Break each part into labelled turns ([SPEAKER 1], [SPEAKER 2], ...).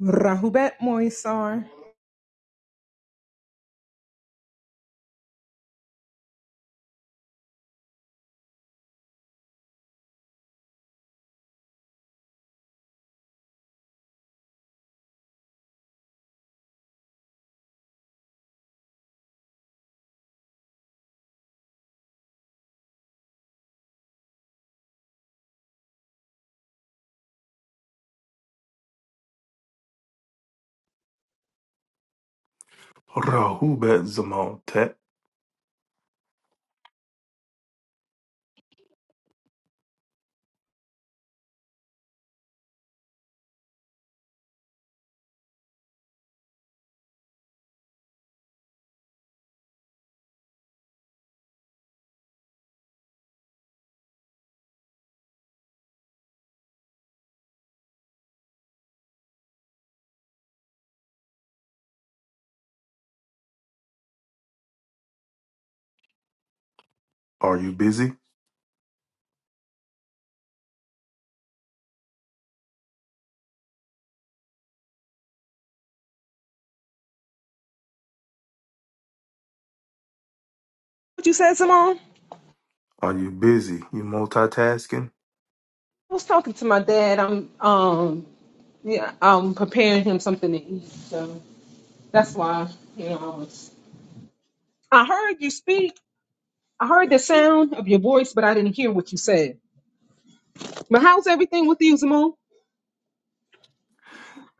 [SPEAKER 1] Rahubat Moisar.
[SPEAKER 2] Rahubat Zamontet. Are you busy?
[SPEAKER 1] What you said, Simone?
[SPEAKER 2] Are you busy? You multitasking?
[SPEAKER 1] I was talking to my dad. I'm um yeah, I'm preparing him something to eat. So that's why, you know, I was I heard you speak. I heard the sound of your voice, but I didn't hear what you said. But how's everything with you, Simone?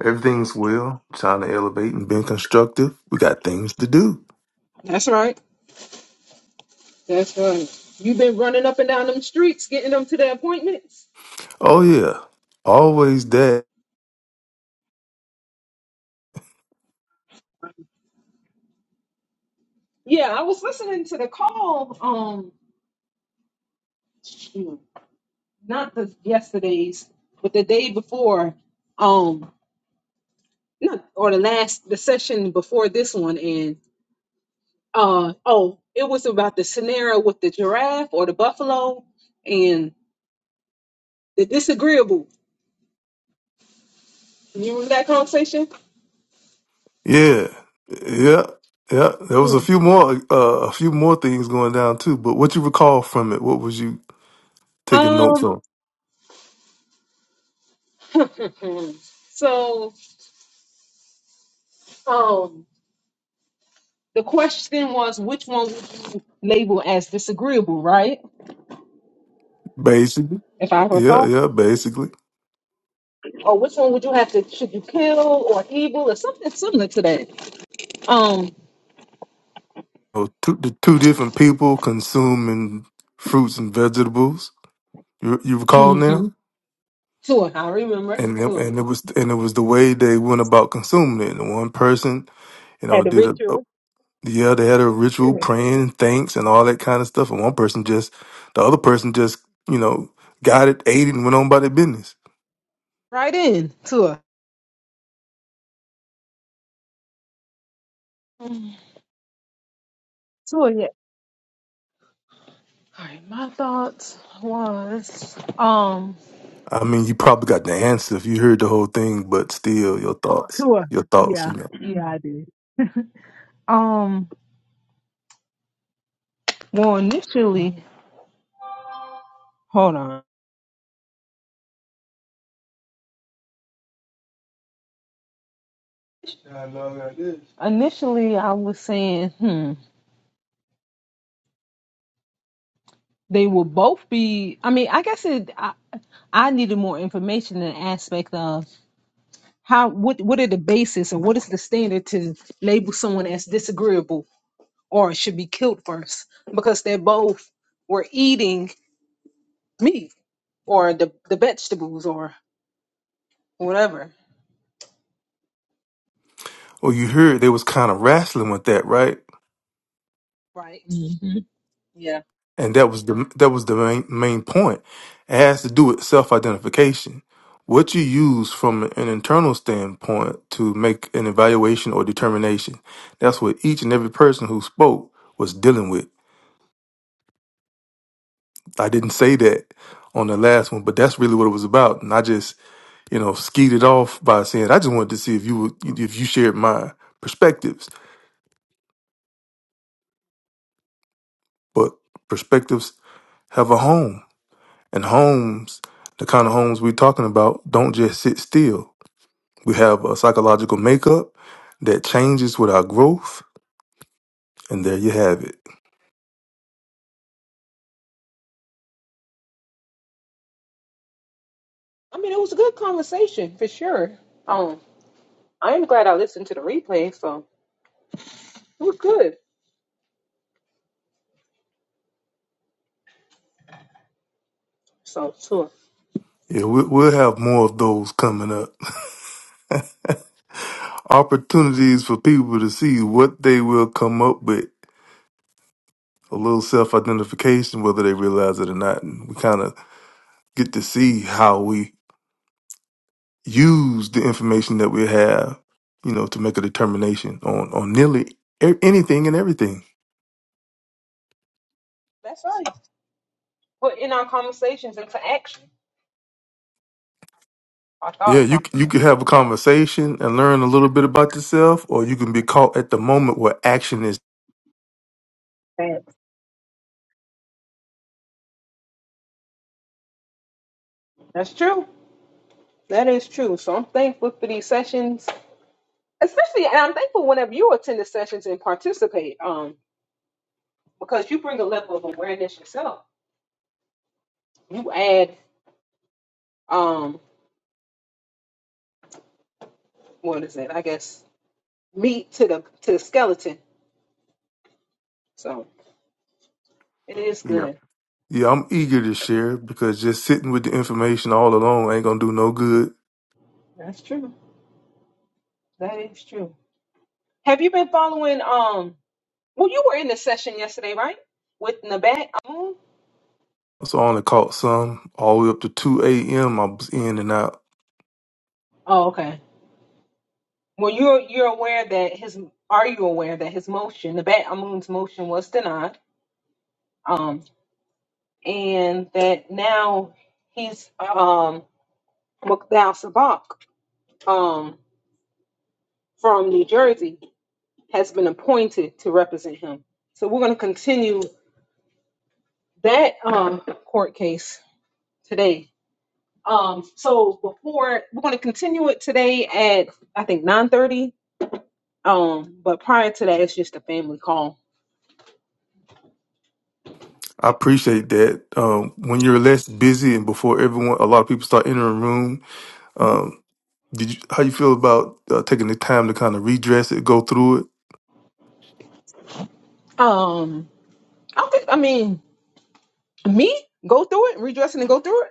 [SPEAKER 2] Everything's well. Trying to elevate and being constructive. We got things to do.
[SPEAKER 1] That's right. That's right. You've been running up and down them streets, getting them to their appointments.
[SPEAKER 2] Oh yeah. Always that.
[SPEAKER 1] Yeah, I was listening to the call, um, not the yesterday's, but the day before. um, not or the last the session before this one and uh oh it was about the scenario with the giraffe or the buffalo and the disagreeable you remember that conversation
[SPEAKER 2] Yeah. Yeah. Yeah. There was a
[SPEAKER 1] Mm.
[SPEAKER 2] few more uh, a few more things going down too, but what you recall from it, what was you taking notes
[SPEAKER 1] um
[SPEAKER 2] on?
[SPEAKER 1] so um the question was which one would you label as disagreeable right
[SPEAKER 2] Basically.
[SPEAKER 1] if i
[SPEAKER 2] Yeah,
[SPEAKER 1] recall
[SPEAKER 2] yeah, basically.
[SPEAKER 1] or which one would you have to should you kill or evil or something similar to that um
[SPEAKER 2] So two, the two different people consuming fruits and vegetables. You, you recall now?
[SPEAKER 1] mm-hmm. tour i remember
[SPEAKER 2] and it,
[SPEAKER 1] tour
[SPEAKER 2] and it was and it was the way they went about consuming it. And one person, you know,
[SPEAKER 1] had a
[SPEAKER 2] did a, a
[SPEAKER 1] ritual
[SPEAKER 2] yeah, they had a ritual praying and thanks and all that kind of stuff. And one person just, the other person just, you know, got it, ate it, and went on by their business.
[SPEAKER 1] Right in, Tua. Mm. Tua, yeah. All right, my thoughts was, um,
[SPEAKER 2] I mean, you probably got the answer if you heard the whole thing, but still, your thoughts,
[SPEAKER 1] Tua.
[SPEAKER 2] your thoughts, you
[SPEAKER 1] Yeah,
[SPEAKER 2] know.
[SPEAKER 1] yeah, I did. Um, well, initially, hold on. Initially, I was saying, hmm, they will both be. I mean, I guess it. I, I needed more information in the aspect of how what what are the basis and what is the standard to label someone as disagreeable or should be killed first because they're both were eating meat or the the vegetables or whatever,
[SPEAKER 2] Well, you heard they was kind of wrestling with that, right?
[SPEAKER 1] right? Mhm. Yeah.
[SPEAKER 2] and that was the that was the main main point. It has to do with self identification. What you use from an internal standpoint to make an evaluation or determination. That's what each and every person who spoke was dealing with. I didn't say that on the last one, but that's really what it was about. And I just, you know, skied it off by saying I just wanted to see if you would, if you shared my perspectives. But perspectives have a home, and homes, the kind of homes we're talking about, don't just sit still We have a psychological makeup that changes with our growth, and there you have it.
[SPEAKER 1] I mean, it was a good conversation for sure. Um, I am glad I listened to the replay, so it was good. So sure.
[SPEAKER 2] Yeah, we- we'll have more of those coming up. Opportunities for people to see what they will come up with. A little self identification, whether they realize it or not. And we kind of get to see how we use the information that we have, you know, to make a determination on, on nearly e- anything and everything.
[SPEAKER 1] That's right. Put in our conversations into action, our
[SPEAKER 2] Yeah,
[SPEAKER 1] thought
[SPEAKER 2] you c- you could
[SPEAKER 1] process.
[SPEAKER 2] have a
[SPEAKER 1] So
[SPEAKER 2] conversation and learn a little bit about yourself, or you can be caught at the moment where action is.
[SPEAKER 1] that's that's true. That is true. So I'm thankful for these sessions, especially, and I'm thankful whenever you attend the sessions and participate, um, because you bring a level of awareness yourself. You add, um, what is it? I guess meat to the to the skeleton. So it is
[SPEAKER 2] Yeah.
[SPEAKER 1] good.
[SPEAKER 2] Yeah, I'm eager to share because just sitting with the information all alone ain't gonna do no good.
[SPEAKER 1] That's true. That is true. Have you been following um well you were in the session yesterday, right? With Nabat Amun?
[SPEAKER 2] So I only caught some all the way up to two AM I was in and out.
[SPEAKER 1] Oh, okay. Well you're you're aware that his are you aware that his motion, Nabat Amun's motion was denied. Um and that now he's um Mukdal Sabak um from New Jersey has been appointed to represent him. So we're gonna continue that um court case today. Um, so before we're going to continue it today at I think nine thirty. Um, but prior to that, it's just a family call.
[SPEAKER 2] I appreciate that. Um when you're less busy and before everyone a lot of people start entering the room,
[SPEAKER 1] Mm-hmm.
[SPEAKER 2] um did you how you feel about uh, taking the time to kind of redress it, go through it,
[SPEAKER 1] Um, I don't think I mean me go through it, redressing and go through it.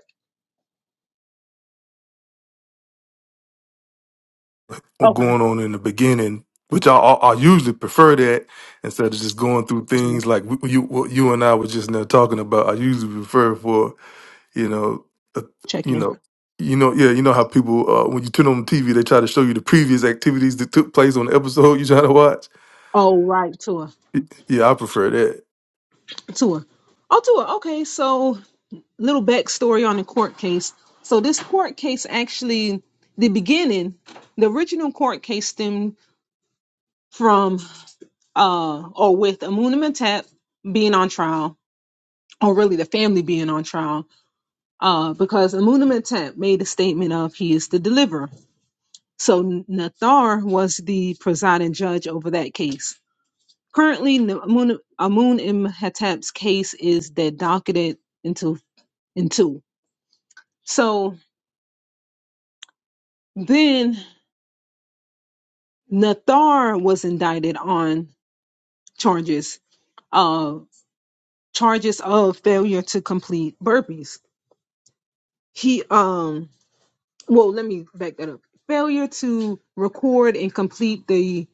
[SPEAKER 2] or
[SPEAKER 1] Okay,
[SPEAKER 2] going on in the beginning? Which I, I, I usually prefer that instead of just going through
[SPEAKER 1] so
[SPEAKER 2] things like w- you what you and I were just now talking about. I usually prefer for you know, uh,
[SPEAKER 1] check
[SPEAKER 2] you
[SPEAKER 1] in.
[SPEAKER 2] know, you know, yeah, you know how people uh, when you turn on TV, they try to show you the previous activities that took place on the episode you trying to watch.
[SPEAKER 1] Oh right, Tua,
[SPEAKER 2] Yeah, I prefer that.
[SPEAKER 1] Tua. Oh Tua. Okay, so little backstory on the court case. So this court case actually, the beginning, the original court case stemmed from. uh, or with Amunimatep being on trial, or really the family being on trial, uh, because Amunimatep made a statement of he is the deliverer. So Nathar was the presiding judge over that case. Currently, N- Amun Amun Imhotep's case is that docketed into into. So then Nathar was indicted on charges, uh, charges of failure to complete burpees. He um well, let me back that up. Failure to record and complete the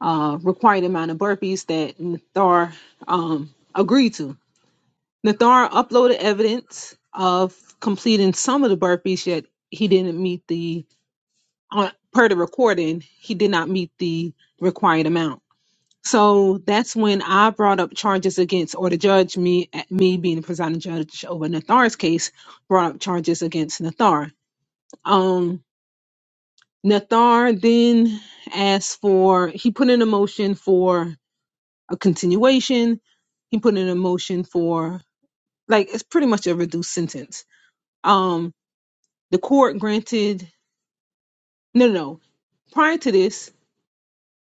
[SPEAKER 1] uh, required amount of burpees that Nathar um, agreed to. Nathar uploaded evidence of completing some of the burpees, yet he didn't meet the, on per the recording, he did not meet the required amount. So that's when I brought up charges against, or the judge, me, me being the presiding judge over Nathar's case, brought up charges against Nathar. Um, Nathar then asked for, he put in a motion for a continuation. He put in a motion for, like, it's pretty much a reduced sentence. Um, the court granted, no, no, no. Prior to this,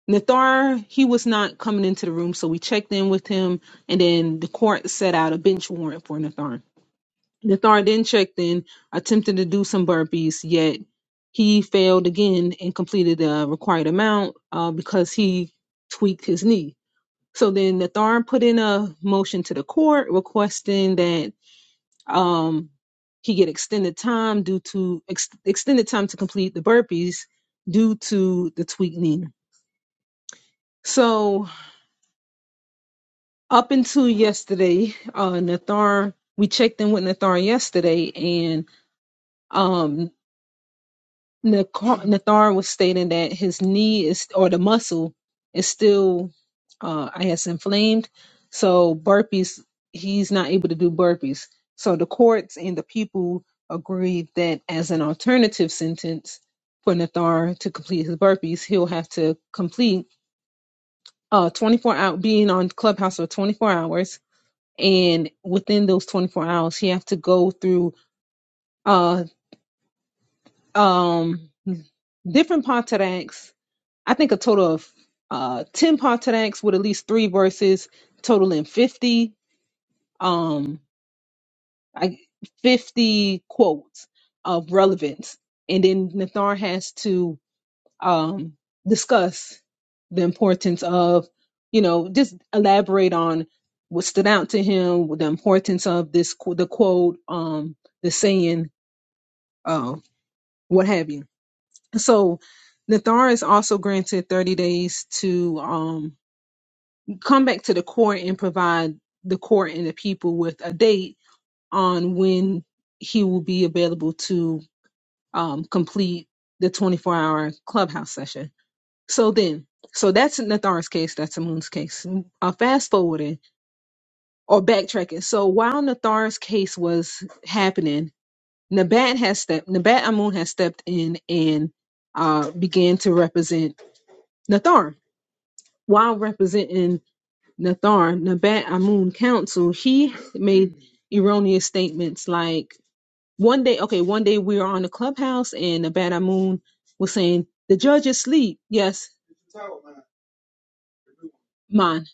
[SPEAKER 1] Nathar, he was not coming into the room, so we checked in with him, and then the court set out a bench warrant for Nathar. The thorn then checked in, attempted to do some burpees, yet he failed again and completed the required amount uh, because he tweaked his knee. So then the thorn put in a motion to the court requesting that um, he get extended time due to ex- extended time to complete the burpees due to the tweaked knee. So up until yesterday, uh, Nathar, we checked in with Nathar yesterday, and um, Nathar Nathar was stating that his knee is or the muscle is still uh I guess inflamed. So burpees he's not able to do burpees. So the courts and the people agreed that as an alternative sentence for Nathar to complete his burpees, he'll have to complete uh 24 hour being on clubhouse for 24 hours and within those 24 hours he have to go through uh um different pontaracts I think a total of uh, 10 Patanaks with at least three verses, totaling 50, um, I, 50 quotes of relevance. And then Nathar has to um, discuss the importance of, you know, just elaborate on what stood out to him, the importance of this, qu- the quote, um, the saying, uh, what have you. So Nathar is also granted 30 days to. Um, come back to the court and provide the court and the people with a date on when he will be available to um, complete the 24 hour clubhouse session. So then, so that's Nathar's case, that's Amun's case. Uh, fast forwarding or backtracking. So while Nathar's case was happening, Nabat has stepped, Nabat Amun has stepped in and uh, began to represent Nathar while representing Nathar Nabat Amun Council, he made erroneous statements like one day, okay, one day we were on the clubhouse and Nabat Amun was saying, The judge is asleep. Yes, mine.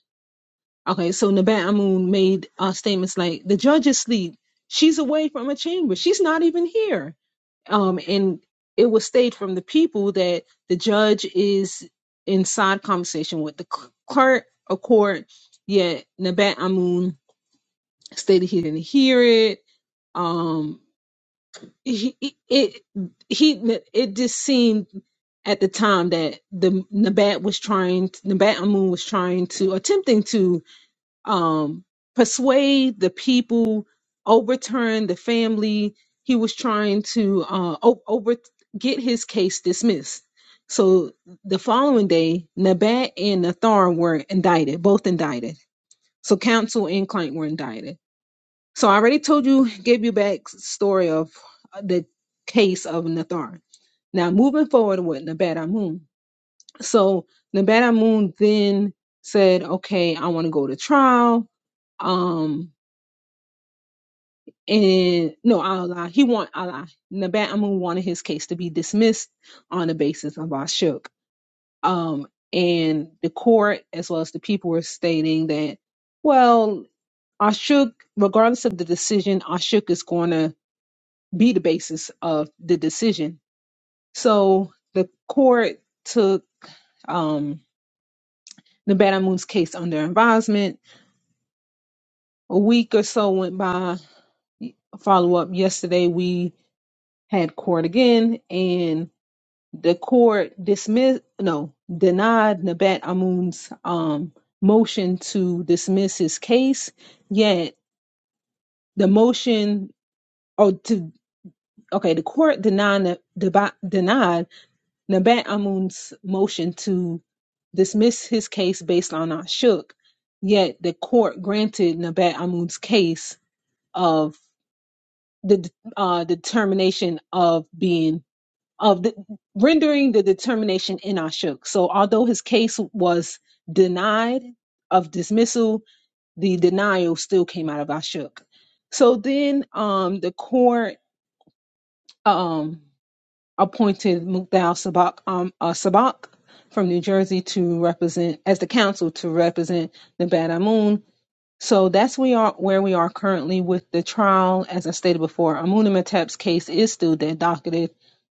[SPEAKER 1] Okay, so Nabat Amun made uh, statements like, The judge is asleep. She's away from her chamber. She's not even here. Um, and it was stated from the people that the judge is in side conversation with the cl- clerk of court, yet Nabat Amun stated he didn't hear it um he it he it just seemed at the time that the Nabat was trying Nabat Amun was trying to attempting to um persuade the people overturn the family he was trying to uh o- over get his case dismissed so the following day Nabat and Nathar were indicted both indicted so counsel and client were indicted so I already told you, gave you back story of uh, the case of Nathan. Now moving forward with Nevada Moon. So Nevada Moon then said, "Okay, I want to go to trial." Um, and no, I'll lie. He want I lie. Nevada Moon wanted his case to be dismissed on the basis of Ashuk. Um, and the court as well as the people were stating that, well, Ashuk, regardless of the decision, Ashuk is going to be the basis of the decision. So the court took um, Nevada case under advisement. A week or so went by. Follow up yesterday, we had court again, and the court dismissed, no, denied Nabat Amun's um, motion to dismiss his case. Yet the motion, or to, okay, the court denied, denied Nabat Amun's motion to dismissed his case based on Ashuk, yet the court granted Nabat Amun's case of the uh, determination of being of the, rendering the determination in Ashuk. So although his case was denied of dismissal, the denial still came out of Ashuk. So then um, the court. Um, appointed Mukdal Sabak um, uh, Sabak from New Jersey to represent as the counsel to represent Nevada Amun. So that's we are where we are currently with the trial. As I stated before, Amunimatep's case is still dead docketed.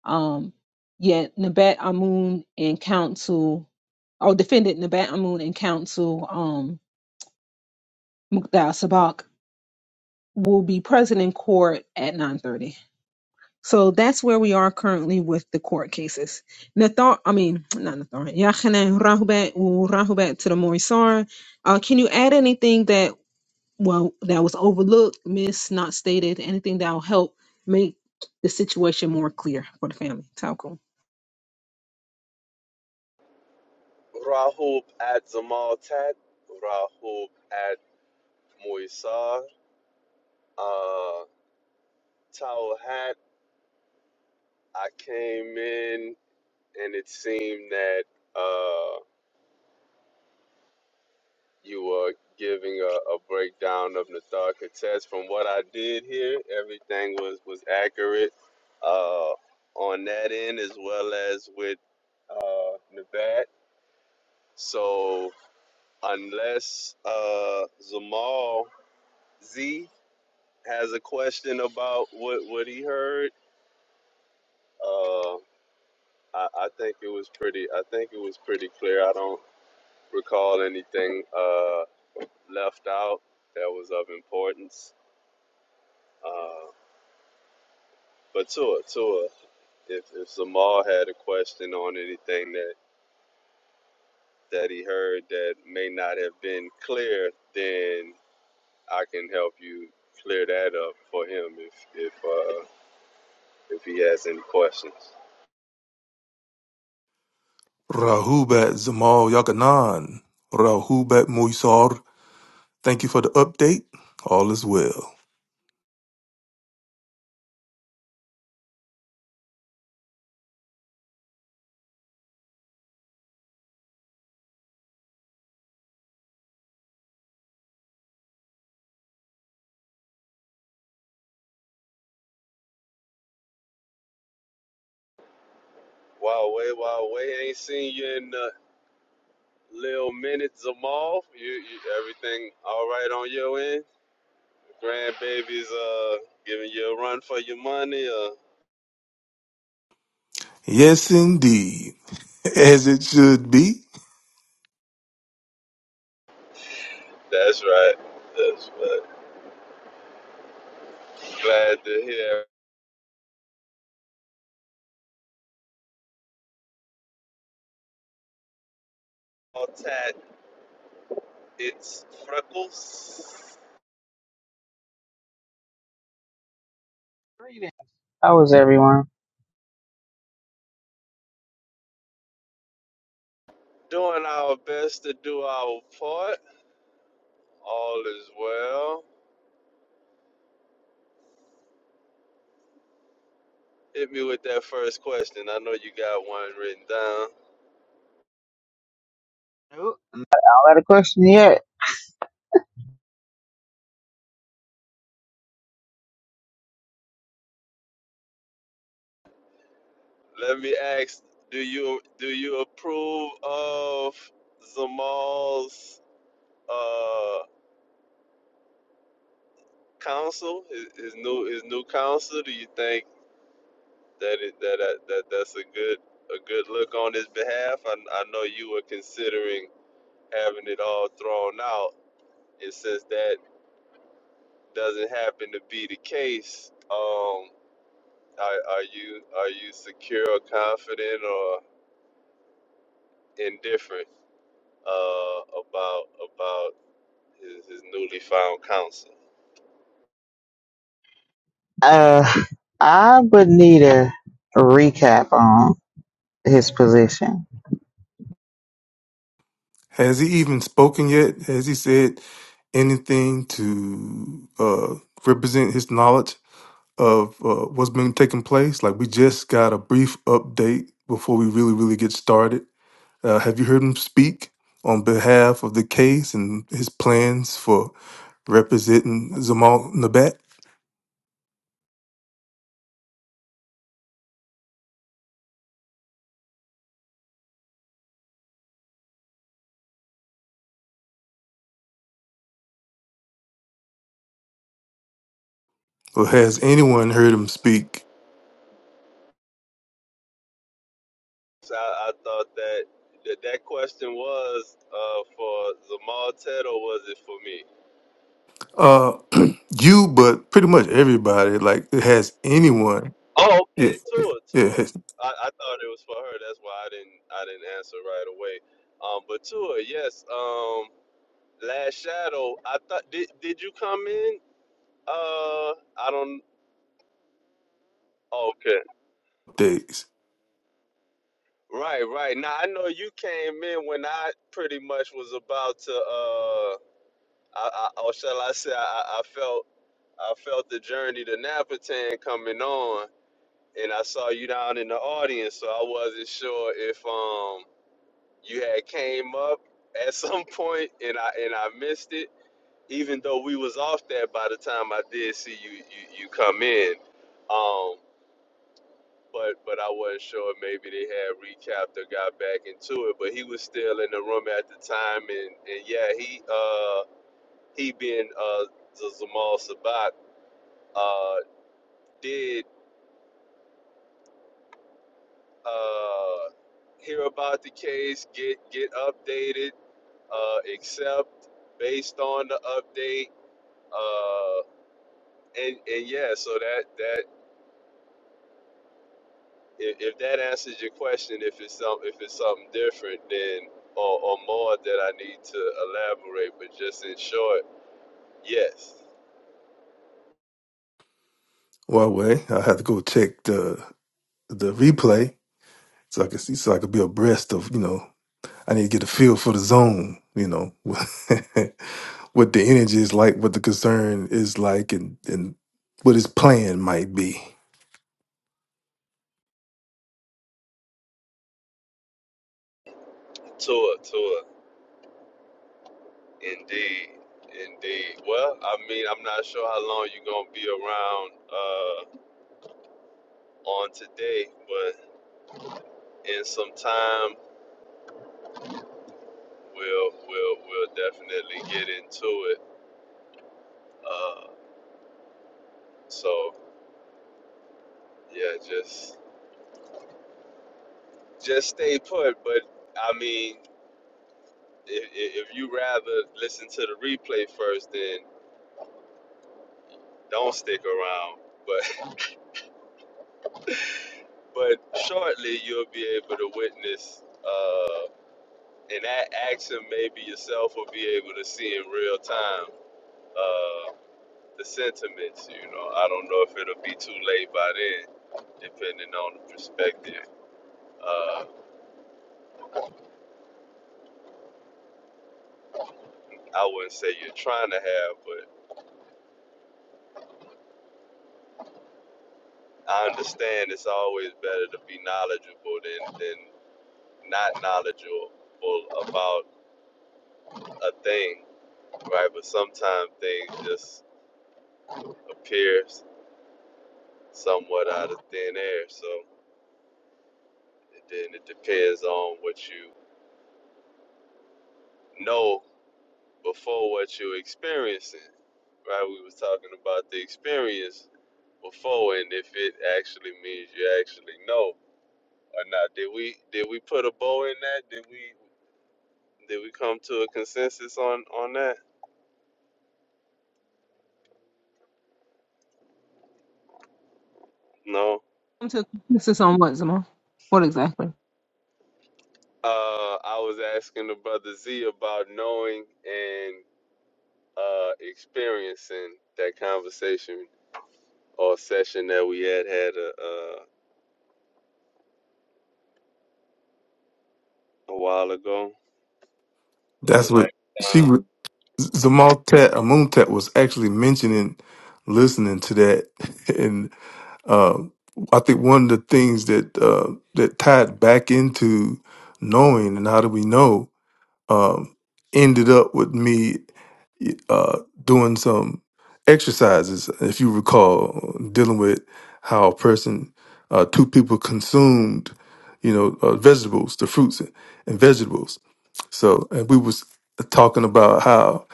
[SPEAKER 1] Um, yet Nabat Amun and counsel, or defendant Nabat Amun and counsel um, Mukdal Sabak will be present in court at 9:30. So that's where we are currently with the court cases. Nathar, I mean, not Nathar, Yachanan Rahubat, Rahubat to the Morisar. Uh, can you add anything that, well, that was overlooked, missed, not stated, anything that will help make the situation more clear for the family? Talcum.
[SPEAKER 3] Rahub at Zamal Tat, Rahub at Moisar, uh, Towel Hat. I came in and it seemed that uh, you were giving a, a breakdown of Nathar Kates. From what I did here, everything was, was accurate uh, on that end as well as with uh, Nabat. So unless uh, Zamal Z has a question about what what he heard. Uh, I, I think it was pretty. I think it was pretty clear. I don't recall anything uh, left out that was of importance. Uh, but Tua, Tua, if if Zamal had a question on anything that that he heard that may not have been clear, then I can help you clear that up for him if if uh, if he has any questions.
[SPEAKER 2] Rahubat Zamal Yakanan, Rahubat Moisar. Thank you for the update. All is well.
[SPEAKER 3] Wow, way, wow, way ain't seen you in uh, Lil Minute Zamal, you, you everything all right on your end? Grandbaby's uh giving you a run for your money. Uh,
[SPEAKER 2] Yes, indeed, as it should be.
[SPEAKER 3] that's right. That's right. Glad to hear. All tat, it's Freckles.
[SPEAKER 4] Greetings. How is everyone?
[SPEAKER 3] Doing our best to do our part. All is well. Hit me with that first question. I know you got one written down.
[SPEAKER 4] Nope. Not out a question yet.
[SPEAKER 3] Let me ask: Do you do you approve of Zamal's? uh? counsel, his, his new his new counsel? Do you think that it, that, that that that's a good a good look on his behalf? I, I know you were considering having it all thrown out, and since that doesn't happen to be the case, um, are, are you are you secure or confident or indifferent uh, about about his, his newly found counsel?
[SPEAKER 4] Uh, I would need a, a recap on his position.
[SPEAKER 2] Has he even spoken yet? Has he said anything to uh, represent his knowledge? of uh, what's been taking place. Like we just got a brief update before we really, really get started. Uh, have you heard him speak on behalf of the case and his plans for representing Zamal Nabat? Or has anyone heard him speak?
[SPEAKER 3] So I, I thought that, that that question was uh, for Zamal Ted or was it for me?
[SPEAKER 2] Uh, you, but pretty much everybody. Like, has anyone?
[SPEAKER 3] Oh, okay,
[SPEAKER 2] Yeah, yeah,
[SPEAKER 3] Tua,
[SPEAKER 2] yeah
[SPEAKER 3] Tua.
[SPEAKER 2] has
[SPEAKER 3] I, I thought it was for her. That's why I didn't I didn't answer right away. Um, but Tua, yes. Um, Last Shadow. I thought did did you come in? Uh, I don't. Okay.
[SPEAKER 2] updates.
[SPEAKER 3] Right, right. Now I know you came in when I pretty much was about to uh, I, I or shall I say I, I I felt I felt the journey to Napatan coming on, and I saw you down in the audience, so I wasn't sure if um you had came up at some point and I and I missed it, even though we was off that by the time I did see you you, you come in, um. But, but I wasn't sure maybe they had recapped or got back into it. But he was still in the room at the time, and, and yeah, he uh he being uh Z- Zamal Sabat uh did uh. hear about the case, get get updated, uh, accept based on the update, uh, and and yeah, so that that if, if that answers your question, if it's some if it's something different, then or, or more that I need to elaborate, but just in short, yes,
[SPEAKER 2] Huawei. I have to go check the the replay so I can see, so I could be abreast of you know I need to get a feel for the zone, you know, what the energy is like, what the concern is like, and and what his plan might be.
[SPEAKER 3] tour, tour, indeed. Indeed. Well, I mean, I'm not sure how long you're gonna be around uh, on today, but in some time, We'll we'll we'll definitely get into it. Uh, so yeah, just just stay put. But I mean, if, if you rather listen to the replay first, then don't stick around. But but shortly you'll be able to witness. Uh, and that action, maybe yourself will be able to see in real time uh, the sentiments. You know, I don't know if it'll be too late by then, depending on the perspective. Uh, I wouldn't say you're trying to have, but I understand it's always better to be knowledgeable than than not knowledgeable about a thing, right? But sometimes things just appear somewhat out of thin air. So then it depends on what you know before what you're experiencing, right? We was talking about the experience before and if it actually means you actually know or not. Did we did we put a bow in that? Did we Did we come to a consensus on on that? No.
[SPEAKER 1] come to consensus on what, Zama? What exactly?
[SPEAKER 3] Uh, I was asking the brother Z about knowing and uh, experiencing that conversation or session that we had had a, a, a while ago or the
[SPEAKER 2] That's what
[SPEAKER 3] last
[SPEAKER 2] she
[SPEAKER 3] time.
[SPEAKER 2] was. Zamaltet Amuntet was actually mentioning listening to that, and uh, I think one of the things that uh, that tied back into knowing and how do we know um, ended up with me. uh, doing some exercises. If you recall, dealing with how a person, uh, two people consumed, you know, uh, vegetables, the fruits and vegetables. So, and we was talking about how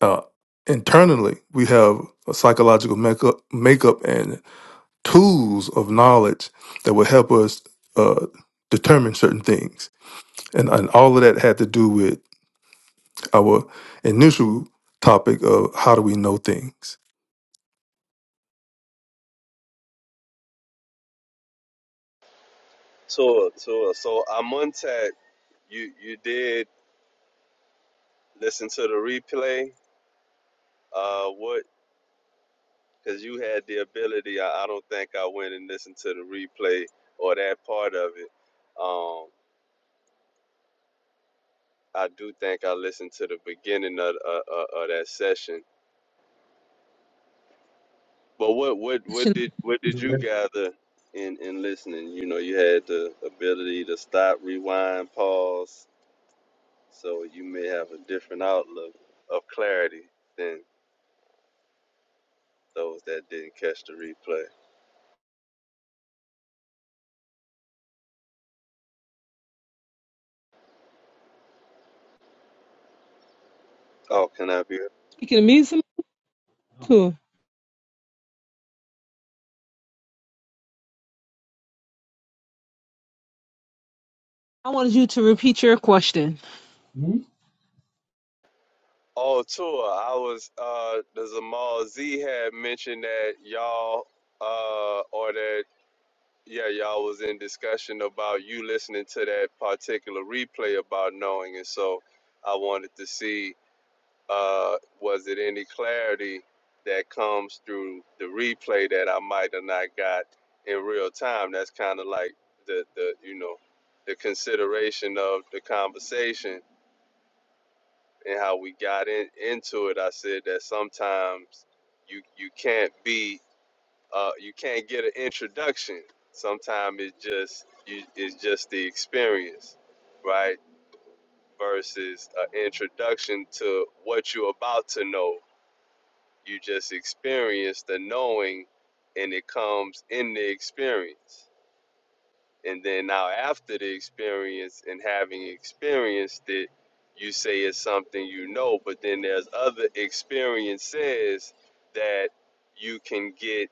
[SPEAKER 2] uh, internally we have a psychological makeup, makeup and tools of knowledge that will help us uh, determine certain things, and and all of that had to do with our initial topic of how do we know things.
[SPEAKER 3] Tour, tour. So Amuntat, you you did listen to the replay. Uh, what? Because you had the ability. I, I don't think I went and listened to the replay or that part of it. Um, I do think I listened to the beginning of uh, uh, of that session. But what what what did what did you gather in in listening? You know, you had the ability to stop, rewind, pause, so you may have a different outlook of clarity than those that didn't catch the replay. Oh, can I be?
[SPEAKER 1] Speaking of me, Zama, cool. I wanted you to repeat your question.
[SPEAKER 3] Oh, tour. I was. Uh, the Zamal Z had mentioned that y'all, uh, or that Yeah, y'all was in discussion about you listening to that particular replay about knowing, and so I wanted to see uh, was it any clarity that comes through the replay that I might have not got in real time. That's kind of like the the you know the consideration of the conversation and how we got in into it. I said that sometimes you you can't be uh, you can't get an introduction. Sometimes it's just you, it's just the experience, right? Versus an introduction to what you're about to know. You just experience the knowing, and it comes in the experience. And then now after the experience and having experienced it, you say it's something you know. But then there's other experiences that you can get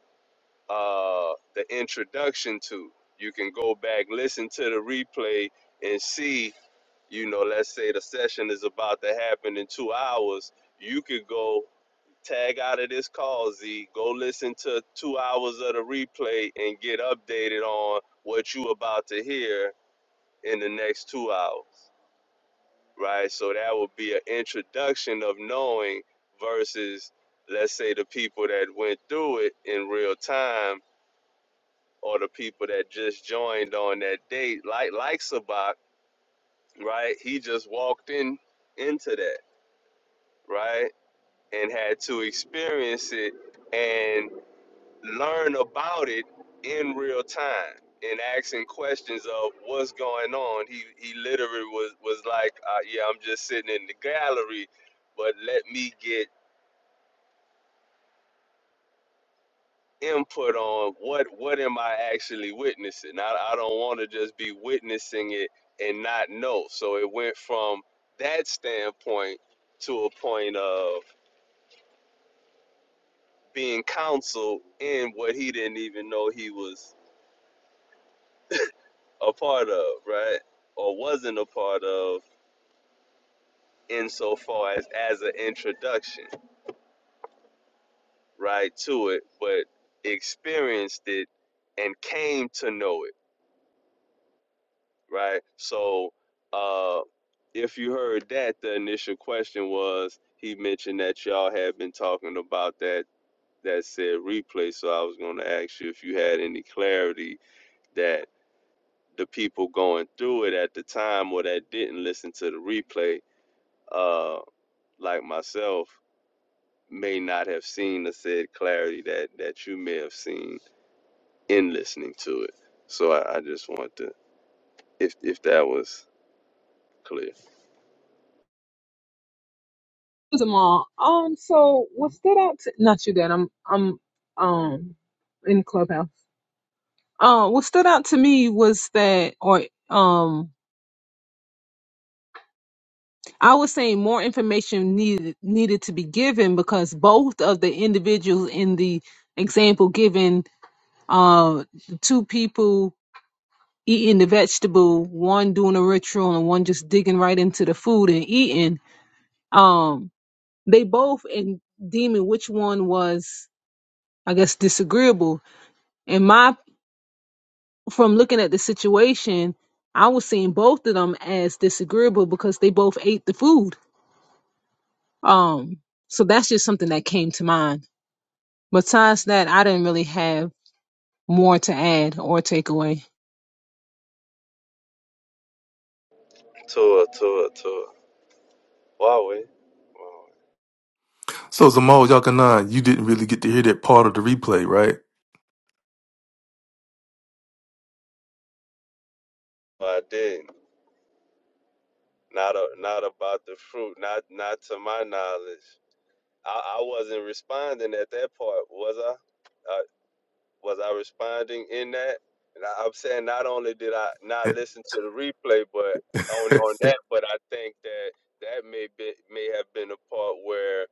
[SPEAKER 3] uh, the introduction to. You can go back, listen to the replay, and see. You know, let's say the session is about to happen in two hours. You could go tag out of this call, Z. Go listen to two hours of the replay and get updated on what you about to hear in the next two hours, right? So that would be an introduction of knowing versus, let's say, the people that went through it in real time or the people that just joined on that date, like like Sabak, right? He just walked in into that, right, and had to experience it and learn about it in real time and asking questions of what's going on. He he literally was was like, uh, yeah, I'm just sitting in the gallery, but let me get input on what what am I actually witnessing. I, I don't want to just be witnessing it and not know. So it went from that standpoint to a point of being counseled in what he didn't even know he was a part of, right? Or wasn't a part of insofar as as an introduction, right, to it, but experienced it and came to know it, right? So uh. if you heard that, the initial question was he mentioned that y'all had been talking about that that said replay. So I was going to ask you if you had any clarity that the people going through it at the time or that didn't listen to the replay, uh, like myself, may not have seen the said clarity that that you may have seen in listening to it. So I, I just wanted to if if that was clear.
[SPEAKER 1] Zama, um, so what stood out to not you, Dad? I'm, I'm, um, in Clubhouse. Uh, what stood out to me was that, or um, I was saying more information needed needed to be given because both of the individuals in the example given Uh, the two people eating the vegetable, one doing a ritual and one just digging right into the food and eating. Um, they both in deeming which one was, I guess, disagreeable. And my, from looking at the situation, I was seeing both of them as disagreeable because they both ate the food. Um, so that's just something that came to mind. Besides that, I didn't really have more to add or take away.
[SPEAKER 3] Tour, tour, tour. Huawei. Huawei.
[SPEAKER 2] So Zamal Yakanan, you didn't really get to hear that part of the replay, right?
[SPEAKER 3] Well, I did. not Not a, not about the fruit. Not not to my knowledge. I, I wasn't responding at that part, was I? Uh, was I responding in that? And I, I'm saying not only did I not listen to the replay, but on on that, but I think that that may be may have been a part where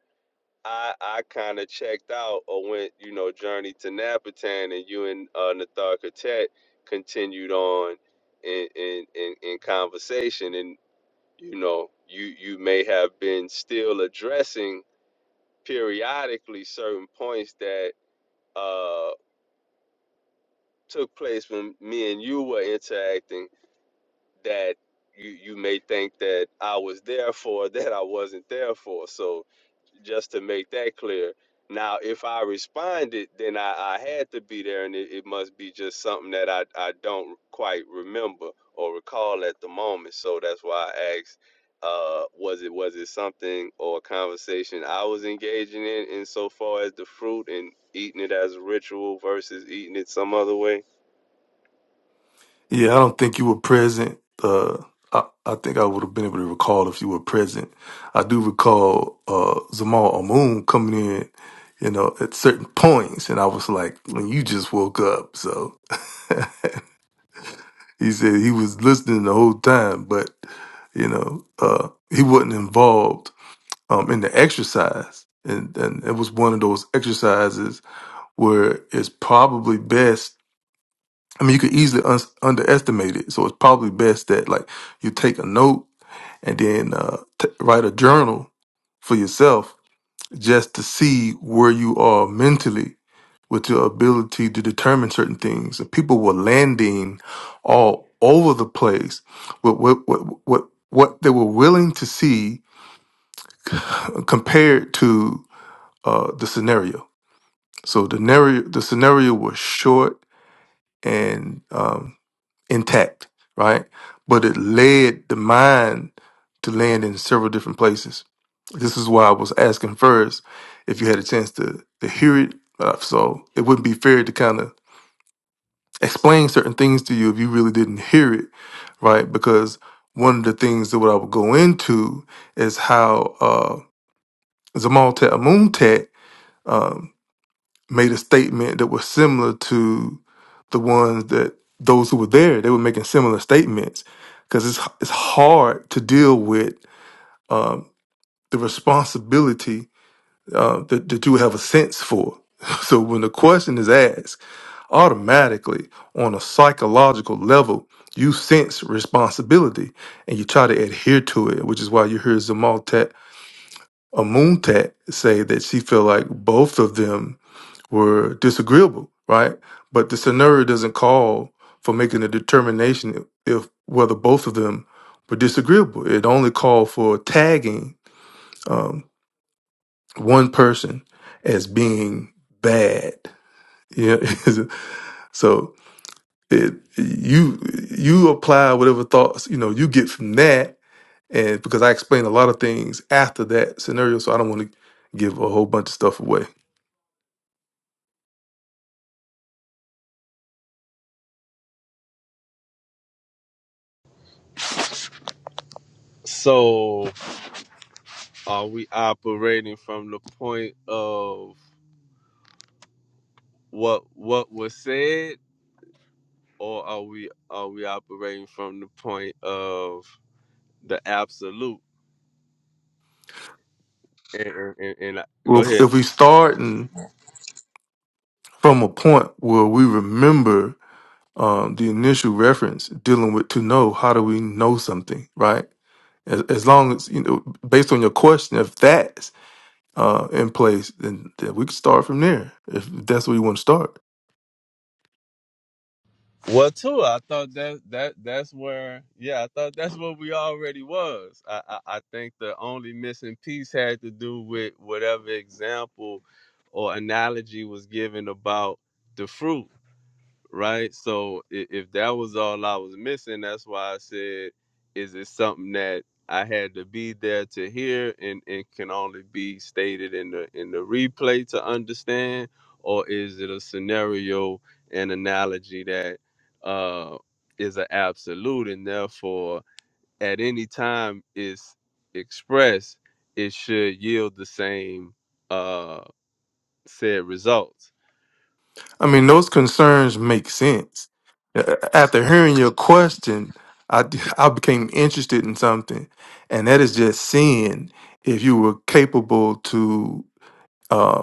[SPEAKER 3] I I kind of checked out or went you know journey to Napatan and you and uh, Nathar Katet continued on in in in, in conversation and you know you you may have been still addressing periodically certain points that uh took place when me and you were interacting that you you may think that I was there for that I wasn't there for So. just to make that clear. Now, if I responded, then I, I had to be there, and it, it must be just something that I, I don't quite remember or recall at the moment. So that's why I asked, uh, was it was it something or a conversation I was engaging in, insofar as the fruit and eating it as a ritual versus eating it some other way?
[SPEAKER 2] yeah, I don't think you were present. Uh, I, I think I would have been able to recall if you were present. I do recall uh, Zamal Amoon coming in, you know, at certain points, and I was like, "When you just woke up," so he said he was listening the whole time, but you know, uh, he wasn't involved um, in the exercise. And, and it was one of those exercises where it's probably best. I mean, you could easily un- underestimate it. So it's probably best that like you take a note and then uh, t- write a journal for yourself just to see where you are mentally with your ability to determine certain things. And people were landing all over the place with what, what, what, what they were willing to see compared to uh, the scenario. So the scenario, the scenario was short and um, intact, right? But it led the mind to land in several different places. This is why I was asking first if you had a chance to to hear it. Uh, so it wouldn't be fair to kind of explain certain things to you if you really didn't hear it, right? Because one of the things that what I would go into is how uh, Zamal Tet Amun Tet made a statement that was similar to the ones that those who were there they were making similar statements because it's it's hard to deal with um, the responsibility uh, that, that you have a sense for. So when the question is asked, automatically on a psychological level, you sense responsibility and you try to adhere to it, which is why you hear Zamal Tat Amuntat say that she felt like both of them were disagreeable, right? But the scenario doesn't call for making a determination if whether both of them were disagreeable. It only called for tagging um, one person as being bad. Yeah, so it you you apply whatever thoughts you know you get from that, and because I explained a lot of things after that scenario, so I don't want to give a whole bunch of stuff away.
[SPEAKER 3] So are we operating from the point of what what was said or are we are we operating from the point of the absolute? And, and, and I, go
[SPEAKER 2] Well,
[SPEAKER 3] ahead.
[SPEAKER 2] if we start from a point where we remember um, the initial reference dealing with to know how do we know something right as, as long as you know based on your question if that's uh, in place then, then we can start from there if that's where you want to start
[SPEAKER 3] Well, too, I thought that that that's where, yeah, I thought that's what we already was. I, I I think the only missing piece had to do with whatever example or analogy was given about the fruit. right? So if, if that was all I was missing, that's why I said, is it something that I had to be there to hear and it can only be stated in the in the replay to understand, or is it a scenario and analogy that uh is an absolute and therefore at any time it's expressed, it should yield the same uh said results
[SPEAKER 2] i mean those concerns make sense A- after hearing your question I I became interested in something and that is just seeing if you were capable to uh,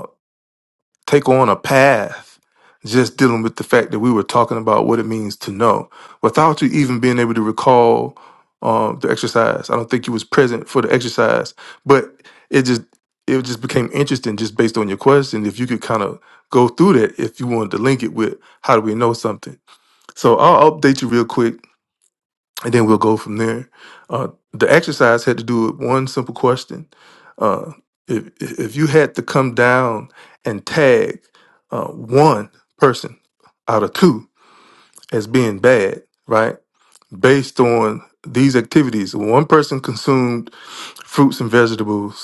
[SPEAKER 2] take on a path just dealing with the fact that we were talking about what it means to know without you even being able to recall uh, the exercise i don't think you was present for the exercise but it just it just became interesting just based on your question if you could kind of go through that if you wanted to link it with how do we know something so i'll update you real quick and then we'll go from there. Uh, the exercise had to do with one simple question: uh, if if if you had to come down and tag uh, one person out of two as being bad, right? Based on these activities, one person consumed fruits and vegetables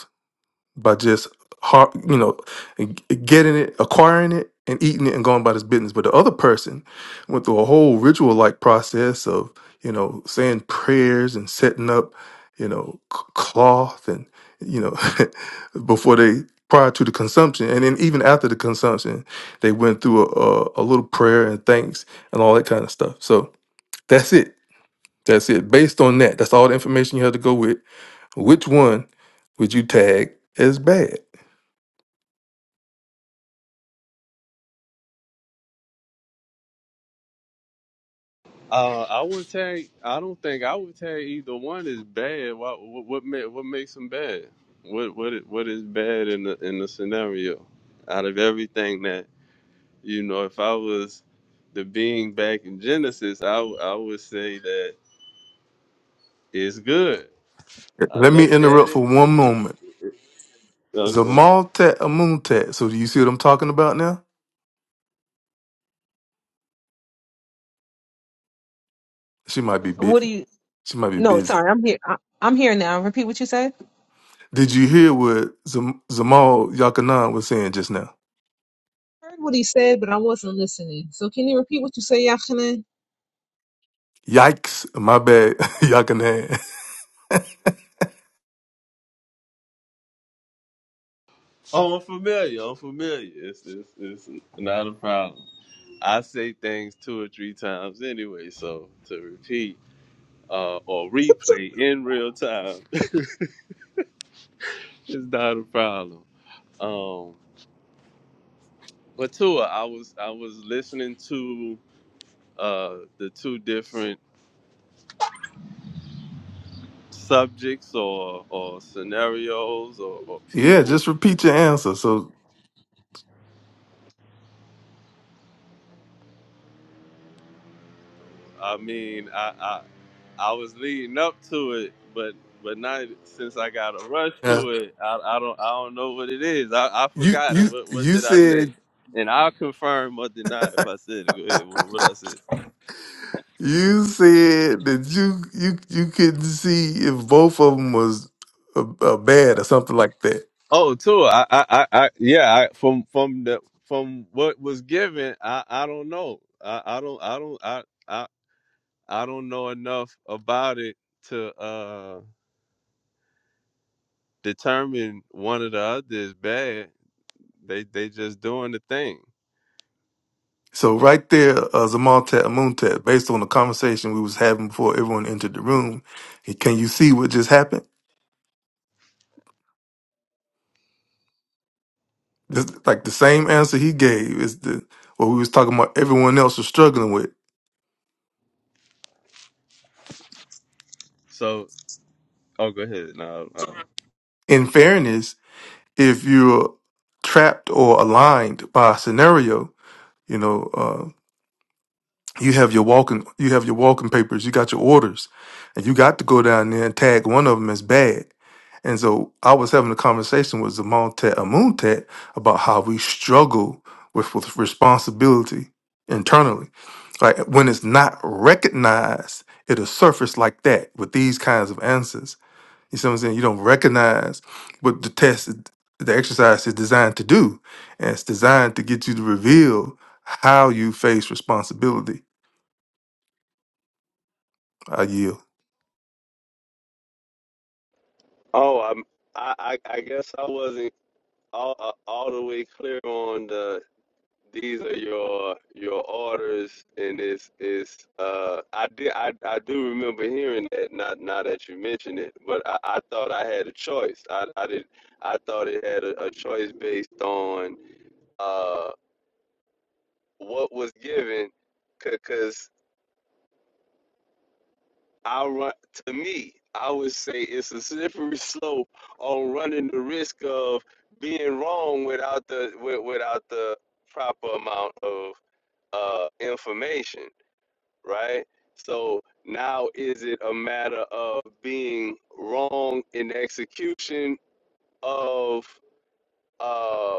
[SPEAKER 2] by just har you know g- getting it acquiring it and eating it and going about his business but the other person went through a whole ritual like process of you know saying prayers and setting up you know c- cloth and you know before they prior to the consumption and then even after the consumption they went through a, a, a little prayer and thanks and all that kind of stuff so that's it that's it based on that that's all the information you had to go with which one would you tag as bad
[SPEAKER 3] Uh, I would tag. I don't think I would tag either one is bad. What what what, ma- what makes them bad? What what i- what is bad in the in the scenario? Out of everything that you know, if I was the being back in Genesis, I w- I would say that it's good. I
[SPEAKER 2] Let me
[SPEAKER 3] looked at
[SPEAKER 2] interrupt for
[SPEAKER 3] it.
[SPEAKER 2] one moment.
[SPEAKER 3] Okay.
[SPEAKER 2] Zamaltat Amuntat. So do you see what I'm talking about now? She might be bit.
[SPEAKER 1] What do you?
[SPEAKER 2] She might be
[SPEAKER 1] No,
[SPEAKER 2] busy.
[SPEAKER 1] sorry, I'm here. I, I'm here now. Repeat what you said.
[SPEAKER 2] Did you hear what Zam- Zamal Yakanan was saying just now?
[SPEAKER 1] I heard what he said, but I wasn't listening. So can you repeat what you said, Yachanan?
[SPEAKER 2] Yikes! My bad, Yakanan.
[SPEAKER 3] Oh, I'm familiar. I'm familiar. It's it's, it's not a problem. I say things two or three times anyway, so to repeat uh, or replay in real time It's not a problem. Um, but Tua, I was I was listening to uh, the two different subjects or or scenarios or, or
[SPEAKER 2] yeah,
[SPEAKER 3] people.
[SPEAKER 2] just repeat your answer. So
[SPEAKER 3] I mean, I, I I was leading up to it, but but not since I got a rush
[SPEAKER 2] yeah.
[SPEAKER 3] to it. I, I don't I don't know what it is. I, I
[SPEAKER 2] you
[SPEAKER 3] forgot it.
[SPEAKER 2] you
[SPEAKER 3] What what
[SPEAKER 2] you
[SPEAKER 3] did I say?
[SPEAKER 2] said
[SPEAKER 3] And I'll confirm or deny if I said it. Go ahead. What, what I said.
[SPEAKER 2] you said that you you you couldn't see if both of them was uh, uh, bad or something like that.
[SPEAKER 3] Oh, too. I, I, I, I yeah. I, from from the from what was given, I, I don't know. I, I don't, I don't, I, I, I don't know enough about it to uh determine one or the other is bad. They, they just doing the thing.
[SPEAKER 2] So right there, uh, Zamontet Amuntet, based on the conversation we was having before everyone entered the room, he- can you see what just happened? Just like the same answer he gave is the what we was talking about. Everyone else was struggling with.
[SPEAKER 3] So, oh, go ahead. No, uh,
[SPEAKER 2] In fairness, if you're trapped or aligned by a scenario, you know. uh, you have your walking you have your walking papers you got your orders and you got to go down there and tag one of them as bad and so i was having a conversation with zamontet amuntet about how we struggle with, with responsibility internally like when it's not recognized it'll surface like that with these kinds of answers you see what i'm saying you don't recognize what the test is- the exercise is designed to do and it's designed to get you to reveal how you face responsibility I yield.
[SPEAKER 3] Oh, I'm, I I I guess I wasn't all uh, all the way clear on the these are your your orders and it's it's uh I did I, I do remember hearing that not now that you mentioned it but I, I thought I had a choice I, I did I thought it had a, a choice based on uh what was given because I run to me I would say it's a slippery slope on running the risk of being wrong without the wi- without the proper amount of uh information right? So now is it a matter of being wrong in the execution of uh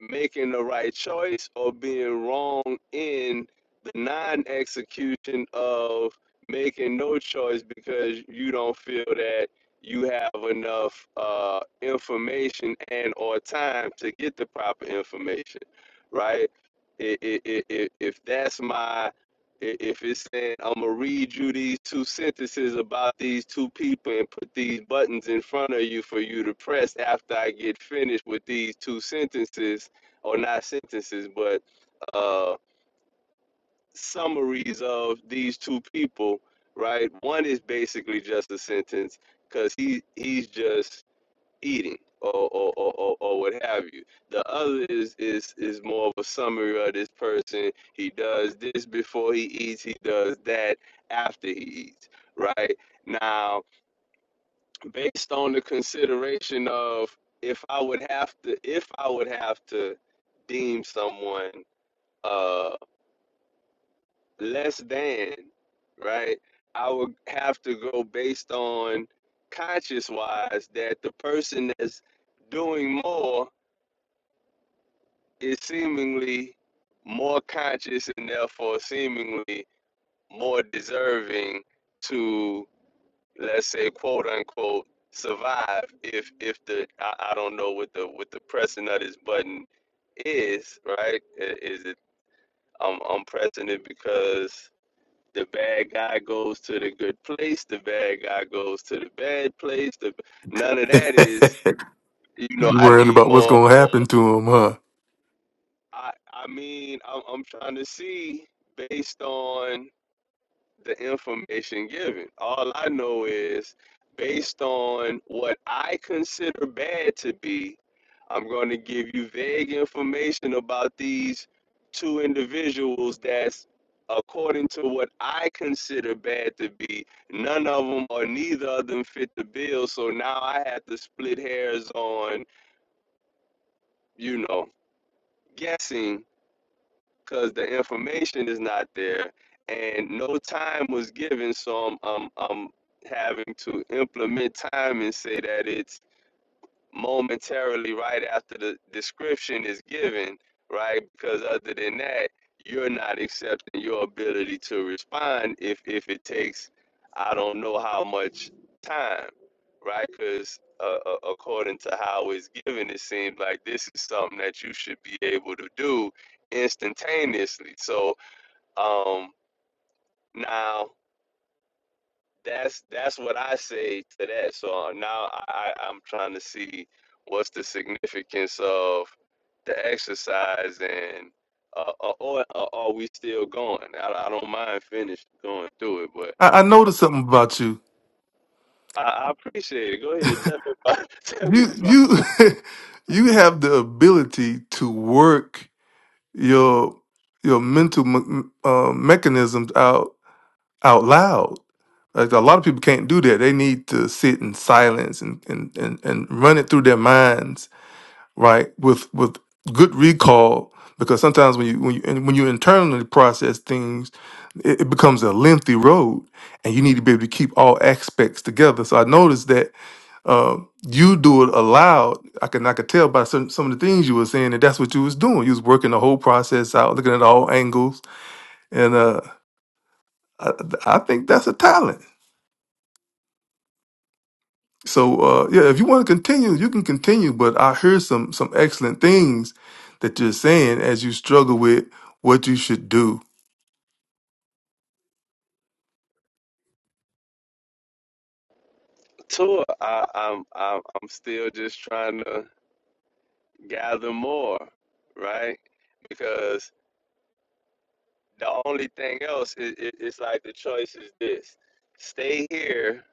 [SPEAKER 3] making the right choice or being wrong in the non-execution of making no choice because you don't feel that you have enough uh, information and or time to get the proper information right I- i- i- i- if that's my if it's saying i'm gonna read you these two sentences about these two people and put these buttons in front of you for you to press after i get finished with these two sentences or not sentences, but uh, summaries of these two people, right? One is basically just a sentence because he he's just eating or or, or or or what have you. The other is is is more of a summary of this person. He does this before he eats. He does that after he eats. Right now, based on the consideration of if I would have to if I would have to deem someone uh, less than, right? I would have to go based on conscious wise that the person that's doing more is seemingly more conscious and therefore seemingly more deserving to let's say quote unquote survive if if the I, I don't know what the what the pressing of this button is right is it I'm, I'm pressing it because The bad guy goes to the good place. The bad guy goes to the bad place. The, none of that is,
[SPEAKER 2] you
[SPEAKER 3] you know, I
[SPEAKER 2] worrying
[SPEAKER 3] need
[SPEAKER 2] about what's
[SPEAKER 3] more,
[SPEAKER 2] gonna
[SPEAKER 3] more.
[SPEAKER 2] happen to him, huh?
[SPEAKER 3] I, I mean, I'm, I'm trying to see based on the information given. All I know is based on what I consider bad to be, I'm going to give you vague information about these two individuals that's according to what I consider bad to be. None of them or neither of them fit the bill. So now I have to split hairs on, you know, guessing because the information is not there and no time was given so I'm, I'm, I'm having to implement time and say that it's momentarily right after the description is given, right? Because other than that, you're not accepting your ability to respond if if it takes, I don't know how much time, right? Because uh, uh, according to how it's given, it seems like this is something that you should be able to do instantaneously. So um, now that's that's what I say to that. So um, now I, I- am trying to see what's the significance of the exercise and uh, uh, or, or are we still going? I, I don't mind finish going through it, but
[SPEAKER 2] I, I noticed something about you.
[SPEAKER 3] I, I appreciate it. Go ahead, tell me about tell me
[SPEAKER 2] You
[SPEAKER 3] about
[SPEAKER 2] you you have the ability to work your your mental me- uh, mechanisms out out loud. Like a lot of people can't do that. They need to sit in silence and and and, and run it through their minds right with with good recall because sometimes when you when you and when you internally process things it, it becomes a lengthy road and you need to be able to keep all aspects together so i noticed that uh, you do it aloud i can i could tell by some, some of the things you were saying that that's what you was doing you was working the whole process out looking at all angles and uh i, I think that's a talent So uh, yeah, if you want to continue, you can continue. But I hear some some excellent things that you're saying as you struggle with what you should do
[SPEAKER 3] the tour. I, I'm I'm I'm still just trying to gather more, right? Because The only thing else is, is it's like the choice is this: stay here,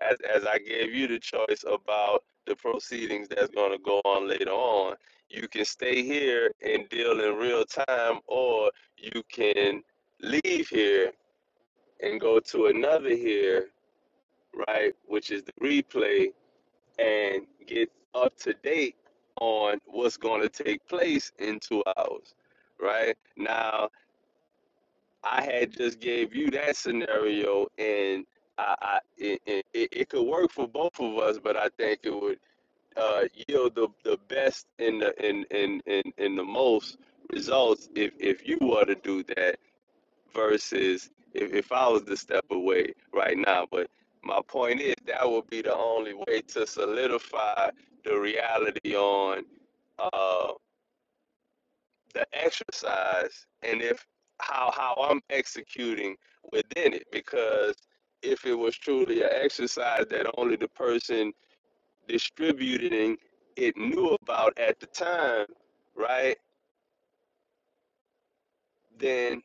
[SPEAKER 3] as as I gave you the choice about the proceedings that's going to go on later on. You can stay here and deal in real time, or you can leave here and go to another here, right? Which is the replay and get up to date on what's going to take place in two hours, right? Now I had just gave you that scenario, and I, I it, it, it could work for both of us, but I think it would uh, yield the, the best and the in in in in the most results if if you were to do that versus if, if I was to step away right now. But my point is that would be the only way to solidify the reality on. uh, the exercise and if how how I'm executing within it because if it was truly an exercise that only the person distributing it knew about at the time, right? Then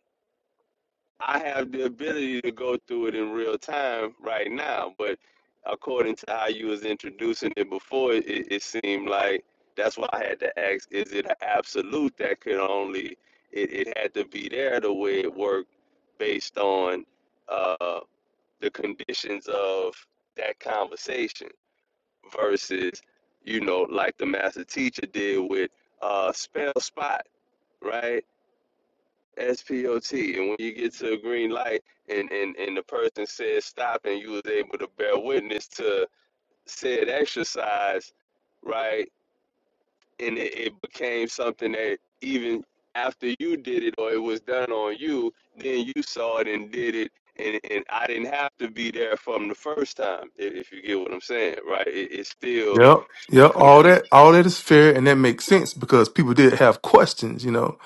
[SPEAKER 3] I have the ability to go through it in real time right now, but according to how you was introducing it before, it, it seemed like that's why I had to ask: Is it an absolute that could only it, it had to be there the way it worked based on uh, the conditions of that conversation versus you know like the master teacher did with uh, spell spot, right? SPOT. And when you get to a green light and, and, and the person says stop and you was able to bear witness to said exercise, right? And it, it became something that even after you did it or it was done on you, then you saw it and did it. And, and I didn't have to be there from the first time, if, if you get what I'm saying, right? It, it's still
[SPEAKER 2] Yep. Yep. All that all that is fair and that makes sense because people did have questions, you know.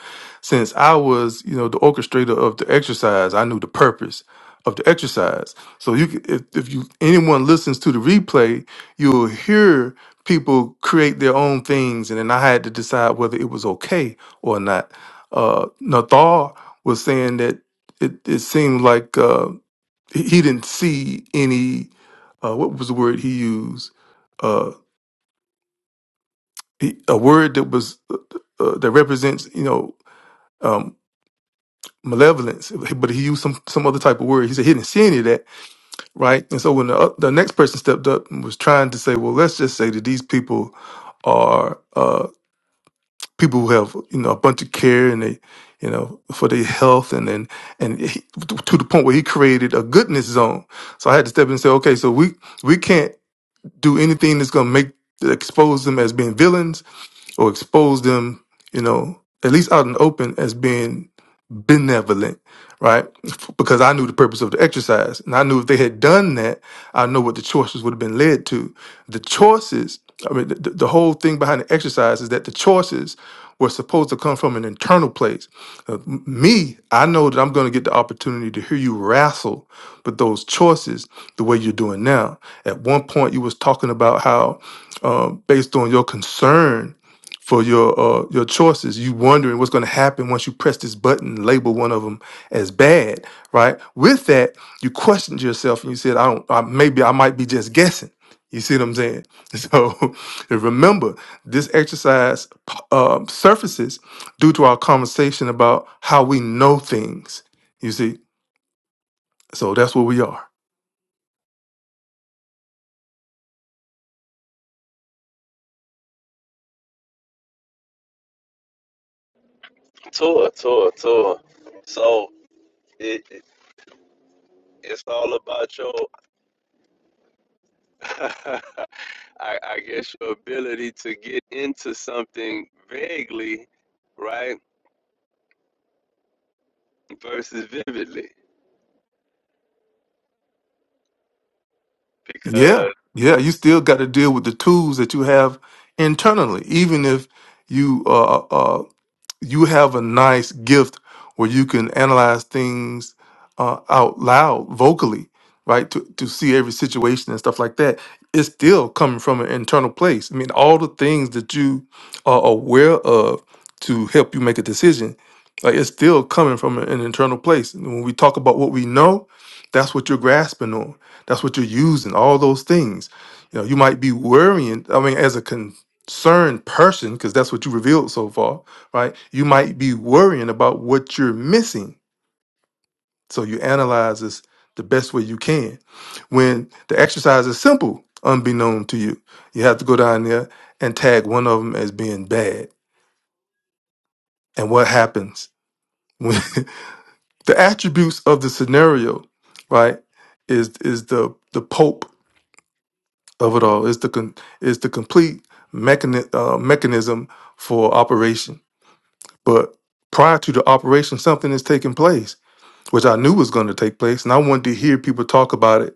[SPEAKER 2] Since I was, you know, the orchestrator of the exercise, I knew the purpose of the exercise. So you could- if if you anyone listens to the replay, you'll hear people create their own things and then I had to decide whether it was okay or not. Uh Nathar was saying that it, it seemed like uh he he didn't see any uh what was the word he used? Uh, he, a word that was uh, uh, that represents you know um, malevolence, but he used some some other type of word. He said he didn't see any of that, right? And so when the oth- the next person stepped up and was trying to say, well, let's just say that these people are uh, people who have you know a bunch of care and they you know for their health and then and he, to the point where he created a goodness zone. So I had to step in and say, okay, so we we can't do anything that's going to make expose them as being villains or expose them, you know, at least out in the open as being benevolent, right? Because I knew the purpose of the exercise. And I knew if they had done that, I know what the choices would have been led to. The choices, I mean, the, the whole thing behind the exercise is that the choices were supposed to come from an internal place. Uh, m- me, I know that I'm going to get the opportunity to hear you wrestle with those choices the way you're doing now. At one point, you was talking about how, uh, based on your concern for your uh, your choices. You wondering what's going to happen once you press this button, label one of them as bad, right? With that, you questioned yourself and you said, "I don't. I, maybe I might be just guessing." You see what I'm saying? So and remember, this exercise p- uh, surfaces due to our conversation about how we know things. You see, so that's where we are.
[SPEAKER 3] tour, tour, tour. So it, it it's all about your I, I guess your ability to get into something vaguely, right, versus vividly.
[SPEAKER 2] Yeah,
[SPEAKER 3] Because
[SPEAKER 2] yeah. You still got to deal with the tools that you have internally, even if you uh. uh, you have a nice gift where you can analyze things uh, out loud vocally right to, to see every situation and stuff like that it's still coming from an internal place i mean all the things that you are aware of to help you make a decision like it's still coming from an an internal place and when we talk about what we know that's what you're grasping on that's what you're using all those things you know you might be worrying i mean as a concerned person because that's what you revealed so far right? You might be worrying about what you're missing. So you analyze this the best way you can. When the exercise is simple, unbeknown to you, you have to go down there and tag one of them as being bad. And what happens when the attributes of the scenario, right, is is the the pope of it all. Is the con, is the complete mechani- uh, mechanism for operation. But prior to the operation, something is taking place which I knew was going to take place, and I wanted to hear people talk about it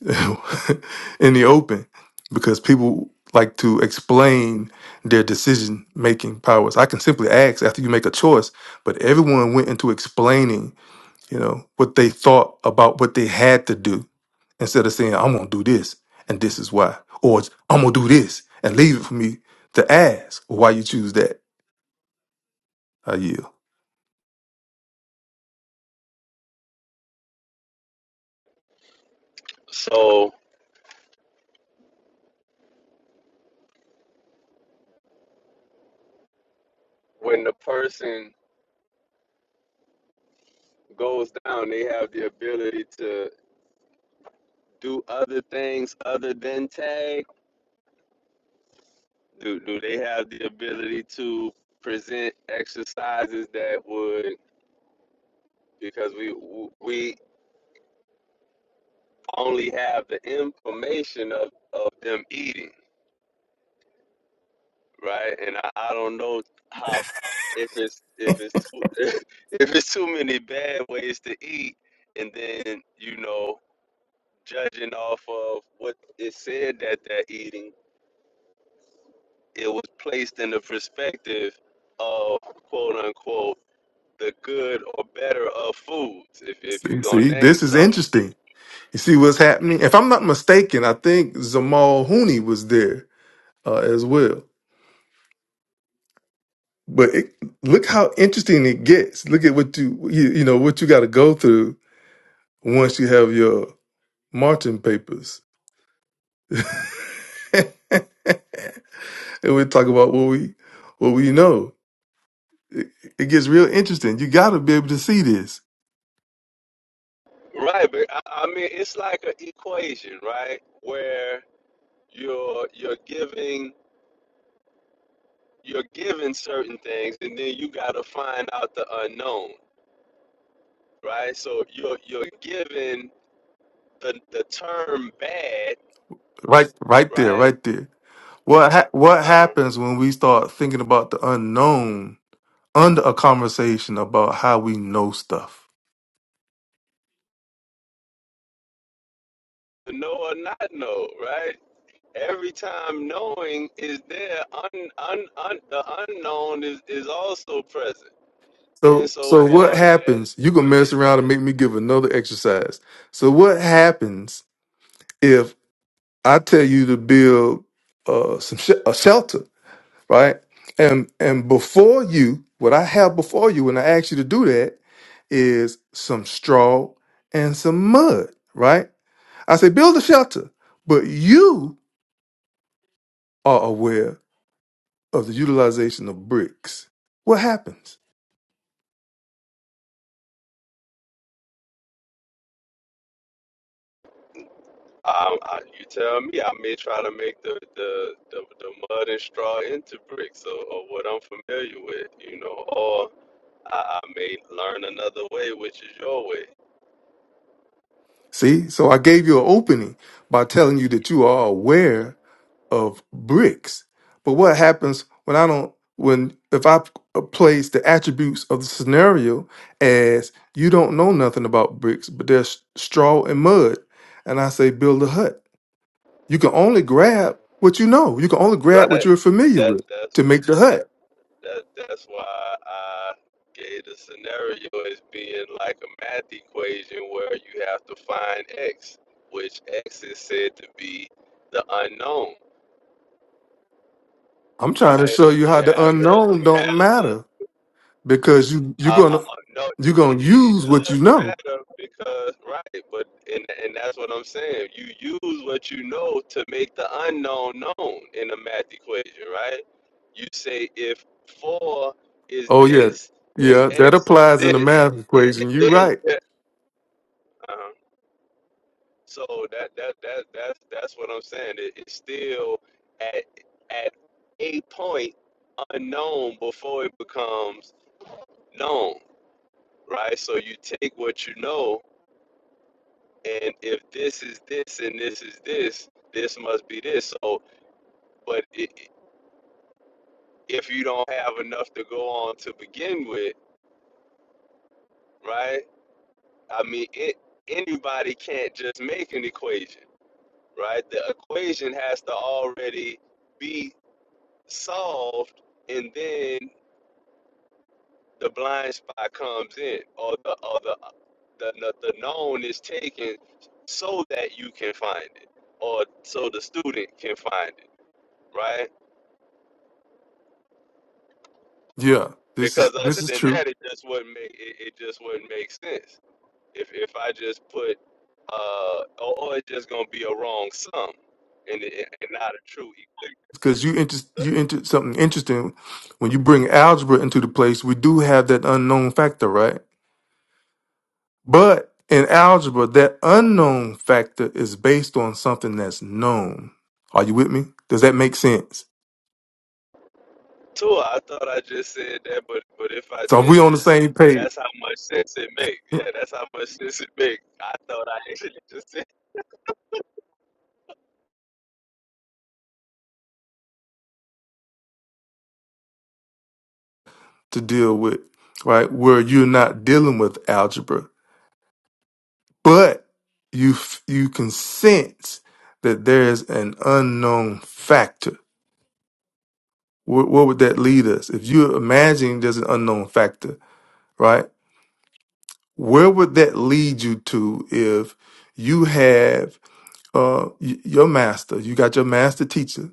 [SPEAKER 2] in the open because people like to explain their decision making powers. I can simply ask after you make a choice, but everyone went into explaining, you know, what they thought about what they had to do instead of saying, I'm going to do this and this is why, or I'm going to do this and leave it for me to ask why you choose that. I yield.
[SPEAKER 3] so when the person goes down, they have the ability to do other things other than tag. Do do they have the ability to present exercises that would because we we only have the information of, of them eating. right? And I, I don't know how if it's if it's too if it's too many bad ways to eat, and then you know judging off of what it said that they're eating, it was placed in the perspective of quote unquote the good or better of foods. If if you're
[SPEAKER 2] See,
[SPEAKER 3] gonna
[SPEAKER 2] see,
[SPEAKER 3] name
[SPEAKER 2] this is
[SPEAKER 3] something,
[SPEAKER 2] interesting. You see what's happening? If I'm not mistaken, I think Zamal Hooney was there uh, as well. But it, look how interesting it gets. Look at what you you, you know what you got to go through once you have your Martin papers, and we talk about what we what we know. It, it gets real interesting. You got to be able to see this
[SPEAKER 3] right? But I, I mean, it's like an equation, right? Where you're you're giving you're given certain things and then you got to find out the unknown right so you're you're given the the term bad
[SPEAKER 2] right right there,
[SPEAKER 3] right
[SPEAKER 2] right there. What ha- what
[SPEAKER 3] uh
[SPEAKER 2] happens when we start thinking about the unknown under a conversation about how we know stuff?
[SPEAKER 3] to know or not know right every time knowing is there un, un, un the unknown is is also present
[SPEAKER 2] So so what
[SPEAKER 3] insofar as
[SPEAKER 2] happens? You gonna mess
[SPEAKER 3] go
[SPEAKER 2] around and
[SPEAKER 3] ahead.
[SPEAKER 2] make me give another exercise. So what happens if I tell you to build uh, some sh- a shelter, right? And and before you, what I have before you when I ask you to do that is some straw and some mud, right? I say build a shelter, but you are aware of the utilization of bricks. What happens?
[SPEAKER 3] I, I, you tell me I may try to make the, the, the, the mud and straw into bricks or, or what I'm familiar with, you know, or I, I may learn another way, which is your way.
[SPEAKER 2] See, so I gave you an opening by telling you that you are aware of bricks. But what happens when I don't when if I p- uh, place the attributes of the scenario as you don't know nothing about bricks, but there's straw and mud, and I say build a hut. You can only grab what you know. You can only grab what
[SPEAKER 3] Right.
[SPEAKER 2] you're familiar
[SPEAKER 3] That
[SPEAKER 2] with
[SPEAKER 3] that's
[SPEAKER 2] to make the hut.
[SPEAKER 3] that that's why I gave the scenario as being like a math equation where you have to find x, which x is said to be the unknown,
[SPEAKER 2] I'm trying to
[SPEAKER 3] right?
[SPEAKER 2] show you
[SPEAKER 3] You
[SPEAKER 2] how the
[SPEAKER 3] have the
[SPEAKER 2] unknown
[SPEAKER 3] you
[SPEAKER 2] don't
[SPEAKER 3] have the
[SPEAKER 2] matter because you you're
[SPEAKER 3] Uh, uh,
[SPEAKER 2] gonna
[SPEAKER 3] uh, no,
[SPEAKER 2] you're gonna
[SPEAKER 3] it, it
[SPEAKER 2] use what
[SPEAKER 3] does
[SPEAKER 2] you know.
[SPEAKER 3] matter because right, but and and that's what I'm saying. You use what you know to make the unknown known in the math equation, right? You say if four is
[SPEAKER 2] Oh yeah,
[SPEAKER 3] this and
[SPEAKER 2] yeah, that
[SPEAKER 3] x is
[SPEAKER 2] applies in the
[SPEAKER 3] this,
[SPEAKER 2] math
[SPEAKER 3] and,
[SPEAKER 2] equation. You're
[SPEAKER 3] and then
[SPEAKER 2] right.
[SPEAKER 3] yeah, uh, so that that that that's that's what I'm saying. It, it's still at at a point unknown before it becomes known, right? So you take what you know and if this is this and this is this, this must be this. So, but i if you don't have enough to go on to begin with, right? I mean, it, anybody can't just make an equation, right? The equation has to already be solved, and then the blind spot comes in, or the or the, the, the known is taken so that you can find it, or so the student can find it, right?
[SPEAKER 2] Yeah, this is
[SPEAKER 3] because
[SPEAKER 2] this
[SPEAKER 3] other
[SPEAKER 2] is
[SPEAKER 3] than
[SPEAKER 2] true.
[SPEAKER 3] that, it just wouldn't make it, it just wouldn't make sense. If if I just put uh, or, or it's just gonna be a wrong sum, and it, and not a true
[SPEAKER 2] because you inter-
[SPEAKER 3] equation.
[SPEAKER 2] you entered something interesting when you bring algebra into the place we do have that unknown factor right but in algebra that unknown factor is based on something that's known are you with me does that make sense
[SPEAKER 3] Too, I thought I just said that, but but if I
[SPEAKER 2] so we on
[SPEAKER 3] didn't,
[SPEAKER 2] the same page
[SPEAKER 3] that's how much sense it make. Yeah,
[SPEAKER 2] to
[SPEAKER 3] that's how much sense it make. I thought I actually just said.
[SPEAKER 2] deal with right where you're not dealing with algebra but you f- you can sense that there's an unknown factor where, where would that lead us if you imagine there's an unknown factor right? Where would that lead you to if you have uh, y- your master? You got your master teacher.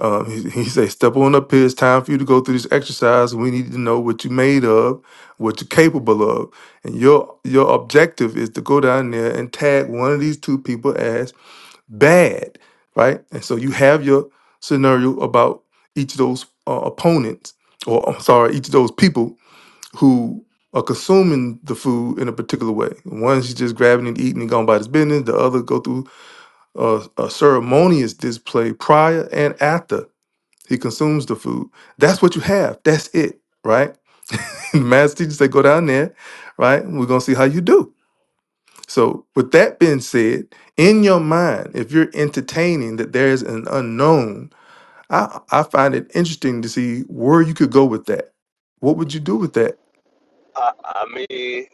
[SPEAKER 2] Um, he, he say, "Step on up here. It's time for you to go through this exercise. We need to know what you made of, what you're capable of, and your your objective is to go down there and tag one of these two people as bad, right? And so you have your scenario about each of those uh, opponents, or I'm sorry, each of those people who are consuming the food in a particular way. One's just grabbing and eating and going about his business. The other go through a, a ceremonious display prior and after he consumes the food. That's what you have. That's it, right? the master teacher say, go down there, right? We're gonna see how you do. So, with that being said, in your mind, if you're entertaining that there is an unknown, I, I find it interesting to see where you could go with that. What would you do with that?
[SPEAKER 3] I, I mean,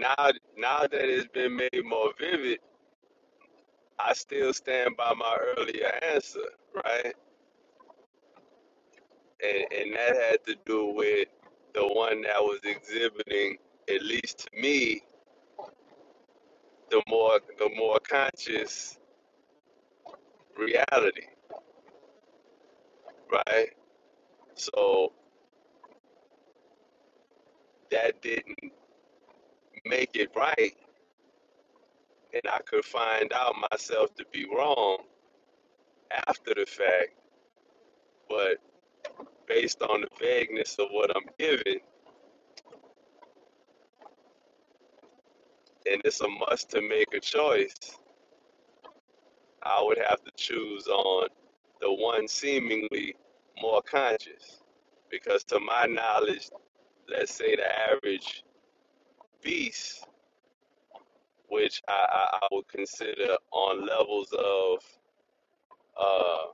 [SPEAKER 3] now now that it's been made more vivid, I still stand by my earlier answer, right? and, and that had to do with the one that was exhibiting, at least to me, the more the more conscious reality, right? So that didn't make it right, and I could find out myself to be wrong after the fact, but based on the vagueness of what I'm given, and it's a must to make a choice. I would have to choose on the one seemingly more conscious. Because to my knowledge, let's say the average beast, which I, I, I would consider on levels of uh,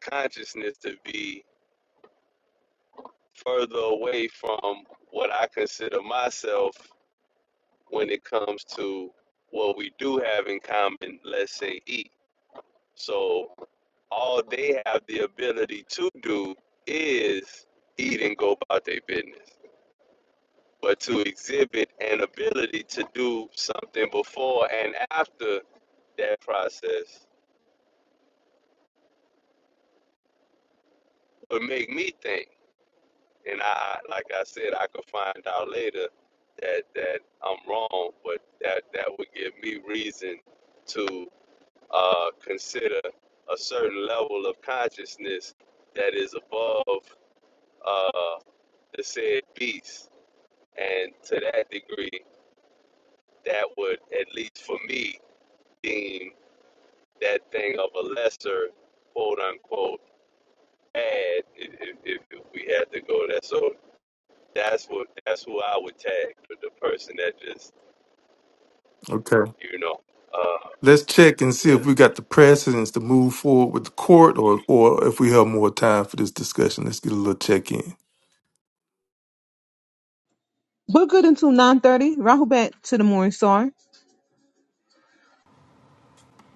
[SPEAKER 3] consciousness to be further away from what I consider myself when it comes to what we do have in common, let's say eat. So all they have the ability to do is eat and go about their business. But to exhibit an ability to do something before and after that process would make me think. And I, like I said, I could find out later that that I'm wrong, but that that would give me reason to uh, consider a certain level of consciousness that is above uh, the said beast And to that degree, that would, at least for me, deem that thing of a lesser, quote unquote, bad, if, if, if we had to go there. So that's what that's who I would tag the the person that just,
[SPEAKER 2] Okay.
[SPEAKER 3] you know, uh,
[SPEAKER 2] Let's check and see if
[SPEAKER 3] yeah,
[SPEAKER 2] we got the precedence to move forward with the court or, or if we have more time for this discussion. Let's get a little check in.
[SPEAKER 1] We're good until 9.30. Rahul back to the morning star.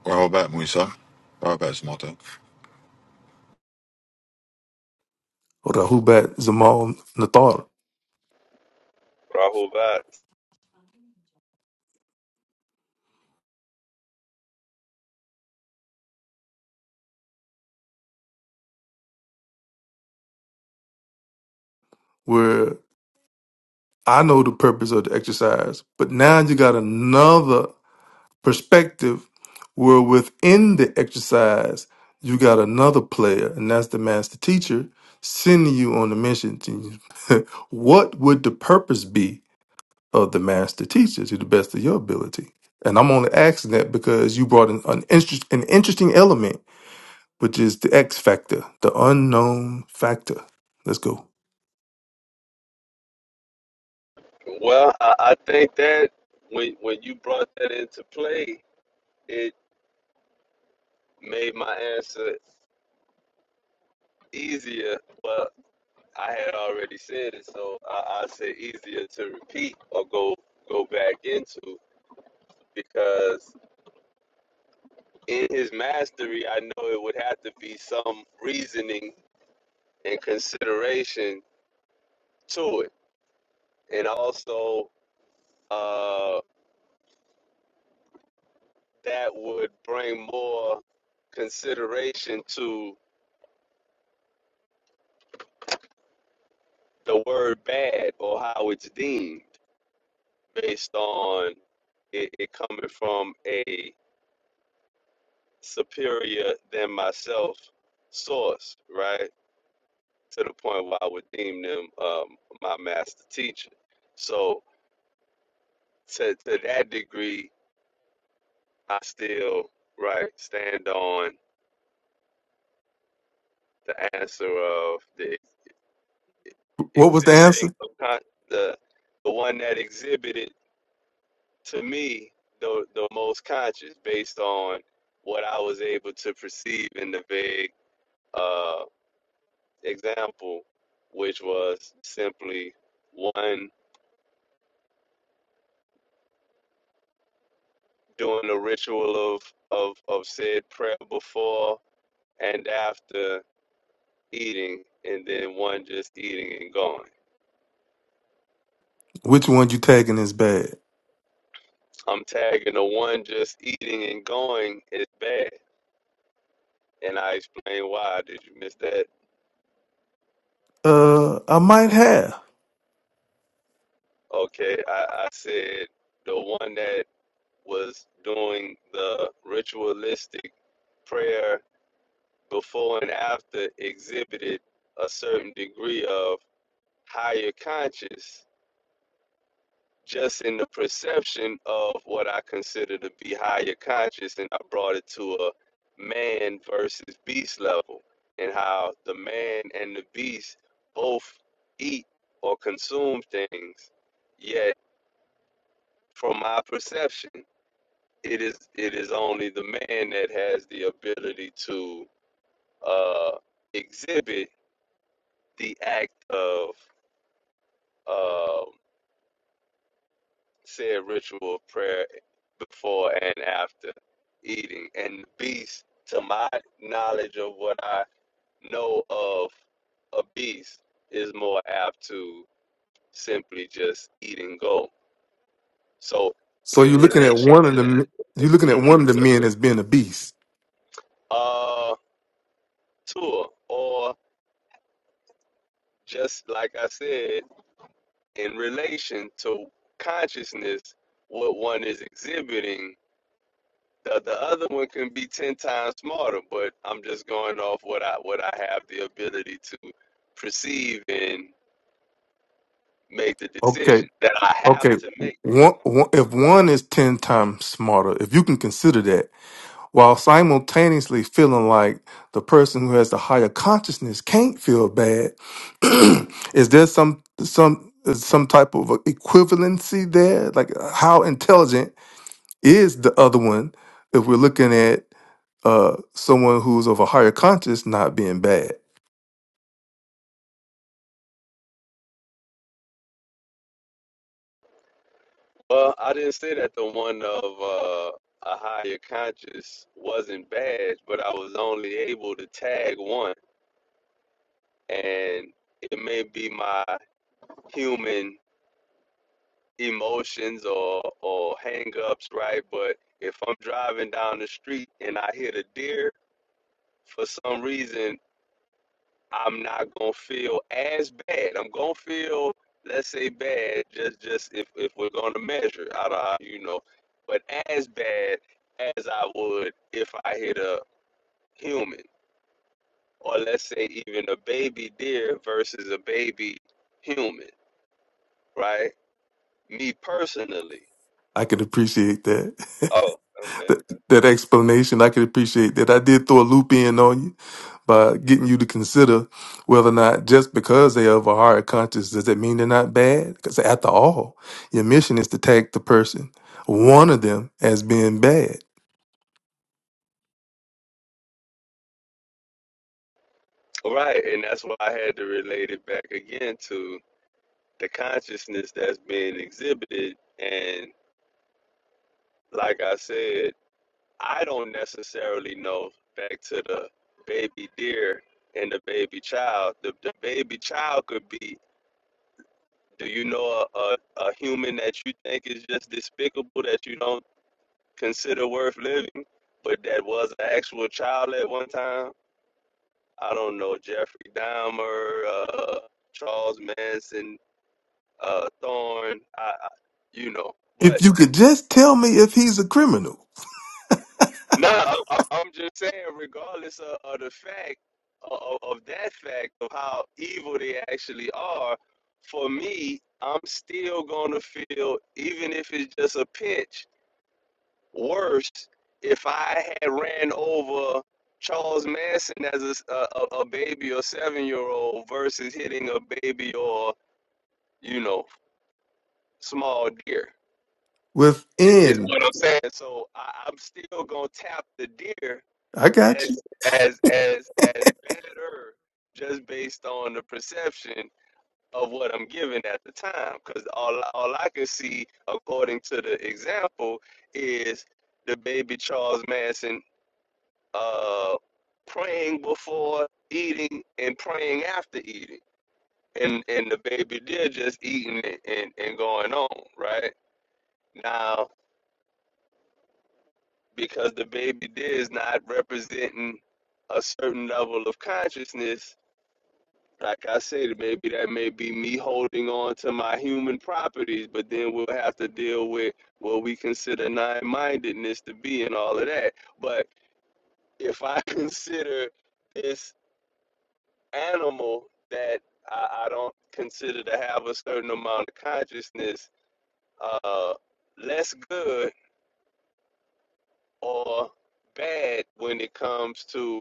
[SPEAKER 5] Robert Musa. Robert Smota.
[SPEAKER 2] Or the Hubat Zamal Nathar,
[SPEAKER 3] Rahul Vats.
[SPEAKER 2] where I know the purpose of the exercise, but now you got another perspective where within the exercise, you got another player, and that's the master teacher sending you on a mission. To what would the purpose be of the master teacher to the best of your ability. And I'm only asking that because you brought in an, interest, an interesting element, which is the X factor, the unknown factor. Let's go.
[SPEAKER 3] Well, I, I think that when when you brought that into play, it made my answer easier. But I had already said it, so I, I said easier to repeat or go go back into because in his mastery, I know it would have to be some reasoning and consideration to it, and also uh, that would bring more consideration to the word bad or how it's deemed based on it, it coming from a superior than myself source, right? To the point where I would deem them um, my master teacher. So to, to that degree, I still, right, stand on the answer of the
[SPEAKER 2] What was the
[SPEAKER 3] exhibiting
[SPEAKER 2] answer?
[SPEAKER 3] of con- the the one that exhibited to me the the most conscious based on what I was able to perceive in the vague uh, example, which was simply one doing the ritual of of of said prayer before and after eating and then one just eating and going
[SPEAKER 2] Which one you tagging is bad?
[SPEAKER 3] i'm tagging the one just eating and going is bad and i explain why did you miss that
[SPEAKER 2] Uh, I might have.
[SPEAKER 3] okay i, I said the one that was doing the ritualistic prayer before and after exhibited a certain degree of higher conscious just in the perception of what I consider to be higher conscious, and I brought it to a man versus beast level, and how the man and the beast both eat or consume things, yet from my perception, it is it is only the man that has the ability to uh, exhibit the act of um said ritual of prayer before and after eating. And the beast, to my knowledge of what I know of a beast, is more apt to simply just eat and go. So,
[SPEAKER 2] So
[SPEAKER 3] in
[SPEAKER 2] you're looking at
[SPEAKER 3] relation
[SPEAKER 2] one of
[SPEAKER 3] to that,
[SPEAKER 2] the you're looking at one of the
[SPEAKER 3] mhm,
[SPEAKER 2] men as being a beast.
[SPEAKER 3] uh tour or just like I said in relation to consciousness what one is exhibiting The, the other one can be ten times smarter, but I'm just going off what I what I have the ability to perceive and make the
[SPEAKER 2] Okay.
[SPEAKER 3] decision that I have
[SPEAKER 2] Okay.
[SPEAKER 3] to make.
[SPEAKER 2] One, one, if one is ten times smarter, if you can consider that, while simultaneously feeling like the person who has the higher consciousness can't feel bad is there some some is some type of equivalency there like how intelligent is the other one if we're looking at uh someone who's of a higher conscious not being bad
[SPEAKER 3] Well, I didn't say that the one of uh, a higher conscious wasn't bad, but I was only able to tag one, and it may be my human emotions or or hang-ups, right? But if I'm driving down the street and I hit a deer for some reason I'm not gonna feel as bad. I'm gonna feel, let's say, bad. Just, just if if we're gonna measure, I don't, you know, but as bad as I would if I hit a human, or let's say even a baby deer versus a baby human, right? Me personally.
[SPEAKER 2] i can appreciate that
[SPEAKER 3] Oh, okay.
[SPEAKER 2] that, that explanation i can appreciate that i did throw a loop in on you by getting you to consider whether or not just because they have a hard conscience, does that mean they're not bad? Because after all, your mission is to tag the person, one of them, as being bad.
[SPEAKER 3] Right, and that's why I had to relate it back again to the consciousness that's being exhibited. And like I said, I don't necessarily know back to the baby deer and the baby child. The, the baby child could be, do you know a, a, a human that you think is just despicable that you don't consider worth living, but that was an actual child at one time? I don't know, Jeffrey Dahmer, uh, Charles Manson, uh, Thorne, I, I, you know. But
[SPEAKER 2] If you could just tell me if he's a criminal
[SPEAKER 3] No, I'm, I'm just saying, regardless of, of the fact of, of that fact of how evil they actually are, for me, I'm still gonna feel, even if it's just a pinch, worse if I had ran over Charles Manson as a, s- a, a- a baby or seven year old versus hitting a baby or you know small deer. Is
[SPEAKER 2] within,
[SPEAKER 3] what I'm saying. So I, I'm still gonna tap the deer
[SPEAKER 2] I got
[SPEAKER 3] as
[SPEAKER 2] you.
[SPEAKER 3] as as as better just based on the perception of what I'm given at the time. Because all all I can see, according to the example, is the baby Charles Manson uh, praying before eating and praying after eating. And, and the baby did just eating and, and, and going on, right? Now, because the baby did is not representing a certain level of consciousness, like I said, maybe that may be me holding on to my human properties, but then we'll have to deal with what we consider nine mindedness to be and all of that. But if I consider this animal that I, I don't consider to have a certain amount of consciousness uh, less good or bad when it comes to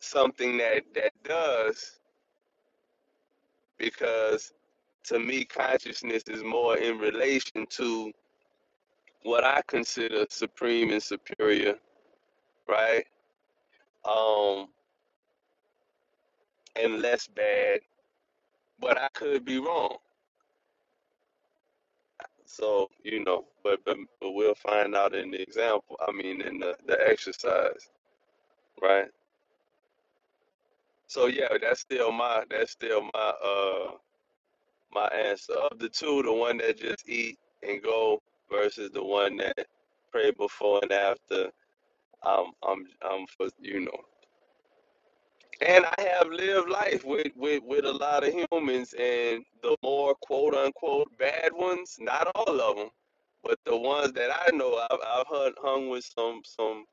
[SPEAKER 3] something that, that does. because to me, consciousness is more in relation to what I consider supreme and superior, right? Um, and less bad, but I could be wrong. So you know, but but, but we'll find out in the example. I mean, in the, the exercise, right? So yeah, that's still my that's still my uh my answer of the two, the one that just eat and go versus the one that pray before and after I'm I'm I'm for you know. And I have lived life with, with, with a lot of humans, and the more quote unquote bad ones, not all of them, but the ones that I know, I've, I've hung, hung with some some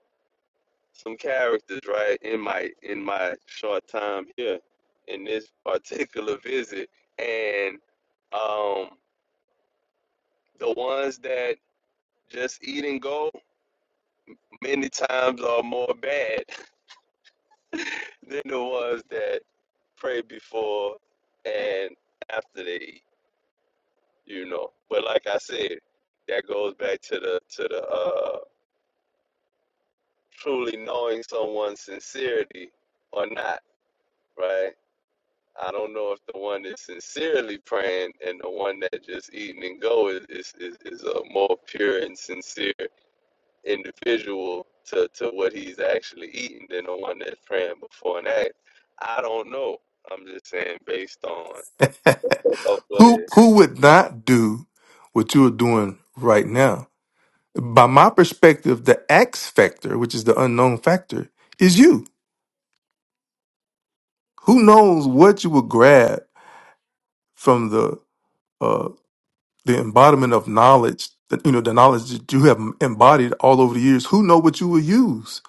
[SPEAKER 3] some characters, right? In my in my short time here, in this particular visit, and um, the ones that just eat and go, many times are more bad Then the ones that pray before and after they eat, you know. But like I said, that goes back to the to the uh truly knowing someone's sincerity or not, right? I don't know if the one that's sincerely praying and the one that just eating and go is is, is, is a more pure and sincere individual to, to what he's actually eating than the one that's praying before and after. I don't know. I'm just saying based on Oh, go
[SPEAKER 2] who
[SPEAKER 3] ahead.
[SPEAKER 2] who would not do what you are doing right now? By my perspective, the X factor, which is the unknown factor, is you. Who knows what you will grab from the uh, the embodiment of knowledge that you know the knowledge that you have embodied all over the years who know what you will use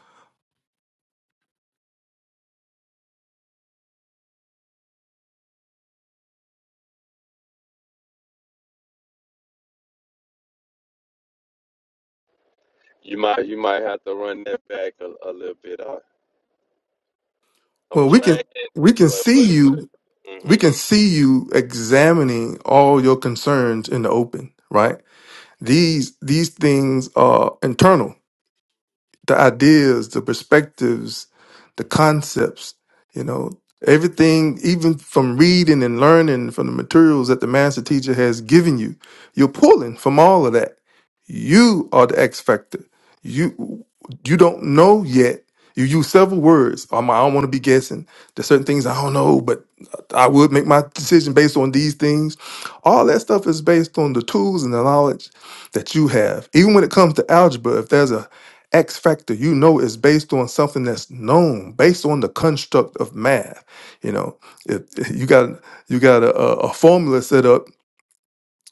[SPEAKER 3] You might you might have to run that back a, a little bit. I, I'm
[SPEAKER 2] well we can
[SPEAKER 3] trying,
[SPEAKER 2] we can
[SPEAKER 3] but
[SPEAKER 2] see
[SPEAKER 3] but but.
[SPEAKER 2] you we
[SPEAKER 3] hmm
[SPEAKER 2] can see you examining all your concerns in the open right these these things are internal the ideas, the perspectives, the concepts, you know, everything, even from reading and learning from the materials that the master teacher has given you, you're pulling from all of that. You are the X factor. You you don't know yet. You use several words. Um, I don't want to be guessing. There's certain things I don't know, but I would make my decision based on these things. All that stuff is based on the tools and the knowledge that you have. Even when it comes to algebra, if there's a X factor, you know, is based on something that's known, based on the construct of math. You know, if if you got you got a, a a formula set up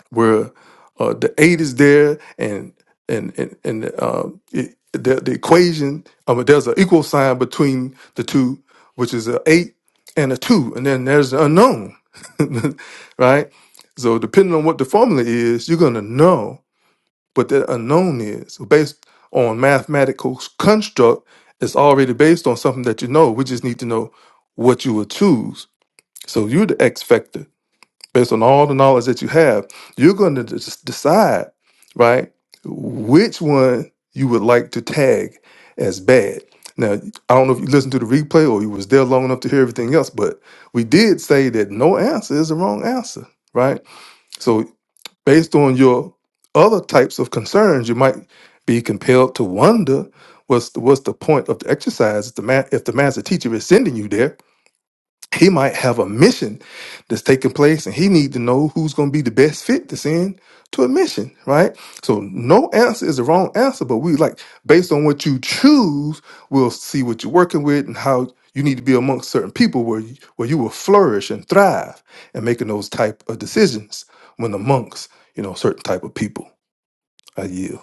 [SPEAKER 2] where uh, the eight is there, and and and and um, it, the the equation, um, there's an equal sign between the two, which is an eight and a two, and then there's the unknown, right? So depending on what the formula is, you're gonna know but that unknown is based on mathematical construct. It's already based on something that you know. We just need to know what you will choose. So you're the X factor based on all the knowledge that you have. You're going to just decide, right, which one you would like to tag as bad. Now, I don't know if you listened to the replay or you was there long enough to hear everything else, but we did say that no answer is the wrong answer, right? So. Based on your other types of concerns, you might be compelled to wonder what's the, what's the point of the exercise if the, ma- if the master teacher is sending you there he might have a mission that's taking place and he need to know who's going to be the best fit to send to a mission, right? So no answer is the wrong answer, but we like based on what you choose, we'll see what you're working with and how you need to be amongst certain people where you, where you will flourish and thrive and making those type of decisions when amongst, you know, certain type of people. I yield.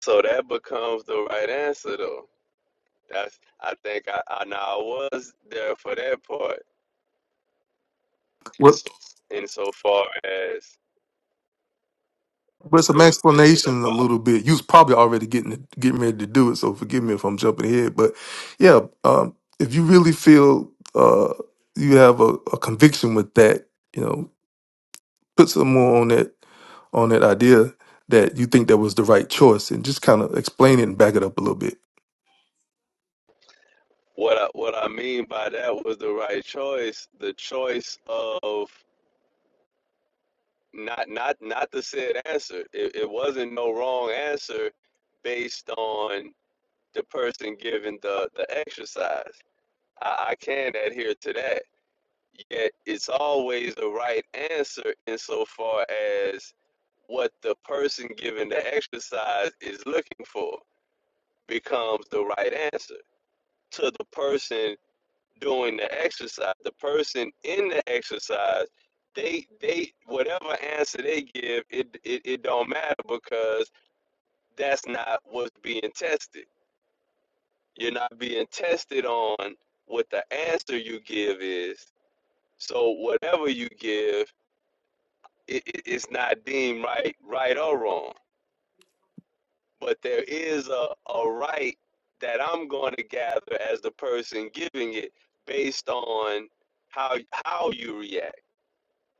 [SPEAKER 3] So that becomes the right answer, though. That's I think I, I now I was there for that part. Insofar as
[SPEAKER 2] With
[SPEAKER 3] it
[SPEAKER 2] some
[SPEAKER 3] was mentioned
[SPEAKER 2] explanation a
[SPEAKER 3] about
[SPEAKER 2] little bit. You was probably already getting getting ready to do it, so forgive me if I'm jumping ahead. But yeah, um, if you really feel uh, you have a, a conviction with that, you know, put some more on that on that idea that you think that was the right choice, and just kind of explain it and back it up a little bit.
[SPEAKER 3] what I what I mean by that was the right choice, the choice of not not not the said answer. It, it wasn't no wrong answer based on the person giving the the exercise. I, I can adhere to that. Yet it's always the right answer insofar as what the person giving the exercise is looking for becomes the right answer to the person doing the exercise. The person in the exercise, they they whatever answer they give, it it, it don't matter because that's not what's being tested. You're not being tested on what the answer you give is So whatever you give, it, it, it's not deemed right, right or wrong. But there is a, a right that I'm going to gather as the person giving it based on how how you react,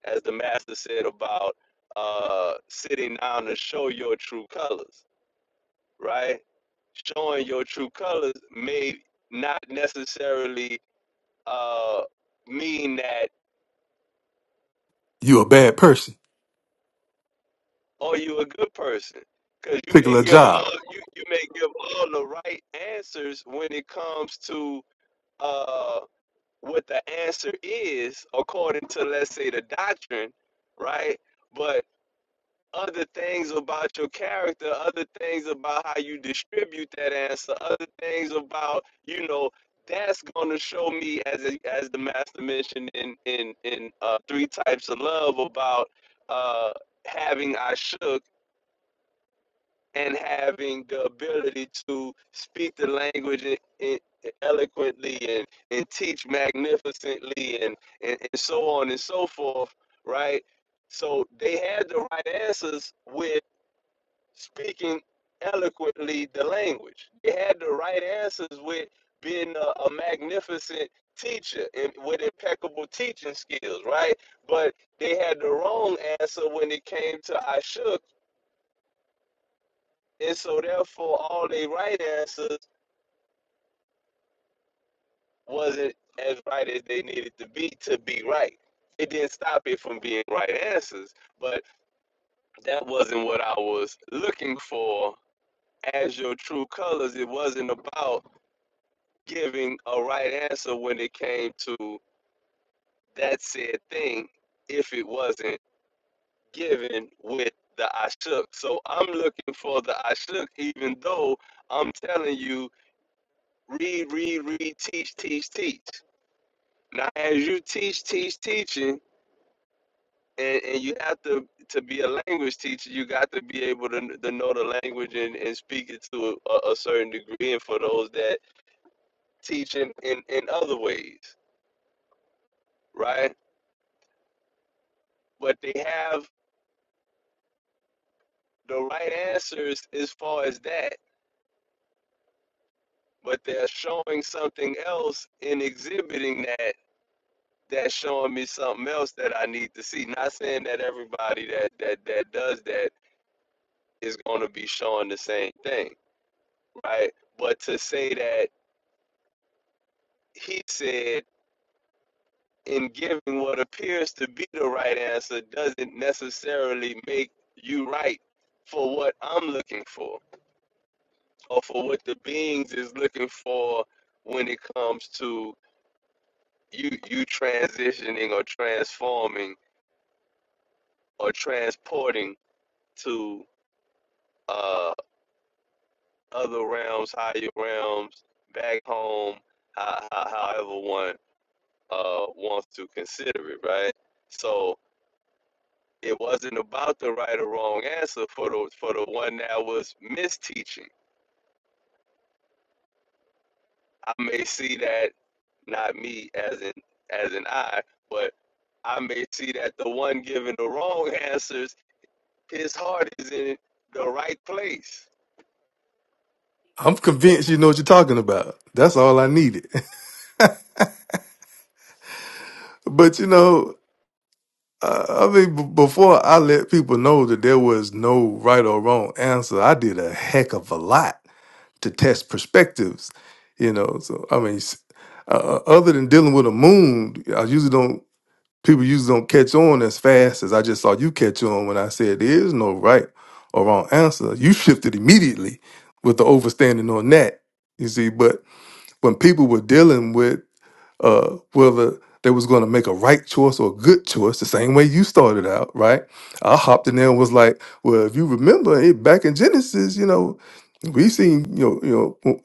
[SPEAKER 3] as the master said about uh, sitting down to show your true colors, right? Showing your true colors may not necessarily uh, mean that
[SPEAKER 2] You a bad person.
[SPEAKER 3] Are you a good person? Because you may
[SPEAKER 2] Particular
[SPEAKER 3] give all
[SPEAKER 2] job.
[SPEAKER 3] you, you may give all the right answers when it comes to uh what the answer is according to let's say the doctrine, right? But other things about your character, other things about how you distribute that answer, other things about you know that's gonna show me as a, as the master mentioned in in in uh, three types of love about uh having I shook and having the ability to speak the language e- e- eloquently and, and teach magnificently and, and, and so on and so forth, right? So they had the right answers with speaking eloquently the language. They had the right answers with being a, a magnificent teacher and with impeccable teaching skills, right? But they had the wrong answer when it came to Ashuk and so therefore all they right answers wasn't as right as they needed to be to be right. It didn't stop it from being right answers, but that wasn't what I was looking for as your true colors. It wasn't about giving a right answer when it came to that said thing if it wasn't given with the I So I'm looking for the I even though I'm telling you read, read, read, teach, teach, teach. Now, as you teach, teach, teaching, and, and you have to to be a language teacher, you got to be able to, to know the language and, and speak it to a, a certain degree. And for those that teach in, in, in other ways, right? But they have the right answers as far as that, but they're showing something else in exhibiting that. That's showing me something else that I need to see. Not saying that everybody that that that does that is going to be showing the same thing right? But to say that he said in giving what appears to be the right answer doesn't necessarily make you right for what I'm looking for or for what the beings is looking for when it comes to you you transitioning or transforming or transporting to uh, other realms, higher realms, back home, how, how, however one uh, wants to consider it, right? So It wasn't about the right or wrong answer for the for the one that was misteaching. I may see that not me as in as an I, but I may see that the one giving the wrong answers, his heart is in the right place.
[SPEAKER 2] I'm convinced you know what you're talking about. That's all I needed. but you know, I I mean, b- before I let people know that there was no right or wrong answer, I did a heck of a lot to test perspectives, you know. So I mean, s- uh, uh, other than dealing with a moon, I usually don't. People usually don't catch on as fast as I just saw you catch on when I said there is no right or wrong answer. You shifted immediately with the overstanding on that. You see, but when people were dealing with uh, whether they was going to make a right choice or a good choice, the same way you started out, right? I hopped in there and was like, well, if you remember it back in Genesis, you know, we seen you know you know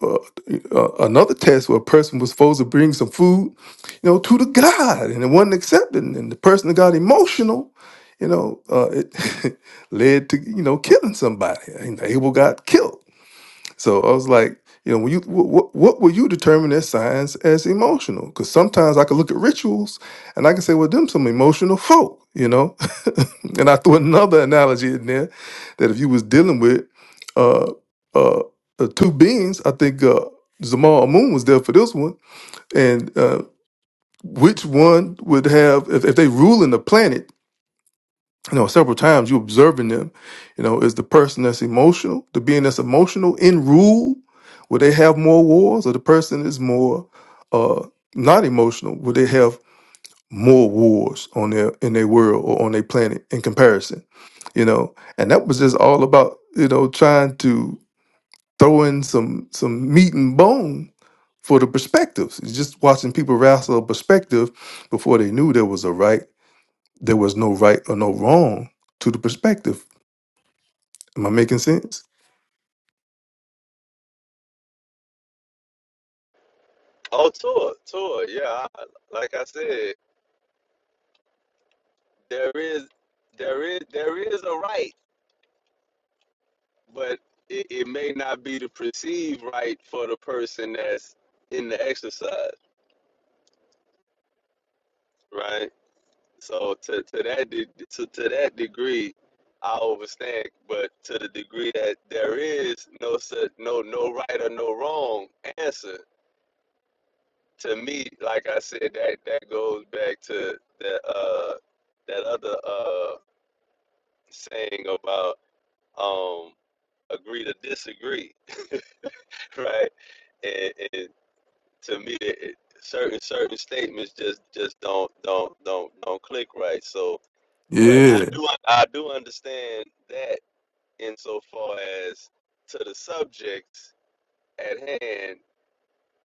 [SPEAKER 2] uh, uh, another test where a person was supposed to bring some food, you know, to the God, and it wasn't accepted, and the person that got emotional, you know, uh, it led to you know killing somebody, and Abel got killed so I was like, you know, when you what what will you determine as signs as emotional? Because sometimes I could look at rituals and I can say, well, them some emotional folk, you know. and I threw another analogy in there that if you was dealing with uh uh, uh two beings, I think uh Zamal Amun was there for this one, and uh which one would have if, if they ruling the planet? you know, several times you observing them, you know, is the person that's emotional, the being that's emotional in rule, will they have more wars, or the person is more uh not emotional, will they have more wars on their in their world or on their planet in comparison? You know, and that was just all about, you know, trying to throw in some some meat and bone for the perspectives. It's just watching people wrestle a perspective before they knew there was a right, there was no right or no wrong to the perspective Am I making sense?
[SPEAKER 3] Oh, tour, tour, yeah. I- Like I said, there is, there is, there is a right, but it, it may not be the perceived right for the person that's in the exercise, right? So to, to that de- to, to that degree, I understand. But to the degree that there is no such no no right or no wrong answer, to me, like I said, that that goes back to that uh that other uh saying about um agree to disagree, right? And, and to me, it, it- certain certain statements just just don't don't don't don't click right. So, but I
[SPEAKER 2] Yeah,
[SPEAKER 3] do I do understand that insofar as to the subjects at hand,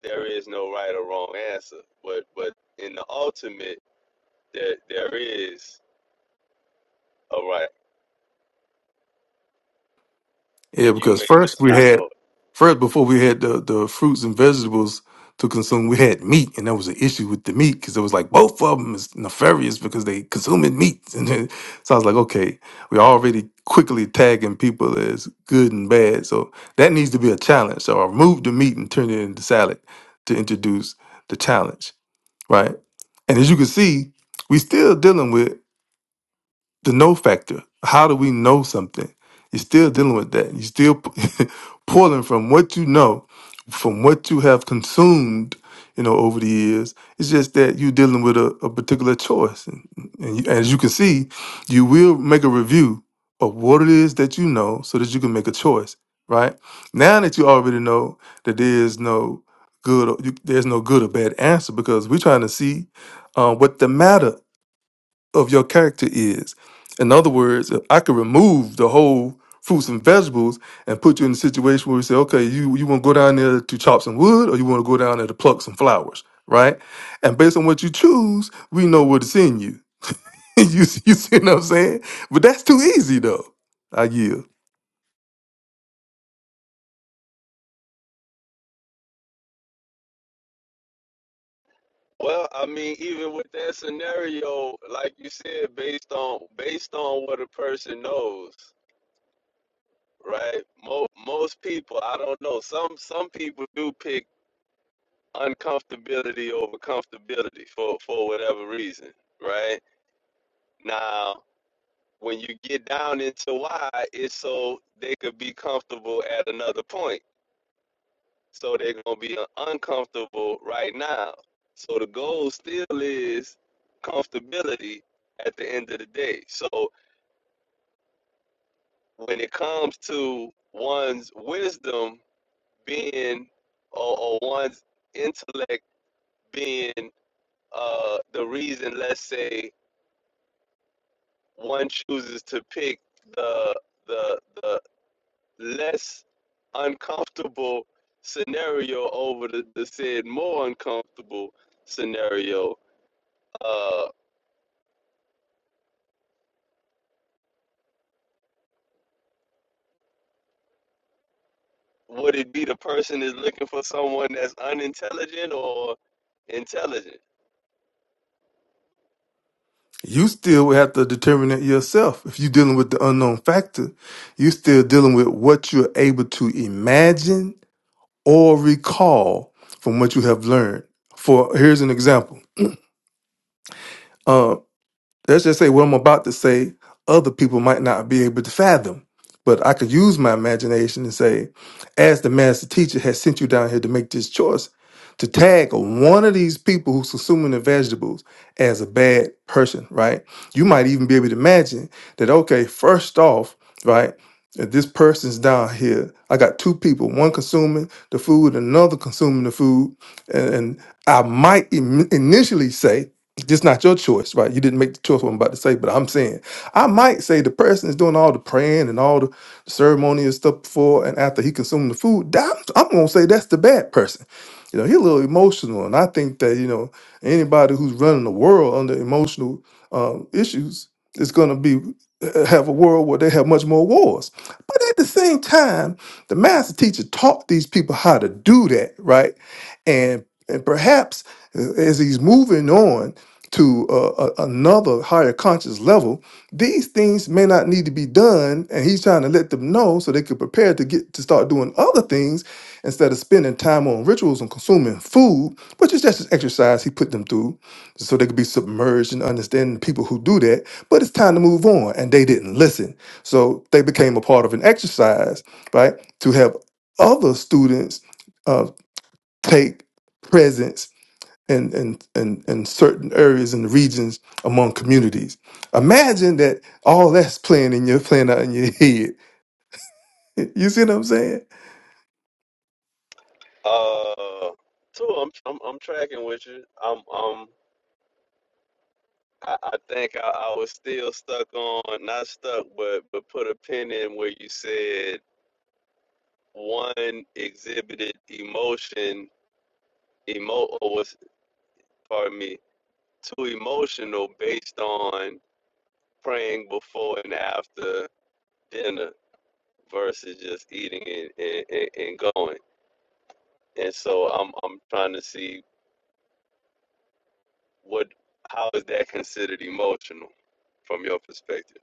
[SPEAKER 3] there is no right or wrong answer. But but in the ultimate, there there is a right.
[SPEAKER 2] yeah.
[SPEAKER 3] You
[SPEAKER 2] Because
[SPEAKER 3] may
[SPEAKER 2] first
[SPEAKER 3] just
[SPEAKER 2] we
[SPEAKER 3] not
[SPEAKER 2] had
[SPEAKER 3] know it.
[SPEAKER 2] first before we had the the fruits and vegetables to consume, we had meat, and that was an issue with the meat because it was like both of them is nefarious because they consuming meat. And then, so I was like, okay, we're already quickly tagging people as good and bad, so that needs to be a challenge. So I removed the meat and turned it into salad to introduce the challenge, right? And as you can see, we still dealing with the know factor. How do we know something? You're still dealing with that. You're still p- pulling from what you know, from what you have consumed, you know, over the years. It's just that you're dealing with a, a particular choice. And, and you, as you can see, you will make a review of what it is that you know so that you can make a choice, right? Now that you already know that there is no good or you, there's no good or bad answer because we're trying to see uh, what the matter of your character is. In other words, I could remove the whole fruits and vegetables and put you in a situation where we say, okay, you, you want to go down there to chop some wood or you want to go down there to pluck some flowers, right? And based on what you choose, we know where to send you. you, see- you see what I'm saying? But that's too easy though. I yield.
[SPEAKER 3] Well, I mean, even with that scenario, like you said, based on based on what a person knows, right? Most most people, I don't know. Some some people do pick uncomfortability over comfortability for for whatever reason, right? Now, When you get down into why, it's so they could be comfortable at another point. So they're gonna be uh, uncomfortable right now. So the goal still is comfortability at the end of the day. So when it comes to one's wisdom being or, or one's intellect being uh, the reason, let's say, one chooses to pick the the the less uncomfortable scenario over the, the said more uncomfortable scenario, uh, would it be the person is looking for someone that's unintelligent or intelligent?
[SPEAKER 2] You still would have to determine it yourself. If you're dealing with the unknown factor, you're still dealing with what you're able to imagine or recall from what you have learned. For here's an example. Uh, let's just say what I'm about to say, other people might not be able to fathom. But I could use my imagination and say, as the master teacher has sent you down here to make this choice, to tag one of these people who's consuming the vegetables as a bad person, right? You might even be able to imagine that, okay, first off, right, that this person's down here. I got two people, one consuming the food, another consuming the food. And, and I might im- initially say, just not your choice, right? You didn't make the choice what I'm about to say, but I'm saying I might say the person is doing all the praying and all the ceremony and stuff before and after he consumed the food. that- I'm, I'm gonna say that's the bad person. You know, he's a little emotional, and I think that you know anybody who's running the world under emotional um, issues is gonna be uh, have a world where they have much more wars. But at the same time, the master teacher taught these people how to do that, right? And and perhaps uh, as he's moving on to uh, a, another higher conscious level, these things may not need to be done. And he's trying to let them know so they could prepare to get to start doing other things instead of spending time on rituals and consuming food, which is just an exercise he put them through so they could be submerged and understand the people who do that. But it's time to move on. And they didn't listen. So they became a part of an exercise, right? To have other students uh, take presence in, in, in, in certain areas and regions among communities. Imagine that all that's playing in your playing out in your head. You see what I'm saying?
[SPEAKER 3] Uh, two, I'm I'm, I'm tracking with you. I'm I'm. I I think I, I was still stuck on, not stuck, but but put a pin in where you said one exhibited emotion, emo or was, pardon me, too emotional based on praying before and after dinner versus just eating and, and, and going. And so I'm I'm trying to see what how is that considered emotional from your perspective,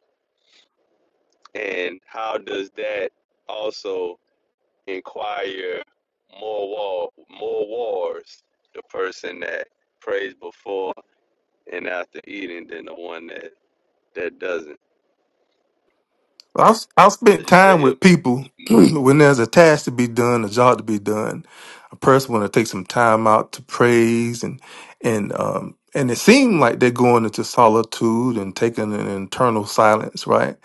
[SPEAKER 3] and how does that also inquire more war more wars the person that prays before and after eating than the one that that doesn't.
[SPEAKER 2] I've I've
[SPEAKER 3] So
[SPEAKER 2] spent
[SPEAKER 3] You say
[SPEAKER 2] time
[SPEAKER 3] he'll
[SPEAKER 2] with people
[SPEAKER 3] be
[SPEAKER 2] when there's a task to be done, a job to be done, a person want to take some time out to praise and and um and it seemed like they're going into solitude and taking an internal silence, right?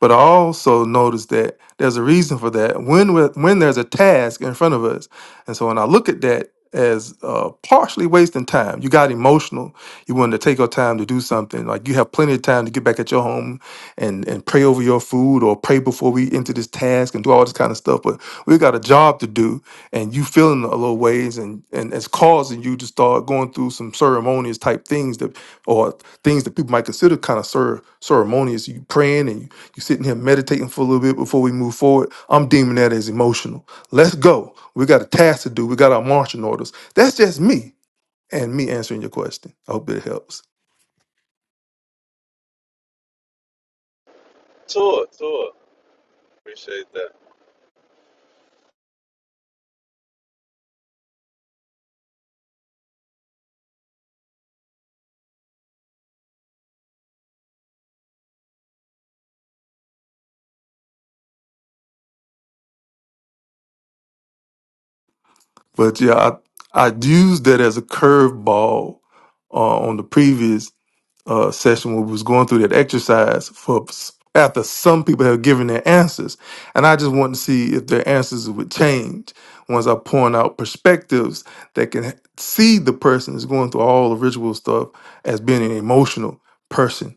[SPEAKER 2] But I also noticed that there's a reason for that when we're, when there's a task in front of us, and so when I look at that as uh, partially wasting time, you got emotional. You wanted to take your time to do something. Like you have plenty of time to get back at your home and and pray over your food or pray before we enter this task and do all this kind of stuff. But we got a job to do, and you feeling a little ways and and it's causing you to start going through some ceremonious type things that or things that people might consider kind of cer- ceremonious you praying and you, you sitting here meditating for a little bit before we move forward i'm deeming that as emotional let's go we got a task to do we got our marching orders that's just me and me answering your question i hope that helps
[SPEAKER 3] tour, tour. Appreciate that.
[SPEAKER 2] but yeah i i used that as a curveball uh, on the previous uh, session where we was going through that exercise for after some people have given their answers, and I just wanted to see if their answers would change once I point out perspectives that can see the person is going through all the ritual stuff as being an emotional person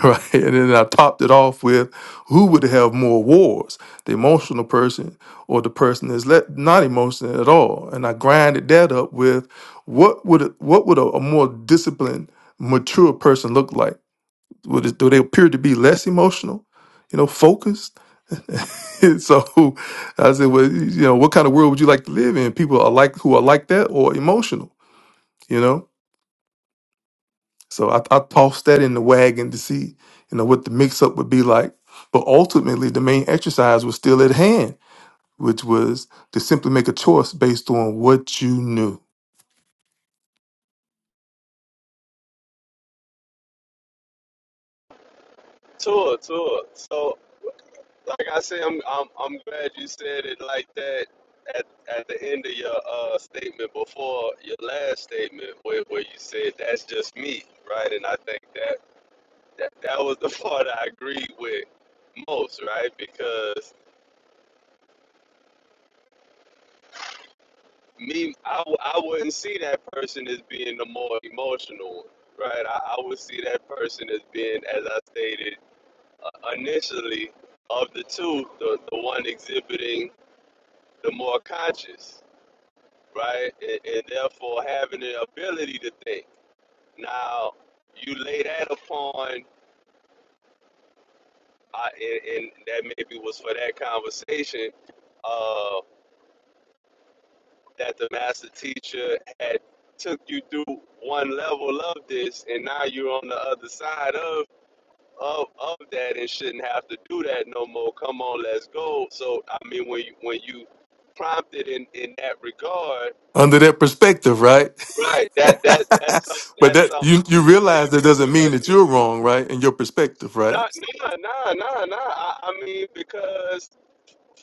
[SPEAKER 2] right? And then I topped it off with who would have more wars, the emotional person or the person that's let, not emotional at all? And I grinded that up with what would a- what would a, a more disciplined, mature person look like? Would it, do they appear to be less emotional? You know, focused. so I said, well, you know, what kind of world would you like to live in? People are like who are like that or emotional. You know, so I, I tossed that in the wagon to see, you know, what the mix up would be like. But ultimately, the main exercise was still at hand, which was to simply make a choice based on what you knew
[SPEAKER 3] Tour, tour. So, like I say, I'm I'm I'm glad you said it like that at at the end of your uh statement before your last statement, where where you said that's just me, right? And I think that that that was the part I agreed with most, right? Because me, I w- I wouldn't see that person as being the more emotional, one, right? I, I would see that person as being, as I stated. uh, initially of the two, the, the one exhibiting the more conscious, right? And, and therefore having the ability to think. Now, you lay that upon, uh, and, and that maybe was for that conversation, uh, that the master teacher had took you through one level of this, and now you're on the other side of of of that and shouldn't have to do that no more. Come on, let's go. So I mean, when you when you prompted in in that regard,
[SPEAKER 2] under that perspective, right?
[SPEAKER 3] right? That that that's something
[SPEAKER 2] but
[SPEAKER 3] that's
[SPEAKER 2] that
[SPEAKER 3] something
[SPEAKER 2] you you realize that
[SPEAKER 3] different
[SPEAKER 2] doesn't mean
[SPEAKER 3] because
[SPEAKER 2] that
[SPEAKER 3] you
[SPEAKER 2] you're wrong, right? In your perspective, right?
[SPEAKER 3] not nah nah nah nah. I, I mean, because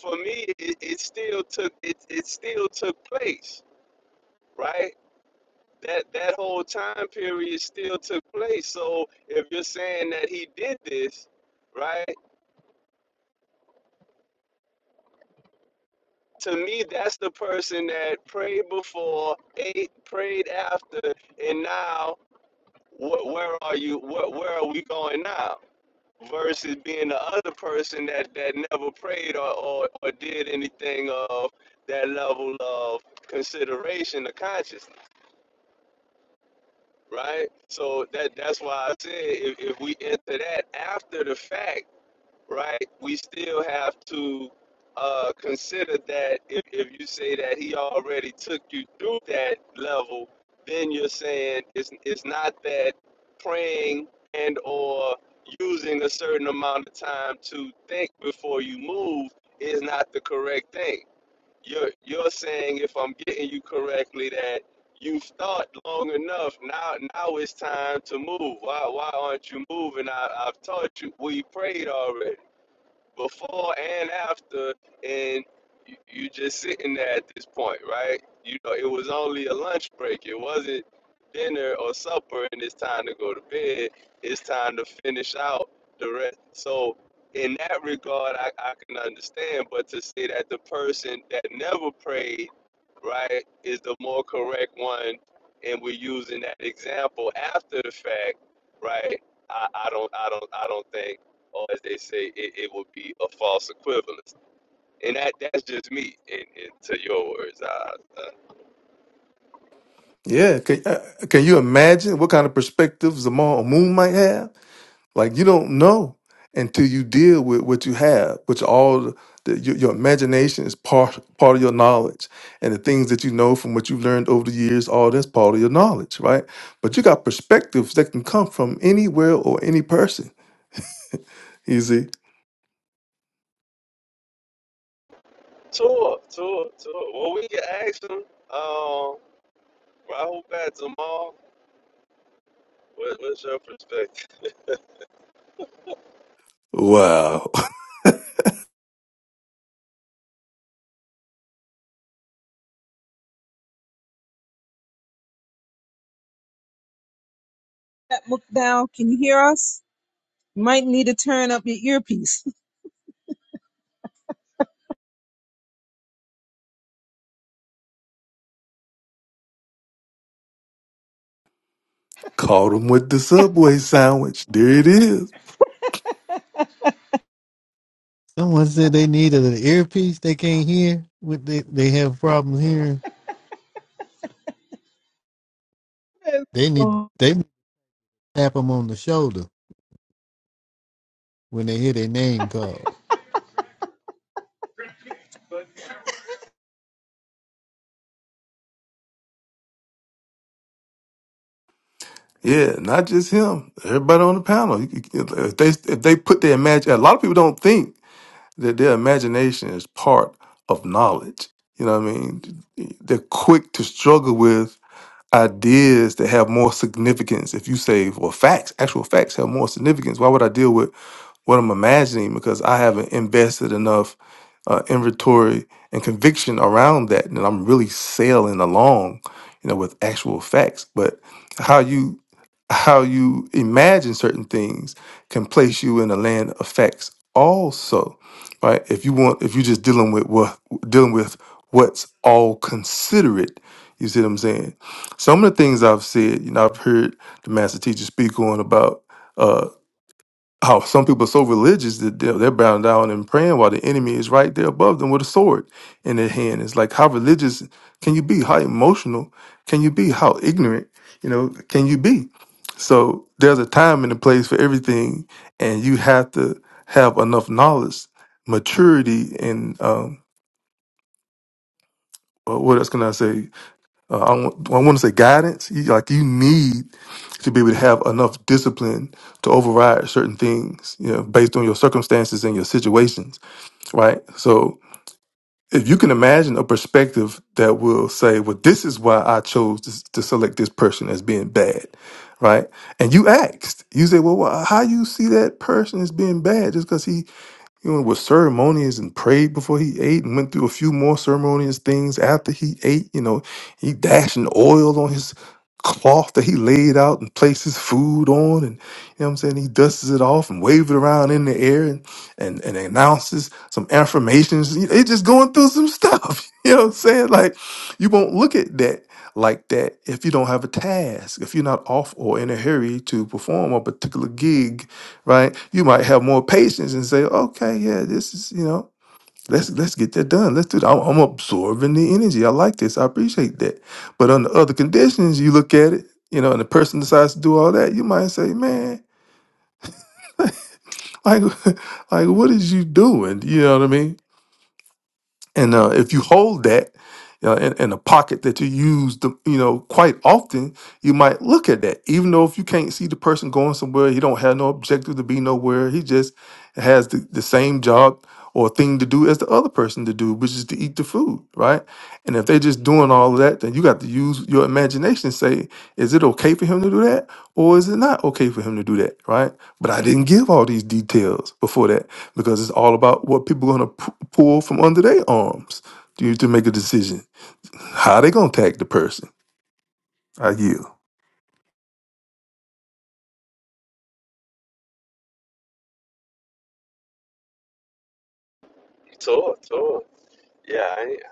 [SPEAKER 3] for me, it, it still took it it still took place, right? That that whole time period still took place. So if you're saying that he did this, right? to me, that's the person that prayed before, ate, prayed after, and now, wh- where are you? Wh- where are we going now? Versus being the other person that, that never prayed or, or, or did anything of that level of consideration or consciousness, right? So that that's why I said if, if we enter that after the fact, right? We still have to uh, consider that if, if you say that he already took you through that level, then you're saying it's, it's not that praying and or using a certain amount of time to think before you move is not the correct thing. You're, you're saying, if I'm getting you correctly, that you've thought long enough. Now, now it's time to move. Why, why aren't you moving? I, I've taught you. We prayed already before and after, and you, you just sitting there at this point, right? You know, it was only a lunch break. It wasn't dinner or supper, and it's time to go to bed. It's time to finish out the rest. So, in that regard, I, I can understand. But to say that the person that never prayed, right, is the more correct one, and we're using that example after the fact, right? I, I don't, I don't, I don't think or as they say, it, it would be a false equivalence. And that that's just me. And, and to your words, I, uh,
[SPEAKER 2] Yeah. Can, uh, can you imagine what kind of perspectives Zamal Moon might have? Like you don't know until you deal with what you have, which all the, your, your imagination is part part of your knowledge, and the things that you know from what you've learned over the years, all that's part of your knowledge, right? But you got perspectives that can come from anywhere or any person. You see,
[SPEAKER 3] tour, tour, tour. Well, we can ask them. Um, Rahul Bat Jamal, what, what's your perspective?
[SPEAKER 2] wow,
[SPEAKER 1] That Mukdal, can you hear us? You might need to turn up your earpiece.
[SPEAKER 2] caught him with the subway sandwich. There it is.
[SPEAKER 6] Someone said they needed an earpiece. They can't hear. With they, they have problems hearing. They need
[SPEAKER 1] Zamal,
[SPEAKER 6] they need to tap them on the shoulder when they hear their name called.
[SPEAKER 2] Yeah, not just him. Everybody on the panel. You- you- If they if they put their imagine, a lot of people don't think. That their imagination is part of knowledge. You know what I mean? They're quick to struggle with ideas that have more significance. If you say, well, facts, actual facts have more significance. Why would I deal with what I'm imagining because I haven't invested enough uh, inventory and conviction around that, and I'm really sailing along, you know, with actual facts. But how you how you imagine certain things can place you in a land of facts also, right? If you want, if you're just dealing with what dealing with what's all considerate, you see what I'm saying? Some of the things I've said, you know, I've heard the master teacher speak on about. uh, Oh, some people are so religious that they're, they're bowing down and praying while the enemy is right there above them with a sword in their hand. It's like, how religious can you be? How emotional can you be? How ignorant, you know, can you be? So there's a time and a place for everything, and you have to have enough knowledge, maturity, and um, uh, what else can I say? Uh, I, want, I want to say guidance. You, like you need to be able to have enough discipline to override certain things, you know, based on your circumstances and your situations, right? So if you can imagine a perspective that will say, well, this is why I chose to, to select this person as being bad, right? And you asked, you say, well, wh- how you see that person as being bad just because he?" You know, was ceremonious and prayed before he ate and went through a few more ceremonious things after he ate. You know, he dashing oil on his cloth that he laid out and placed his food on and you know what I'm saying he dusts it off and waves it around in the air and and, and announces some affirmations. You know, It's just going through some stuff. You know what I'm saying? Like you won't look at that like that if you don't have a task, if you're not off or in a hurry to perform a particular gig right? You might have more patience and say, okay, yeah, this is, you know, let's let's get that done. Let's do that. I'm, I'm absorbing the energy. I like this. I appreciate that. But under other conditions, you look at it, you know, and the person decides to do all that, you might say, man, like, like what is you doing? You know what I mean? And uh, if you hold that uh, in, in a pocket that you use, the, you know, quite often, you might look at that. Even though if you can't see the person going somewhere, he don't have no objective to be nowhere. He just has the, the same job or thing to do as the other person to do, which is to eat the food, right? And if they're just doing all of that, then you got to use your imagination. and Say, is it okay for him to do that, or is it not okay for him to do that, right? But I didn't give all these details before that because it's all about what people are going to pull from under their arms to, to make a decision. How they going to tag the person? I yield.
[SPEAKER 3] Tour, tour. Yeah, I, ain't-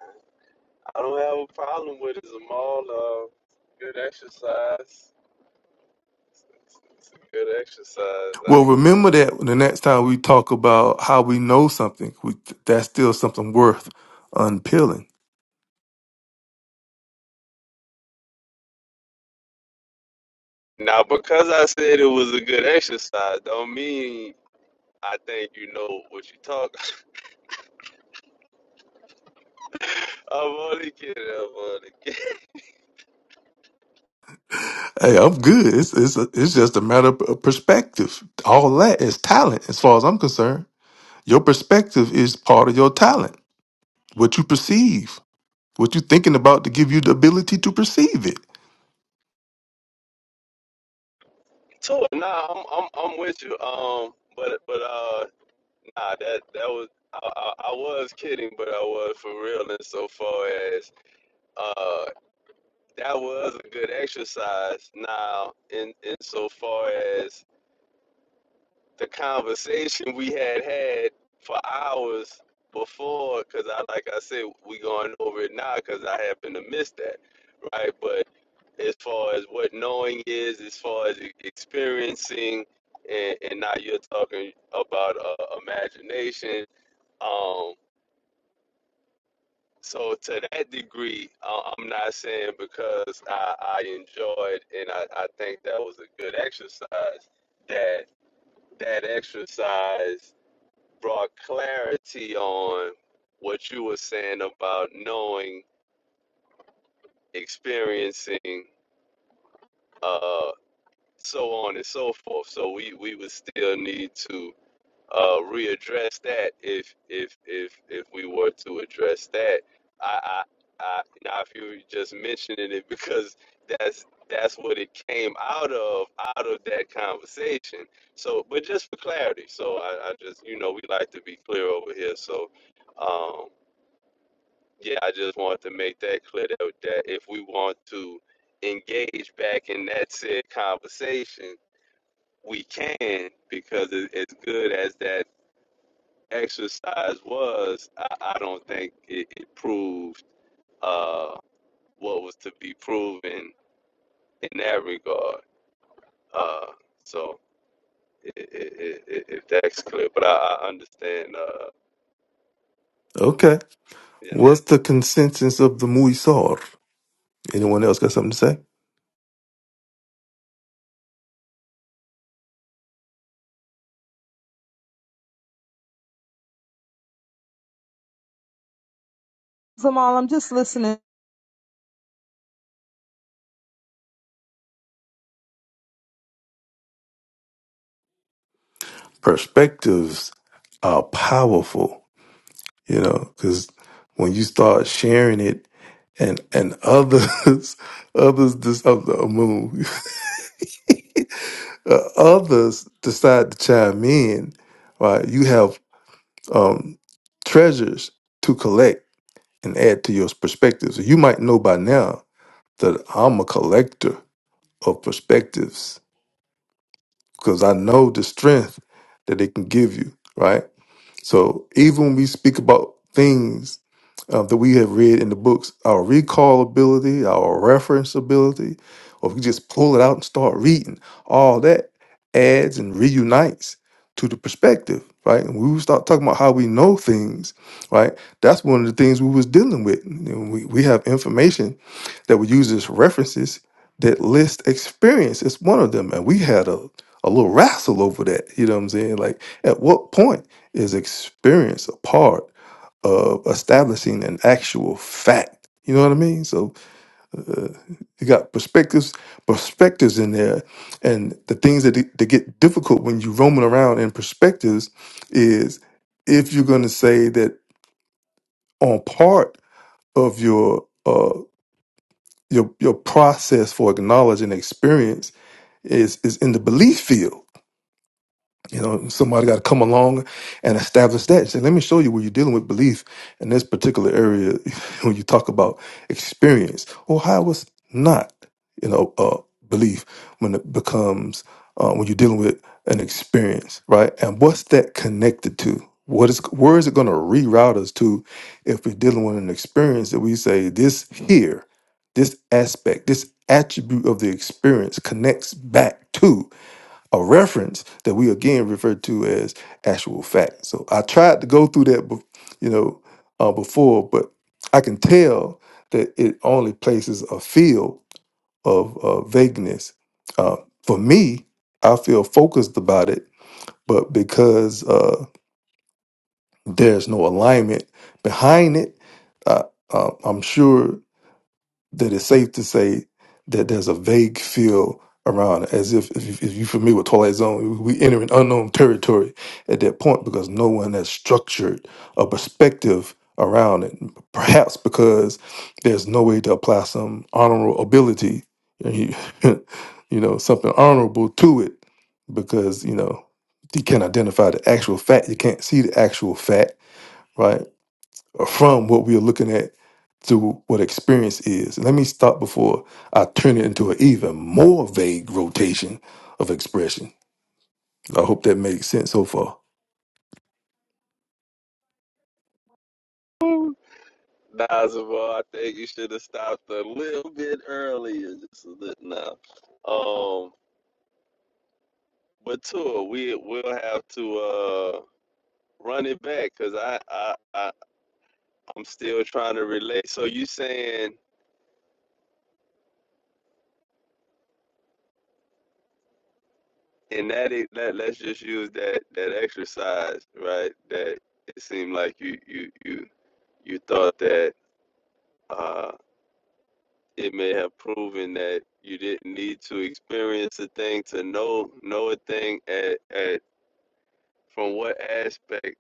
[SPEAKER 3] I don't have a problem with it. Jamal, uh, good exercise. It's it's- it's a good exercise.
[SPEAKER 2] Well,
[SPEAKER 3] Like
[SPEAKER 2] remember that the next time we talk about how we know something, we, that's still something worth unpeeling.
[SPEAKER 3] now, because I said it was a good exercise, don't mean I think you know what you're talking. I'm only kidding. I'm only kidding.
[SPEAKER 2] Hey, I'm good. It's, it's, it's just a matter of perspective. All that is talent, as far as I'm concerned. Your perspective is part of your talent, what you perceive, what you're thinking about to give you the ability to perceive it.
[SPEAKER 3] So nah, I'm I'm I'm with you. Um, but but uh, nah, that that was I, I I was kidding, but I was for real in so far as uh that was a good exercise. Now in in so far as the conversation we had had for hours before, because I like I said we going over it now because I happen to miss that. right? But as far as what knowing is, as far as e- experiencing, and, and now you're talking about uh, imagination. Um, so to that degree, uh, I'm not saying because I, I enjoyed and I, I think that was a good exercise that that exercise brought clarity on what you were saying about knowing, experiencing. uh. so on and so forth. So we, we would still need to uh, readdress that if if if if we were to address that. I I, I now if you were just mentioning it because that's that's what it came out of out of that conversation. So, but just for clarity, so I, I just you know we like to be clear over here. So, um, yeah, I just wanted to make that clear that, that if we want to engage back in that said conversation we can because it, as good as that exercise was, I, I don't think it, it proved uh, what was to be proven in that regard. Uh, so i i i i- if that's clear, but I, I understand. Uh,
[SPEAKER 2] Okay.
[SPEAKER 3] you know.
[SPEAKER 2] What's the consensus of the Muisar? Anyone else got something to say?
[SPEAKER 1] I'm just listening.
[SPEAKER 2] Perspectives are powerful, you know, because when you start sharing it and and others others this of the moon uh, others decide to chime in, right? You have um treasures to collect and add to your perspectives. You might know by now that I'm a collector of perspectives because I know the strength that it can give you, right? So even when we speak about things uh, that we have read in the books, our recall ability, our reference ability, or if we just pull it out and start reading, all that adds and reunites to the perspective, right? And we start talking about how we know things, right? That's one of the things we was dealing with. You know, we, we have information that we use as references that list experience as one of them. And we had a, a little wrestle over that. You know what I'm saying? Like, at what point is experience a part of establishing an actual fact? You know what I mean? So uh, you got perspectives, perspectives in there, and the things that, that get difficult when you're roaming around in perspectives is if you're going to say that on part of your uh, your your process for acknowledging experience is is in the belief field you know, somebody got to come along and establish that. Say, let me show you where you're dealing with belief in this particular area when you talk about experience. Or how it's not, you know, uh, belief when it becomes, uh, when you're dealing with an experience, right? And what's that connected to? What is, where is it going to reroute us to if we're dealing with an experience that we say this here, this aspect, this attribute of the experience connects back to? a reference that we again refer to as actual fact. So I tried to go through that, bef- you know, uh, before, but I can tell that it only places a field of uh, vagueness. Uh, for me, I feel focused about it, but because uh, there's no alignment behind it, uh, uh, I'm sure that it's safe to say that there's a vague feel around it, as if if, you- if you're familiar with Twilight Zone, we enter an unknown territory at that point because no one has structured a perspective around it. Perhaps because there's no way to apply some honorable ability, you you know, something honorable to it, because you know you can't identify the actual fact, you can't see the actual fact, right? from what we are looking at to what experience is. And Let me stop before I turn it into an even more vague rotation of expression. I hope that makes sense so far.
[SPEAKER 3] Woo. Nazareth, I think you should have stopped a little bit earlier, just a little now. Um, but Tua, we will have to uh, run it back because I, I, I I'm still trying to relate. So you saying in that e- let let's just use that that exercise, right? That it seemed like you you you you thought that uh it may have proven that you didn't need to experience a thing to know know a thing at at from what aspect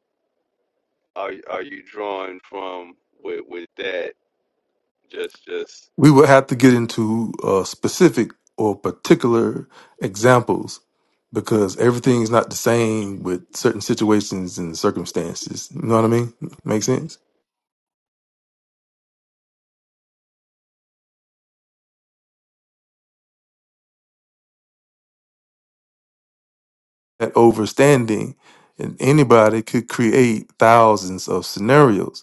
[SPEAKER 3] are are you drawing from with with that just just
[SPEAKER 2] We would have to get into uh, specific or particular examples because everything's not the same with certain situations and circumstances. You know what I mean? Make sense? That overstanding, and anybody could create thousands of scenarios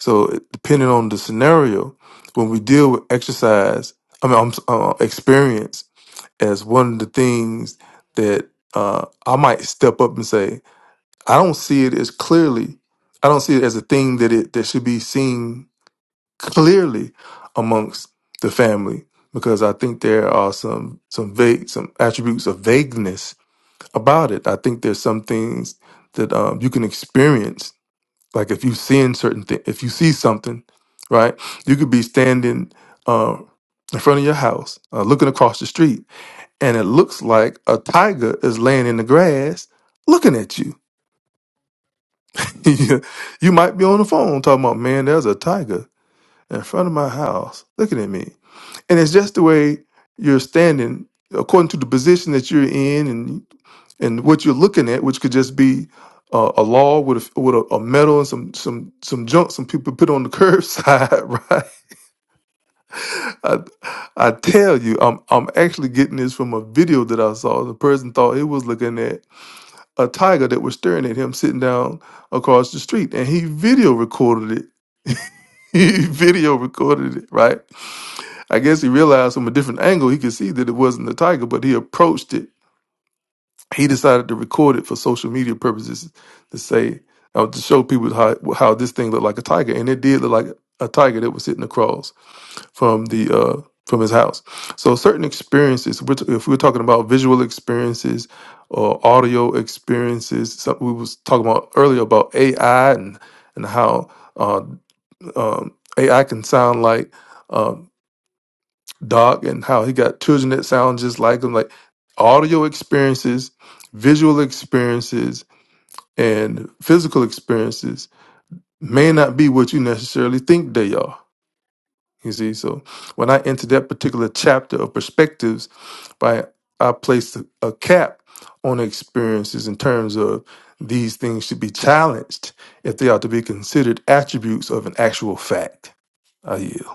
[SPEAKER 2] So depending on the scenario, when we deal with exercise, I mean, I'm, s- uh, experience as one of the things that uh, I might step up and say, I don't see it as clearly. I don't see it as a thing that it that should be seen clearly amongst the family because I think there are some some vague some attributes of vagueness about it. I think there's some things that um, you can experience like if you seeing certain things, if you see something, right? You could be standing uh, in front of your house, uh, looking across the street, and it looks like a tiger is laying in the grass, looking at you. you you might be on the phone talking about, man, there's a tiger in front of my house, looking at me, and it's just the way you're standing according to the position that you're in, and what you're looking at, which could just be uh, a law with a, with a, a metal and some some some junk some people put on the curbside, right? I, I tell you, I'm I'm actually getting this from a video that I saw. The person thought he was looking at a tiger that was staring at him sitting down across the street, and he video recorded it. He video recorded it, right? I guess he realized from a different angle he could see that it wasn't the tiger, but he approached it he decided to record it for social media purposes to say uh, to show people how how this thing looked like a tiger, and it did look like a tiger that was sitting across from the uh, from his house. So certain experiences, which if we're talking about visual experiences or audio experiences, something we was talking about earlier about AI and and how uh, um, AI can sound like. uh, Doc and how he got children that sound just like him, like audio experiences, visual experiences, and physical experiences may not be what you necessarily think they are. You see, so when I entered that particular chapter of perspectives, by I placed a cap on experiences in terms of these things should be challenged if they are to be considered attributes of an actual fact. I yield.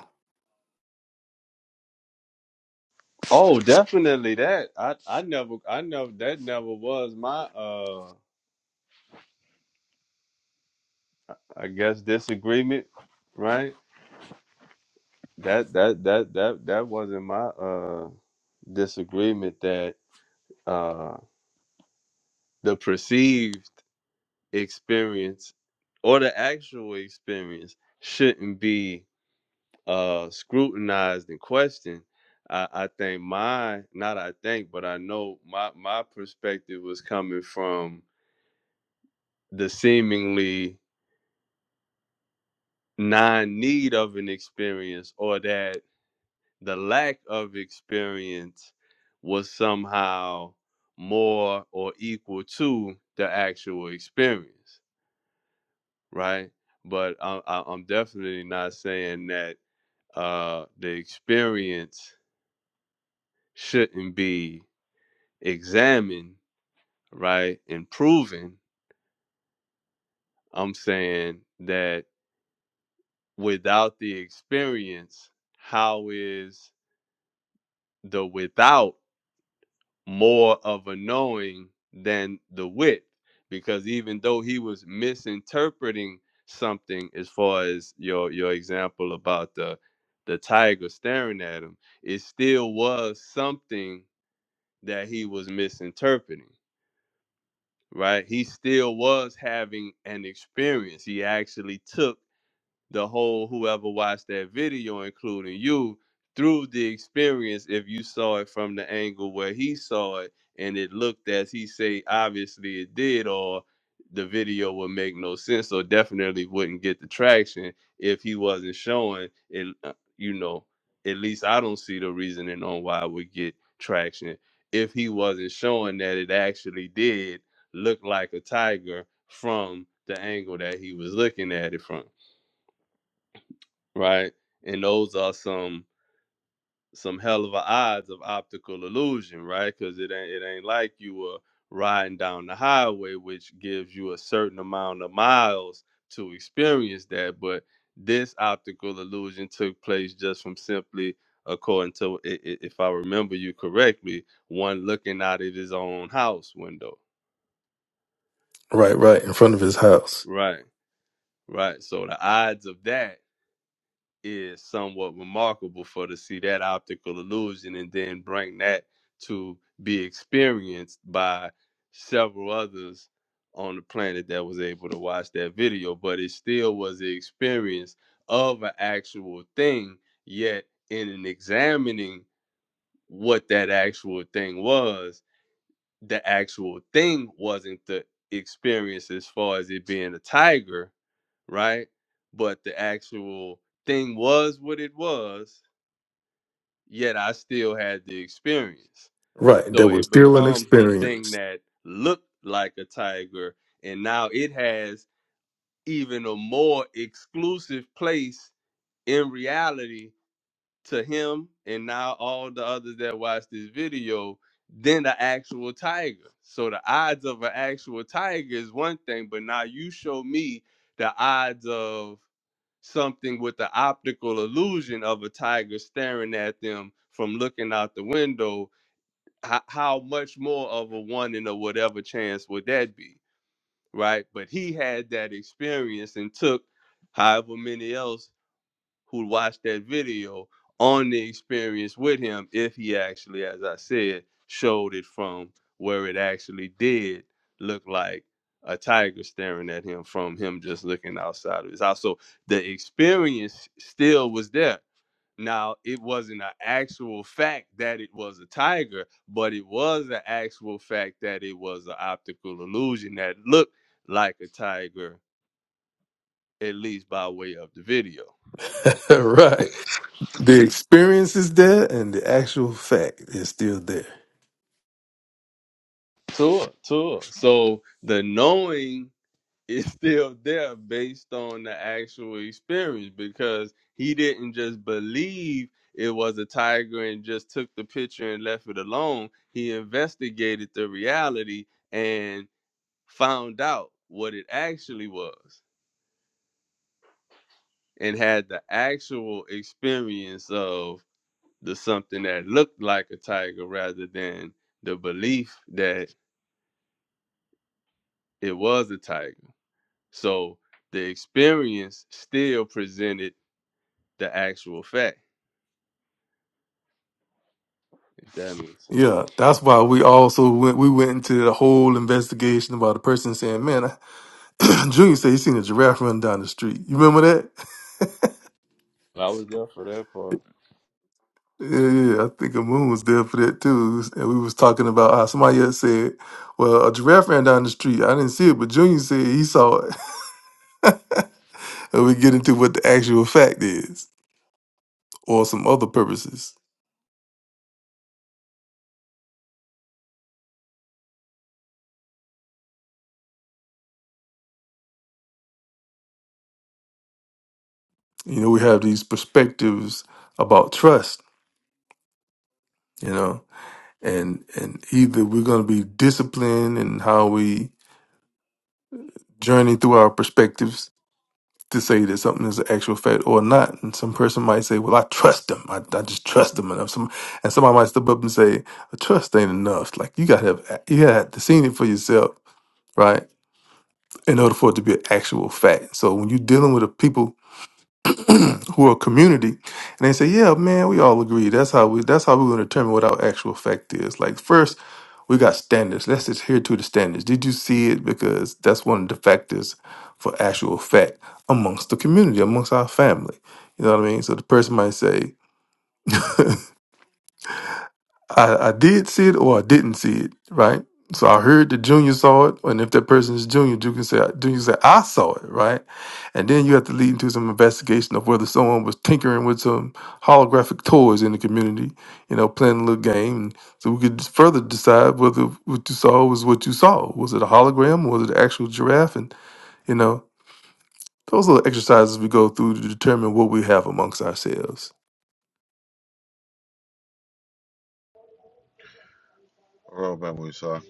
[SPEAKER 3] Oh, definitely that. I I never I never that never was my uh I guess disagreement, right? That that that that that wasn't my uh disagreement that uh the perceived experience or the actual experience shouldn't be uh scrutinized and questioned. I, I think my not I think, but I know my my perspective was coming from the seemingly non need of an experience or that the lack of experience was somehow more or equal to the actual experience, right? But I, I, I'm definitely not saying that uh, the experience shouldn't be examined, right, and proven. I'm saying that without the experience, how is the without more of a knowing than the width because even though he was misinterpreting something as far as your your example about the the tiger staring at him it still was something that he was misinterpreting right he still was having an experience he actually took the whole whoever watched that video, including you, through the experience if you saw it from the angle where he saw it and it looked as he say obviously it did or the video would make no sense or definitely wouldn't get the traction if he wasn't showing it uh, you know at least i don't see the reasoning on why it would get traction if he wasn't showing that it actually did look like a tiger from the angle that he was looking at it from right? And those are some some hell of a odds of optical illusion, right? Because it ain't it ain't like you were riding down the highway, which gives you a certain amount of miles to experience that. But this optical illusion took place just from simply, according to i- i- if I remember you correctly, one looking out of his own house window,
[SPEAKER 2] Right, right, in front of his house.
[SPEAKER 3] right? Right. So the odds of that is somewhat remarkable for to see that optical illusion and then bring that to be experienced by several others on the planet that was able to watch that video but it still was the experience of an actual thing yet in an examining what that actual thing was the actual thing wasn't the experience as far as it being a tiger right? But the actual thing was what it was, yet I still had the experience.
[SPEAKER 2] Right.
[SPEAKER 3] So
[SPEAKER 2] That was
[SPEAKER 3] it
[SPEAKER 2] still an
[SPEAKER 3] becomes the thing
[SPEAKER 2] experience.
[SPEAKER 3] that looked like a tiger, and now it has even a more exclusive place in reality to him and now all the others that watch this video than the actual tiger. So the odds of an actual tiger is one thing, but now you show me the odds of something with the optical illusion of a tiger staring at them from looking out the window, how, how much more of a one in a whatever chance would that be? Right. But he had that experience and took however many else who watched that video on the experience with him if he actually, as I said, showed it from where it actually did look like a tiger staring at him from him just looking outside of his house. So the experience still was there. Now it wasn't an actual fact that it was a tiger, but it was an actual fact that it was an optical illusion that looked like a tiger, at least by way of the video.
[SPEAKER 2] right. The experience is there and the actual fact is still there.
[SPEAKER 3] Tour, tour. So the knowing is still there based on the actual experience because he didn't just believe it was a tiger and just took the picture and left it alone. He investigated the reality and found out what it actually was and had the actual experience of the something that looked like a tiger rather than the belief that it was a tiger. So the experience still presented the actual fact, if that makes sense.
[SPEAKER 2] Yeah. That's why we also went we went into the whole investigation about a person saying, Man, I, Junior said he seen a giraffe run down the street. You remember that?
[SPEAKER 3] I was there for that part.
[SPEAKER 2] Yeah, yeah, yeah. I think a moon was there for that too. And we was talking about how somebody else said, Well, a giraffe ran down the street. I didn't see it, but Junior said he saw it. And we get into what the actual fact is or some other purposes. you know we have these perspectives about trust you know and and either we're going to be disciplined in how we journey through our perspectives to say that something is an actual fact or not and some person might say well i trust them i, I just trust them enough some, and somebody might step up and say "A trust ain't enough like you gotta have you gotta have to see it for yourself right in order for it to be an actual fact so when you're dealing with a people who are community, and they say, "Yeah, man, we all agree. That's how we. That's how we're going to determine what our actual effect is. Like first, we got standards. Let's just adhere to the standards. Did you see it? Because that's one of the factors for actual effect amongst the community, amongst our family. You know what I mean? So the person might say." I, I did see it or I didn't see it, right? So I heard that Junior saw it, and if that person is Junior, you can say Junior said I saw it, right? And then you have to lead into some investigation of whether someone was tinkering with some holographic toys in the community, you know, playing a little game. So we could further decide whether what you saw was what you saw. Was it a hologram? Was it an actual giraffe? And you know, those little exercises we go through to determine what we have amongst ourselves.
[SPEAKER 5] Robert Musa.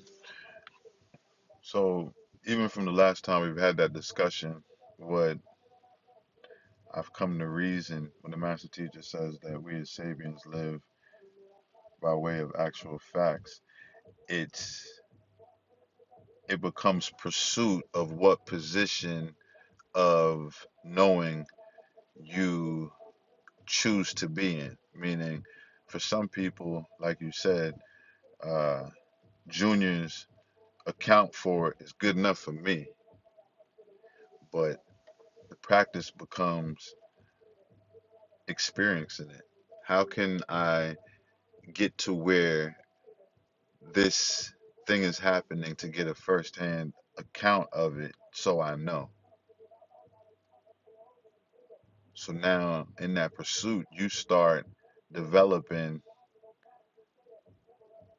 [SPEAKER 5] So even from the last time we've had that discussion, what I've come to reason when the master teacher says that we as Sabians live by way of actual facts, it's it becomes pursuit of what position of knowing you choose to be in. Meaning, for some people, like you said, uh, juniors account for it is good enough for me, but The practice becomes experiencing it. How can I get to where this thing is happening to get a firsthand account of it so I know? So now in that pursuit, you start developing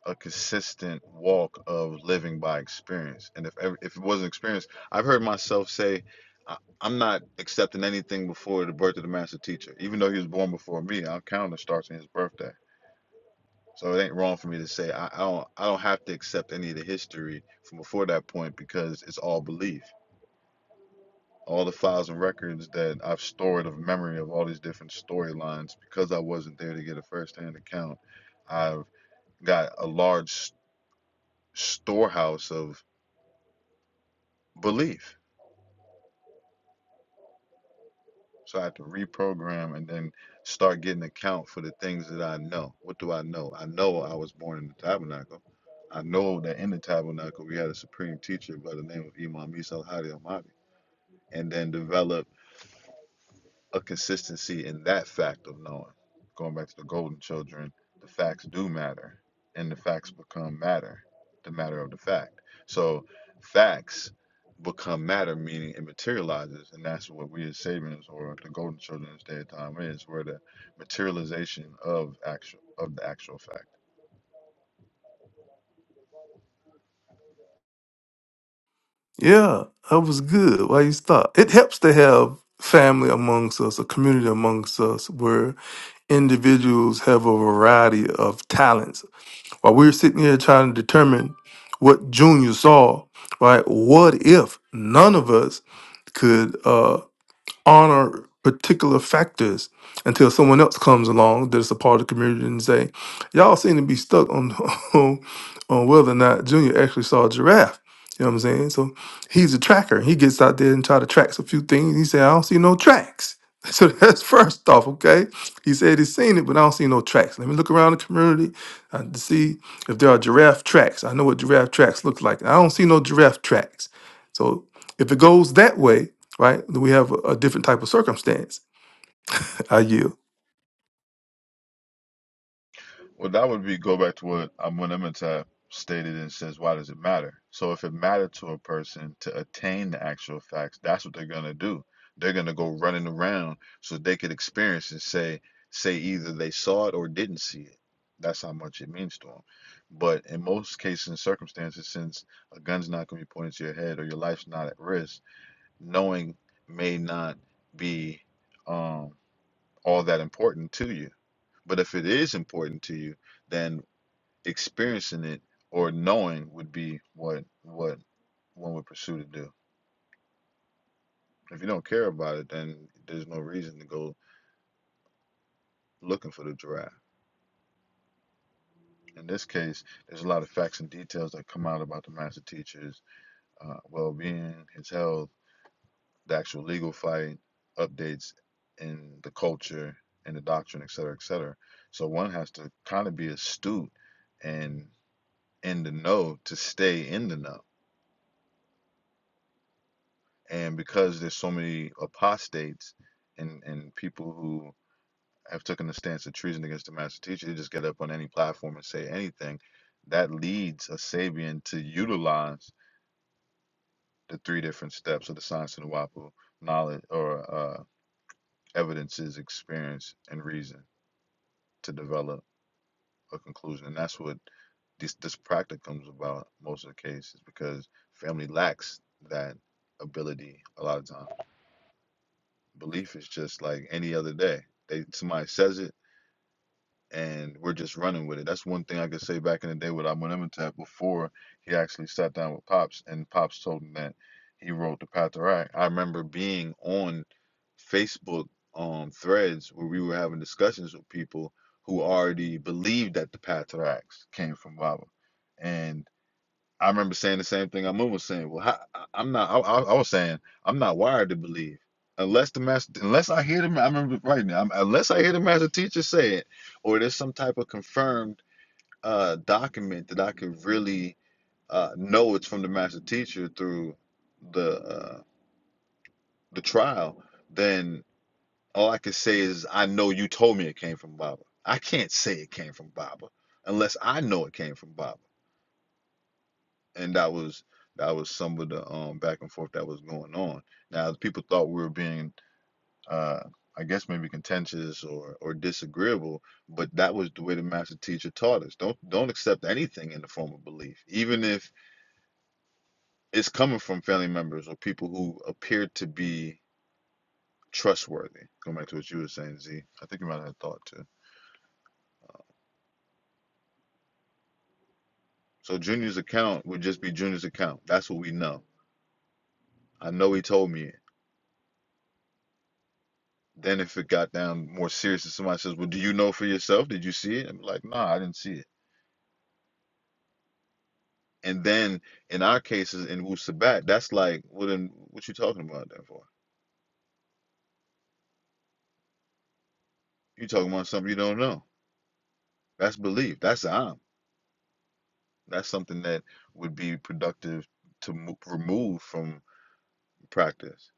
[SPEAKER 5] a consistent walk of living by experience. And if if it wasn't experience, I've heard myself say, I, I'm not accepting anything before the birth of the master teacher. Even though he was born before me, our calendar starts on his birthday So it ain't wrong for me to say I, I don't I don't have to accept any of the history from before that point because it's all belief. All the files and records that I've stored of memory of all these different storylines, because I wasn't there to get a first hand account, I've got a large storehouse of belief So I have to reprogram and then start getting account for the things that I know. What do I know? I know I was born in the tabernacle. I know that in the tabernacle we had a supreme teacher by the name of Imam Isa al Hadi al Mahdi, and then develop a consistency in that fact of knowing. Going back to the golden children, the facts do matter, and the facts become matter, the matter of the fact. So facts become matter, meaning it materializes, and that's what we as Sabians or the golden children of this day and time is, where the materialization of actual of the actual fact.
[SPEAKER 2] Yeah, that was good. Why you stop? It helps to have family amongst us, a community amongst us, where individuals have a variety of talents. While we're sitting here trying to determine what Junior saw, right? What if none of us could? Uh, honor particular factors until someone else comes along that's a part of the community and say, y'all seem to be stuck on, on, on whether or not Junior actually saw a giraffe. You know what I'm saying? So he's a tracker. He gets out there and try to track a few things. He said, I don't see no tracks. So that's first off, okay? He said he's seen it, but I don't see no tracks. Let me look around the community uh, to see if there are giraffe tracks. I know what giraffe tracks look like. I don't see no giraffe tracks. So if it goes that way, right? We have a, a different type of circumstance. I yield.
[SPEAKER 5] Well, that would be go back to what Amun Imhotep stated and says, why does it matter? So if it mattered to a person to attain the actual facts, that's what they're gonna do. They're gonna go running around so they could experience and say say either they saw it or didn't see it. That's how much it means to them. But in most cases and circumstances, since a gun's not gonna be pointed to your head or your life's not at risk, knowing may not be um all that important to you. But if it is important to you, then experiencing it or knowing would be what what one would pursue to do. If you don't care about it, then there's no reason to go looking for the giraffe. In this case, there's a lot of facts and details that come out about the master teacher's uh, well-being, his health, the actual legal fight, updates in the culture and the doctrine, et cetera, et cetera. So one has to kind of be astute and in the know to stay in the know and because there's so many apostates and and people who have taken the stance of treason against the master teacher, they just get up on any platform and say anything. That leads a Sabian to utilize the three different steps of the science of Nuwapu, knowledge or uh, evidences, experience, and reason to develop a conclusion. And that's what this this practice comes about most of the cases because family lacks that ability a lot of times. Belief is just like any other day. They somebody says it and we're just running with it. That's one thing I could say back in the day with Amun Imhotep before he actually sat down with Pops and Pops told him that he wrote the Path to Right. I remember being on Facebook um threads where we were having discussions with people who already believed that the Path to Racks came from Baba. And I remember saying the same thing Amun was saying. Well, how, I- I'm not. I, I, I was saying I'm not wired to believe unless the master, unless I hear them. I remember right now. I'm, unless I hear the master teacher say it, or there's some type of confirmed uh, document that I could really uh, know it's from the master teacher through the uh, the trial. Then all I can say is I know you told me it came from Baba. I can't say it came from Baba unless I know it came from Baba. and that was that was some of the um back and forth that was going on. Now people thought we were being uh I guess maybe contentious or or disagreeable, but that was the way the master teacher taught us. Don't don't accept anything in the form of belief, even if it's coming from family members or people who appear to be trustworthy. Going back to what you were saying, Z, I think you might have had a thought too. So Junior's account would just be Junior's account. That's what we know. I know he told me Then if it got down more serious and somebody says, Well, do you know for yourself? Did you see it? I'm like, nah, I didn't see it. And then in our cases in Wu Sabat, that's like, well then what you talking about that for? You talking about something you don't know. That's belief. That's am. That's something that would be productive to remove from practice.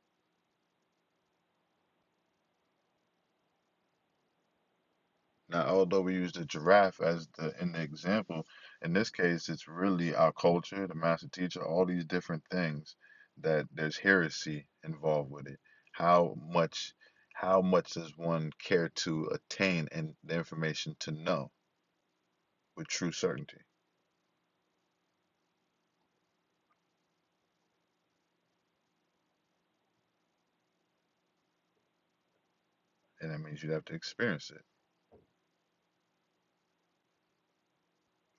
[SPEAKER 5] Now, although we use the giraffe as the in the example, in this case, it's really our culture, the master teacher, all these different things that there's heresy involved with it. How much, how much does one care to attain and the information to know with true certainty? And that means you'd have to experience it,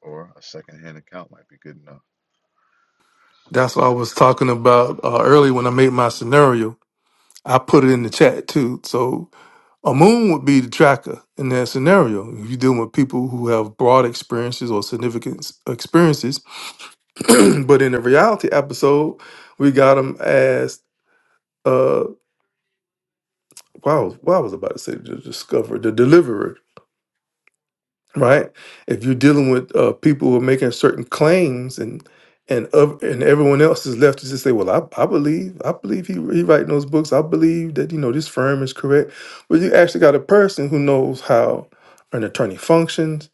[SPEAKER 5] or a secondhand account might be good enough.
[SPEAKER 2] That's what I was talking about uh, earlier when I made my scenario. I put it in the chat too. So a moon would be the tracker in that scenario. If you're dealing with people who have broad experiences or significant s- experiences, but in the reality episode, we got them as uh, wow, what I was about to say the discoverer, the deliverer. right? If you're dealing with uh, people who are making certain claims and and of, and everyone else is left to just say, well, I, I believe, I believe he he writing those books. I believe that you know this firm is correct. But you actually got a person who knows how an attorney functions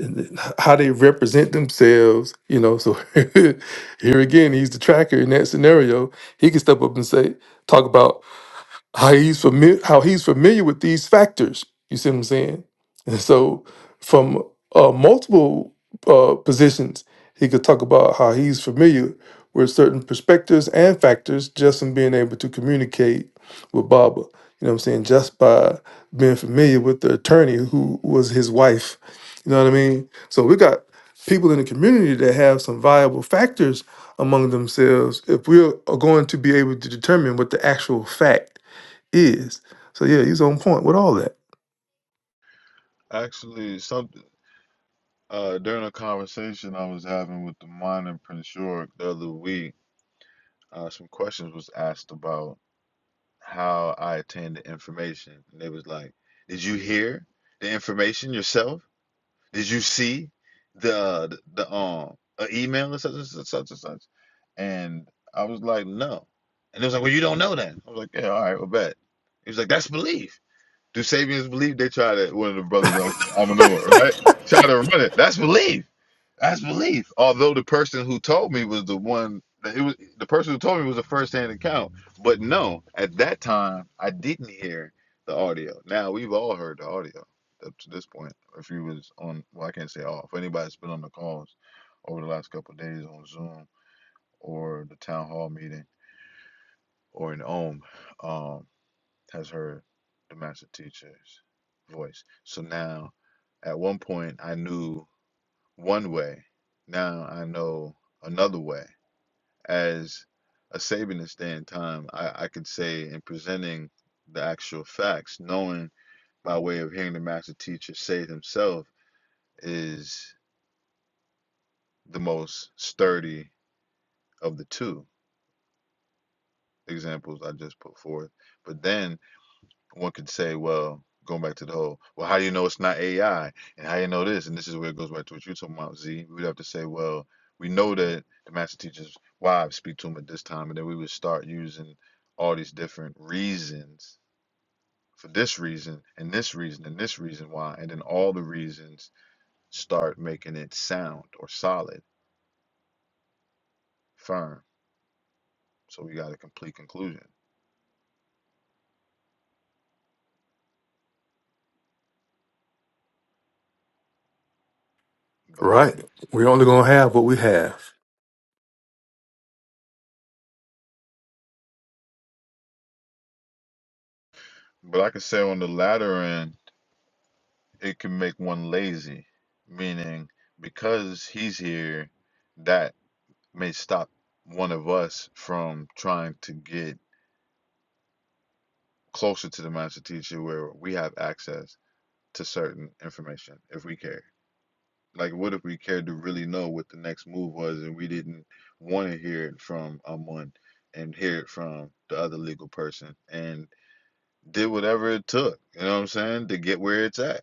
[SPEAKER 2] and then h- how they represent themselves. You know, so here again, he's the tracker in that scenario. He can step up and say, talk about how he's familiar how he's familiar with these factors. You see what I'm saying? And so from uh, multiple uh, positions, he could talk about how he's familiar with certain perspectives and factors just from being able to communicate with Baba. You know what I'm saying? Just by being familiar with the attorney who was his wife. You know what I mean? So we got people in the community that have some viable factors among themselves if we are going to be able to determine what the actual fact is. So yeah, he's on point with all that.
[SPEAKER 5] Actually, some uh, during a conversation I was having with the minor Prince York the other week, uh, some questions was asked about how I obtained the information. And they was like, "Did you hear the information yourself? Did you see the the, the um a email or such and such such and such?" And I was like, "No." And it was like, "Well, you don't know that." I was like, "Yeah, all right, well, bet." He was like, "That's belief." Do Sabians believe they try to one of the brothers I, I don't know right try to run it? That's belief. That's belief. Although the person who told me was the one it was the person who told me was a first hand account. But no, at that time I didn't hear the audio. Now we've all heard the audio up to this point. If you was on well, I can't say all. If anybody's been on the calls over the last couple of days on Zoom or the town hall meeting or in Ohm, um, has heard the master teacher's voice. So now at one point I knew one way. Now I know another way. As a Sabinist day and time, I, I could say in presenting the actual facts, knowing by way of hearing the master teacher say it himself is the most sturdy of the two examples I just put forth. But then One could say, well, going back to the whole, well, how do you know it's not AI? And how do you know this? And this is where it goes back to what you're talking about, Z. We'd have to say, well, we know that the master teacher's wives speak to him at this time, and then we would start using all these different reasons for this reason and this reason and this reason why, and then all the reasons start making it sound or solid, firm. So we got a complete conclusion. But it'd be,
[SPEAKER 2] Right. We're only going to have what we have.
[SPEAKER 5] but I could say on the latter end, it can make one lazy, meaning because he's here, that may stop one of us from trying to get closer to the master teacher where we have access to certain information if we care. Like, what if we cared to really know what the next move was and we didn't want to hear it from Amun and hear it from the other legal person and did whatever it took, you know what I'm saying, to get where it's at,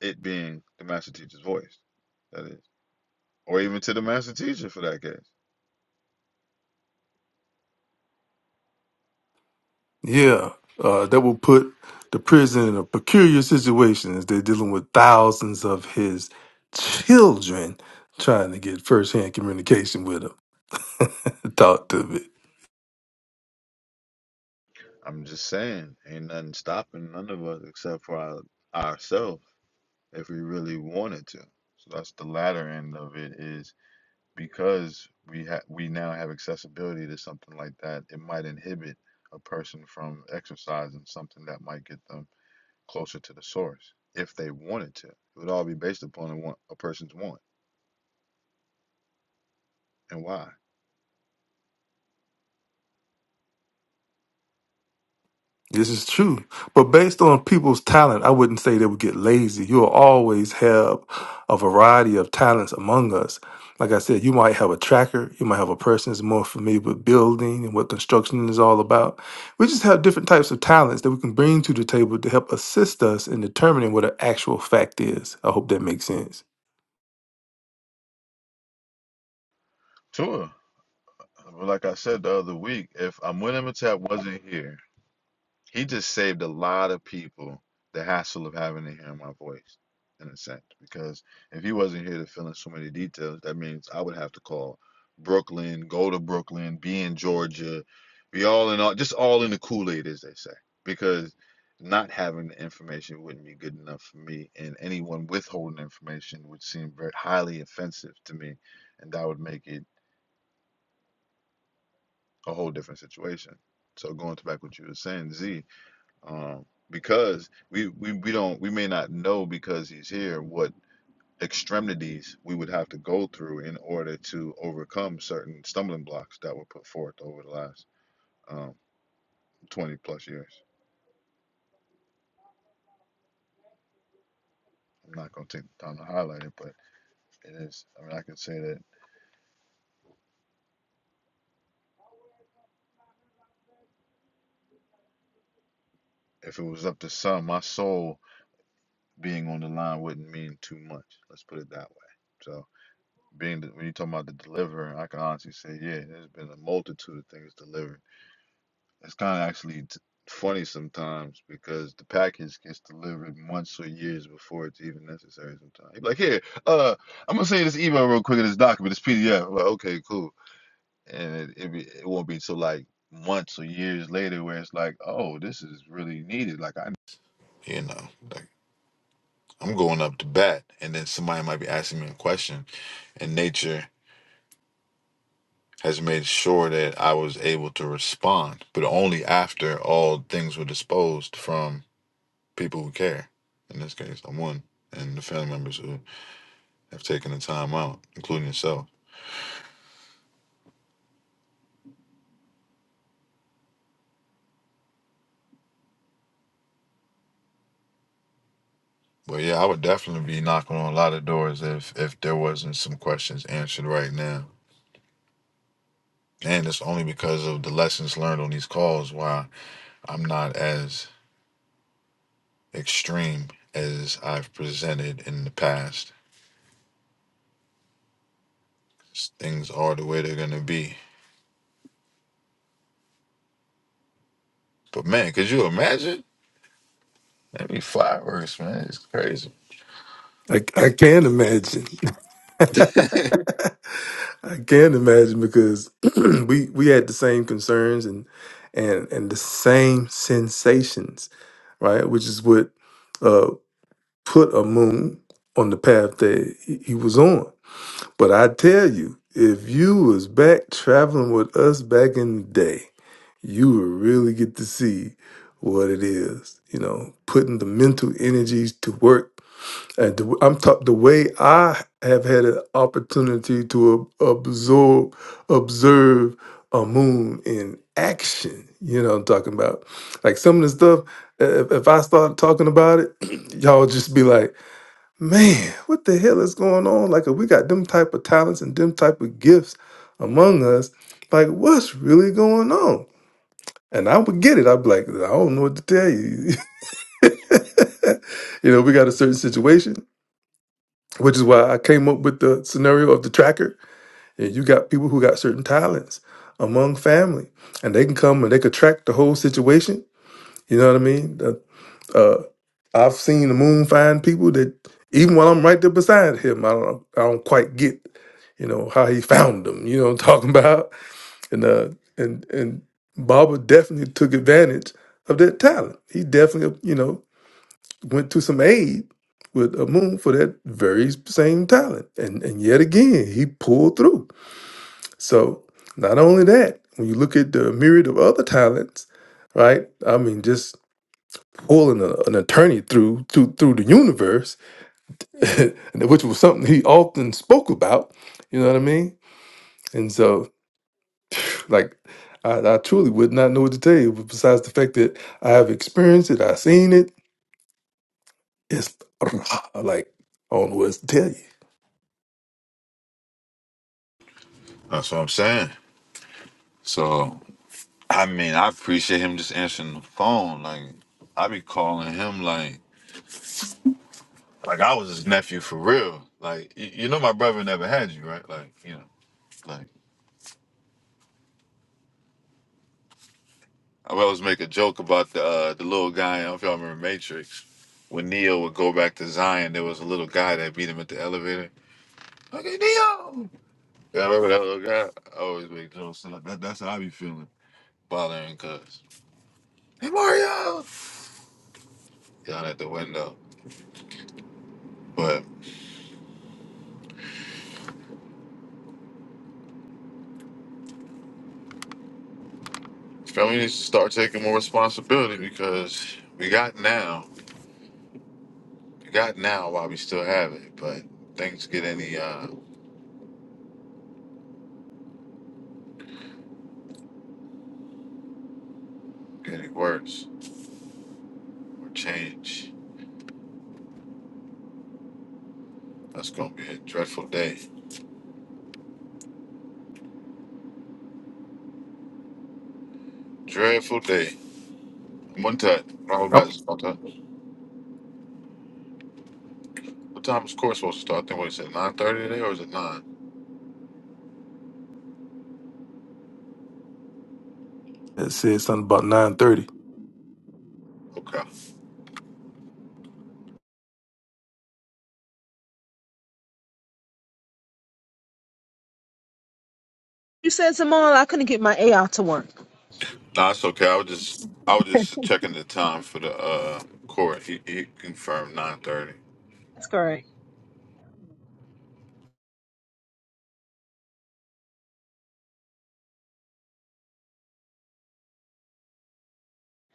[SPEAKER 5] it being the master teacher's voice. that is. or even to the master teacher for that case.
[SPEAKER 2] Yeah, uh, that will put the prison in a peculiar situation as they're dealing with thousands of his children trying to get firsthand communication with him. Talk to me.
[SPEAKER 5] I'm just saying, ain't nothing stopping none of us except for our, ourselves if we really wanted to. So that's the latter end of it is because we ha- we now have accessibility to something like that. It might inhibit a person from exercising something that might get them closer to the source if they wanted to. It would all be based upon a, want, a person's want and why.
[SPEAKER 2] This is true. But based on people's talent, I wouldn't say they would get lazy. You'll always have a variety of talents among us. Like I said, you might have a tracker, you might have a person that's more familiar with building and what construction is all about. We just have different types of talents that we can bring to the table to help assist us in determining what an actual fact is. I hope that makes sense.
[SPEAKER 5] Sure. But like I said the other week, if Amunematap wasn't here He just saved a lot of people the hassle of having to hear my voice, in a sense. Because if he wasn't here to fill in so many details, that means I would have to call Brooklyn, go to Brooklyn, be in Georgia, be all in all, just all in the Kool Aid, as they say. Because not having the information wouldn't be good enough for me, and anyone withholding information would seem very highly offensive to me, and that would make it a whole different situation. So going to back what you were saying, Z, um, because we, we we don't we may not know because he's here what extremities we would have to go through in order to overcome certain stumbling blocks that were put forth over the last um, 20 plus years. I'm not going to take the time to highlight it, but it is. I mean, I can say that if it was up to some, my soul being on the line wouldn't mean too much. Let's put it that way. So, being the, when you talk about the deliverer, I can honestly say, yeah, there's been a multitude of things delivered It's kind of actually t- funny sometimes because the package gets delivered months or years before it's even necessary sometimes. You're like, here, uh, I'm gonna send you this email real quick in this document, this PDF. am like, okay, cool. And it, it, be, it won't be till like months or years later where it's like, oh, this is really needed. Like, I You know, like I'm going up to bat, and then somebody might be asking me a question, and nature has made sure that I was able to respond, but only after all things were disposed from people who care. In this case, I'm one, and the family members who have taken the time out, including yourself. But yeah, I would definitely be knocking on a lot of doors if if there wasn't some questions answered right now. And it's only because of the lessons learned on these calls why I'm not as extreme as I've presented in the past. Things are the way they're gonna be. But man, could you imagine? That'd be fireworks, man. It's crazy.
[SPEAKER 2] I, I can imagine. I can imagine because we we had the same concerns and and and the same sensations, right? Which is what uh, put a moon on the path that he he was on. But I tell you, if you was back traveling with us back in the day, you would really get to see what it is, you know, putting the mental energies to work and the, I'm talk, the way I have had an opportunity to ab- absorb, observe a moon in action. You know, what I'm talking about like some of the stuff. If, if I start talking about it, y'all just be like, "Man, what the hell is going on?" Like, if we got them type of talents and them type of gifts among us, like, what's really going on? And I would get it. I'd be like, "I don't know what to tell you." you know, we got a certain situation which is why I came up with the scenario of the tracker. And you got people who got certain talents among family, and they can come and they could track the whole situation. You know what I mean? The- Uh, I've seen the moon find people that even while I'm right there beside him, I don't I don't quite get, you know, how he found them. You know what I'm talking about? And uh, and and Baba definitely took advantage of that talent. He definitely, you know, went to some aid with Amun for that very same talent. And and yet again, he pulled through. So not only that, when you look at the myriad of other talents, right? I mean, just pulling a, an attorney through through through the universe, which was something he often spoke about. You know what I mean? And so, like, I, I truly would not know what to tell you. Besides the fact that I have experienced it, I've seen it. It's like I don't know what else to tell
[SPEAKER 5] That's what I'm saying. So I mean, I appreciate him just answering the phone. Like, I be calling him like, like I was his nephew for real. Like, y- you know, my brother never had you, right? Like, you know, like I would always make a joke about the uh, the little guy. I don't know if y'all remember Matrix. When Neo would go back to Zion, there was a little guy that beat him at the elevator. Okay, Neo. Yeah, I remember that little guy. I always make jokes. Like, that, that's how I be feeling, bothering cuz. Hey Mario, down at the window, but. Family needs to start taking more responsibility because we got now. We got now while we still have it, but things get any uh get any worse or change. That's gonna be a dreadful day. Dreadful day. One time, Robert
[SPEAKER 2] you.
[SPEAKER 5] Bass about that. What time is court supposed to start? I think what he said nine thirty today or is it nine?
[SPEAKER 2] That said something about nine thirty.
[SPEAKER 5] Okay.
[SPEAKER 1] You said, Simone, I couldn't get my AI to work.
[SPEAKER 5] Nah, it's okay. I was just I was just checking the time for the uh court. He, he confirmed nine thirty.
[SPEAKER 1] That's correct.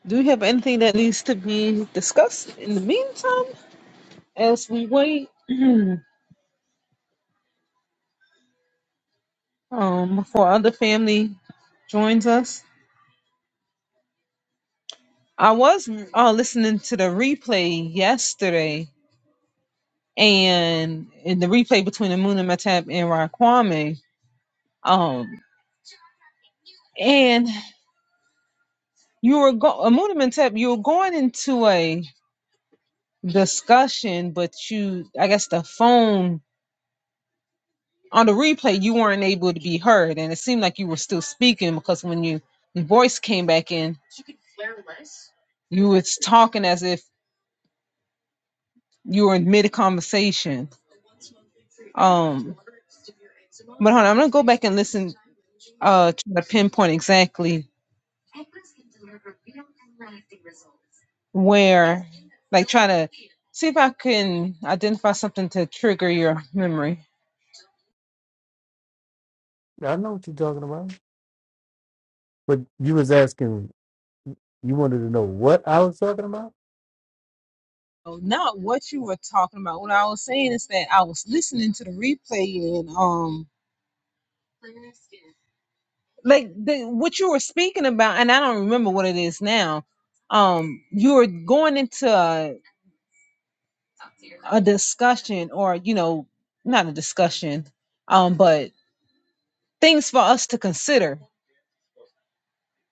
[SPEAKER 1] Do you have anything that needs to be discussed in the meantime as we wait um, for other family joins us? I was uh, listening to the replay yesterday, and in the replay between Amuna Matap and Raquame um, and you were go- Amuna Matap, you were going into a discussion, but you, I guess, the phone on the replay you weren't able to be heard and it seemed like you were still speaking because when you your voice came back in you was talking as if you were in mid conversation um but hold on, i'm gonna go back and listen uh try to pinpoint exactly where like try to see if i can identify something to trigger your memory
[SPEAKER 6] I know what you're talking about. But you was asking, you wanted to know what I was talking about?
[SPEAKER 1] Oh, not what you were talking about what i was saying is that i was listening to the replay and um like the what you were speaking about and i don't remember what it is now um you were going into a, a discussion or you know not a discussion um but things for us to consider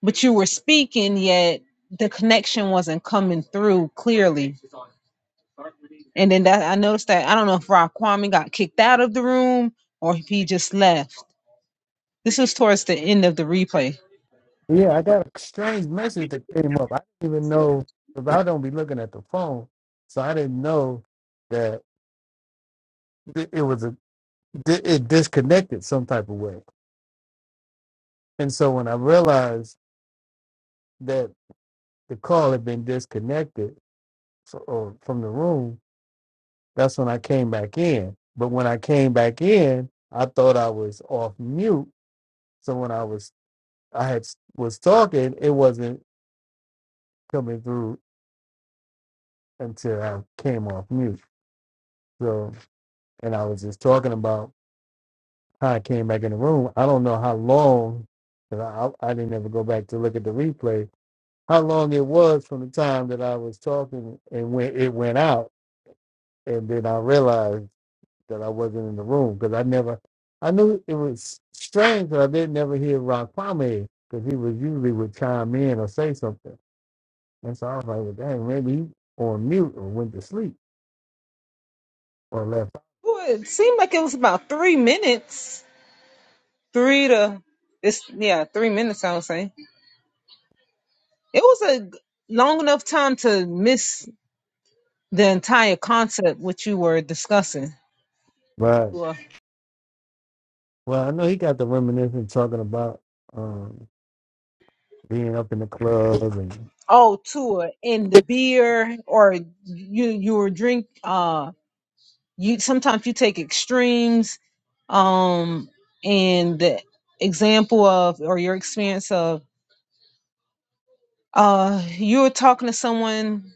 [SPEAKER 1] but you were speaking yet the connection wasn't coming through clearly and then that i noticed that i don't know if rob kwame got kicked out of the room or if he just left this was towards the end of the replay
[SPEAKER 6] Yeah, I got a strange message that came up. I didn't even know, because I don't be looking at the phone, so I didn't know that it it was a, it disconnected some type of way. And so when I realized that the call had been disconnected, so, or from the room, that's when I came back in. But when I came back in, I thought I was off mute. So when I was I had was talking, it wasn't coming through until I came off mute. So and I was just talking about how I came back in the room. I don't know how long, 'cause I, I I didn't ever go back to look at the replay. How long it was from the time that I was talking and when it went out, and then I realized that I wasn't in the room because I never, I knew it was strange that I didn't never hear Ron Kwame because he was usually would chime in or say something. And so I was like, well, dang, maybe he on mute or went to sleep or left.
[SPEAKER 1] Ooh, it seemed like it was about three minutes three to it's yeah three minutes i would say it was a g- long enough time to miss the entire concept which you were discussing
[SPEAKER 6] But,
[SPEAKER 1] Tour.
[SPEAKER 6] well, I know he got the reminiscing talking about um, being up in the club and,
[SPEAKER 1] oh tour and the beer or you you were drink uh you sometimes you take extremes um and the example of or your experience of uh you were talking to someone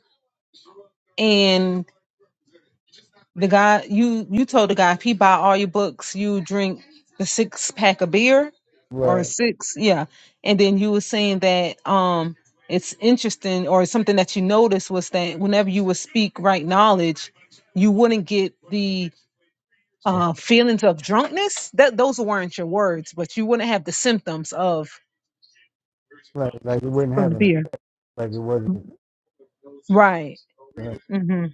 [SPEAKER 1] The guy you you told the guy if he buy all your books, you drink the six pack of beer or
[SPEAKER 6] but,
[SPEAKER 1] six, yeah. And then you were saying that um it's interesting or something that you noticed was that whenever you would speak right knowledge, you wouldn't get the uh feelings of drunkenness. That those weren't your words, but you wouldn't have the symptoms of
[SPEAKER 6] like, like it wasn't
[SPEAKER 1] From the
[SPEAKER 6] happening.
[SPEAKER 1] beer.
[SPEAKER 6] Like it wasn't.
[SPEAKER 1] Right.
[SPEAKER 6] Uh,
[SPEAKER 1] hmm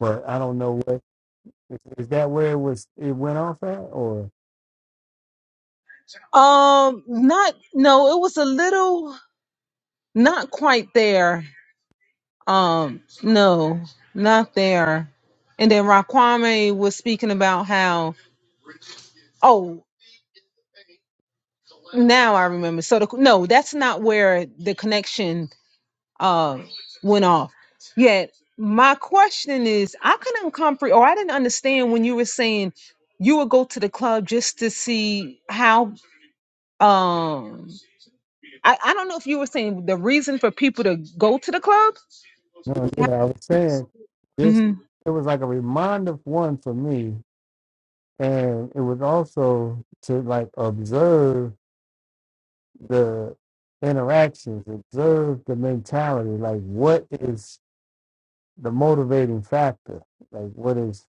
[SPEAKER 6] but I don't know what, is, is that where it was, it went off at or?
[SPEAKER 1] Um, not no, it was a little not quite there. Um, no, not there. And then Raquame was speaking about how, oh, now I remember. So the, no, that's not where the connection uh went off. Yet my question is, I couldn't comprehend, or I didn't understand when you were saying you would go to the club just to see how. Um, I I don't know if you were saying the reason for people to go to the club.
[SPEAKER 6] No, yeah, I was saying just
[SPEAKER 1] Mhm.
[SPEAKER 6] it was like a reminder one for me, and it was also to like observe the interactions, observe the mentality, like what is the motivating factor, like what is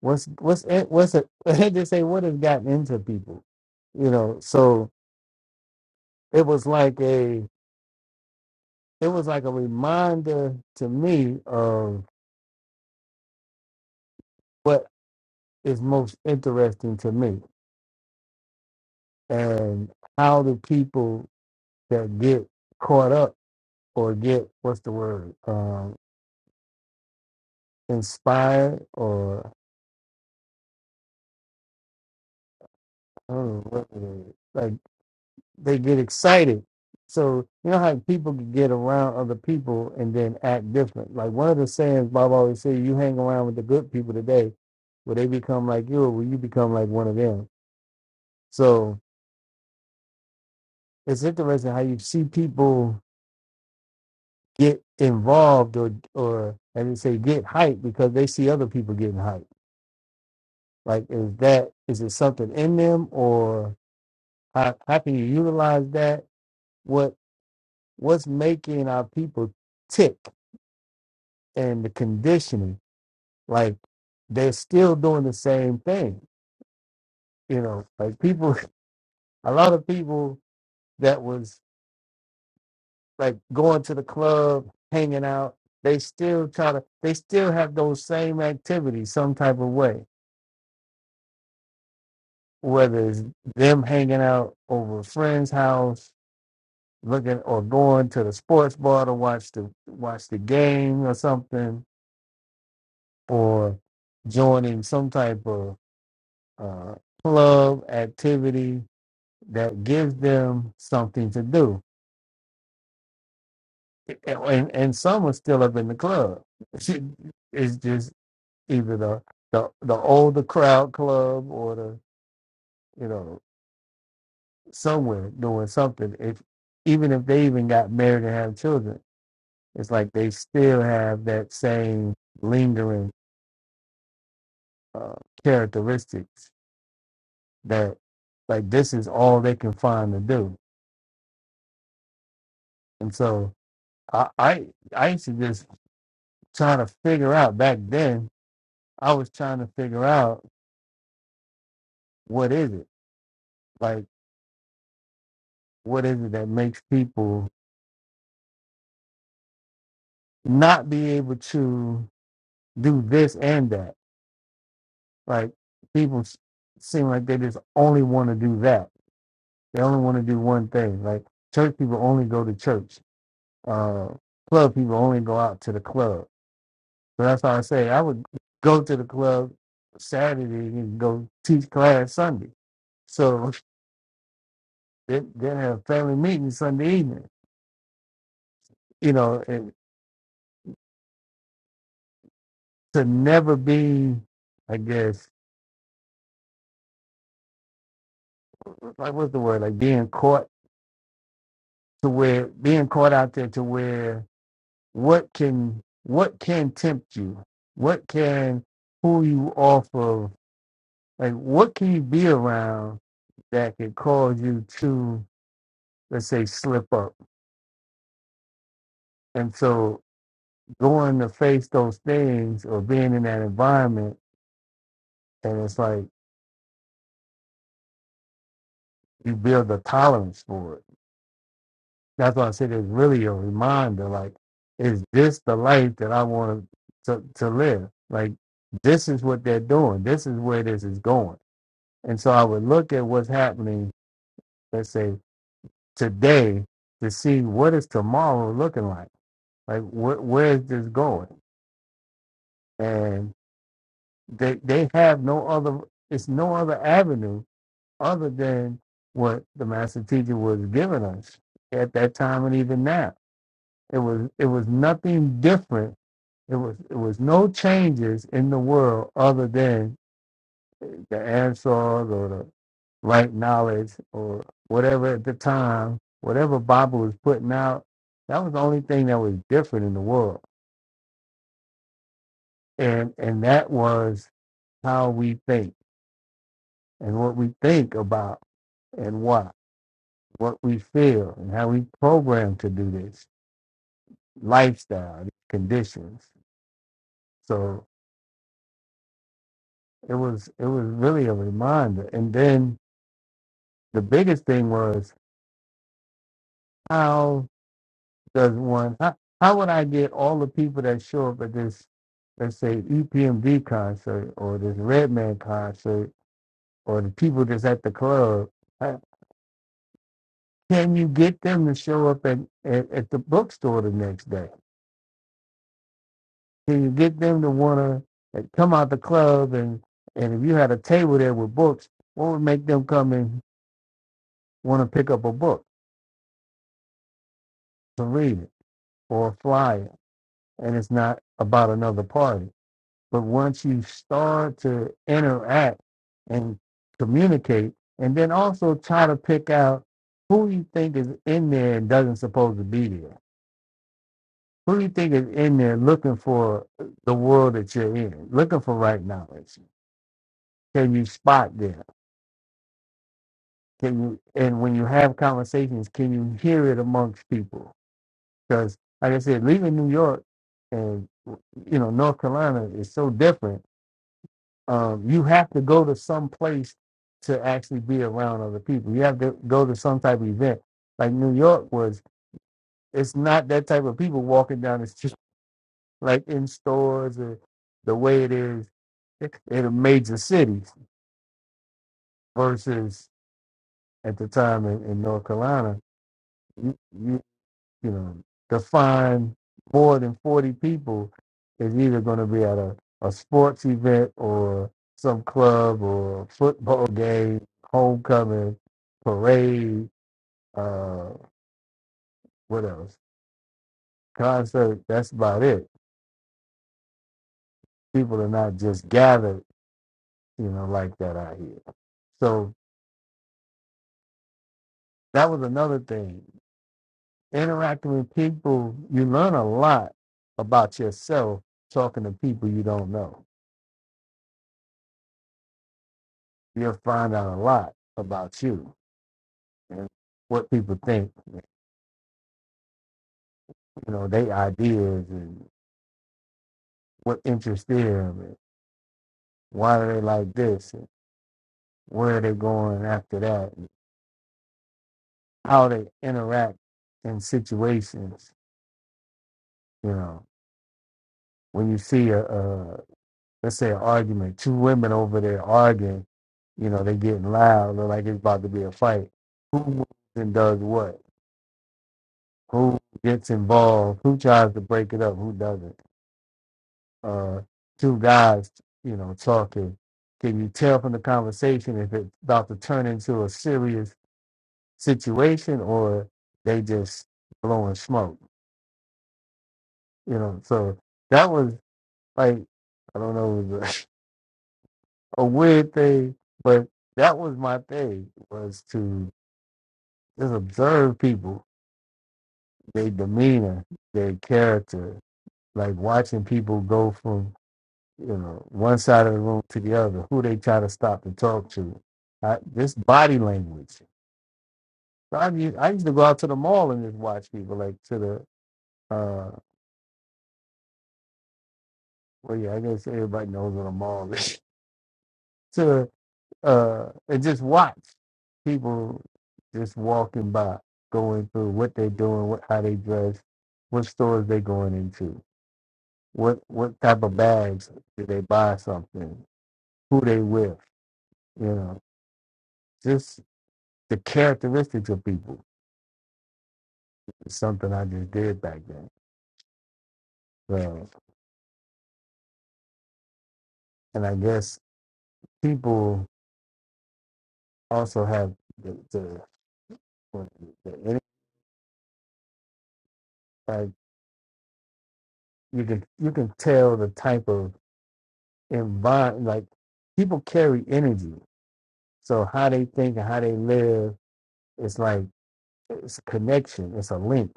[SPEAKER 6] what's what's in- what's it? They just say what has gotten into people, you know. So it was like a it was like a reminder to me of what is most interesting to me and how do people that get caught up or get what's the word um, inspired or I don't know what it is, like they get excited. So you know how people can get around other people and then act different. Like one of the sayings Bob always say, "You hang around with the good people today, will they become like you, or will you become like one of them?" So it's interesting how you see people get involved or or let me say get hyped because they see other people getting hyped. Like is that is it something in them or how how can you utilize that? What what's making our people tick and the conditioning? Like they're still doing the same thing. You know, like people a lot of people that was like going to the club, hanging out, they still try to they still have those same activities some type of way whether it's them hanging out over a friend's house, looking or going to the sports bar to watch the watch the game or something, or joining some type of uh, club activity that gives them something to do. And and some are still up in the club. It's just either the the, the older crowd club or the you know somewhere doing something if even if they even got married and have children it's like they still have that same lingering uh, characteristics that like this is all they can find to do and so I, I i used to just try to figure out back then i was trying to figure out what is it like what is it that makes people not be able to do this and that like people s- seem like they just only want to do that they only want to do one thing like church people only go to church uh, club people only go out to the club. So that's why I say I would go to the club Saturday and go teach class Sunday. So they then have family meetings Sunday evening. You know, and to never be, I guess, like what's the word? Like being caught to where being caught out there to where what can what can tempt you? What can pull you off of? Like what can you be around that could cause you to let's say slip up. And so going to face those things or being in that environment and it's like you build a tolerance for it. That's why I said it's really a reminder, like, is this the life that I want to, to live? Like this is what they're doing. This is where this is going. And so I would look at what's happening, let's say today to see what is tomorrow looking like? Like wh- where is this going? And they they have no other it's no other avenue other than what the master teacher was giving us at that time and even now it was it was nothing different it was it was no changes in the world other than the answers or the right knowledge or whatever at the time whatever bible was putting out that was the only thing that was different in the world and and that was how we think and what we think about and what what we feel and how we programmed to do this lifestyle these conditions. So it was it was really a reminder. And then the biggest thing was how does one how, how would I get all the people that show up at this let's say EPMD concert or this Redman concert or the people that's at the club? uh, Can you get them to show up at, at, at the bookstore the next day? Can you get them to want to come out the club and and if you had a table there with books, what would make them come and want to pick up a book to read it or a flyer? And it's not about another party. But once you start to interact and communicate, and then also try to pick out who you think is in there and doesn't supposed to be there. Who you think is in there looking for the world that you're in, looking for right knowledge? Can you spot them? Can you and when you have conversations, can you hear it amongst people? Because like I said, leaving New York and you know North Carolina is so different. Um, you have to go to some place to actually be around other people. You have to go to some type of event. Like New York was, it's not that type of people walking down the street like in stores or the way it is in a major city versus at the time in, in North Carolina. You, you know, to find more than 40 people is either going to be at a, a sports event or some club or football game, homecoming, parade, uh, what else? Concert. That's about it. People are not just gathered, you know, like that out here. So that was another thing. Interacting with people, you learn a lot about yourself talking to people you don't know. You'll find out a lot about you and what people think, you know, their ideas and what interests them and why are they like this and where are they going after that and how they interact in situations, you know. When you see a, a let's say an argument, two women over there arguing, you know, they getting loud, look like it's about to be a fight. Who moves and does what? Who gets involved? Who tries to break it up? Who doesn't? uh, two guys, you know, talking. Can you tell from the conversation if it's about to turn into a serious situation or they just blowing smoke? You know, so that was like I don't know, it was a, a weird thing, but that was my thing was to just observe people, their demeanor, their character, like watching people go from you know, one side of the room to the other, who they try to stop and talk to. I, this body language. So I used, I used to go out to the mall and just watch people, like to the, uh, well, yeah, I guess everybody knows what a mall is, to, uh, and just watch people just walking by, going through what they're doing, what, how they dress, what stores they going into, what, what type of bags do they buy something, who they with, you know, just the characteristics of people It's something I just did back then. So, and I guess people also have the the, what- the any- like you can you can tell the type of environment like people carry energy. So how they think and how they live, it's like it's a connection. It's a link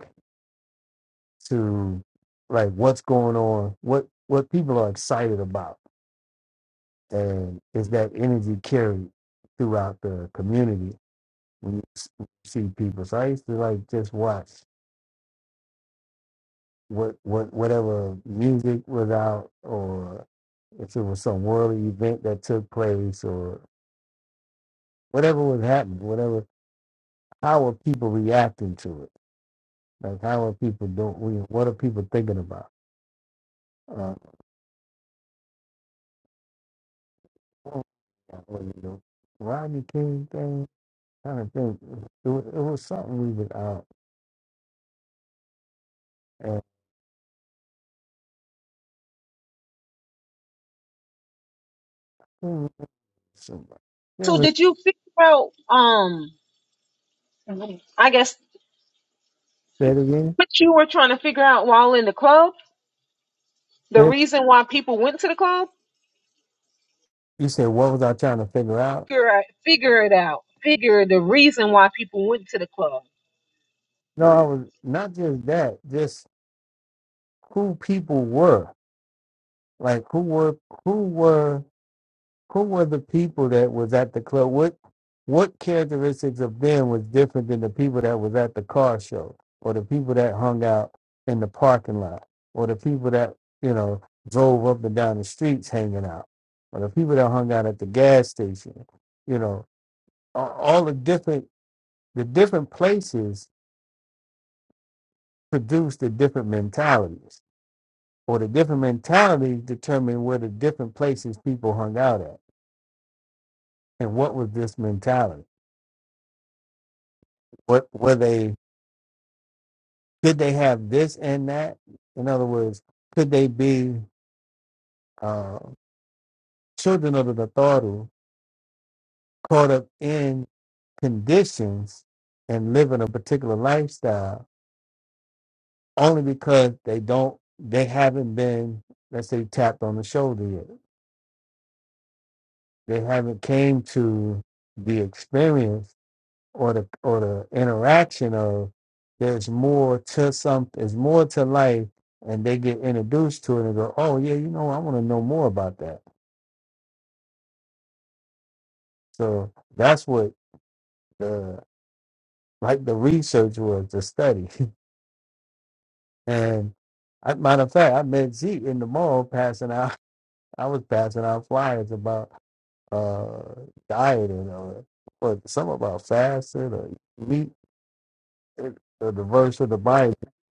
[SPEAKER 6] to like what's going on, what what people are excited about, and is that energy carried throughout the community when you s- see people. So I used to like just watch what what whatever music was out, or if it was some worldly event that took place, or whatever was happening, whatever. How are people reacting to it? Like how are people doing? you know, What are people thinking about? Uh, oh, yeah, what you know, Rodney King thing kind of thing. It was, it was something we was out and
[SPEAKER 1] So
[SPEAKER 6] somebody.
[SPEAKER 1] did you figure out? Um, I guess
[SPEAKER 6] Say it again.
[SPEAKER 1] what you were trying to figure out while in the club, the
[SPEAKER 6] Say it-
[SPEAKER 1] reason why people went to the club,
[SPEAKER 6] You said what was I trying to figure out?
[SPEAKER 1] figure out, figure it out, figure the reason why people went to the club.
[SPEAKER 6] No, I was not just that, just who people were. Like who were who were who were the people that was at the club? What what characteristics of them was different than the people that was at the car show or the people that hung out in the parking lot or the people that, you know, drove up and down the streets hanging out or the people that hung out at the gas station, you know, a- all the different the different places produced the different mentalities or the different mentalities determine where the different places people hung out at and what was this mentality what were they could they have this and that in other words could they be uh, children of the Nataru caught up in conditions and living a particular lifestyle only because they don't they haven't been let's say tapped on the shoulder yet they haven't came to the experience or the or the interaction of there's more to some there's more to life and they get introduced to it and go oh yeah you know i want to know more about that so that's what the like the research was the study and I, matter of fact i met zeke in the mall passing out i was passing out flyers about uh dieting or, or some about fasting or meat or the verse of the bible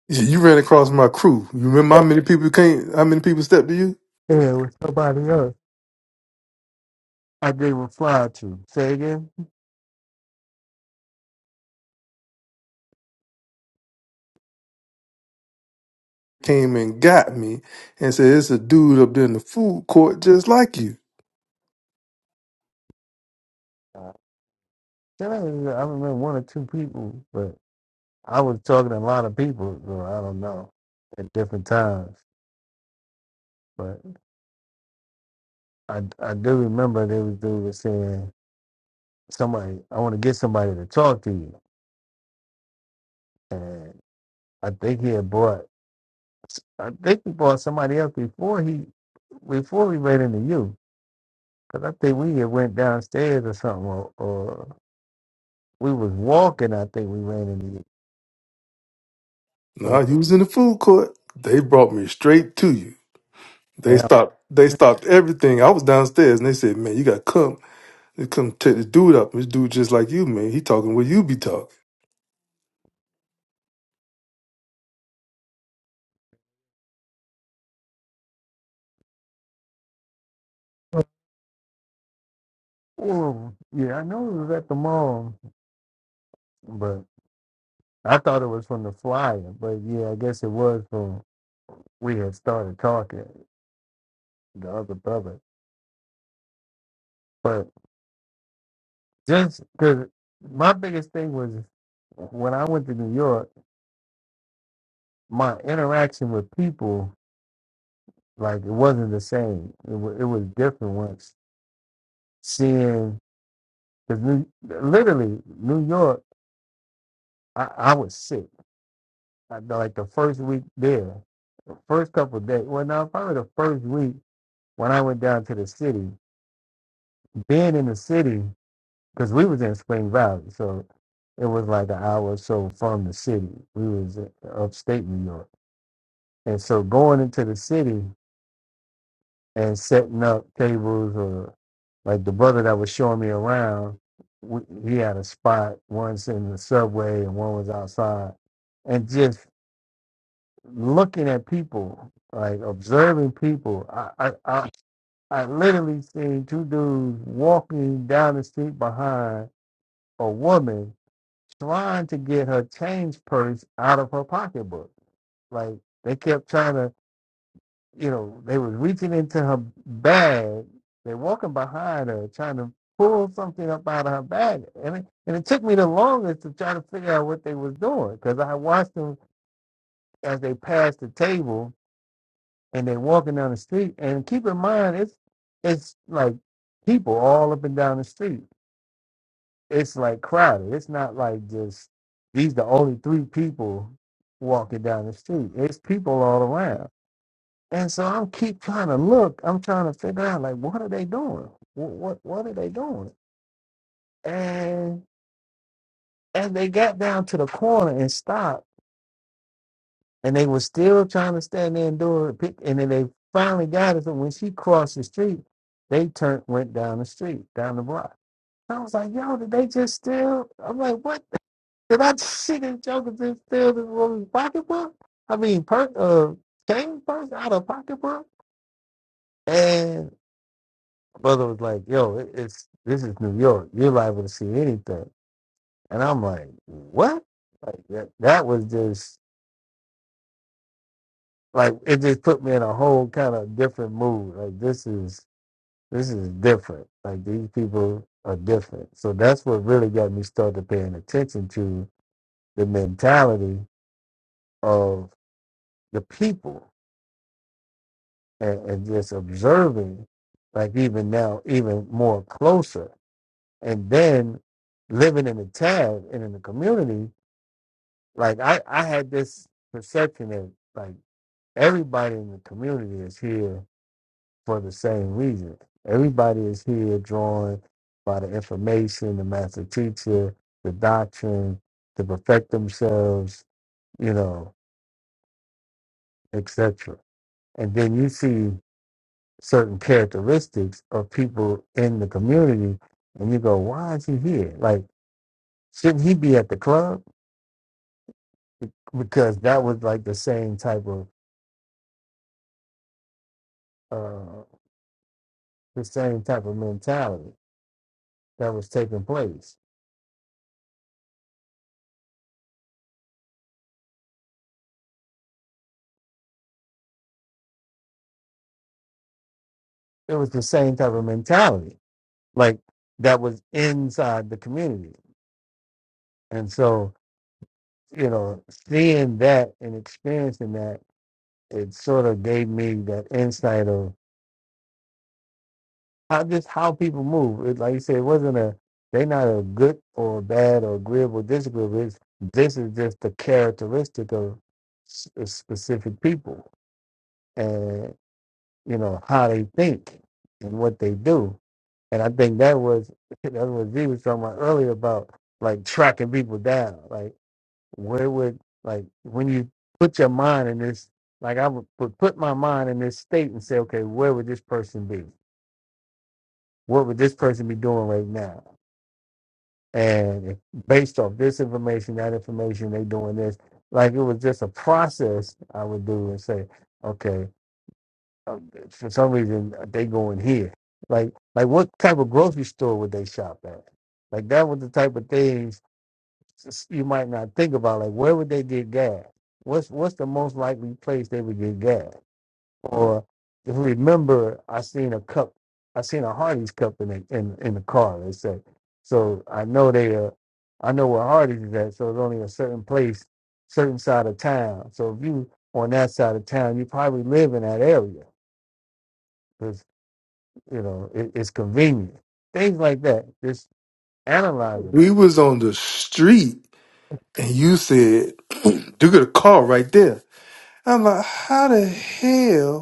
[SPEAKER 2] You you ran across my crew. You remember how many people came? How many people stepped to you?
[SPEAKER 6] yeah, with somebody else I did reply to. Say again.
[SPEAKER 2] Came and got me and said, "It's a dude up there in the food court just like you."
[SPEAKER 6] Uh, then I, I remember one or two people, but I was talking to a lot of people, so I don't know at different times. But I, I do remember there was dude was saying somebody I want to get somebody to talk to you, and I think he had bought I think he bought somebody else before he before we ran into you, because I think we had went downstairs or something, or, or we was walking. I think we ran into you.
[SPEAKER 2] Nah,
[SPEAKER 6] So
[SPEAKER 2] you was in the food court. They brought me straight to you. They
[SPEAKER 6] and I
[SPEAKER 2] stopped. They stopped everything. I was downstairs and they said, "Man, you got to come. They come take this dude up. This dude just like you, man. He talking what you be talking."
[SPEAKER 6] Well, yeah, I know it was at the mall, but I thought it was from the flyer. But yeah, I guess it was from we had started talking, the other brother. But just because my biggest thing was when I went to New York, my interaction with people, like it wasn't the same. It, wa it was different once seeing, because New, literally, New York, I, I was sick. I, like the first week there, first couple of days. Well, now probably the first week. when I went down to the city, being in the city, because we was in Spring Valley, so it was like an hour or so from the city. We was in upstate New York. And so going into the city and setting up tables or like the brother that was showing me around, we, he had a spot once in the subway and one was outside. And just looking at people, like observing people, I, I, I I literally seen two dudes walking down the street behind a woman trying to get her change purse out of her pocketbook. Like they kept trying to, you know, they was reaching into her bag. They walking behind her trying to pull something up out of her bag, and it, and it took me the longest to try to figure out what they was doing because I watched them as they passed the table and they walking down the street. And keep in mind, it's it's like people all up and down the street. it's like crowded. It's not like just these the only three people walking down the street. It's people all around. And so I'm keep trying to look. I'm trying to figure out like what are they doing? What what, what are they doing? And as they got down to the corner and stopped, and they were still trying to stand there and do it. pic- And then they finally got it. So when she crossed the street, they turned went down the street, down the block. I was like, yo, did they just steal? I'm like, what? Did I see this Joker just steal this woman's pocketbook? I mean, per, uh, cane purse out of pocketbook? And brother was like, yo, it, it's this is New York. You're liable to see anything. And I'm like, what? Like that, that was just like it just put me in a whole kind of different mood. Like this is this is different. Like these people are different. So that's what really got me started paying attention to the mentality of the people and, and just observing, like even now, even more closer, and then living in the town and in the community. Like I, I had this perception that like everybody in the community is here for the same reason. Everybody is here drawn by the information, the master teacher, the doctrine, to perfect themselves, you know, etc. And then you see certain characteristics of people in the community, and you go, why is he here? Like, shouldn't he be at the club? Be- Because that was like the same type of uh, the same type of mentality that was taking place. It was the same type of mentality, like that was inside the community, and so you know, seeing that and experiencing that, it sort of gave me that insight of how just how people move. It, like you said, it wasn't a they not a good or bad or agreeable disagreeable. It's, this is just the characteristic of s- specific people and you know how they think and what they do. And I think that was that was Z was talking about earlier about like tracking people down. Like where would like when you put your mind in this like I would put put my mind in this state and say, okay, where would this person be? What would this person be doing right now? and based off this information, that information, they doing this. Like it was just a process I would do and say, okay, um, for some reason they going here. Like like what type of grocery store would they shop at? Like that was the type of things s- you might not think about. Like where would they get gas? What's what's the most likely place they would get gas? Or if you remember, I seen a cup, I seen a Hardy's cup in the, in in the car. They said, so I know they are, I know where Hardy's is at. So it's only a certain place, certain side of town. So if you on that side of town, you probably live in that area because you know it, it's convenient. Things like that. Just analyzing.
[SPEAKER 2] We was on the street and you said, "You got a car right there." I'm like, "How the hell?"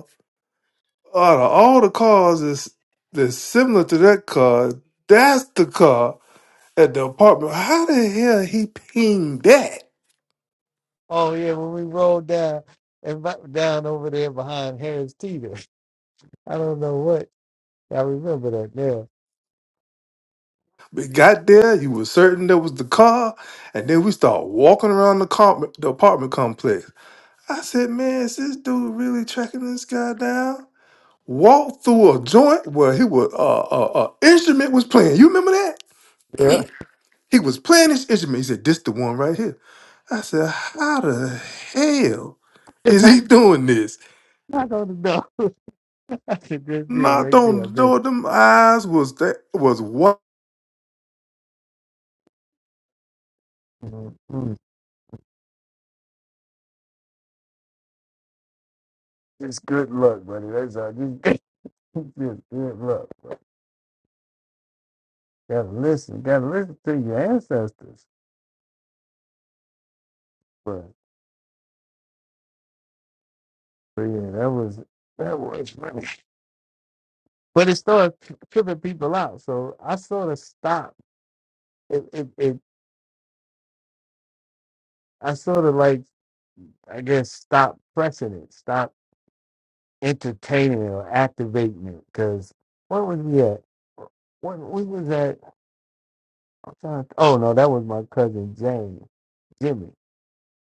[SPEAKER 2] Out of all the cars that's, that's similar to that car, that's the car at the apartment. How the hell he pinged that?
[SPEAKER 6] Oh yeah, when we rolled down and bu- down over there behind Harris Teeter, I don't know what I remember that now.
[SPEAKER 2] We got there, you were certain that was the car, and then we start walking around the, com- the apartment complex. I said, man, is this dude really tracking this guy down? Walked through a joint where he was, uh, uh, uh, instrument was playing. You remember that?
[SPEAKER 6] Yeah,
[SPEAKER 2] He was playing his instrument. He said, this the one right here. I said, how the hell is
[SPEAKER 6] knock
[SPEAKER 2] he doing this?
[SPEAKER 6] knock on the door. That's a good deal
[SPEAKER 2] Not
[SPEAKER 6] right
[SPEAKER 2] on
[SPEAKER 6] there, I
[SPEAKER 2] the
[SPEAKER 6] bet
[SPEAKER 2] door. Them eyes was that was what?
[SPEAKER 6] you. Mhm. It's good luck, buddy. That's all. Just, just good luck. Gotta listen. Gotta listen to your ancestors. But, but yeah, that was that was funny. But it started tri- tripping people out. So I sort of stopped. It, it, it I sort of like I guess stopped pressing it, stopped entertaining it or activating it. Cause what was we at? What we was at? I'm trying to, oh no, that was my cousin James. Jimmy.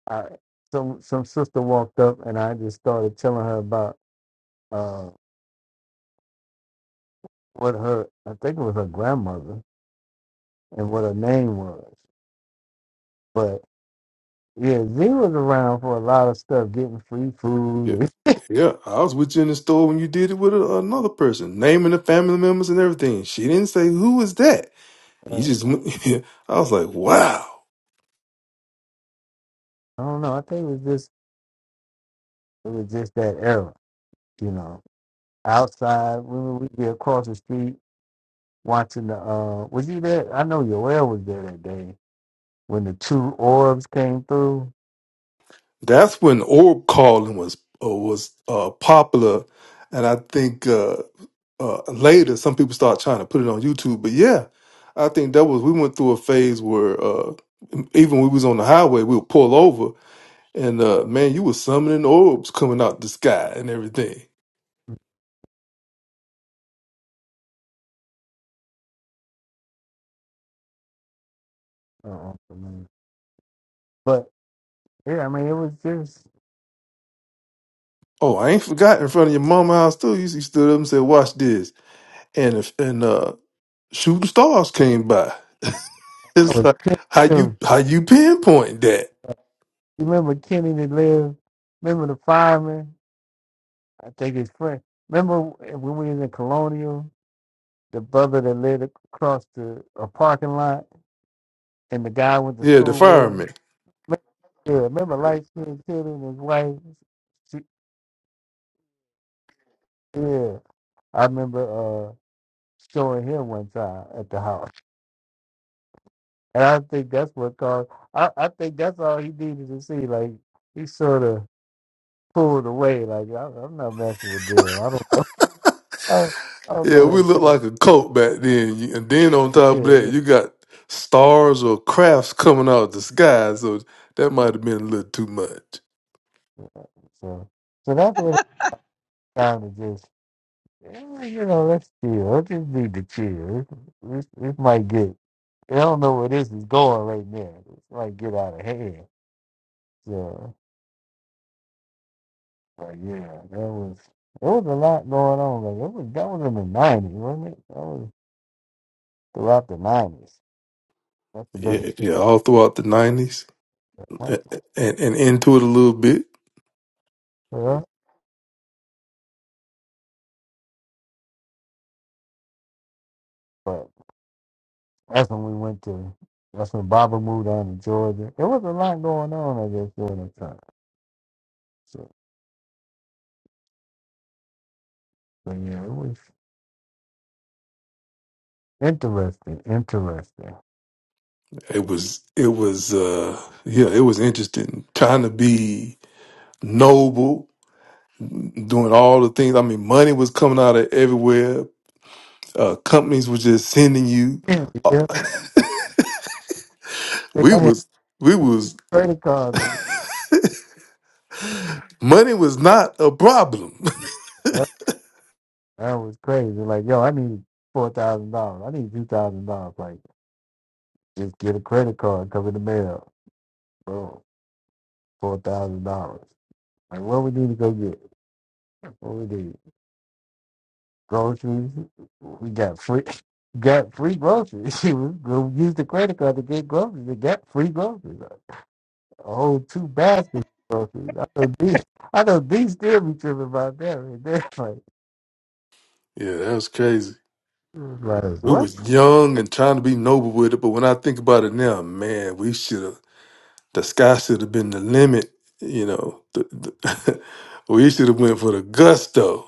[SPEAKER 6] I, some some sister walked up and I just started telling her about uh, what her I think it was her grandmother and what her name was. But yeah, Z was around for a lot of stuff, getting free
[SPEAKER 2] Yeah,
[SPEAKER 6] food. And,
[SPEAKER 2] yeah. I was with you in the store when you did it with a, another person, naming the family members and everything. She didn't say who was that. You
[SPEAKER 6] uh,
[SPEAKER 2] just, went, I was like, wow.
[SPEAKER 6] I don't know. I think it was just it was just that era, you know. Outside, when we'd be across the street watching the. Uh, was you there? I know Yoel was there that day when the two orbs came through.
[SPEAKER 2] That's when orb calling was uh, was uh, popular, and I think uh, uh, later some people start trying to put it on YouTube. But yeah, I think that was we went through a phase where uh, even when we was on the highway, we would pull over And uh, man, you were summoning orbs coming out the sky and everything.
[SPEAKER 6] Uh-uh, for me. but yeah, I mean, it was just
[SPEAKER 2] Oh, I ain't forgot in front of your mama house too. You see, stood up and said, "Watch this," and if and uh, shooting stars came by.
[SPEAKER 6] I
[SPEAKER 2] It's
[SPEAKER 6] was
[SPEAKER 2] like
[SPEAKER 6] kidding
[SPEAKER 2] how you
[SPEAKER 6] too.
[SPEAKER 2] how you pinpoint that?
[SPEAKER 6] You remember Kenny that lived, remember the fireman? I think his friend. Remember when we was in Colonial, the brother that lived across the a parking lot and the guy went to
[SPEAKER 2] Yeah, the
[SPEAKER 6] school with?
[SPEAKER 2] firemen.
[SPEAKER 6] Remember- Yeah, remember light skinned kid and his wife? She, yeah, I remember uh, showing him one time at the house. And I think that's what caused, I, I think that's all he needed to see. Like, he sort of pulled away, like, I, I'm not messing with them. I don't, I, I don't
[SPEAKER 2] Yeah,
[SPEAKER 6] know
[SPEAKER 2] we
[SPEAKER 6] what
[SPEAKER 2] looked
[SPEAKER 6] that
[SPEAKER 2] like a
[SPEAKER 6] is.
[SPEAKER 2] cult back then. You- And then on top of
[SPEAKER 6] Yeah,
[SPEAKER 2] that,
[SPEAKER 6] yeah.
[SPEAKER 2] you got stars or crafts coming out of the sky. So that might have been a little too much.
[SPEAKER 6] So, so that's when it's time to just, eh, you know, let's chill. Let's just need to chill. This, this might get, I don't know where this is going right now. This might get out of hand. So, but yeah, that was, there was a lot going on. Like, it was, that was in the 90s, wasn't it? That was throughout the 90s. That's the been
[SPEAKER 2] Yeah, yeah, all throughout the nineties. and, and into it a little bit.
[SPEAKER 6] yeah. But that's when we went to, that's when Baba moved on to Georgia. There was a lot going on, I guess, during that time. So, but yeah, it was. Interesting, interesting.
[SPEAKER 2] It was it was uh yeah, it was interesting trying to be noble, doing all the things. I mean, money was coming out of everywhere. Uh, companies were just sending you.
[SPEAKER 6] yeah,
[SPEAKER 2] Uh,
[SPEAKER 6] yeah, like,
[SPEAKER 2] we
[SPEAKER 6] I had
[SPEAKER 2] was we was
[SPEAKER 6] credit cards. of-
[SPEAKER 2] money was not a problem.
[SPEAKER 6] That that was crazy. Like, yo, I need four thousand dollars. I need two thousand dollars. Like, just get a credit card, cover the mail. Bro, four thousand dollars. Like, what we need to go get? What we need? Groceries. We got free. Got free groceries. we go use the credit card to get groceries. We got free groceries. A whole two baskets of groceries. I know these. I know these still be tripping about that right there.
[SPEAKER 2] yeah, that was crazy.
[SPEAKER 6] Like
[SPEAKER 2] We
[SPEAKER 6] what?
[SPEAKER 2] was young and trying to be noble with it, but when I think about it now, man, we should have The sky should have been the limit. You know, the, the we should have went for the gusto.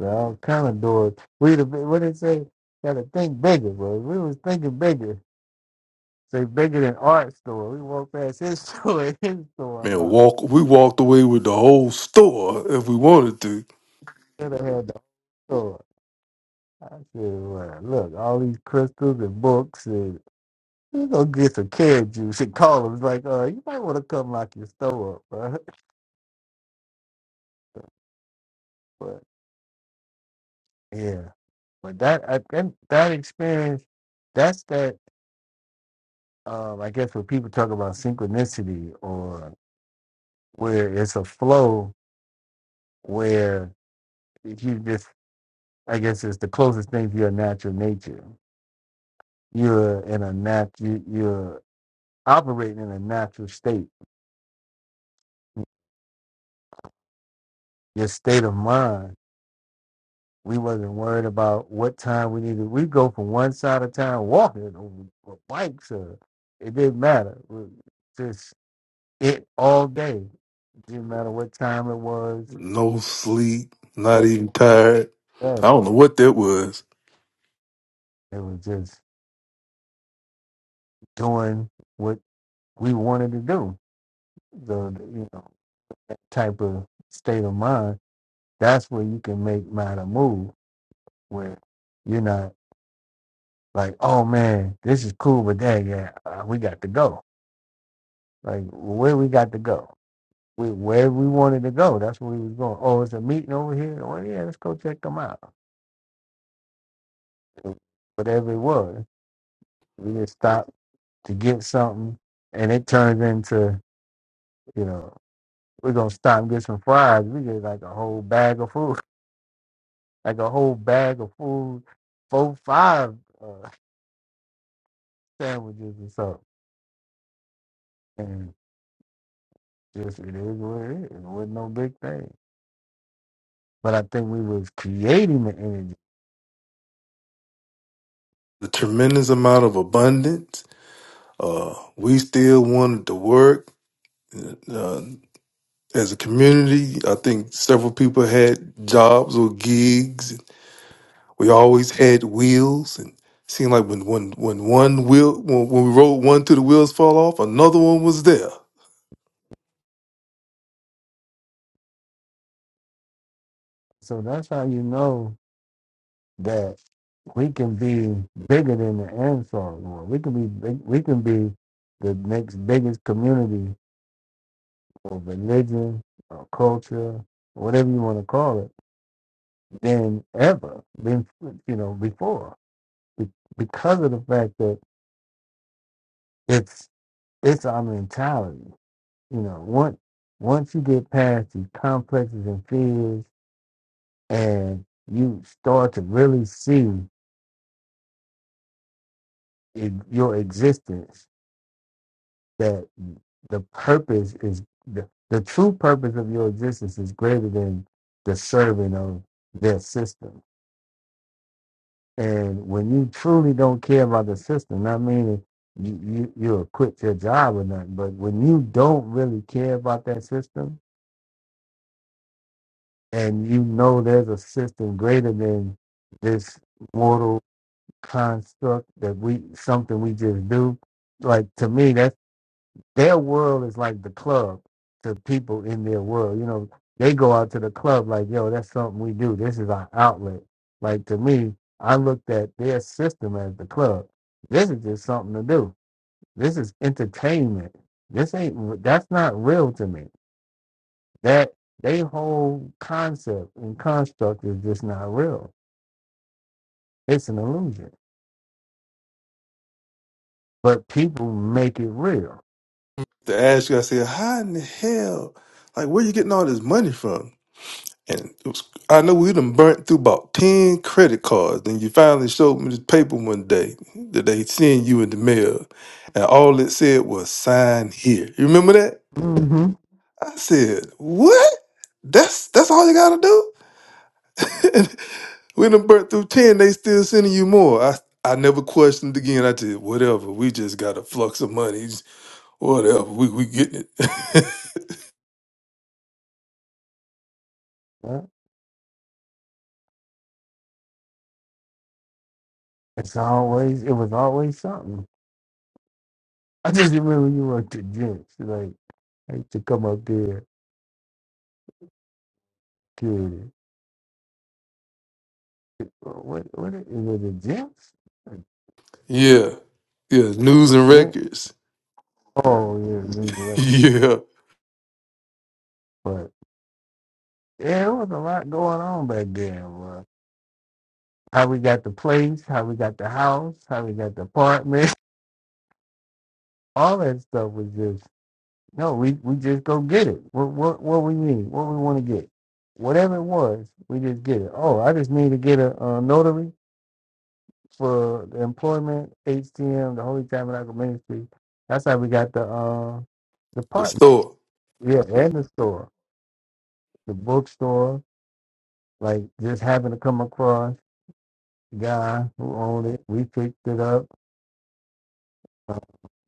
[SPEAKER 6] All kind of doors. We the what they say. Got to think bigger, bro. We was thinking bigger. Say bigger than art store. We walked past his store. His store
[SPEAKER 2] Man,
[SPEAKER 6] unlocked.
[SPEAKER 2] walk. We walked away with the whole store if we wanted to.
[SPEAKER 6] Should have had the store. I said, well, look, all these crystals and books and we gonna get some carrot juice and call him. It's like, uh, you might want to come lock your store up, bro. But yeah, but that I think that experience, that's that. Um, I guess when people talk about synchronicity or. where it's a flow where you just I guess it's the closest thing to your natural nature. You're in a nat you, you're operating in a natural state. Your state of mind. We wasn't worried about what time we needed. We go from one side of town walking or, or bikes or it didn't matter. We- Just it all day. Didn't matter what time it was.
[SPEAKER 2] No sleep,
[SPEAKER 6] no-
[SPEAKER 2] not even tired. I don't know what that was.
[SPEAKER 6] It was just doing what we wanted to do the the, you know type of state of mind, that's where you can make matter move where you're not like, oh man, this is cool, but dang, yeah, uh, we got to go. Like where we got to go, we, where we wanted to go, that's where we was going. Oh, it's a meeting over here. Oh yeah, let's go check them out. Whatever it was, we just stopped to get something, and it turns into you know we're gonna stop and get some fries. We get like a whole bag of food. like a whole bag of food, four, five uh, sandwiches or something. And just it is what it is. It wasn't no big thing. But I think we was creating the energy.
[SPEAKER 2] The tremendous amount of abundance. Uh, we still wanted to work uh, as a community. I think several people had jobs or gigs We always had wheels, and seemed like when when when one wheel when, when we rode one till the wheels fall off, another one was there.
[SPEAKER 6] So that's how you know that we can be bigger than the Ansar war. We can be big, we can be the next biggest community or religion or culture, whatever you want to call it, than ever been you know before. Be- Because of the fact that it's it's our mentality. You know, once once you get past these complexes and fears, and you start to really see in your existence that the purpose is the, the true purpose of your existence is greater than the serving of their system. And when you truly don't care about the system, not meaning you, you you'll quit your job or nothing, but when you don't really care about that system, and you know there's a system greater than this mortal construct that we something we just do like to me that their world is like the club to people in their world you know they go out to the club like yo that's something we do this is our outlet like to me i looked at their system as the club this is just something to do this is entertainment this ain't that's not real to me that they whole concept and construct is just not real. It's an illusion. But people make it real.
[SPEAKER 2] The ask you, I said, "How in the hell? Like, where you getting all this money from?" And it was, I know we done burnt through about ten credit cards. Then you finally showed me this paper one day that they send you in the mail, and all it said was "sign here." You remember that?
[SPEAKER 6] hmm
[SPEAKER 2] I said, "What? That's that's all you gotta do?" when them burnt through 10, they still sending you more. I I never questioned again. I did whatever. We just got a flux of money. Just Whatever. We we getting it.
[SPEAKER 6] Yeah. It's always it was always something. I just remember you were to gents. Like I used to come up there to what what is it the gents?
[SPEAKER 2] yeah. Yeah. News and
[SPEAKER 6] Gent?
[SPEAKER 2] records.
[SPEAKER 6] Oh yeah, these records.
[SPEAKER 2] yeah.
[SPEAKER 6] But yeah, there was a lot going on back then. Bro. How we got the place, how we got the house, how we got the apartment, all that stuff was just No, we, we just go get it. What, what what we need, what we want to get, whatever it was, we just get it. Oh, I just need to get a, uh notary for the employment, HTM, the Holy Tabernacle Ministry. That's how we got the uh the
[SPEAKER 2] The
[SPEAKER 6] partner,
[SPEAKER 2] store.
[SPEAKER 6] yeah, and the store, the bookstore. Like just happened to come across the guy who owned it. We picked it up uh,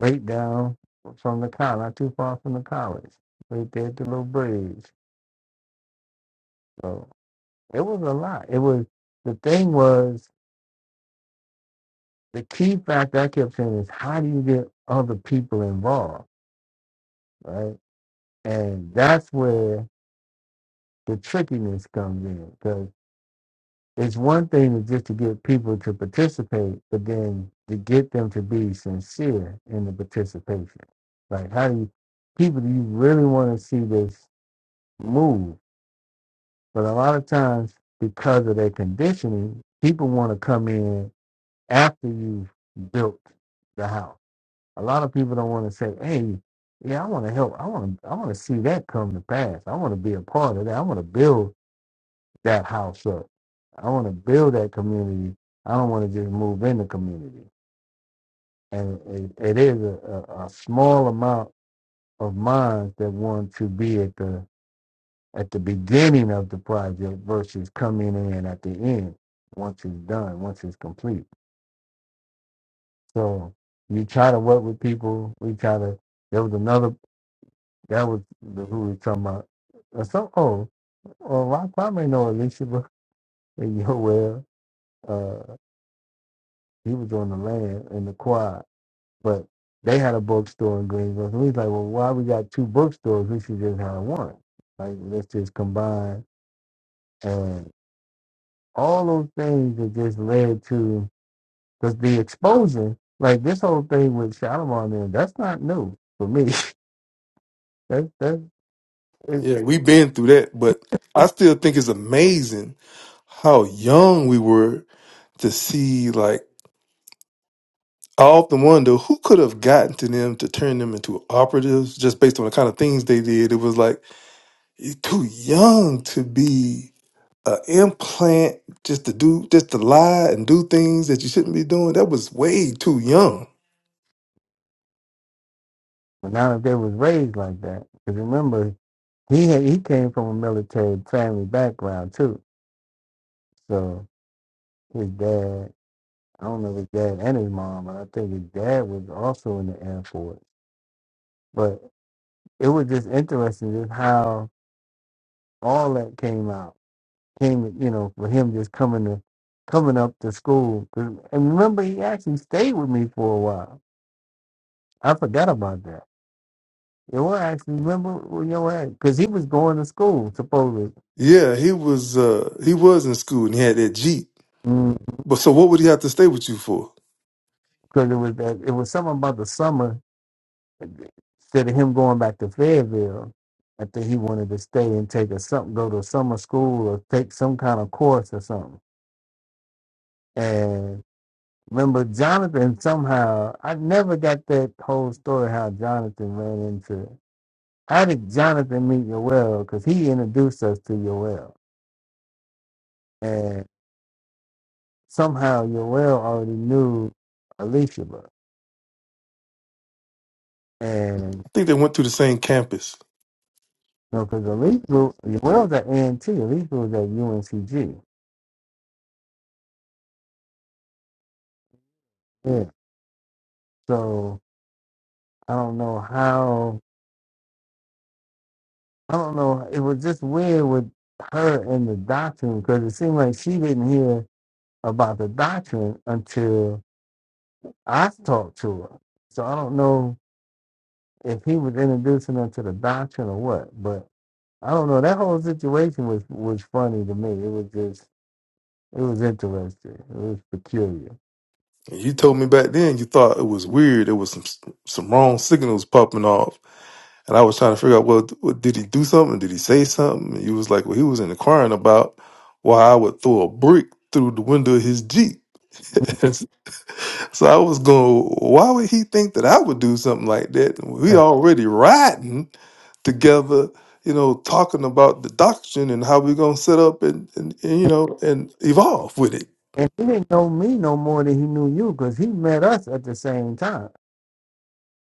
[SPEAKER 6] right down from the college, not too far from the college, right there at the little bridge. So. It was a lot. It was the thing was the key factor I kept saying is how do you get other people involved, right? And that's where the trickiness comes in because it's one thing is just to get people to participate, but then to get them to be sincere in the participation. Like how do you people do you really want to see this move? But a lot of times because of their conditioning, people want to come in after you've built the house. A lot of people don't want to say, "Hey, yeah, I want to help. I want to. I want to see that come to pass. I want to be a part of that. I want to build that house up. I want to build that community. I don't want to just move in the community." And it, it is a, a, a small amount of minds that want to be at the at the beginning of the project versus coming in at the end once it's done, once it's complete. So you try to work with people. We try to. There was another. That was the, who we were talking about. Uh, so oh, well, Rock probably know Alicia but- and Yoel. Uh, he was on the land in the quad, but they had a bookstore in Greenville. So we was like, well, why we got two bookstores? We should just have one. Like let's just combine and all those things that just led to because the exposure, like this whole thing with Shalimar, man, that's not new for me. that's that's
[SPEAKER 2] Yeah, we been through that. But I still think it's amazing how young we were to see like I often wonder who could have gotten to them to turn them into operatives just based on the kind of things they did. It was like you're too young to be. a implant just to do just to lie and do things that you shouldn't be doing that was way too young
[SPEAKER 6] But not if they was raised like that. Because remember, he had, he came from a military family background too. So his dad, I don't know his dad and his mom, but I think his dad was also in the Air Force. But it was just interesting just how all that came out. Came, you know, for him just coming to coming up to school. 'Cause- And remember, he actually stayed with me for a while. I forgot about that. It was actually remember when your because he was going to school supposedly.
[SPEAKER 2] yeah he was uh he was in school and he had that jeep
[SPEAKER 6] Mm-hmm.
[SPEAKER 2] but so what would he have to stay with you for
[SPEAKER 6] because it was that it was something about the summer. Instead of him going back to Fayetteville, I think he wanted to stay and take a something, go to summer school or take some kind of course or something. And remember, Jonathan somehow I never got that whole story how Jonathan ran into. How did Jonathan meet Yoel? Because he introduced us to Yoel, and somehow Yoel already knew Alicia, and
[SPEAKER 2] i think they went through the same campus
[SPEAKER 6] No, because the legal, well, the ANT, legal is at UNCG. Yeah. So I don't know how, I don't know. It was just weird with her and the doctrine because it seemed like she didn't hear about the doctrine until I talked to her. So I don't know if he was introducing her to the doctrine or what, but I don't know. That whole situation was, was funny to me. It was just, it was interesting. It was peculiar.
[SPEAKER 2] and you told me back then you thought it was weird there was some some wrong signals popping off and i was trying to figure out well what, did he do something did he say something and you was like well he was inquiring about why i would throw a brick through the window of his jeep So I was going, why would he think that I would do something like that? We already riding together, you know, talking about the doctrine and how we're gonna set up and, and, and, you know and evolve with it.
[SPEAKER 6] And he didn't know me no more than he knew you because he met us at the same time.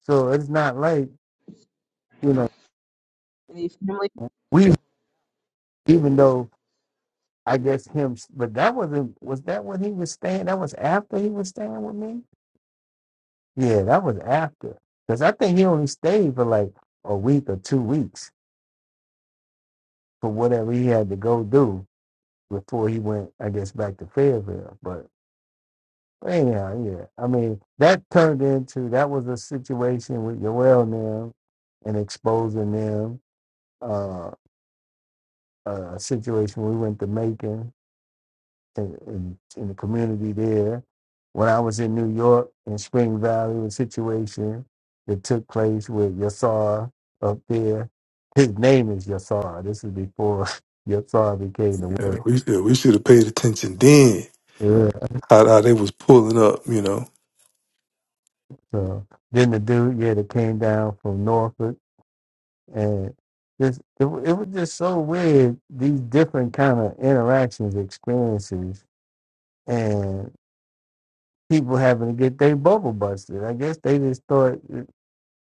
[SPEAKER 6] So it's not like, you know, we, even though I guess him, but that wasn't, was that when he was staying? That was after he was staying with me? Yeah, that was after. Because I think he only stayed for like a week or two weeks for whatever he had to go do before he went, I guess, back to Fayetteville. But anyhow, yeah. I mean, that turned into, that was a situation with Yoel now and exposing them uh, a situation we went to Macon in, in, in the community there. When I was in New York in Spring Valley, a situation that took place with Yassar up there. His name is Yassar. This is before Yassar became the
[SPEAKER 2] Uh,
[SPEAKER 6] word.
[SPEAKER 2] We should, we should have paid attention then
[SPEAKER 6] Yeah.
[SPEAKER 2] how, how they was pulling up, you know,
[SPEAKER 6] So then the dude, yeah, that came down from Norfolk, and this it, wa- it was just so weird. These different kind of interactions, experiences, people having to get their bubble busted. I guess they just thought,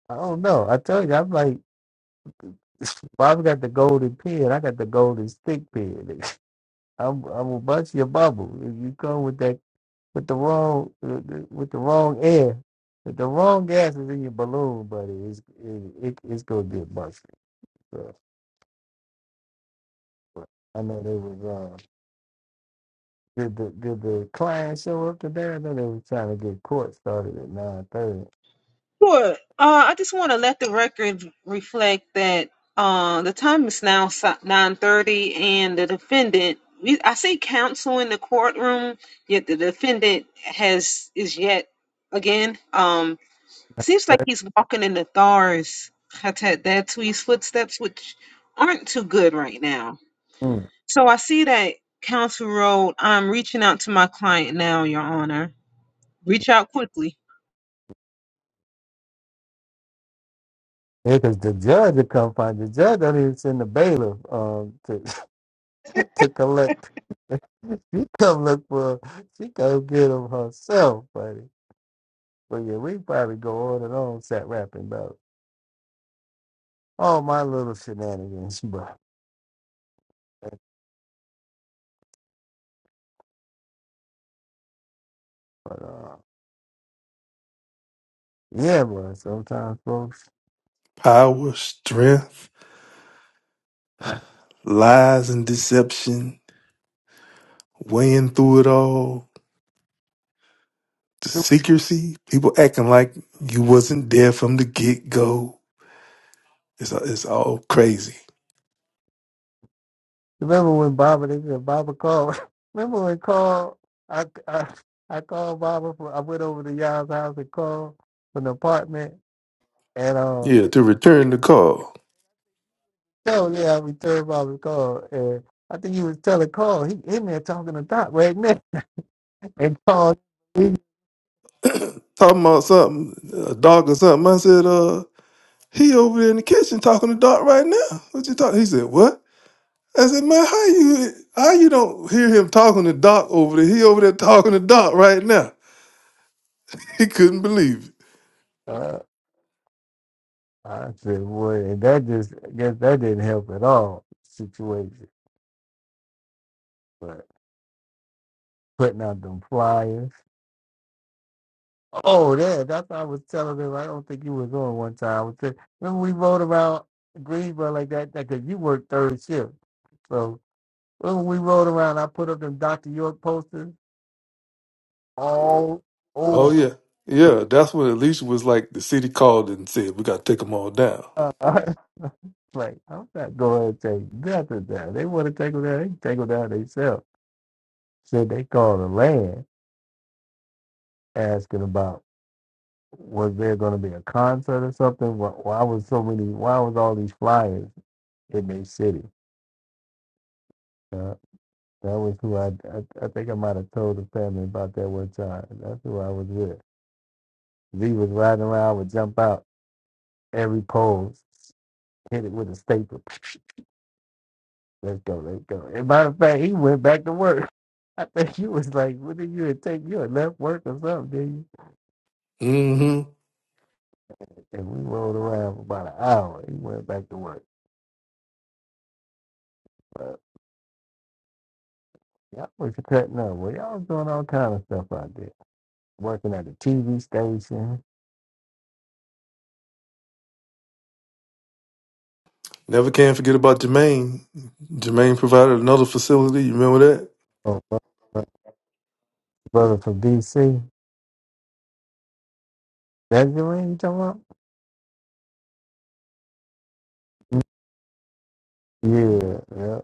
[SPEAKER 6] I don't know. I tell you, I'm like, well, I've got the golden pen. I got the golden stick pen. I'm, I'm gonna bust your bubble if you come with that with the wrong with the wrong air. If the wrong gas is in your balloon, buddy, it's it, it, it's gonna get busted. So, but I know they was um did the did the client show up today? I know they were trying to get court started at nine
[SPEAKER 1] Sure. Uh, I just want to let the record reflect that uh, the time is now si, nine thirty, and the defendant. we- I see counsel in the courtroom, yet the defendant has is yet again. Um, Seems like
[SPEAKER 6] thirty.
[SPEAKER 1] he's walking in the Thars, Hatatatui's footsteps, which aren't too good right now. So I see that Council Road. I'm reaching out to my client now, Your Honor. Reach out quickly.
[SPEAKER 6] Yeah, because the judge will come find the judge. Don't even send the bailiff um to to collect. she come look for. She come get him herself, buddy. But yeah, we probably go on and on sat rapping about all my little shenanigans, but but uh yeah, but sometimes folks.
[SPEAKER 2] power, strength,
[SPEAKER 6] Um,
[SPEAKER 2] lies and deception, weighing through it all, the secrecy, people acting like you wasn't there from the get go. It's it's all crazy.
[SPEAKER 6] remember when Baba they said Baba called? Remember when called? I I I called Baba. For, I went over to y'all's house and called from the apartment. and uh.
[SPEAKER 2] Yeah, to return the call.
[SPEAKER 6] show yeah, we turned about the call. And I think he was telling Carl, he he there talking to Doc right now. And Carl, he,
[SPEAKER 2] Talking about something, a dog or something. I said, uh, he over there in the kitchen talking to Doc right now. What you talking? He said, what? I said, man, how you how you don't hear him talking to Doc over there? He over there talking to Doc right now. He couldn't believe it.
[SPEAKER 6] uh, I said, boy, and that just, I guess that didn't help at all, situation. But putting out them flyers. Oh, yeah, that's what I was telling him. I don't think you was on one time. I was saying, remember we rode around Greensboro like that, because you worked third shift. So when we rode around, I put up them Dr. York posters all
[SPEAKER 2] Oh
[SPEAKER 6] over.
[SPEAKER 2] yeah. Yeah, that's when Alicia was like, the city called and said, we gotta take them all down.
[SPEAKER 6] Uh, like, I'm not going to take nothing down. They want to take them down, they can take them down themselves. So they call the land asking about was there going to be a concert or something? Why, why was so many, why was all these flyers in their city? Uh, that was who I, I, I think I might have told the family about that one time. That's who I was with. Lee was riding around, I would jump out every pole, hit it with a staple. Let's go, let's go. As a matter of fact, he went back to work. I think you was like, what did you had take? You had left work or something, did you?
[SPEAKER 2] Mm-hmm.
[SPEAKER 6] And we rolled around for about an hour. He went back to work. But y'all was cutting up. Well, y'all was doing all kind of stuff out there. Working at the TV station.
[SPEAKER 2] Never can forget about Jermaine. Jermaine provided another facility. You remember
[SPEAKER 6] Oh, bro- bro- brother from DC. That's the ring you talking about? Yeah, yeah.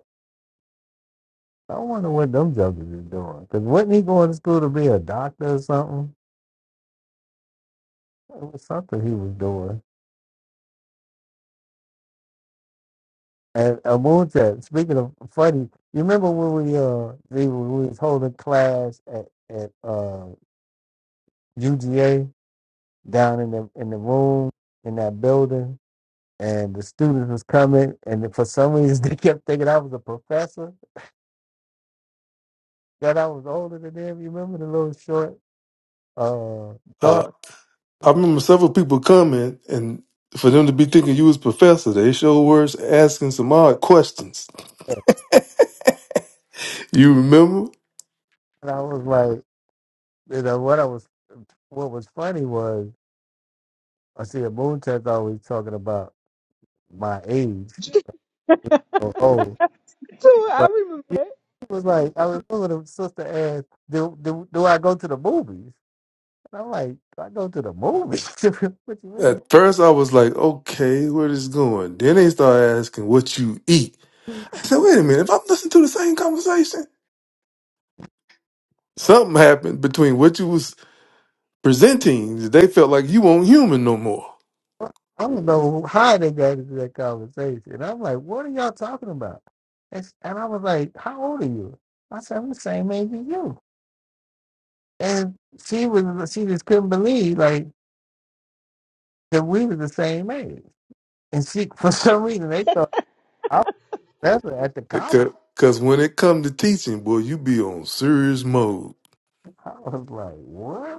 [SPEAKER 6] I wonder what them jokers is doing. Because wasn't he going to school to be a doctor or something? It was something he was doing. And uh, Moonta, speaking of funny, you remember when we uh we, we was holding class at at uh UGA down in the in the room in that building, and the students was coming, and for some reason they kept thinking I was a professor, that I was older than them. You remember the little short uh
[SPEAKER 2] that?
[SPEAKER 6] thought,
[SPEAKER 2] I remember several people coming and for them to be thinking you was professor, they sure were asking some odd questions.
[SPEAKER 6] and
[SPEAKER 2] You remember?
[SPEAKER 6] I was like, you know what I was what was funny was I see a Moonta always talking about my age. Oh, oh, But yeah, he was like, I remember the sister asked, do, do, do I go to the movies? And I'm like, do I go to the movies? what you
[SPEAKER 2] At first I was like, okay, where this going? Then they started asking what you eat.
[SPEAKER 6] mean?
[SPEAKER 2] I said, wait a minute, if I'm listening to the same conversation, something happened between what you was presenting, they felt like you weren't human no more.
[SPEAKER 6] I don't know how they got into that conversation. And I'm like, what are y'all talking about? And, s- and I was like, how old are you? I said, I'm the same age as you. And she was, she just couldn't believe like that we were the same age. And she, for some reason, they thought I was better at the college.
[SPEAKER 2] Because when it come to teaching, boy, you be on serious mode.
[SPEAKER 6] I was like, what?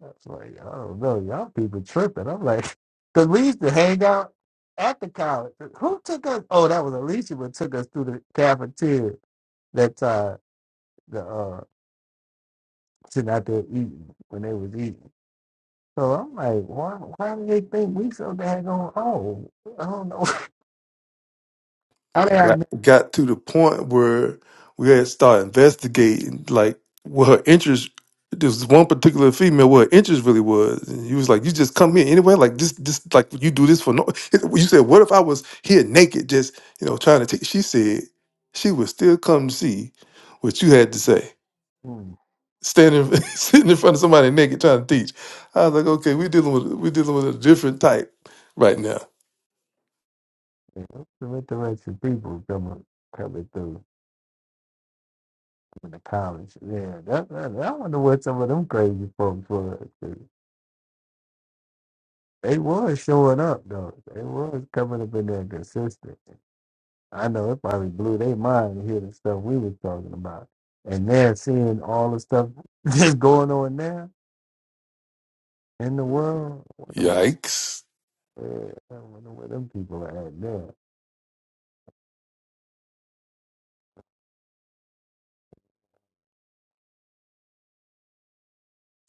[SPEAKER 6] I was like, I don't know, y'all people tripping. I'm like, because we used to hang out at the college. Who took us? Oh, that was Alicia, but took us through the cafeteria that time. The uh, sitting out there eating when they was eating. So I'm like, why? Why do they think we so daggone old? I don't know. How did I?
[SPEAKER 2] got,
[SPEAKER 6] Know?
[SPEAKER 2] got to the point where we had to start investigating like what her interest there was one particular female what her interest really was and he was like you just come here anyway like this this like you do this for no you said what if i was here naked just you know trying to take she said she would still come to see what you had to say
[SPEAKER 6] Hmm.
[SPEAKER 2] standing sitting in front of somebody naked trying to teach i was like okay we're dealing with we're dealing with a different type right now
[SPEAKER 6] Yeah, some interesting people coming coming through in the college. Yeah, that, that, I wonder what some of them crazy folks were. They was showing up though. They was coming up in there consistent. I know it probably blew their mind to hear the stuff we was talking about. And they're seeing all the stuff that's going on now in the world. I wonder
[SPEAKER 2] yikes
[SPEAKER 6] where, I wonder where them people are at now.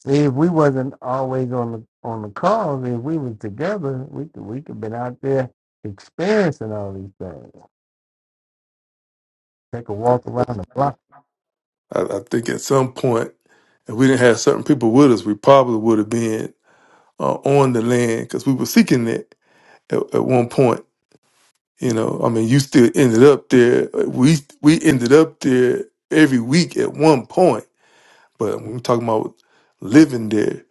[SPEAKER 6] See, if we wasn't always on the on the calls, if we was together, we could we could been out there experiencing all these things. Take a walk around the block.
[SPEAKER 2] I, I think at some point, if we didn't have certain people with us, we probably would have been uh, on the land because we were seeking it at, at one point. You know, I mean, you still ended up there. We we ended up there every week at one point, but when we're talking about living there,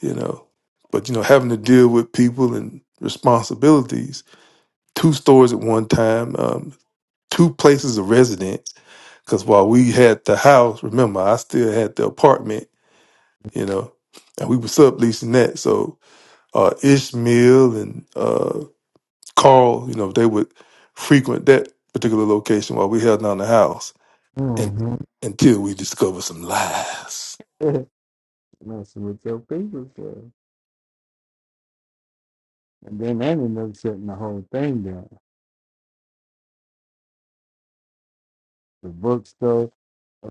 [SPEAKER 2] you know, but you know, having to deal with people and responsibilities, two stores at one time, um, two places of residence. Because while we had the house, remember, I still had the apartment you know, and we were subleasing that. So uh, Ishmael and uh, Carl, you know, they would frequent that particular location while we held down the house, and
[SPEAKER 6] Mm-hmm.
[SPEAKER 2] until we discovered some lies.
[SPEAKER 6] Messing with your people, sir. And then that ended up shutting the whole thing down. The bookstore,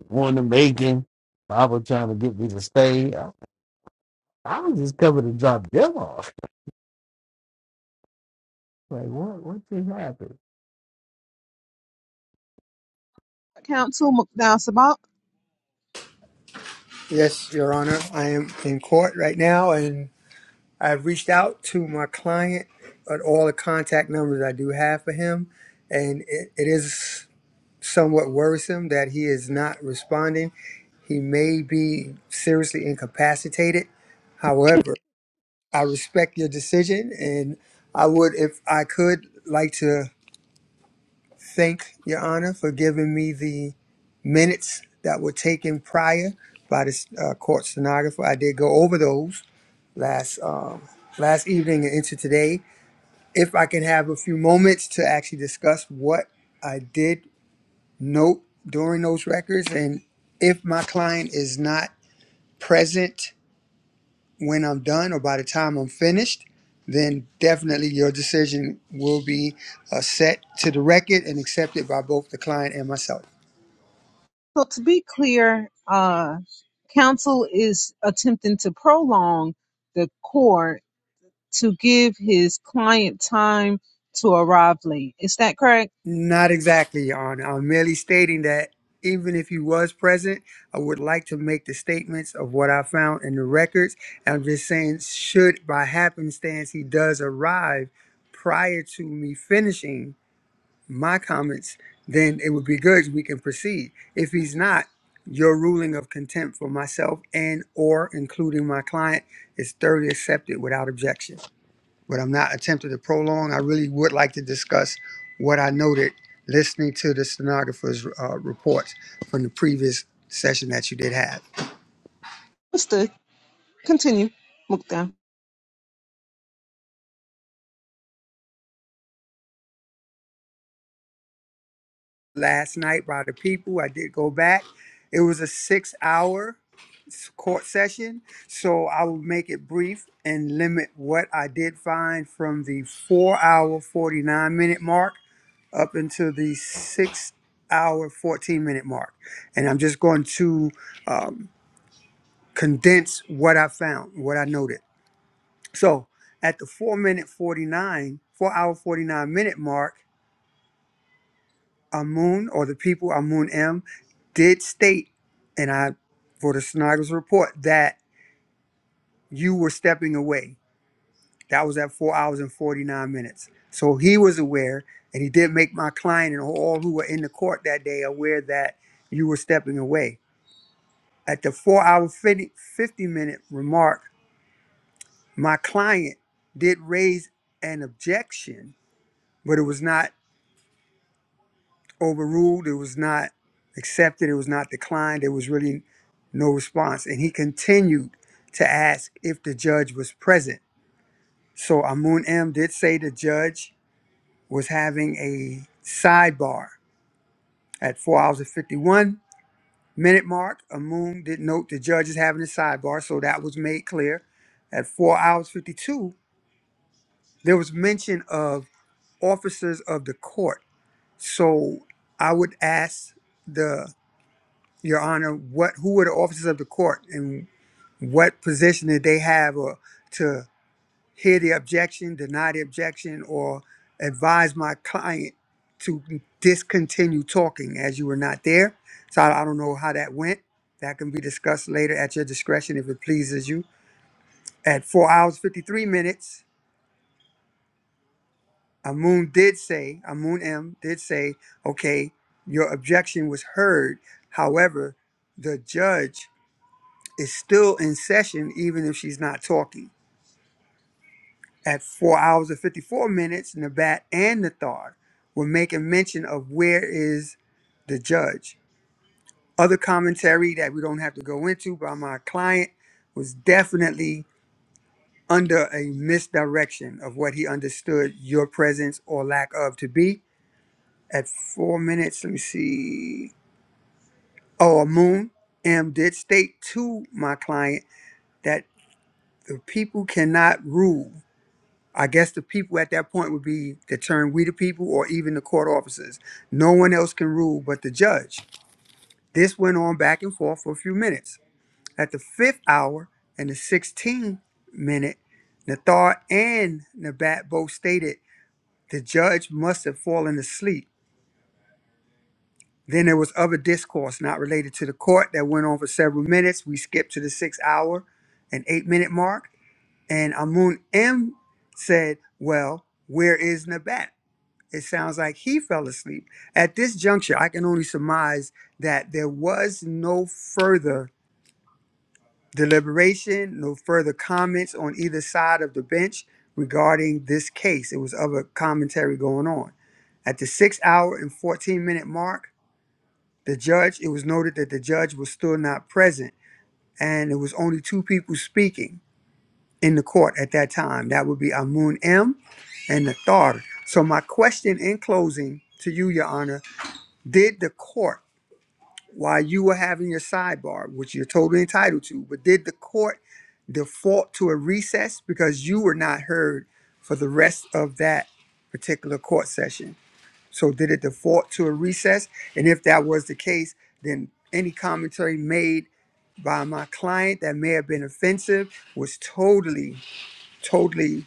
[SPEAKER 6] one to Macon, Bible trying to get me to stay. I, I was just coming to drop them off. Like, what what just happened?
[SPEAKER 1] Council McDowell Sabat.
[SPEAKER 7] Yes, Your Honor, I am in court right now and I've reached out to my client at all the contact numbers I do have for him. And it, it is somewhat worrisome that he is not responding. He may be seriously incapacitated. However, I respect your decision and I would, if I could, like to thank Your Honor for giving me the minutes that were taken prior by the uh, court stenographer. I did go over those last um, last evening and into today. If I can have a few moments to actually discuss what I did note during those records, and if my client is not present when I'm done or by the time I'm finished, then definitely your decision will be uh, set to the record and accepted by both the client and myself.
[SPEAKER 1] So to be clear, uh, counsel is attempting to prolong the court to give his client time to arrive late. Is that correct?
[SPEAKER 7] Not exactly, Your Honor. I'm merely stating that even if he was present, I would like to make the statements of what I found in the records. And I'm just saying, should by happenstance he does arrive prior to me finishing my comments, then it would be good. We can proceed. If he's not, your ruling of contempt for myself and or including my client is thoroughly accepted without objection but I'm not attempting to prolong. I really would like to discuss what I noted listening to the stenographer's uh, reports from the previous session that you did have.
[SPEAKER 1] Mister, continue. McDowell.
[SPEAKER 7] Last night by the people, I did go back. It was a six hour s- court session, so I will make it brief and limit what I did find from the four hour, 49 minute mark up until the six hour, 14 minute mark. And I'm just going to um, condense what I found, what I noted. So at the four minute 49, four hour 49 minute mark, Amun or the people, Amun M, did state, and I, for the Snider's report, that you were stepping away. That was at four hours and 49 minutes. So he was aware, and he did make my client and all who were in the court that day aware that you were stepping away. At the four hour 50, 50 minute remark, My client did raise an objection, but it was not overruled, it was not accepted, it was not declined, there was really no response. And he continued to ask if the judge was present. So Amun M did say the judge was having a sidebar at four hours and 51 minute mark. Amun did note the judge is having a sidebar, so that was made clear. At four hours 52, there was mention of officers of the court. So I would ask the Your Honor, what who are the officers of the court and what position did they have or to hear the objection, deny the objection, or advise my client to discontinue talking as you were not there. So I, I don't know how that went. That can be discussed later at your discretion if it pleases you. At four hours fifty three minutes, Amun did say, Amun M did say, okay, your objection was heard. However, the judge is still in session even if she's not talking. At four hours and 54 minutes, Nabat and Nathar were making mention of where is the judge. Other commentary that we don't have to go into by my client was definitely under a misdirection of what he understood your presence or lack of to be at four minutes. Let me see. Oh, Moon M did state to my client that the people cannot rule. I guess the people at that point would be the term we the people or even the court officers. No one else can rule but the judge. This went on back and forth for a few minutes. At the fifth hour and the 16th minute, Nathar and Nabat both stated the judge must have fallen asleep Then there was other discourse not related to the court that went on for several minutes. We skipped to the six hour and eight minute mark. And Amun M said, Well, where is Nabat? It sounds like he fell asleep. At this juncture, I can only surmise that there was no further deliberation, no further comments on either side of the bench regarding this case. It was other commentary going on. At the six hour and 14 minute mark, the judge, it was noted that the judge was still not present, and it was only two people speaking in the court at that time. That would be Amun M and Nathar. So, my question in closing to you, Your Honor, did the court, while you were having your sidebar, which you're totally entitled to, but did the court default to a recess because you were not heard for the rest of that particular court session? So did it default to a recess? And if that was the case, then any commentary made by my client that may have been offensive was totally, totally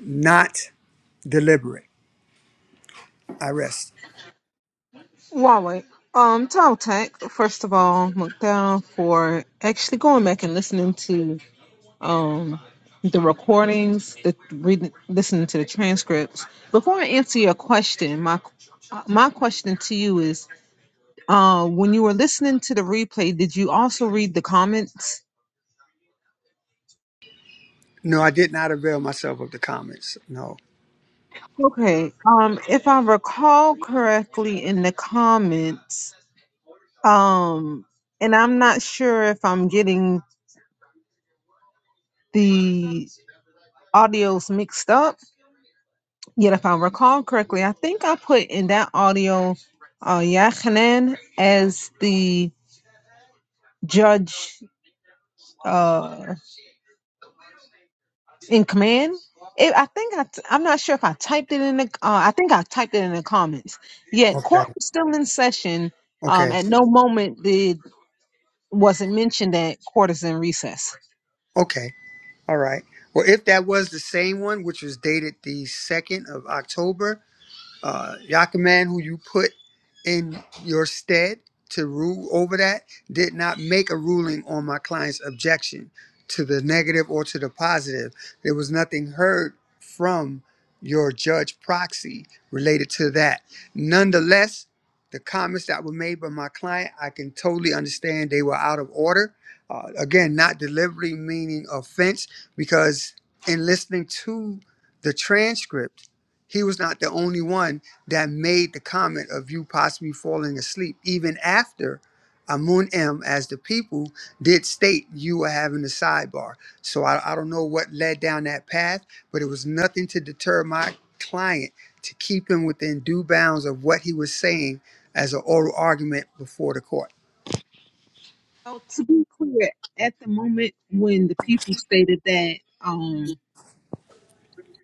[SPEAKER 7] not deliberate. I rest.
[SPEAKER 1] Huawei. Um, Tom Tech, first of all, McDowell for actually going back and listening to um the recordings, the reading, listening to the transcripts. Before I answer your question, my my question to you is, uh, when you were listening to the replay, did you also read the comments?
[SPEAKER 7] No, I did not avail myself of the comments. No.
[SPEAKER 1] Okay. Um, if I recall correctly, in the comments, um, and I'm not sure if I'm getting the audios mixed up Yet, if I recall correctly, I think I put in that audio uh, Yachanan as the judge uh, in command. It, I think I, am not sure if I typed it in the. Uh, I think I typed it in the comments. Yet,
[SPEAKER 7] Okay.
[SPEAKER 1] court was still in session. Um,
[SPEAKER 7] Okay.
[SPEAKER 1] at no moment did was it mentioned that court is in recess.
[SPEAKER 7] Okay. All right. Well, if that was the same one, which was dated the 2nd of October, uh, Yakaman, who you put in your stead to rule over that, did not make a ruling on my client's objection to the negative or to the positive. There was nothing heard from your judge proxy related to that. Nonetheless, the comments that were made by my client, I can totally understand they were out of order. Uh, again, not delivery meaning offense, because in listening to the transcript, he was not the only one that made the comment of you possibly falling asleep, even after Amun M, as the people did state you were having a sidebar. So I, I don't know what led down that path, but it was nothing to deter my client to keep him within due bounds of what he was saying as an oral argument before the court.
[SPEAKER 1] So to be clear, at the moment when the people stated that um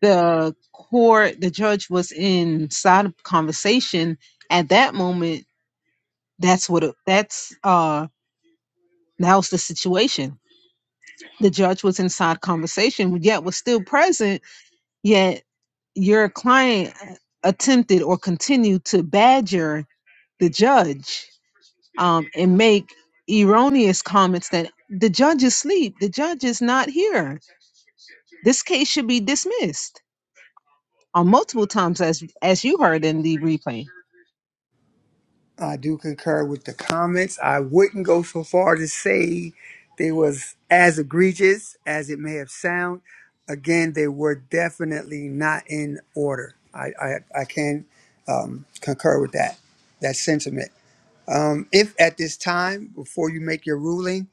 [SPEAKER 1] the court, the judge was inside of conversation, at that moment, that's what it, that's uh that was the situation. The judge was inside conversation, yet was still present, Yet. your client attempted or continued to badger the judge um, and make erroneous comments that the judge is asleep, the judge is not here. This case should be dismissed on multiple times, as as you heard in the replay.
[SPEAKER 7] I do concur with the comments. I wouldn't go so far to say they was as egregious as it may have sound. Again, they were definitely not in order. I, I, I can um, concur with that, that sentiment. If at this time, before you make your ruling,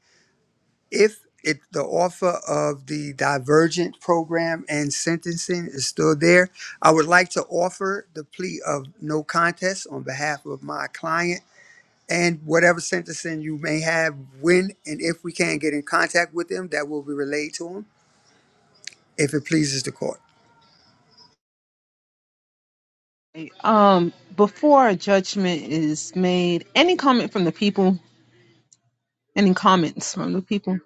[SPEAKER 7] if it, the offer of the divergent program and sentencing is still there, I would like to offer the plea of no contest on behalf of my client and whatever sentencing you may have when and if we can get in contact with them that will be relayed to them if it pleases the court
[SPEAKER 1] Um, before a judgment is made, any comment from the people, any comments from the people?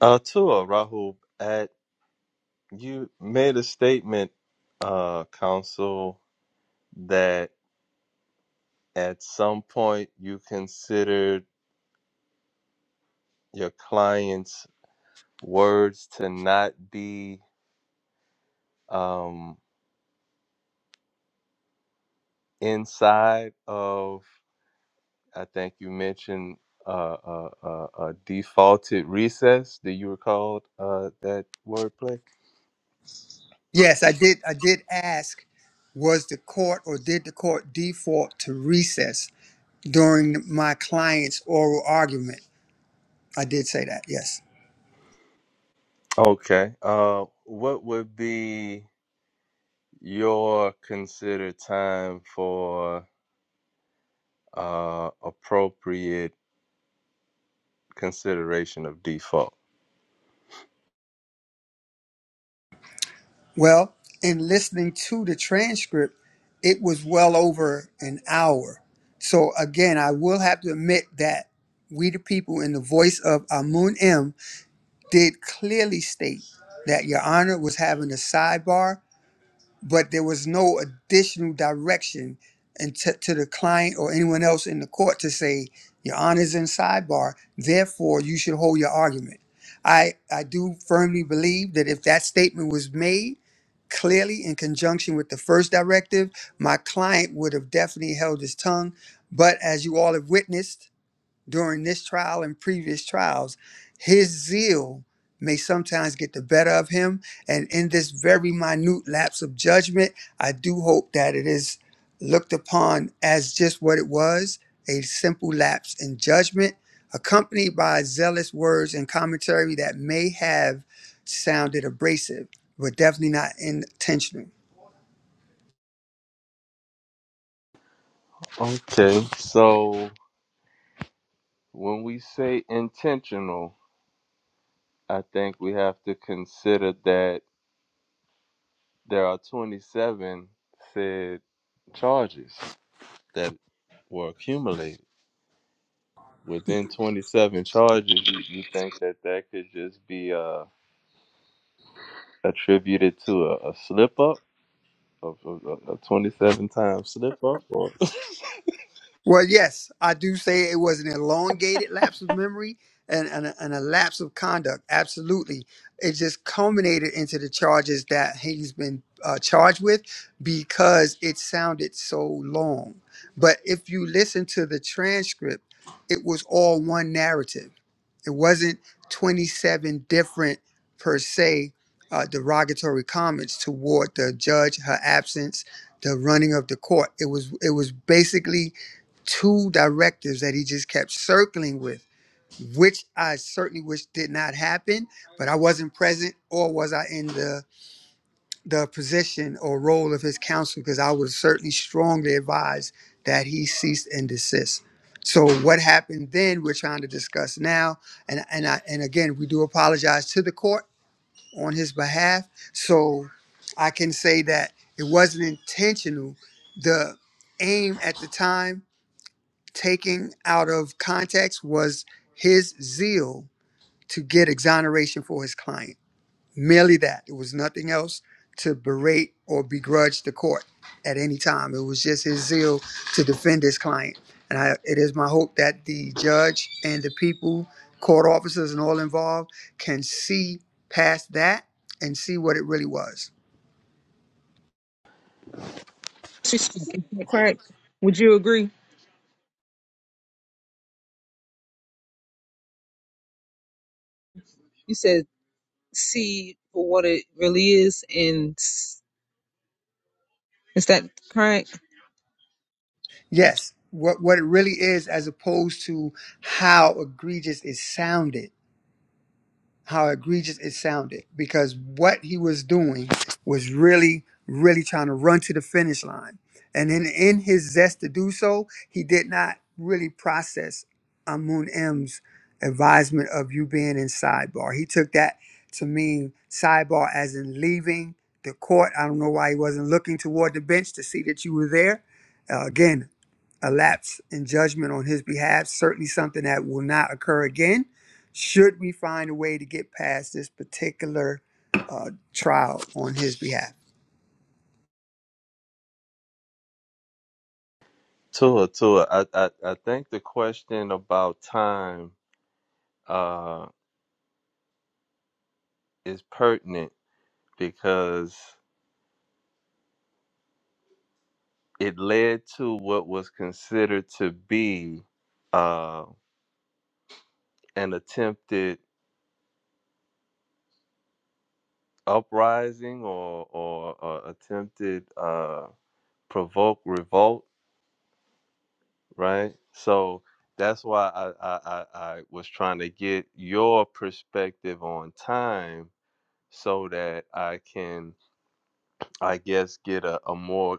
[SPEAKER 3] Uh, Tua Rahul, at you made a statement, uh, counsel, that at some point you considered your client's words to not be um, inside of I think you mentioned uh, uh, uh, uh, defaulted recess. Do you recall uh, that wordplay?
[SPEAKER 7] yes i did i did ask was the court or did the court default to recess during my client's oral argument i did say that yes
[SPEAKER 3] Okay. Uh, what would be your considered time for uh, appropriate consideration of default?
[SPEAKER 7] well in listening to the transcript it was well over an hour so again i will have to admit that we the people in the voice of amun m did clearly state that Your Honor was having a sidebar, but there was no additional direction and to, to the client or anyone else in the court to say Your Honor's in sidebar. Therefore, you should hold your argument. I I do firmly believe that if that statement was made clearly in conjunction with the first directive, my client would have definitely held his tongue. But as you all have witnessed during this trial and previous trials, his zeal may sometimes get the better of him. And in this very minute lapse of judgment, I do hope that it is looked upon as just what it was a simple lapse in judgment, accompanied by zealous words and commentary that may have sounded abrasive, but definitely not intentional.
[SPEAKER 3] Okay. So when we say intentional, I think we have to consider that there are 27 said charges that were accumulated. within 27 charges, you, you think that that could just be uh, attributed to a, a slip up, a, a, a 27 time slip up? Or...
[SPEAKER 7] Well, yes, I do say it was an elongated lapse of memory and, and, a, and a lapse of conduct. Absolutely. It just culminated into the charges that he's been uh, charged with because it sounded so long. But if you listen to the transcript, it was all one narrative. It wasn't 27 different, per se, uh, derogatory comments toward the judge, her absence, the running of the court. It was it was basically two directives that he just kept circling with, which I certainly wish did not happen, but I wasn't present or was I in the the position or role of his counsel because I was certainly strongly advised that he ceased and desist. So what happened then we're trying to discuss now and and I and again we do apologize to the court on his behalf. So I can say that it wasn't intentional. The aim at the time Taking out of context was his zeal to get exoneration for his client. Merely that. It was nothing else to berate or begrudge the court at any time. It was just his zeal to defend his client. And I, it is my hope that the judge and the people, court officers, and all involved can see past that and see what it really was.
[SPEAKER 1] Disrespect, is correct? Would you agree? You said see for what it really is and Is that correct?
[SPEAKER 7] Yes, what, what it really is, as opposed to how egregious it sounded how egregious it sounded because what he was doing was really, really trying to run to the finish line. And in, in his zest to do so, he did not really process Amun M's advisement of you being in sidebar. He took that to mean sidebar as in leaving the court. I don't know why he wasn't looking toward the bench to see that you were there. Uh, again, a lapse in judgment on his behalf, certainly something that will not occur again should we find a way to get past this particular uh, trial on his behalf.
[SPEAKER 3] Tua, Tua, I, I, I think the question about time uh, is pertinent because it led to what was considered to be uh, an attempted uprising or, or, or attempted uh, provoke revolt right? So that's why I, I, I, I was trying to get your perspective on time so that I can, I guess, get a, a more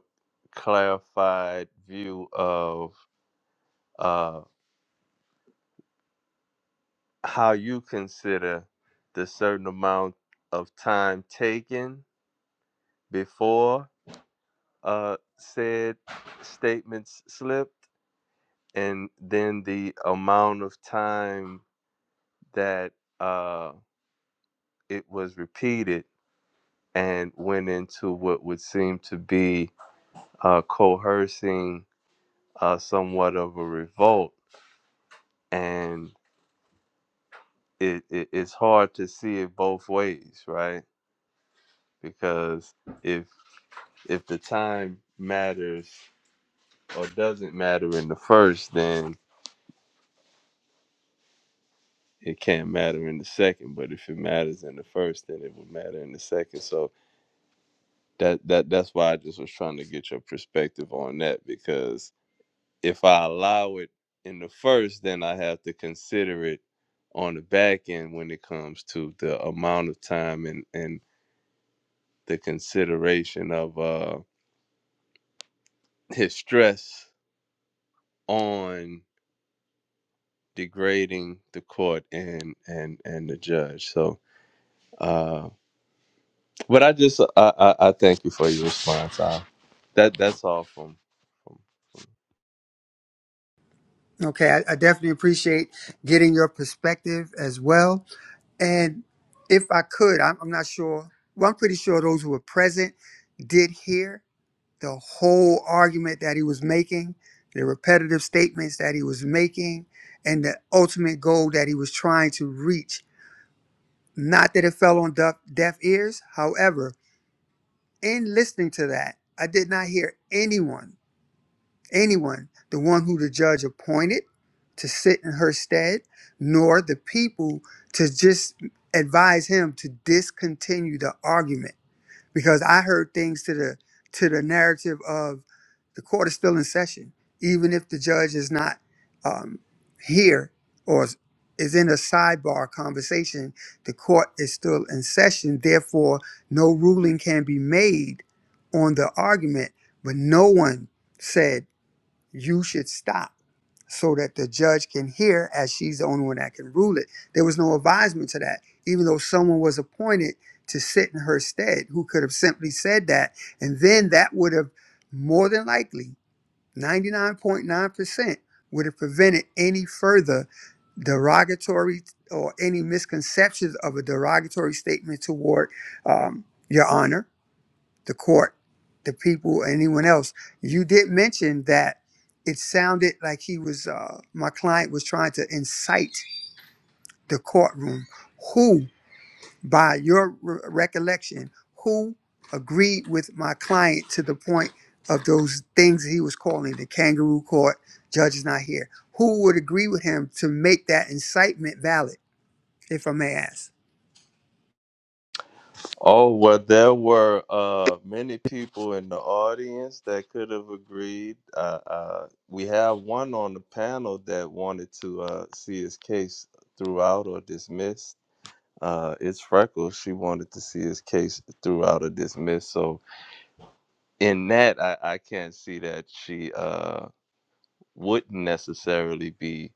[SPEAKER 3] clarified view of uh, how you consider the certain amount of time taken before uh, said statements slipped and then the amount of time that uh, it was repeated and went into what would seem to be uh, coercing uh, somewhat of a revolt. And it, it, it's hard to see it both ways, right? Because if if the time matters or doesn't matter in the first, then it can't matter in the second. But if it matters in the first, then it would matter in the second. So that that that's why I just was trying to get your perspective on that because if I allow it in the first, then I have to consider it on the back end when it comes to the amount of time and and the consideration of uh his stress on degrading the court and and and the judge. So, uh, but I just I I, I thank you for your response. I, that that's all from. from
[SPEAKER 7] Okay, I, I definitely appreciate getting your perspective as well. And if I could, I'm, I'm not sure, well, I'm pretty sure those who were present did hear the whole argument that he was making, the repetitive statements that he was making, and the ultimate goal that he was trying to reach. Not that it fell on deaf, deaf ears, however, in listening to that, I did not hear anyone, anyone, the one who the judge appointed to sit in her stead, nor the people to just advise him to discontinue the argument because I heard things to the to the narrative of the court is still in session, even if the judge is not um, here or is is in a sidebar conversation. The court is still in session, therefore, no ruling can be made on the argument. But no one said you should stop so that the judge can hear as she's the only one that can rule it. There was no advisement to that, even though someone was appointed to sit in her stead who could have simply said that. And then that would have more than likely, 99.9%, would have prevented any further derogatory or any misconceptions of a derogatory statement toward um, your honor the court, the people, anyone else. You did mention that it sounded like he was, uh, my client was trying to incite the courtroom. Who, by your re- recollection, who agreed with my client to the point of those things he was calling the kangaroo court, judge is not here? Who would agree with him to make that incitement valid, if I may ask?
[SPEAKER 3] Oh, well, there were uh, many people in the audience that could have agreed. Uh, uh, we have one on the panel that wanted to uh, see his case throughout or dismissed. Uh, it's Freckles. She wanted to see his case throughout or dismissed. So, in that, I, I can't see that she. Uh, wouldn't necessarily be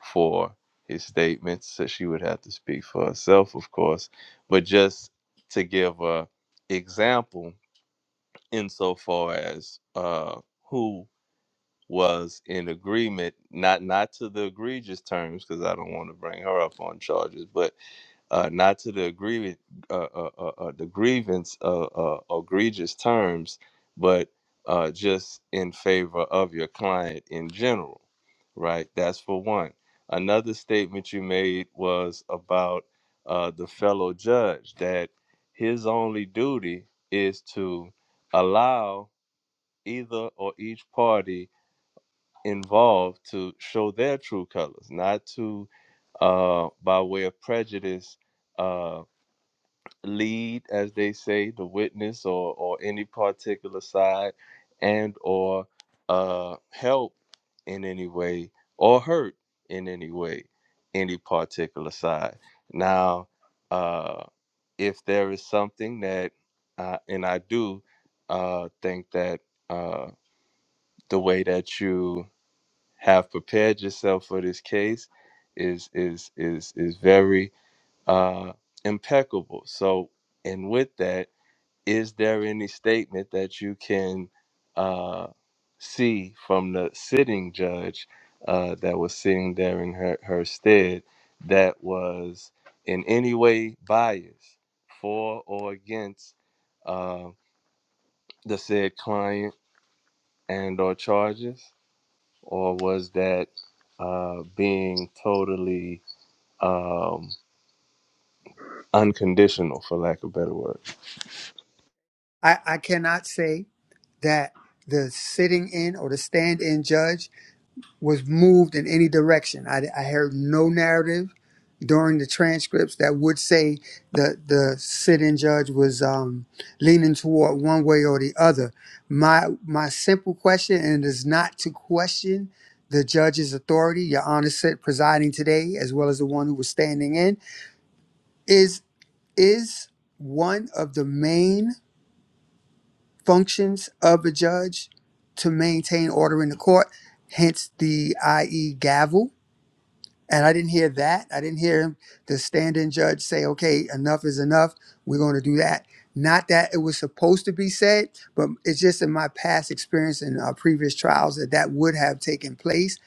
[SPEAKER 3] for his statements. So she would have to speak for herself, of course. But just to give a example, insofar as uh, who was in agreement, not not to the egregious terms, because I don't want to bring her up on charges, but uh, not to the agree uh, uh, uh, uh, the grievance uh, uh, egregious terms, but uh, just in favor of your client in general, right? That's for one. Another statement you made was about uh, the fellow judge that his only duty is to allow either or each party involved to show their true colors, not to uh, by way of prejudice uh, lead, as they say, the witness or or any particular side, and or uh, help in any way or hurt in any way any particular side. Now, uh, if there is something that, uh, and I do uh, think that uh, the way that you have prepared yourself for this case is is is is very uh, impeccable. So, and with that is there any statement that you can uh, see from the sitting judge uh, that was sitting there in her, her stead that was in any way biased for or against uh, the said client and or charges or was that uh, being totally um, unconditional for lack of better word
[SPEAKER 7] I, I cannot say that the sitting in or the stand in judge was moved in any direction. I, I heard no narrative during the transcripts that would say the the sit-in judge was um, leaning toward one way or the other. My my simple question, and it is not to question the judge's authority. Your Honor said presiding today, as well as the one who was standing in, is is one of the main functions of a judge to maintain order in the court. Hence the IE gavel And I didn't hear that. I didn't hear him, the stand-in judge, say, "Okay, enough is enough. We're going to do that." Not that it was supposed to be said, but it's just in my past experience in uh, previous trials that that would have taken place.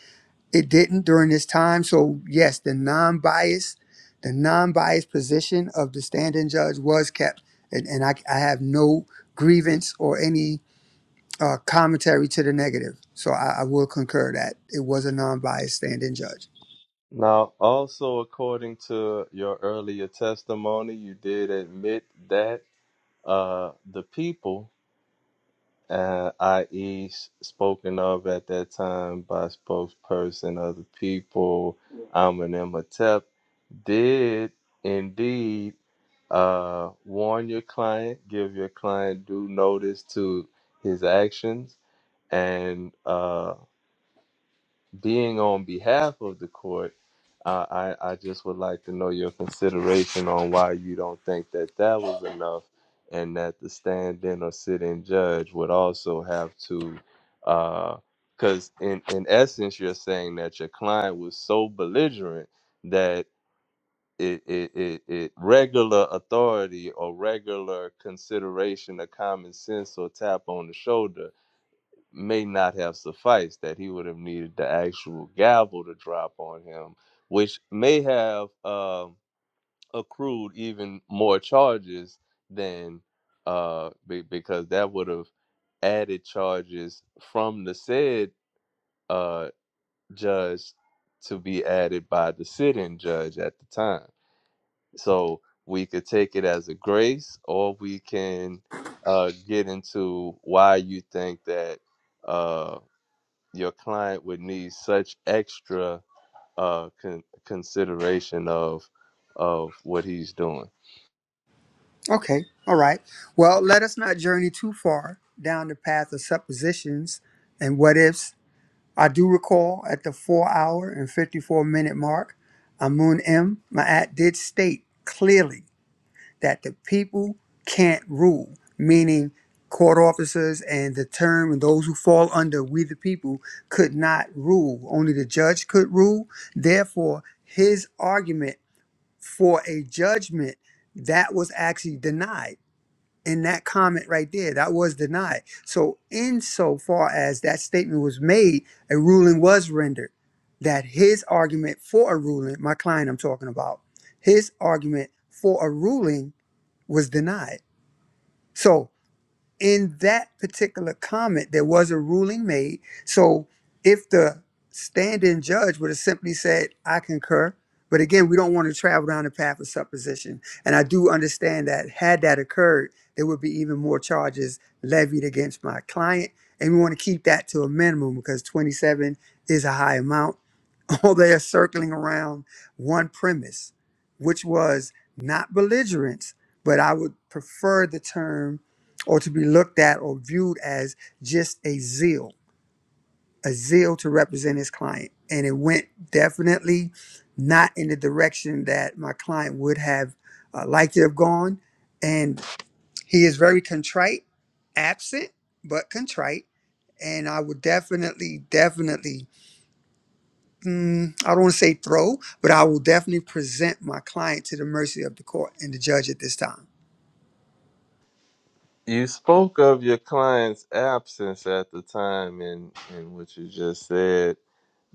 [SPEAKER 7] It didn't during this time. So yes, the non-biased, the non-biased position of the stand-in judge was kept, and, and I, I have no grievance or any uh, commentary to the negative. So I, I will concur that it was a non-biased stand-in judge.
[SPEAKER 3] Now, also according to your earlier testimony, you did admit that uh, the people, uh, i.e., spoken of at that time by spokesperson of the people, Amenemhotep, did indeed uh, warn your client, give your client due notice to his actions, and uh, being on behalf of the court, uh, I, I just would like to know your consideration on why you don't think that that was enough and that the stand in or sit in judge would also have to, because in, in essence, you're saying that your client was so belligerent that it, it, it, it regular authority or regular consideration of common sense or tap on the shoulder may not have sufficed, that he would have needed the actual gavel to drop on him, which may have um accrued even more charges than uh, be- because that would have added charges from the said uh, judge to be added by the sitting judge at the time. So we could take it as a grace, or we can uh, get into why you think that. uh your client would need such extra uh, con- consideration of of what he's doing.
[SPEAKER 7] Okay. All right. Well, let us not journey too far down the path of suppositions and what ifs. I do recall at the four hour and 54 minute mark, Amun M. Ma'at did state clearly that the people can't rule, meaning court officers and the term and those who fall under we the people could not rule. Only the judge could rule. Therefore, his argument for a judgment that was actually denied in that comment right there. That was denied. So, insofar as that statement was made, a ruling was rendered that his argument for a ruling, my client I'm talking about, his argument for a ruling was denied. So, in that particular comment, there was a ruling made. So if the standing judge would have simply said, I concur, but again, we don't want to travel down the path of supposition. And I do understand that had that occurred, there would be even more charges levied against my client. And we want to keep that to a minimum because 27 is a high amount all they are circling around one premise, which was not belligerence, but I would prefer the term or to be looked at or viewed as just a zeal, a zeal to represent his client. And it went definitely not in the direction that my client would have uh, liked to have gone. And he is very contrite, absent, but contrite. And I would definitely, definitely mm, I don't want to say throw, but I will definitely present my client to the mercy of the court and the judge at this time.
[SPEAKER 3] You spoke of your client's absence at the time, and and what you just said.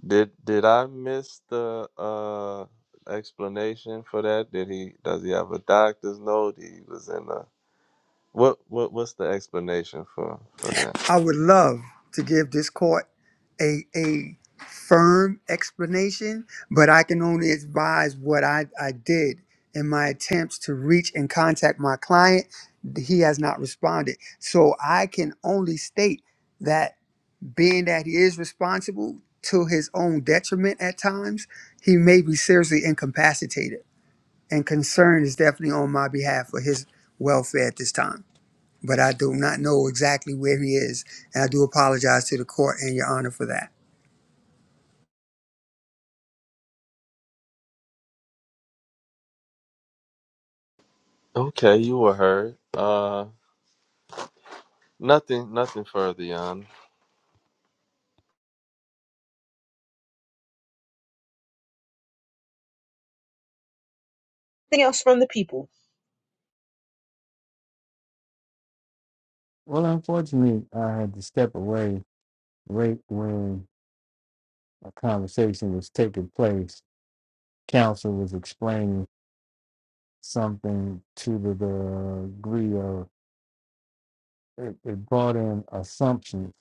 [SPEAKER 3] Did did I miss the uh, explanation for that? Did he does he have a doctor's note? He was in a what what what's the explanation for for that?
[SPEAKER 7] I would love to give this court a a firm explanation, but I can only advise what I, I did in my attempts to reach and contact my client. He has not responded. So I can only state that being that he is responsible to his own detriment at times, he may be seriously incapacitated and concern is definitely on my behalf for his welfare at this time. But I do not know exactly where he is, and I do apologize to the court and Your Honor for that.
[SPEAKER 3] Okay, you were heard. Uh, nothing nothing further, Yana.
[SPEAKER 1] Anything else from the people?
[SPEAKER 6] Well, unfortunately, I had to step away right when a conversation was taking place. Counsel was explaining something to the the degree of it, it brought in assumptions,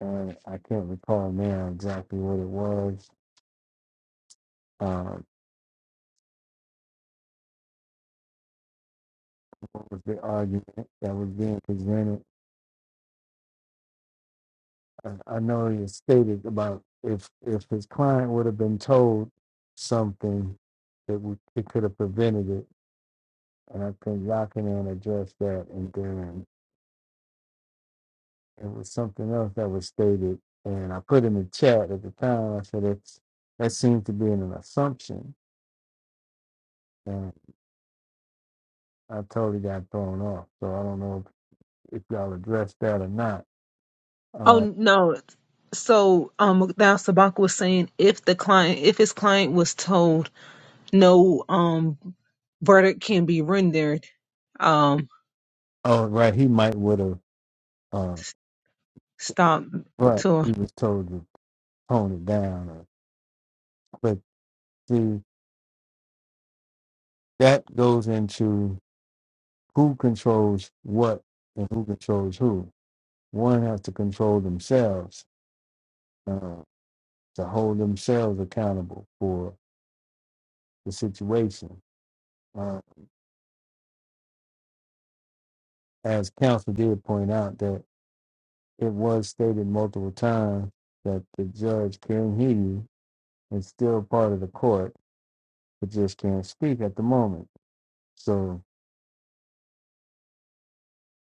[SPEAKER 6] and I can't recall now exactly what it was. Um, What was the argument that was being presented? I, I know he has stated about if if his client would have been told something, it would it could have prevented it. And I think Lockingham addressed that, and then it was something else that was stated. And I put in the chat at the time. I said it's that seems to be an assumption, and I totally got thrown off. So I don't know if, if y'all addressed that or not.
[SPEAKER 1] Oh
[SPEAKER 6] Uh,
[SPEAKER 1] no. So um now Sabaka was saying if the client if his client was told no um verdict can be rendered, um
[SPEAKER 6] oh, right, he might would have. Uh,
[SPEAKER 1] stop
[SPEAKER 6] Right.
[SPEAKER 1] to
[SPEAKER 6] He was told the tone it down. Or, But see, that goes into who controls what and who controls who. One has to control themselves uh, to hold themselves accountable for the situation. Uh, as counsel did point out, that it was stated multiple times that the judge can hear you and still part of the court, but just can't speak at the moment. So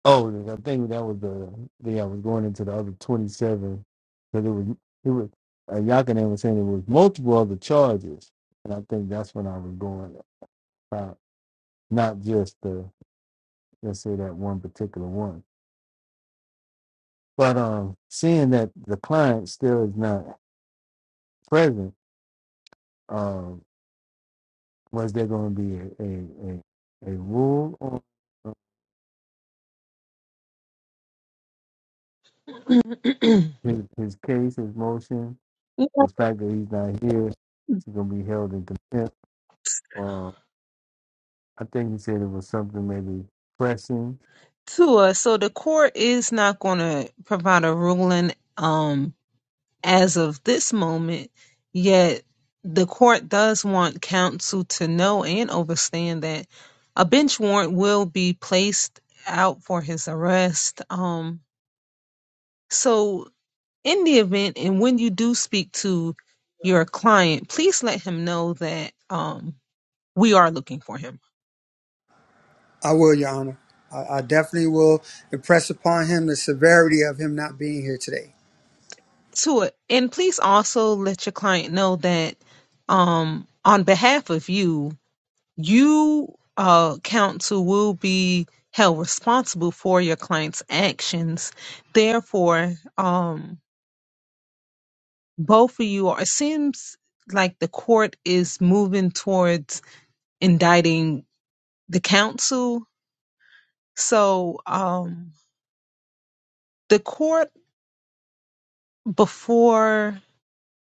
[SPEAKER 6] Oh, I think that was the thing I was going into the other 27 because it was, it was, uh, Yakinen was saying it was multiple other charges. And I think that's when I was going about not just the, let's say that one particular one. But um, seeing that the client still is not present, um, was there going to be a, a, a, a rule on uh,
[SPEAKER 1] to
[SPEAKER 6] his, his case, his motion? The fact that he's not here, he's going to be held in contempt. I think he said it was something maybe pressing.
[SPEAKER 1] us. So the court is not gonna provide a ruling. Um as of this moment, yet the court does want counsel to know and understand that a bench warrant will be placed out for his arrest. Um, so, in the event and when you do speak to your client, please let him know that um, we are looking for him.
[SPEAKER 7] I will, Your Honor. I, I definitely will impress upon him the severity of him not being here today.
[SPEAKER 1] To it, and please also let your client know that um, on behalf of you, you uh, counsel will be held responsible for your client's actions. Therefore, um, both of you are. It seems like the court is moving towards indicting the counsel. So, um, the court before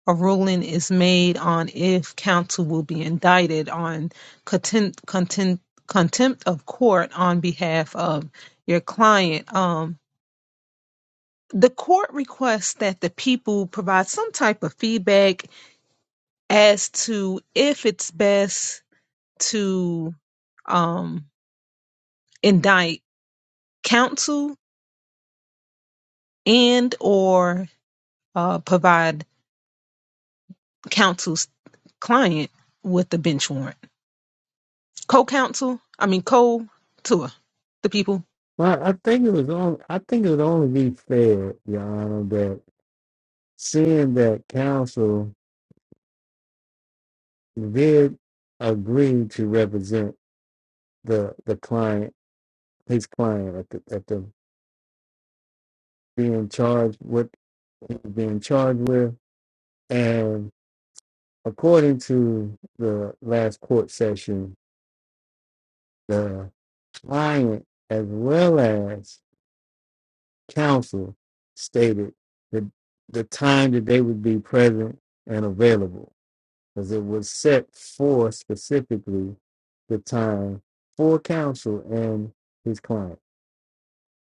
[SPEAKER 1] a ruling is made on if counsel will be indicted on contempt, contempt, contempt of court on behalf of your client. Um, the court requests that the people provide some type of feedback as to if it's best to um, indict counsel and or uh, provide counsel's client with a bench warrant. Co-counsel, I mean co-tour, the people.
[SPEAKER 6] Well, I think it was on. I think it would only be fair, Your Honor, that seeing that counsel did agree to represent the the client, his client at the at the being charged with being charged with, and according to the last court session, the client as well as council stated that the time that they would be present and available because it was set for specifically the time for counsel and his client.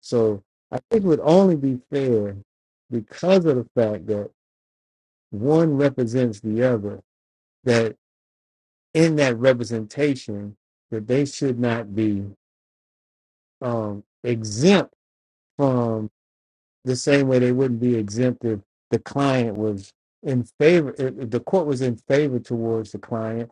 [SPEAKER 6] So I think it would only be fair because of the fact that one represents the other, that in that representation, that they should not be um, exempt from the same way they wouldn't be exempt if the client was in favor, if if the court was in favor towards the client,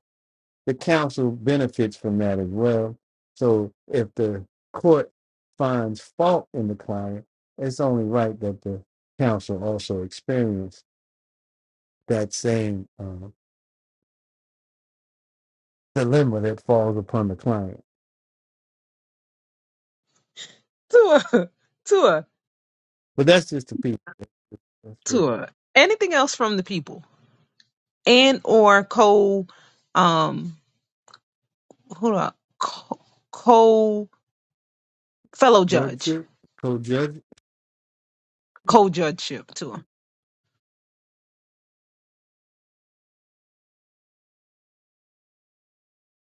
[SPEAKER 6] the counsel benefits from that as well. So if the court finds fault in the client, it's only right that the counsel also experience that same uh, dilemma that falls upon the client.
[SPEAKER 1] Tour, tour,
[SPEAKER 6] But that's just the people. That's the
[SPEAKER 1] tour. Anything else from the people and or co, um, hold up, co, co fellow judge,
[SPEAKER 6] judgeship, co-judge.
[SPEAKER 1] co-judgeship to him.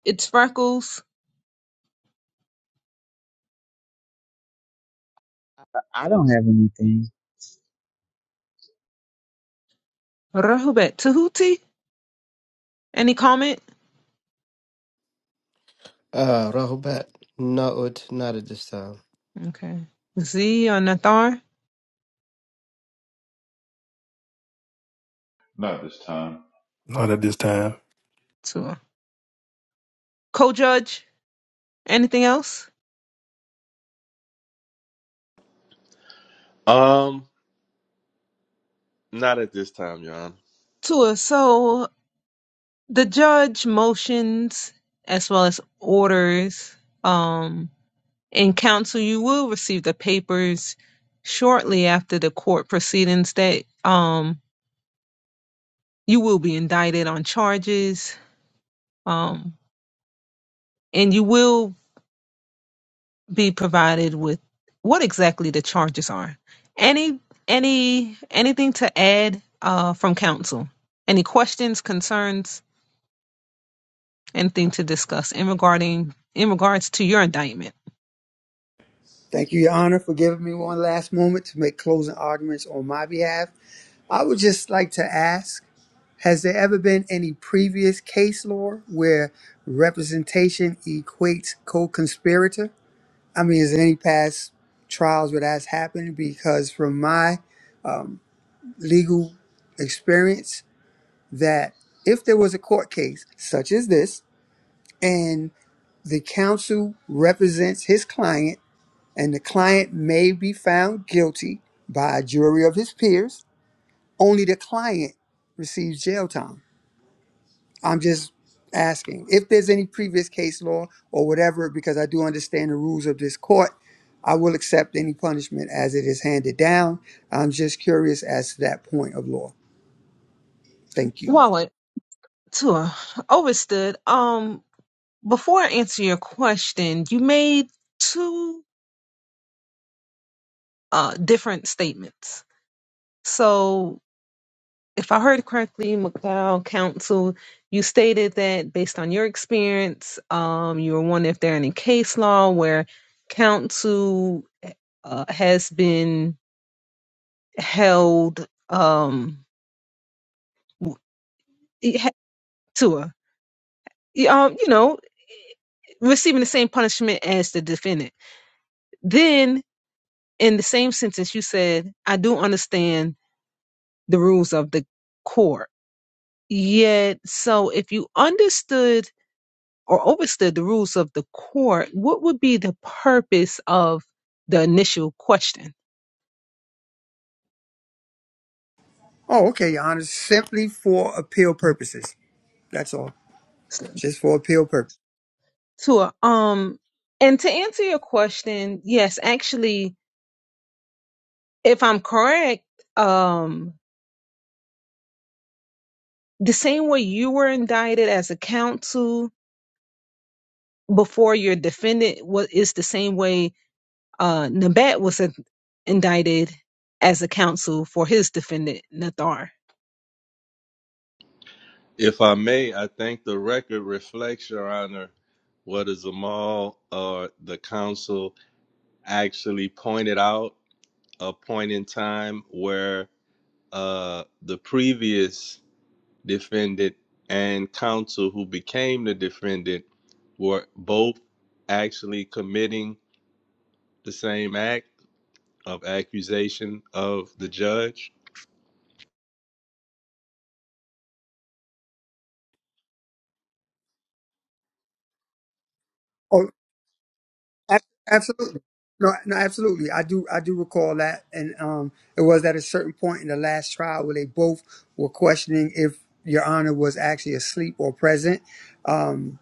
[SPEAKER 1] It's Freckles,
[SPEAKER 4] I don't have anything.
[SPEAKER 1] Rehoboth, Tahuti. Any comment?
[SPEAKER 8] Uh, Rahubat, not, not at this time.
[SPEAKER 1] Okay. Z or Nathar?
[SPEAKER 5] Not this time.
[SPEAKER 2] Not at this time.
[SPEAKER 1] Tua. Co-judge? Anything else?
[SPEAKER 3] Um, Not at this time, Your Honor.
[SPEAKER 1] Tua, so the judge motions as well as orders um, in council, You will receive the papers shortly after the court proceedings that um, you will be indicted on charges. Um, and you will be provided with what exactly the charges are. Any any anything to add uh, from council? Any questions, concerns, anything to discuss in regarding in regards to your indictment?
[SPEAKER 7] Thank you, Your Honor, for giving me one last moment to make closing arguments on my behalf. I would just like to ask Has there ever been any previous case law where representation equates co conspirator? I mean, is there any past trials where that's happened? Because from my um, legal experience, that if there was a court case such as this, and the counsel represents his client, and the client may be found guilty by a jury of his peers, only the client receives jail time I'm just asking if there's any previous case law or whatever, because I do understand the rules of this court. I will accept any punishment as it is handed down. I'm just curious as to that point of law. Thank you.
[SPEAKER 1] Wallet tour overstood. Um, before I answer your question, you made two uh different statements. So if I heard correctly, McLeod Council, you stated that based on your experience, um, you were wondering if there are any case law where council uh, has been held um, w- it ha- to a, y- um, you know, receiving the same punishment as the defendant. Then, in the same sentence, you said, I do understand the rules of the court. Yet, so if you understood or overstood the rules of the court, what would be the purpose of the initial question?
[SPEAKER 7] Oh, okay, Your Honor. Simply for appeal purposes. That's all. Just for appeal purposes.
[SPEAKER 1] Sure. Um, and to answer your question, yes, actually, if I'm correct, um, the same way you were indicted as a counsel before your defendant was is the same way Uh, Nabat was in- indicted as a counsel for his defendant, Nathar.
[SPEAKER 3] If I may, I think the record reflects, Your Honor, what a Zamal or the counsel actually pointed out a point in time where uh, the previous defendant and counsel who became the defendant were both actually committing the same act of accusation of the judge.
[SPEAKER 7] Oh. Ab- Absolutely. No, no, absolutely. I do, I do recall that, and um, it was at a certain point in the last trial where they both were questioning if Your Honor was actually asleep or present. Um,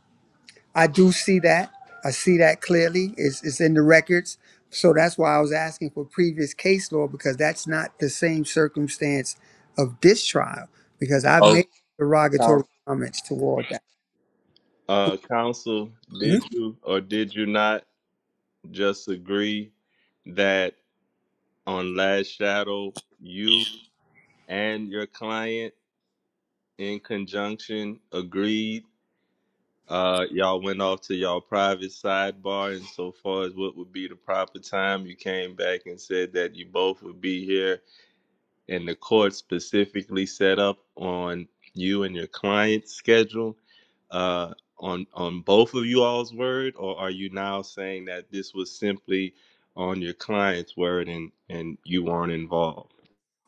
[SPEAKER 7] I do see that. I see that clearly. It's, it's in the records, so that's why I was asking for previous case law because that's not the same circumstance of this trial. Because I've
[SPEAKER 3] Oh,
[SPEAKER 7] made derogatory comments toward that.
[SPEAKER 3] Uh, counsel, did you or did you not? just agree that on Last Shadow, you and your client in conjunction agreed. Uh, y'all went off to y'all private sidebar, and so far as what would be the proper time, you came back and said that you both would be here and the court specifically set up on you and your client's schedule uh, on on both of you all's word, or are you now saying that this was simply on your client's word and and you weren't involved?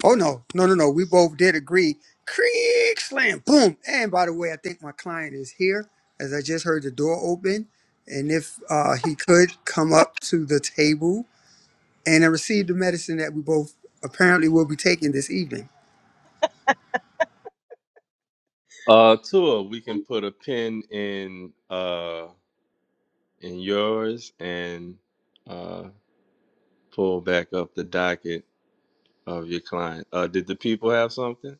[SPEAKER 7] Oh no, no, no, no. We both did agree. Creak slam, boom. And by the way, I think my client is here, as I just heard the door open, and if uh, he could come up to the table, and I received the medicine that we both apparently will be taking this evening.
[SPEAKER 3] Uh, Tua, we can put a pin in uh in yours and uh pull back up the docket of your client. Uh, did the people have something?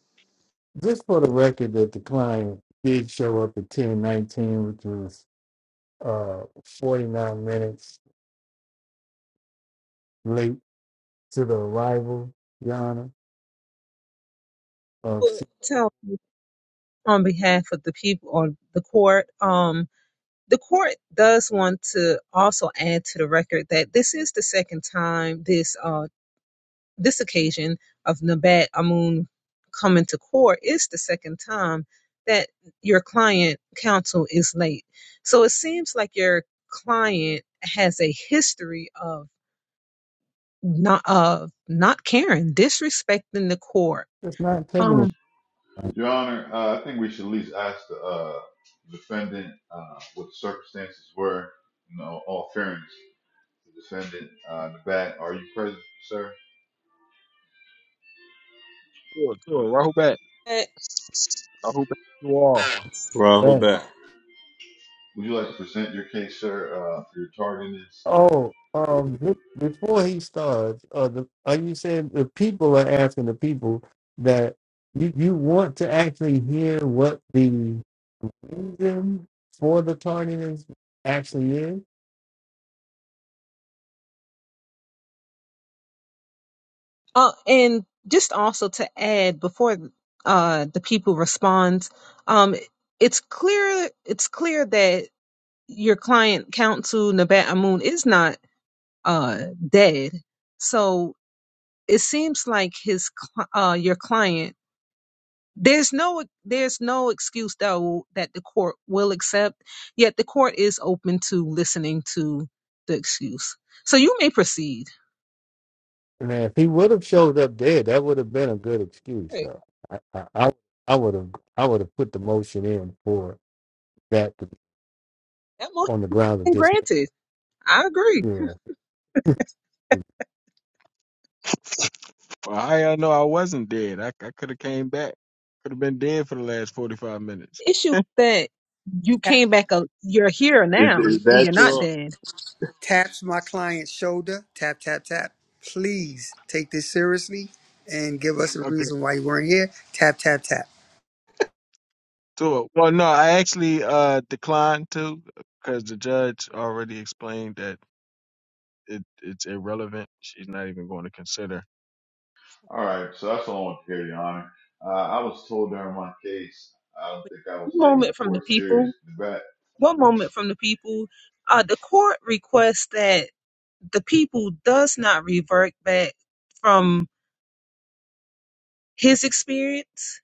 [SPEAKER 6] Just for the record that the client did show up at 1019, which was uh, 49 minutes late to the arrival, Yana, of
[SPEAKER 1] would
[SPEAKER 6] C-
[SPEAKER 1] tell on behalf of the people or the court. Um, the court does want to also add to the record that this is the second time this uh, this occasion of Nabat Amun coming to court is the second time that your client counsel is late. So it seems like your client has a history of not of not caring, disrespecting the court.
[SPEAKER 6] That's not taking
[SPEAKER 1] Um,
[SPEAKER 6] it
[SPEAKER 5] Your Honor, uh, I think we should at least ask the uh, defendant uh, what the circumstances were. You know, all fairness, the defendant, uh, in the back. Are you present, sir?
[SPEAKER 9] Sure, sure. Rahubat.
[SPEAKER 1] eh,
[SPEAKER 9] Rahubat you all.
[SPEAKER 3] Rahul
[SPEAKER 6] back.
[SPEAKER 3] back.
[SPEAKER 5] Would you like to present your case, sir, uh, for your tardiness?
[SPEAKER 6] Oh, um, be- before he starts, uh, the, are you saying the people are asking the people that you, you want to actually hear what the reason for the tardiness actually is?
[SPEAKER 1] uh, and just also to add before uh the people responds, um, it's clear it's clear that your client counsel Nabat Amun is not uh, dead. So it seems like his cl- uh, your client. There's no there's no excuse though that the court will accept. Yet the court is open to listening to the excuse. So you may proceed.
[SPEAKER 6] Man, if he would have showed up dead, that would have been a good excuse,
[SPEAKER 1] Right.
[SPEAKER 6] though. I, I, I would have, I would have put the motion in for that
[SPEAKER 1] That motion
[SPEAKER 6] on the grounds of
[SPEAKER 1] been
[SPEAKER 6] this,
[SPEAKER 1] granted. I agree.
[SPEAKER 6] yeah, know,
[SPEAKER 9] Well, how y'all know I wasn't dead? I, I could have came back. Could have been dead for the last 45 minutes.
[SPEAKER 1] The issue is that you
[SPEAKER 7] Tap,
[SPEAKER 1] came back. A, you're here
[SPEAKER 3] Is,
[SPEAKER 1] now,
[SPEAKER 3] is
[SPEAKER 1] and
[SPEAKER 3] that
[SPEAKER 1] you're not
[SPEAKER 3] your?
[SPEAKER 1] dead.
[SPEAKER 7] taps my client's shoulder. Tap, tap, tap. Please take this seriously and give us a
[SPEAKER 9] Okay.
[SPEAKER 7] reason why you weren't here. Tap, tap, tap.
[SPEAKER 9] So, well, no, I actually uh declined to because the judge already explained that it, it's irrelevant. She's not even going to consider
[SPEAKER 5] All right, so that's all I want to hear, Your Honor. Uh, I was told during my case, I don't
[SPEAKER 1] Right.
[SPEAKER 5] think I was taking the
[SPEAKER 1] Moment from the
[SPEAKER 5] court
[SPEAKER 1] people.
[SPEAKER 5] serious in the back.
[SPEAKER 1] one moment from the people. Uh, the court requests that the people does not revert back from his experience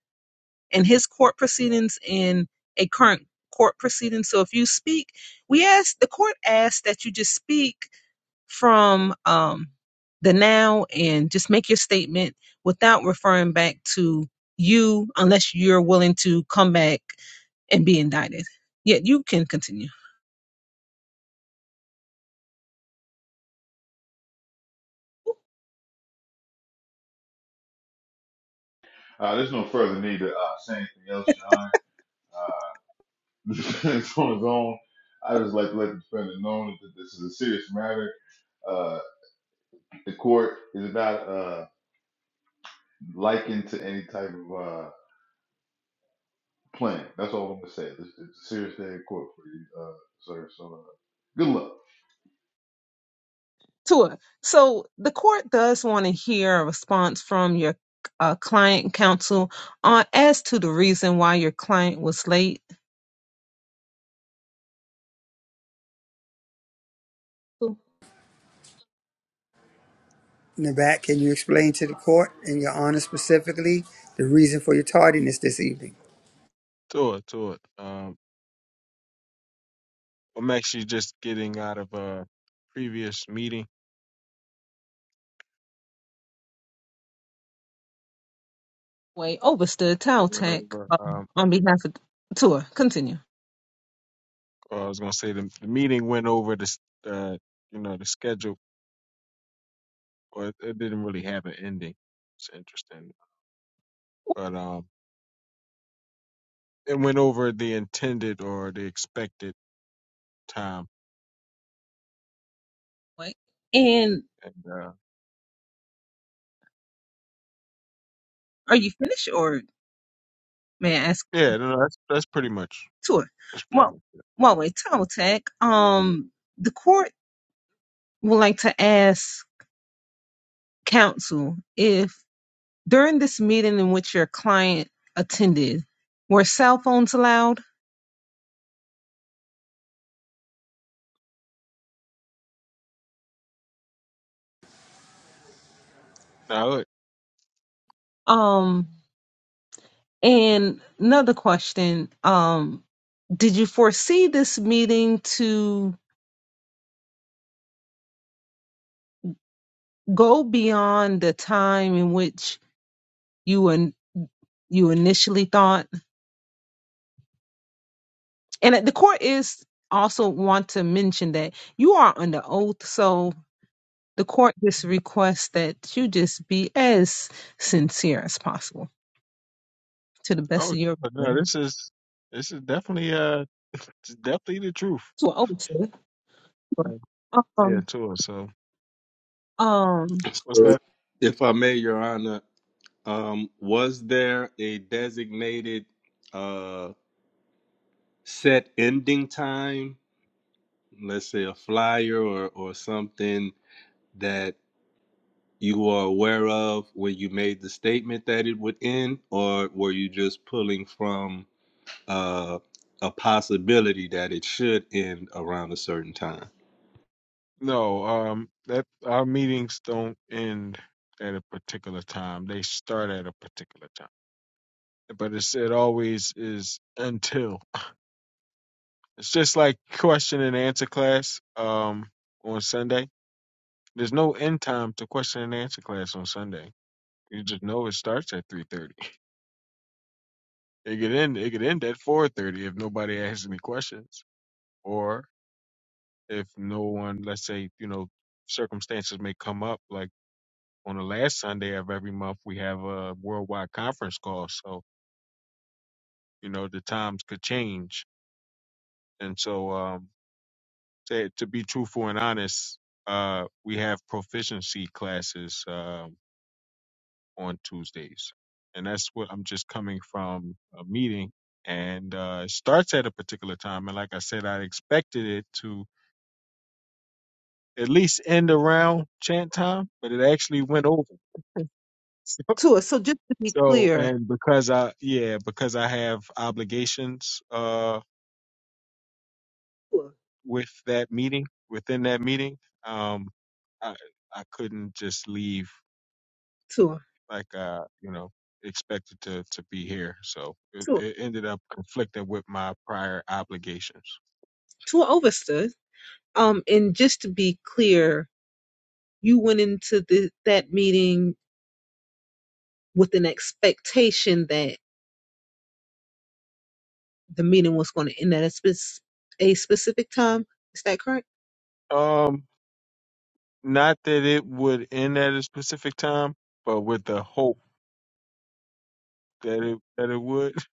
[SPEAKER 1] and his court proceedings in a current court proceeding. So if you speak, we ask the court asks that you just speak from um, the now and just make your statement without referring back to you unless you're willing to come back and be indicted. Yeah, you can continue.
[SPEAKER 5] Uh, there's no further need to uh, say anything else, Your Honor. Uh, the defendant's on his own. I just like to let the defendant know that this is a serious matter Uh, The court is not uh, likened to any type of uh, plan. That's all I'm gonna say. It's, it's a serious day in court for you, uh, sir. So uh, good luck.
[SPEAKER 1] Tua, so the court does want to hear a response from your uh, client counsel on as to the reason why your client was late.
[SPEAKER 7] In the back, can you explain to the court and your honor specifically the reason for your tardiness this evening?
[SPEAKER 9] to it, to it. Um, I'm actually just getting out of a previous meeting.
[SPEAKER 1] Wait, overstood
[SPEAKER 9] I went
[SPEAKER 1] Taltech
[SPEAKER 9] over,
[SPEAKER 1] uh,
[SPEAKER 9] um,
[SPEAKER 1] on behalf of Tua. Continue.
[SPEAKER 9] well, I was going to say the, the meeting went over the, s- uh, you know, the schedule Well, it, didn't really have an ending. It's interesting, but um, it went over the intended or the expected time,
[SPEAKER 1] Wait, and
[SPEAKER 9] and uh,
[SPEAKER 1] are you finished, or may I ask
[SPEAKER 9] yeah, no, no, that's that's pretty much
[SPEAKER 1] Tua?
[SPEAKER 9] that's pretty
[SPEAKER 1] Well,
[SPEAKER 9] much it.
[SPEAKER 1] well, wait, Taltech. Um, the court would like to ask counsel if during this meeting in which your client attended, were cell phones allowed?
[SPEAKER 9] Now, look,
[SPEAKER 1] Um, and another question. Um, did you foresee this meeting to go beyond the time in which you and you initially thought? And the court is also want to mention that you are under oath, so the court just requests that you just be as sincere as possible to the best
[SPEAKER 9] oh
[SPEAKER 1] of your
[SPEAKER 9] no,
[SPEAKER 1] ability.
[SPEAKER 9] this is this is definitely uh, it's definitely the truth.
[SPEAKER 1] To an oath, sir.
[SPEAKER 9] Uh, Yeah,
[SPEAKER 1] um,
[SPEAKER 9] tour. So
[SPEAKER 1] um,
[SPEAKER 9] what's
[SPEAKER 3] So,
[SPEAKER 9] that?
[SPEAKER 3] if I may, Your Honor, um, was there a designated uh, set ending time, let's say a flyer or, or something that you were aware of when you made the statement that it would end, or were you just pulling from uh, a possibility that it should end around a certain time?
[SPEAKER 9] No, um, that our meetings don't end at a particular time. They start at a particular time, but it's it always is until. It's just like question and answer class um, on Sunday. There's no end time to question and answer class on Sunday. You just know it starts at three thirty. It could end. It could end at four thirty if nobody asks any questions, or if no one, let's say, you know, circumstances may come up. Like on the last Sunday of every month, we have a worldwide conference call, so you know the times could change, and so um, to, to be truthful and honest, uh, we have proficiency classes um on Tuesdays, and that's what I'm just coming from a meeting, and uh, it starts at a particular time. And like I said, I expected it to at least end around chant time, but it actually went over.
[SPEAKER 1] to So just to be
[SPEAKER 9] So, so
[SPEAKER 1] clear,
[SPEAKER 9] and because I yeah because I have obligations uh
[SPEAKER 1] to
[SPEAKER 9] with that meeting within that meeting, um, I I couldn't just leave
[SPEAKER 1] it, to
[SPEAKER 9] like uh you know expected to to be here so it, it ended up conflicting with my prior obligations
[SPEAKER 1] to Ovista. Um, and just to be clear, you went into the, that meeting with an expectation that the meeting was going to end at a, spec- a specific time. Is that correct?
[SPEAKER 9] um not that it would end at a specific time but with the hope that it that it would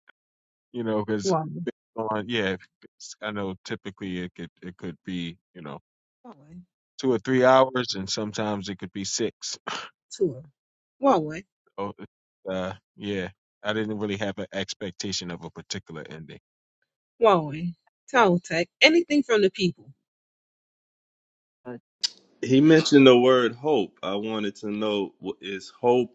[SPEAKER 9] you know because
[SPEAKER 1] Huawei,
[SPEAKER 9] on yeah it's- i know typically it could it could be you know
[SPEAKER 1] Huawei,
[SPEAKER 9] two or three hours and sometimes it could be six
[SPEAKER 1] Tua, Huawei,
[SPEAKER 9] oh uh yeah i didn't really have an expectation of a particular ending
[SPEAKER 1] Huawei, Tao Tech, anything from the people. Uh,
[SPEAKER 3] He mentioned the word hope. I wanted to know w- is hope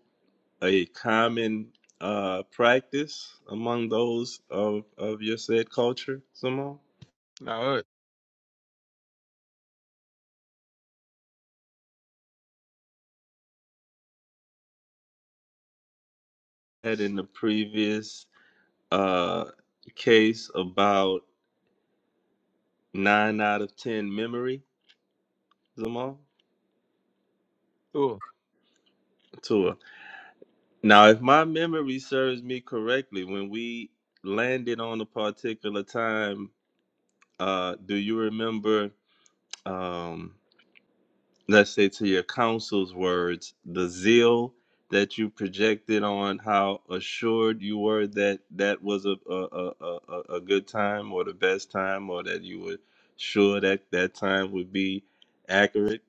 [SPEAKER 3] a common uh, practice among those of, of your said culture, Simone?
[SPEAKER 9] no
[SPEAKER 3] Had in the previous uh, case about nine out of ten memory, Simone. Tour. Now, if my memory serves me correctly, when we landed on a particular time, uh, do you remember? Um, let's say to your counsel's words, the zeal that you projected on how assured you were that that was a a, a, a, a good time or the best time or that you were sure that that time would be accurate.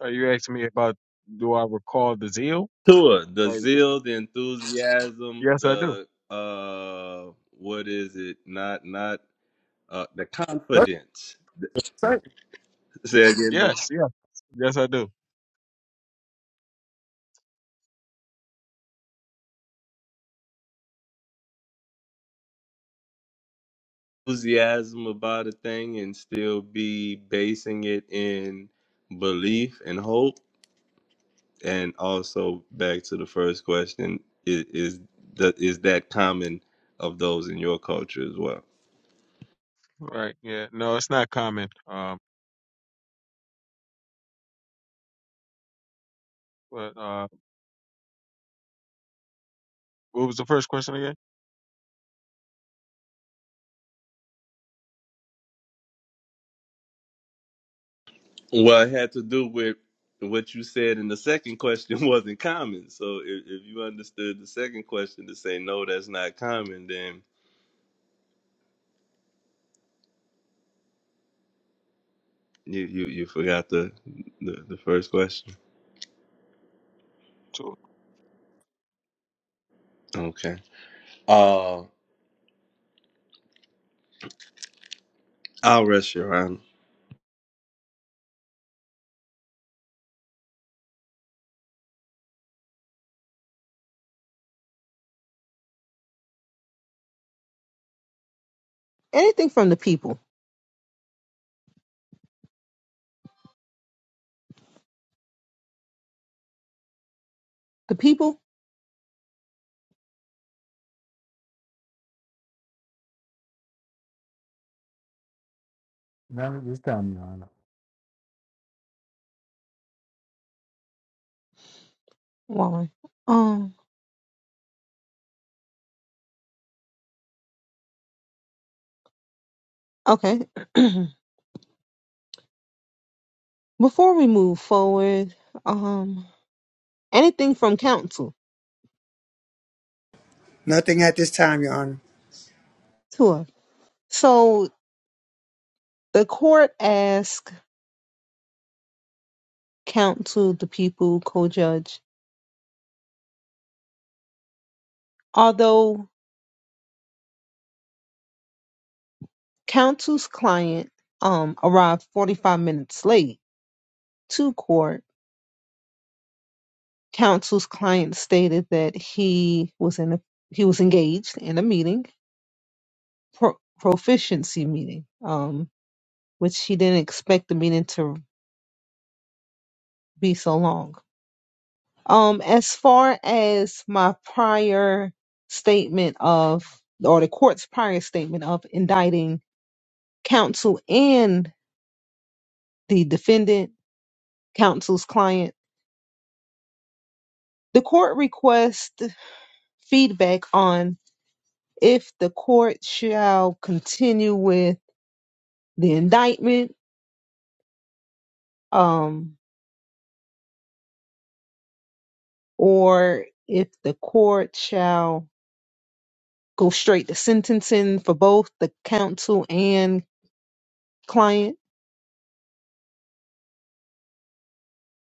[SPEAKER 9] Are you asking me about do I recall the zeal?
[SPEAKER 3] Sure, the
[SPEAKER 9] Or
[SPEAKER 3] zeal, the enthusiasm,
[SPEAKER 9] yes, I do.
[SPEAKER 3] the uh, what is it? Not not uh, the
[SPEAKER 6] that's
[SPEAKER 3] confidence.
[SPEAKER 6] exciting.
[SPEAKER 3] Say again.
[SPEAKER 9] Yes, yeah, yes, I do.
[SPEAKER 3] enthusiasm about a thing and still be basing it in belief and hope and also back to the first question is is that is that common of those in your culture as well
[SPEAKER 9] Right, yeah. No, it's not common. Um, but uh, what was the first question again?
[SPEAKER 3] well it had to do with what you said in the second question wasn't common so if, if you understood the second question to say no that's not common then you you, you forgot the, the the first question
[SPEAKER 9] Two,
[SPEAKER 3] okay uh i'll rest your honor
[SPEAKER 1] Anything from the people. The people?
[SPEAKER 6] Not at this time, Your Honor.
[SPEAKER 1] Huawei. Um, okay. Before we move forward, um, anything from council?
[SPEAKER 7] Nothing at this time, Your Honor.
[SPEAKER 1] Tua. So The court asked counsel the people co-judge, although counsel's client um, arrived 45 minutes late to court. Counsel's client stated that he was in a he was engaged in a meeting, pro, proficiency meeting, um, which he didn't expect the meeting to be so long. Um, as far as my prior statement of or the court's prior statement of indicting counsel and the defendant counsel's client. The court requests feedback on if the court shall continue with the indictment um, or if the court shall go straight to sentencing for both the counsel and client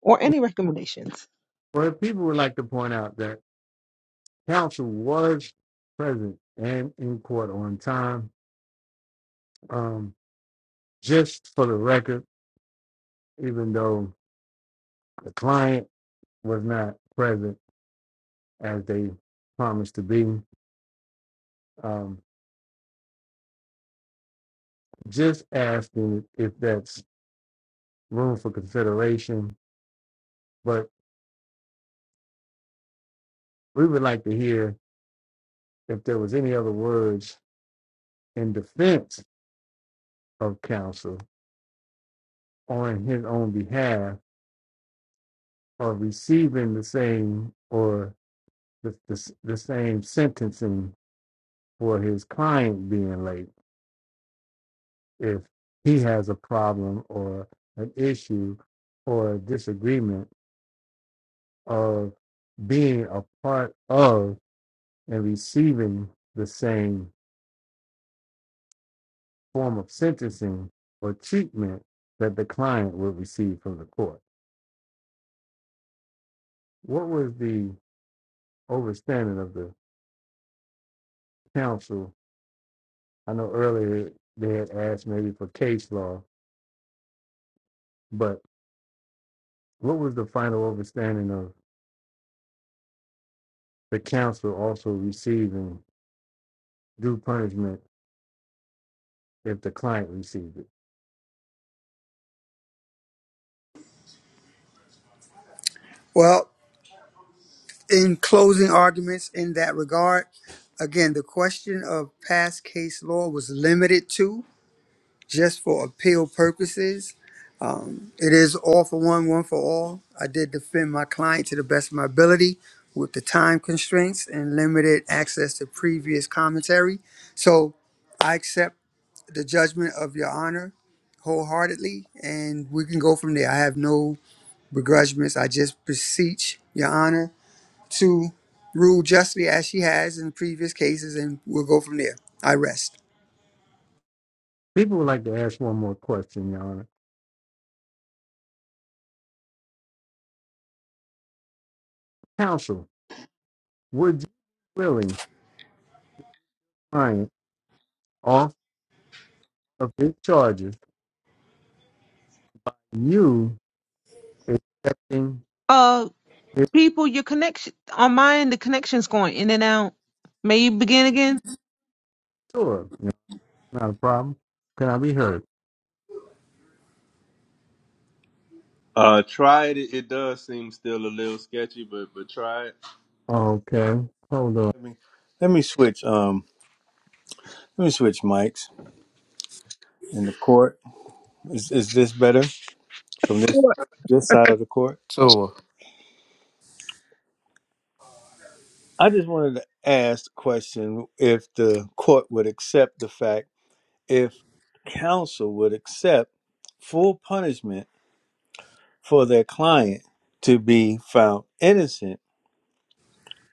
[SPEAKER 1] or any recommendations.
[SPEAKER 6] Well, people would like to point out that counsel was present and in court on time. Um, just for the record, even though the client was not present as they promised to be, um, just asking if that's room for consideration. But we would like to hear if there was any other words in defense of counsel on his own behalf are receiving the same or the, the, the same sentencing for his client being late if he has a problem or an issue or a disagreement of being a part of and receiving the same form of sentencing or treatment that the client would receive from the court. What was the overstanding of the counsel I know earlier they had asked maybe for case law, but what was the final understanding of the counsel also receiving due punishment if the client received it?
[SPEAKER 7] Well, in closing arguments in that regard, again, the question of past case law was limited to just for appeal purposes. Um, it is all for one, one for all. I did defend my client to the best of my ability with the time constraints and limited access to previous commentary. So I accept the judgment of Your Honor wholeheartedly, and we can go from there. I have no begrudgments. I just beseech your honor to rule justly as she has in previous cases, and we'll go from there. I rest.
[SPEAKER 6] People would like to ask one more question, Your Honor. Counsel, would you be willing client off of his charges by you accepting
[SPEAKER 1] Uh,
[SPEAKER 6] his
[SPEAKER 1] people, your connection on my end, the connection's going in and out. May you begin again?
[SPEAKER 6] sword? No, Not a problem. Can I be heard?
[SPEAKER 3] Uh, try it. It does seem still a little sketchy, but but try it.
[SPEAKER 6] Okay, hold on. Let me, let me switch. Um, let me switch mics in the court. Is, is this better from this
[SPEAKER 1] Or
[SPEAKER 6] this side of the court? Okay.
[SPEAKER 8] So.
[SPEAKER 6] I just wanted to ask the question if the court would accept the fact if counsel would accept full punishment for their client to be found innocent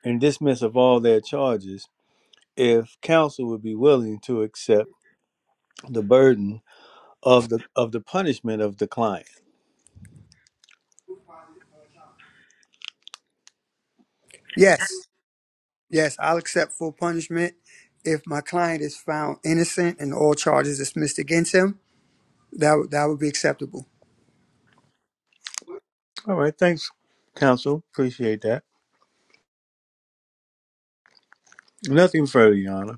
[SPEAKER 6] and dismiss of all their charges if counsel would be willing to accept the burden of the of the punishment of the client.
[SPEAKER 7] Yes, yes, I'll accept full punishment if my client is found innocent and all charges dismissed against him. That would that would be acceptable.
[SPEAKER 6] All right, thanks counsel. Appreciate that. Nothing further, Your Honor.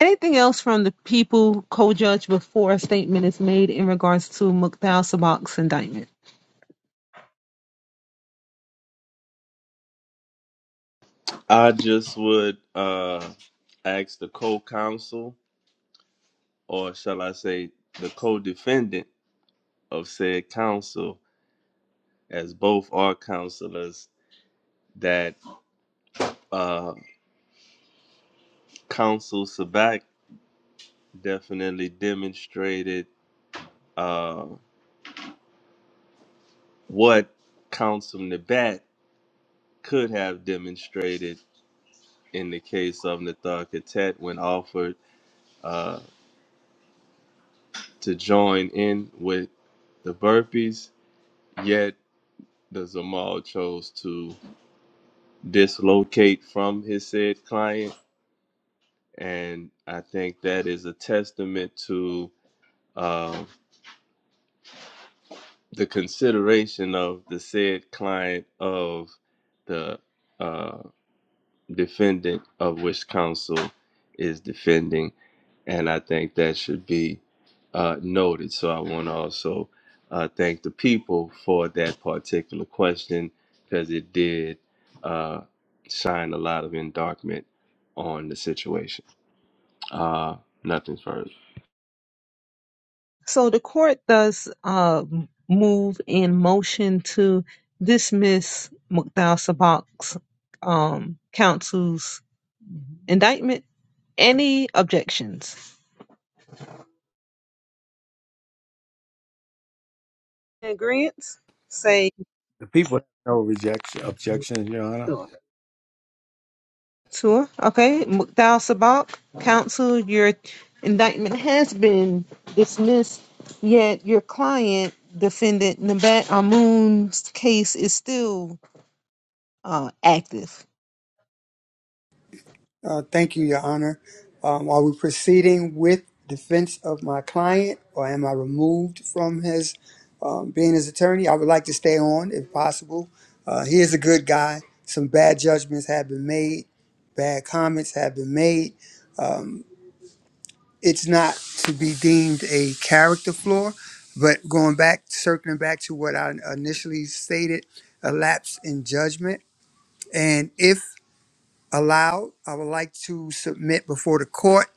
[SPEAKER 1] anything else from the people co judge before a statement is made in regards to Mukhtar Sabak's indictment?
[SPEAKER 3] I just would uh ask the co-counsel, or shall I say, the co-defendant of said counsel, as both are counselors, that uh counsel Sabak definitely demonstrated uh what counsel Nabat could have demonstrated in the case of Nathar Katet when offered uh, to join in with the burpees, yet the Zamal chose to dislocate from his said client. And I think that is a testament to uh, the consideration of the said client of the uh, defendant of which counsel is defending, and I think that should be uh, noted. So I want to also uh, thank the people for that particular question because it did uh, shine a lot of endarkment on the situation. Uh, nothing further.
[SPEAKER 1] So the court does uh, move in motion to dismiss Mukdal Sabak's um, counsel's indictment. Any objections? Agreements? Say
[SPEAKER 6] The People have no rejection objections, Your Honor.
[SPEAKER 1] to her. okay, Mukdal Sabak, counsel, your indictment has been dismissed, yet your client, defendant Nabat Amun's case is still uh, active.
[SPEAKER 7] Uh, Thank you, Your Honor. Um, Are we proceeding with defense of my client, or am I removed from his um, being his attorney? I would like to stay on if possible. Uh, He is a good guy. Some bad judgments have been made, bad comments have been made. It's not to be deemed a character flaw, but going back, circling back to what I initially stated, a lapse in judgment. And if allowed, I would like to submit before the court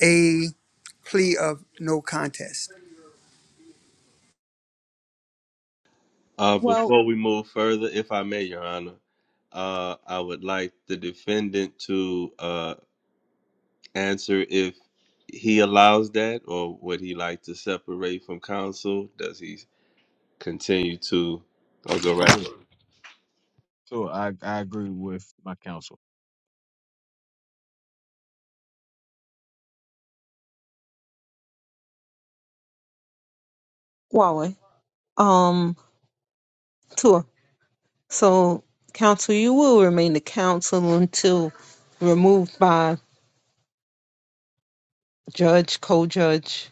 [SPEAKER 7] a. plea of no contest.
[SPEAKER 3] Uh,
[SPEAKER 1] Well,
[SPEAKER 3] before we move further, if I may, Your Honor, uh, I would like the defendant to. uh, answer if he allows that or would he like to separate from counsel? Does he continue to or go right?
[SPEAKER 9] two, two. I I agree with my counsel.
[SPEAKER 1] Huawei. Um, sure. So, counsel, you will remain the counsel until removed by judge, co-judge,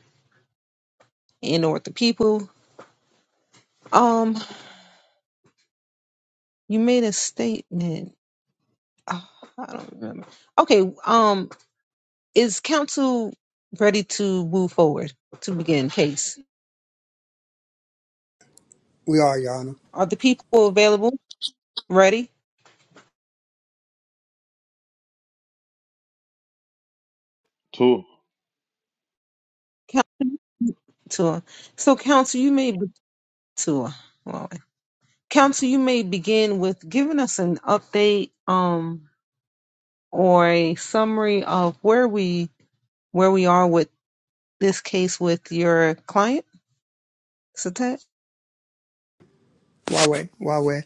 [SPEAKER 1] and or the people. Um, you made a statement. Ah, I don't remember. Okay. Um, is counsel ready to move forward to begin case?
[SPEAKER 7] We are, Your Honor.
[SPEAKER 1] Are the people available? Ready?
[SPEAKER 5] Two.
[SPEAKER 1] Counsel. So, counsel, you may be- tour. Well, counsel, you may begin with giving us an update. Um or a summary of where we where we are with this case with your client, Satet?
[SPEAKER 7] Wawe, Wawe.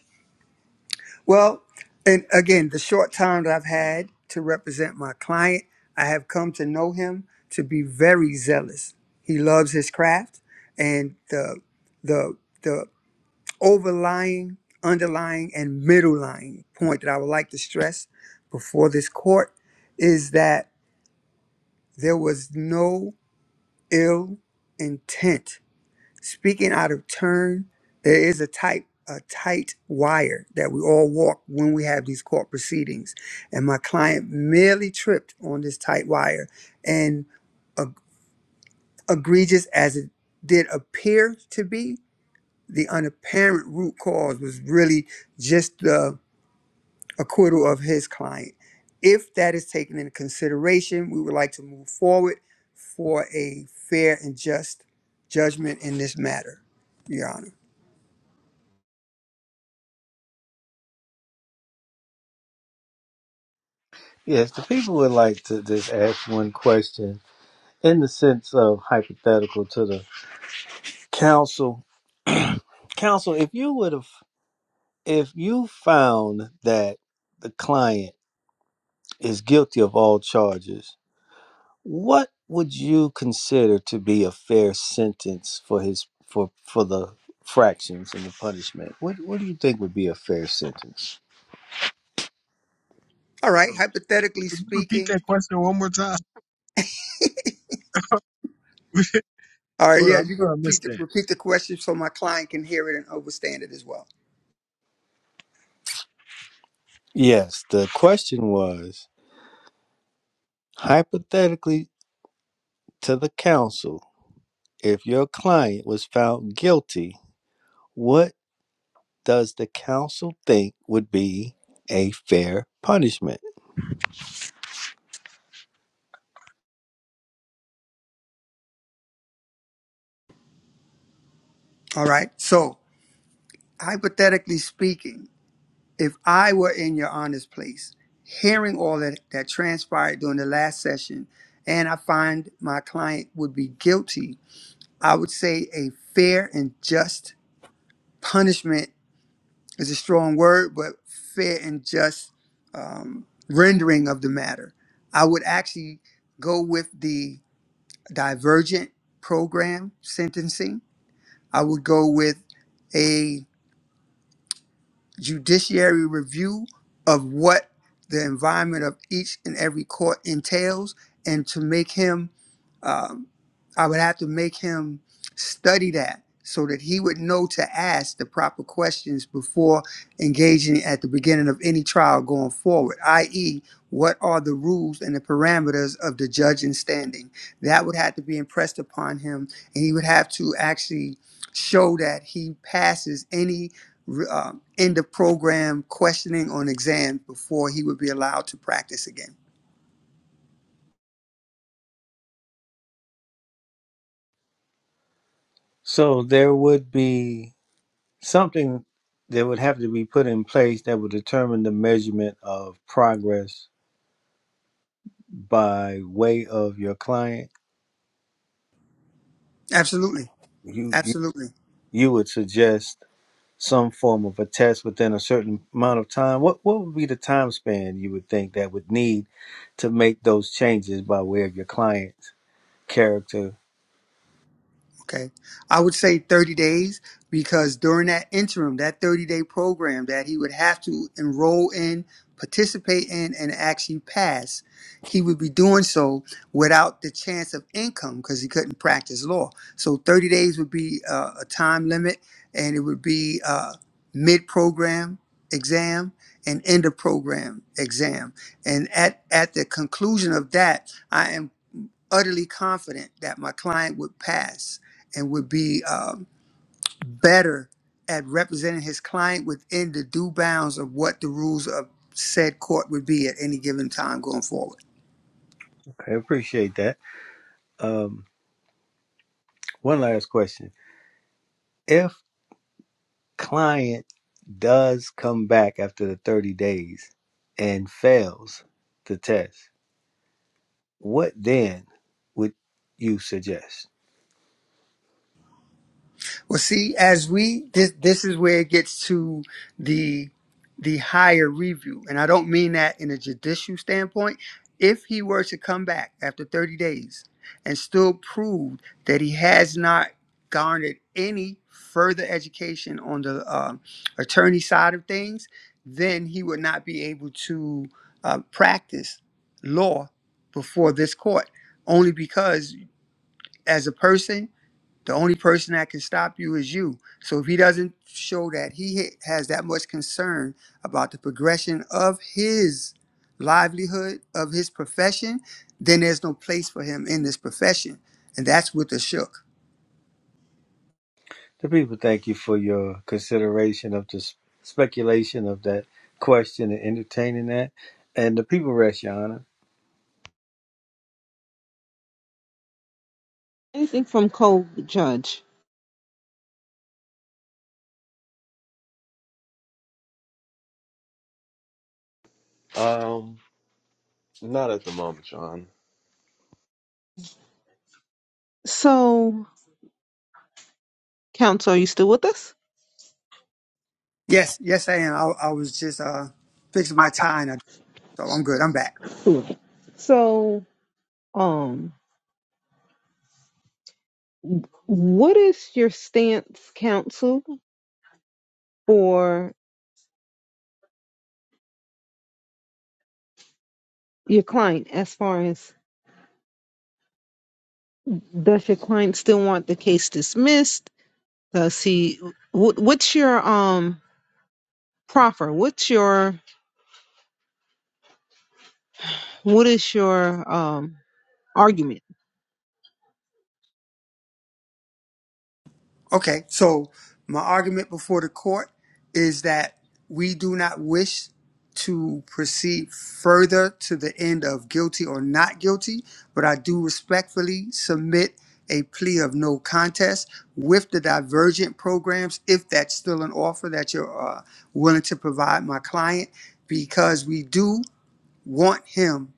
[SPEAKER 7] Well, and again, the short time that I've had to represent my client, I have come to know him to be very zealous. He loves his craft, and the the the overlying, underlying, and middle lying point that I would like to stress before this court is that there was no ill intent Speaking out of turn, there is a tight a tight wire that we all walk when we have these court proceedings. And my client merely tripped on this tight wire and eg- egregious as it did appear to be, the unapparent root cause was really just the acquittal of his client. If that is taken into consideration, we would like to move forward for a fair and just judgment in this matter, Your Honor.
[SPEAKER 6] Yes, the people would like to just ask one question in the sense of hypothetical to the counsel. Counsel, if you would have, if you found that the client is guilty of all charges, what would you consider to be a fair sentence for his for for the fractions and the punishment? What what do you think would be a fair sentence?
[SPEAKER 7] All
[SPEAKER 9] Hold
[SPEAKER 7] right.
[SPEAKER 9] on.
[SPEAKER 7] Hypothetically
[SPEAKER 9] Could you repeat
[SPEAKER 7] speaking,
[SPEAKER 9] that question one more time?
[SPEAKER 7] all right.
[SPEAKER 9] Hold on,
[SPEAKER 7] Yeah,
[SPEAKER 9] I
[SPEAKER 7] you can
[SPEAKER 9] thought I
[SPEAKER 7] repeat
[SPEAKER 9] missed
[SPEAKER 7] the,
[SPEAKER 9] that.
[SPEAKER 7] repeat the question so my client can hear it and understand it as well.
[SPEAKER 6] Yes, the question was hypothetically to the counsel if your client was found guilty, what does the counsel think would be a fair punishment?
[SPEAKER 7] All right. So, hypothetically speaking, if I were in your honor's place, hearing all that that transpired during the last session, and I find my client would be guilty, I would say a fair and just punishment is a strong word, but fair and just um, rendering of the matter. I would actually go with the divergent program sentencing. I would go with a judiciary review of what the environment of each and every court entails, and to make him, um, I would have to make him study that so that he would know to ask the proper questions before engaging at the beginning of any trial going forward, i.e., what are the rules and the parameters of the judge in standing? That would have to be impressed upon him, and he would have to actually show that he passes any uh, end of program questioning on exams before he would be allowed to practice again.
[SPEAKER 6] So there would be something that would have to be put in place that would determine the measurement of progress by way of your client.
[SPEAKER 7] Absolutely.
[SPEAKER 6] You you,
[SPEAKER 7] Absolutely.
[SPEAKER 6] you would suggest some form of a test within a certain amount of time, what what would be the time span you would think that would need to make those changes by way of your client's character?
[SPEAKER 7] Okay. I would say 30 days because during that interim, that 30 day program that he would have to enroll in, participate in, and actually pass, he would be doing so without the chance of income because he couldn't practice law. So 30 days would be uh, a time limit and it would be uh, mid program exam and end of program exam. And at, at the conclusion of that, I am utterly confident that my client would pass and would be um, better at representing his client within the due bounds of what the rules of said court would be at any given time going forward.
[SPEAKER 6] I appreciate that. Um, one last question: If client does come back after the thirty days and fails the test, what then would you suggest?
[SPEAKER 7] Well, see, as we this this is where it gets to the the higher review, and I don't mean that in a judicial standpoint. If he were to come back after 30 days and still prove that he has not garnered any further education on the um attorney side of things, then he would not be able to uh, practice law before this court. Only because, as a person, the only person that can stop you is you. So if he doesn't show that he ha- has that much concern about the progression of his livelihood, of his profession, then there's no place for him in this profession. And that's what the shook.
[SPEAKER 6] The people thank you for your consideration of the s- speculation of that question and entertaining that. And the people rest, Your Honor.
[SPEAKER 1] Anything from co-judge.
[SPEAKER 3] Um, not at the moment, John.
[SPEAKER 1] So, counsel, are you still with us?
[SPEAKER 7] Yes, yes, I am. I, I was just uh, fixing my tie, and I, so I'm good. I'm back.
[SPEAKER 1] Right. So, um, what is your stance, counsel, for your client as far as does your client still want the case dismissed? Does he? What, what's your um proffer? What's your what is your um argument?
[SPEAKER 7] Okay, so my argument before the court is that we do not wish to proceed further to the end of guilty or not guilty, but I do respectfully submit a plea of no contest with the divergent programs, if that's still an offer that you're uh, willing to provide my client, because we do want him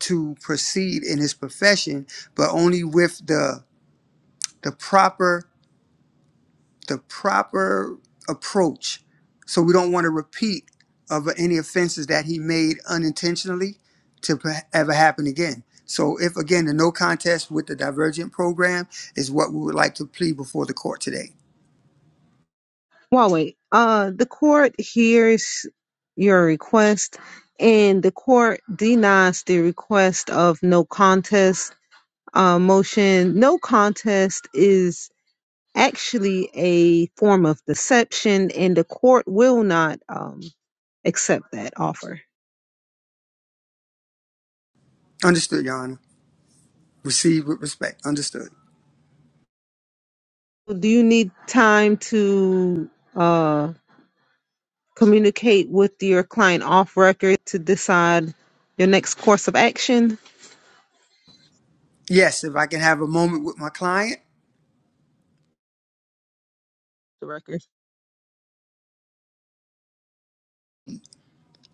[SPEAKER 7] to proceed in his profession, but only with the the proper the proper approach so we don't want to repeat of any offenses that he made unintentionally to p- ever happen again so if again the no contest with the divergent program is what we would like to plead before the court today
[SPEAKER 1] Huawei, uh, the court hears your request and the court denies the request of no contest uh, motion. No contest is actually a form of deception, and the court will not um, accept that offer.
[SPEAKER 7] understood your honor received with respect understood
[SPEAKER 1] Do you need time to? Uh, communicate with your client off record to decide your next course of action?
[SPEAKER 7] yes if i can have a moment with my client
[SPEAKER 1] The record.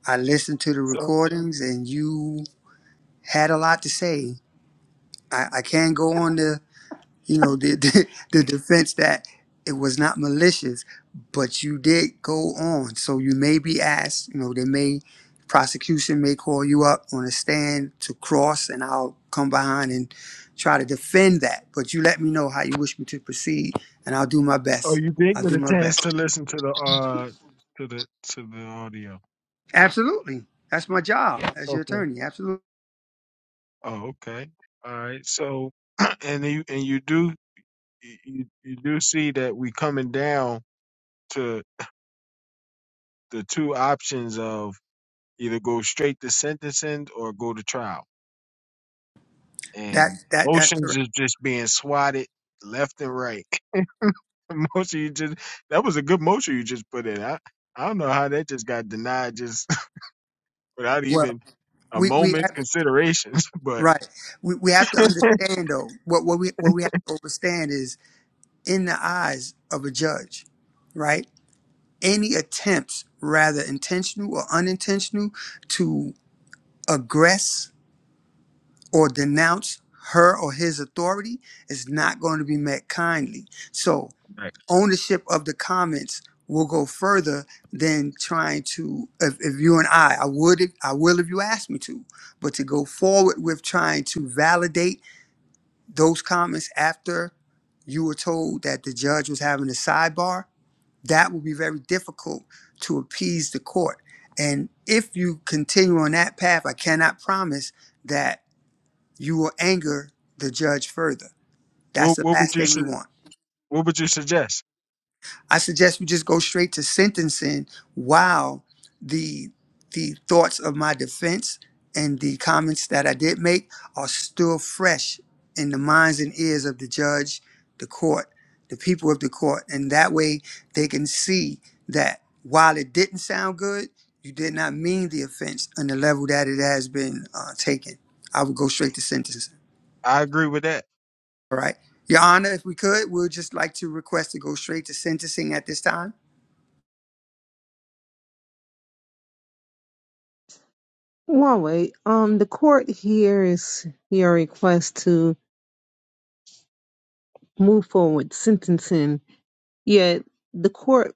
[SPEAKER 7] i listened to the
[SPEAKER 9] So,
[SPEAKER 7] recordings and you had a lot to say i, I can go on the you know the, the the defense that it was not malicious but you did go on so you may be asked you know they may prosecution may call you up on a stand to cross and i'll come behind and try to defend that but you let me know how you wish me to proceed and i'll do my
[SPEAKER 9] oh,
[SPEAKER 7] best
[SPEAKER 9] you did
[SPEAKER 7] i'll
[SPEAKER 9] get
[SPEAKER 7] do
[SPEAKER 9] a
[SPEAKER 7] my
[SPEAKER 9] chance to
[SPEAKER 7] best
[SPEAKER 9] listen to the uh to the to the audio.
[SPEAKER 7] absolutely that's my job as your
[SPEAKER 9] Okay.
[SPEAKER 7] attorney absolutely
[SPEAKER 9] Oh, okay. All right. So, and you and you do you, you you do see that we coming down to the two options of either go straight to sentencing or go to trial.
[SPEAKER 7] that
[SPEAKER 9] And
[SPEAKER 7] that that's
[SPEAKER 9] motions
[SPEAKER 7] correct
[SPEAKER 9] is just being swatted left and right. Motion you just that was a good motion you just put in. I I don't know how that just got denied just without
[SPEAKER 7] well
[SPEAKER 9] even a
[SPEAKER 7] we we
[SPEAKER 9] moment's
[SPEAKER 7] have,
[SPEAKER 9] consideration. But
[SPEAKER 7] right we, we have to understand though what what we what we have to understand is in the eyes of a judge, right? Any attempts, rather intentional or unintentional, to aggress or denounce her or his authority is not going to be met kindly. So,
[SPEAKER 9] Right.
[SPEAKER 7] ownership of the comments will go further than trying to if, if you and I I would if- I will if you ask me to but to go forward with trying to validate those comments after you were told that the judge was having a sidebar that will be very difficult to appease the court. And if you continue on that path, I cannot promise that you will anger the judge further. That's
[SPEAKER 9] what
[SPEAKER 7] the
[SPEAKER 9] what would
[SPEAKER 7] last
[SPEAKER 9] you
[SPEAKER 7] thing we
[SPEAKER 9] su-
[SPEAKER 7] want.
[SPEAKER 9] what would you suggest?
[SPEAKER 7] I suggest we just go straight to sentencing while the the thoughts of my defense and the comments that I did make are still fresh in the minds and ears of the judge, the court, the people of the court. And that way they can see that while it didn't sound good, you did not mean the offense on the level that it has been uh, taken. I would go straight to sentencing.
[SPEAKER 9] I agree with that.
[SPEAKER 7] All right. Your Honor, if we could, we would just like to request to go straight to sentencing at this time.
[SPEAKER 1] One way. Um, the court hears your request to move forward with sentencing, yet the court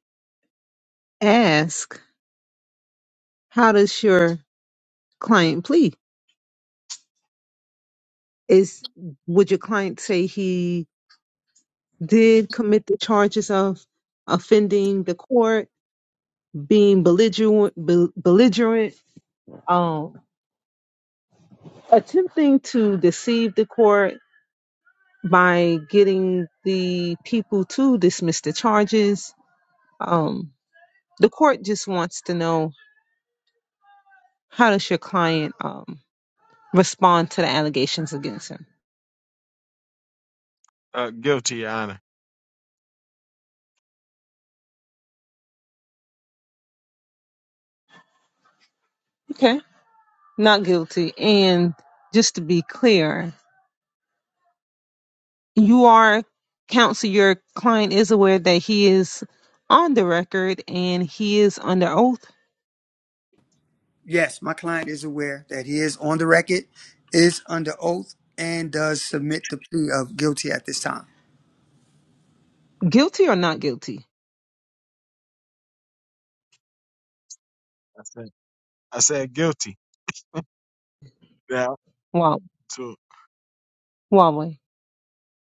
[SPEAKER 1] asks, how does your client plead? Is would your client say he did commit the charges of offending the court, being belligerent, bel- belligerent, um, attempting to deceive the court, by getting the people to dismiss the charges. Um, the court just wants to know how does your client um, respond to the allegations against him?
[SPEAKER 9] Uh, guilty, Your Honor.
[SPEAKER 1] Okay, not guilty. And just to be clear, you are counsel. Your client is aware that he is on the record and he is under oath,
[SPEAKER 7] Yes, my client is aware that he is on the record, is under oath, and does submit the plea of guilty at this time.
[SPEAKER 1] guilty or not guilty.
[SPEAKER 9] I said I said guilty. Yeah.
[SPEAKER 1] Wow, Huawei.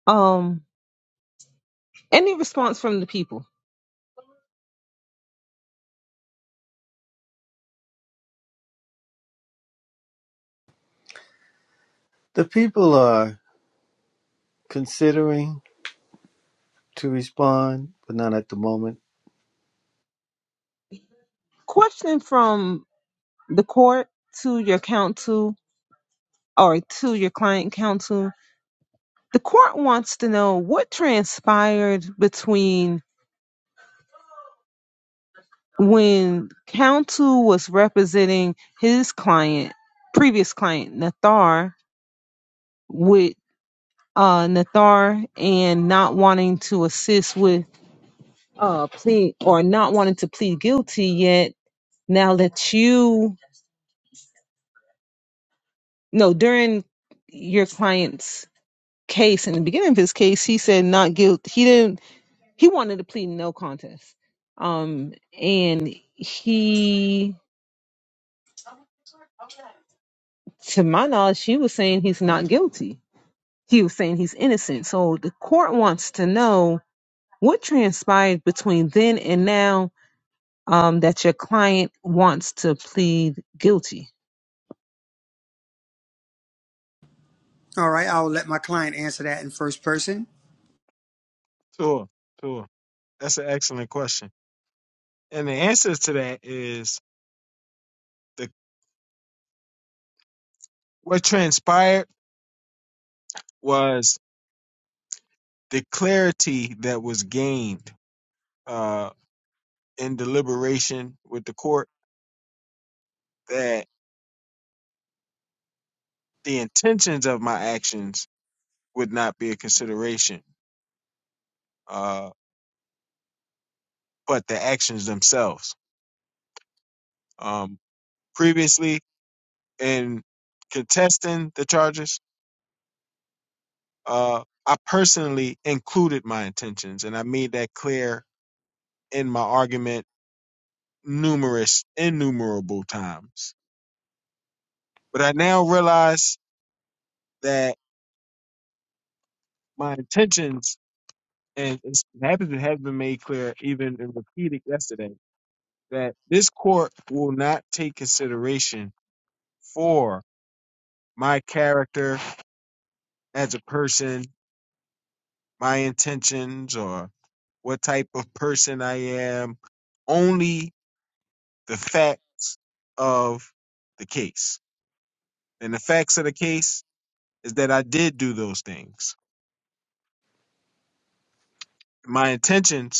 [SPEAKER 1] Um, any response from the people?
[SPEAKER 6] The people are considering to respond, but not at the moment.
[SPEAKER 1] Question from the court to your counsel or to your client counsel, the court wants to know what transpired between when counsel was representing his client, previous client, Nathar, with uh, Nathar and not wanting to assist with uh, plea or not wanting to plead guilty yet. Now that you, no, during your client's case, in the beginning of his case, he said not guilty. He didn't he wanted to plead no contest. Um, and he, to my knowledge, she was saying he's not guilty. He was saying he's innocent. So the court wants to know what transpired between then and now um, that your client wants to plead guilty.
[SPEAKER 7] All right, I will let my client answer that in first person.
[SPEAKER 9] Sure, sure. That's an excellent question. And the answer to that is the what transpired was the clarity that was gained uh, in deliberation with the court that the intentions of my actions would not be a consideration, uh, but the actions themselves. Um, previously, in contesting the charges, uh, I personally included my intentions, and I made that clear in my argument numerous, innumerable times. But I now realize that my intentions, and it's- it happens to have been made clear even in repeated yesterday, that this court will not take consideration for my character as a person, my intentions, or what type of person I am, only the facts of the case. And the facts of the case is that I did do those things. My intentions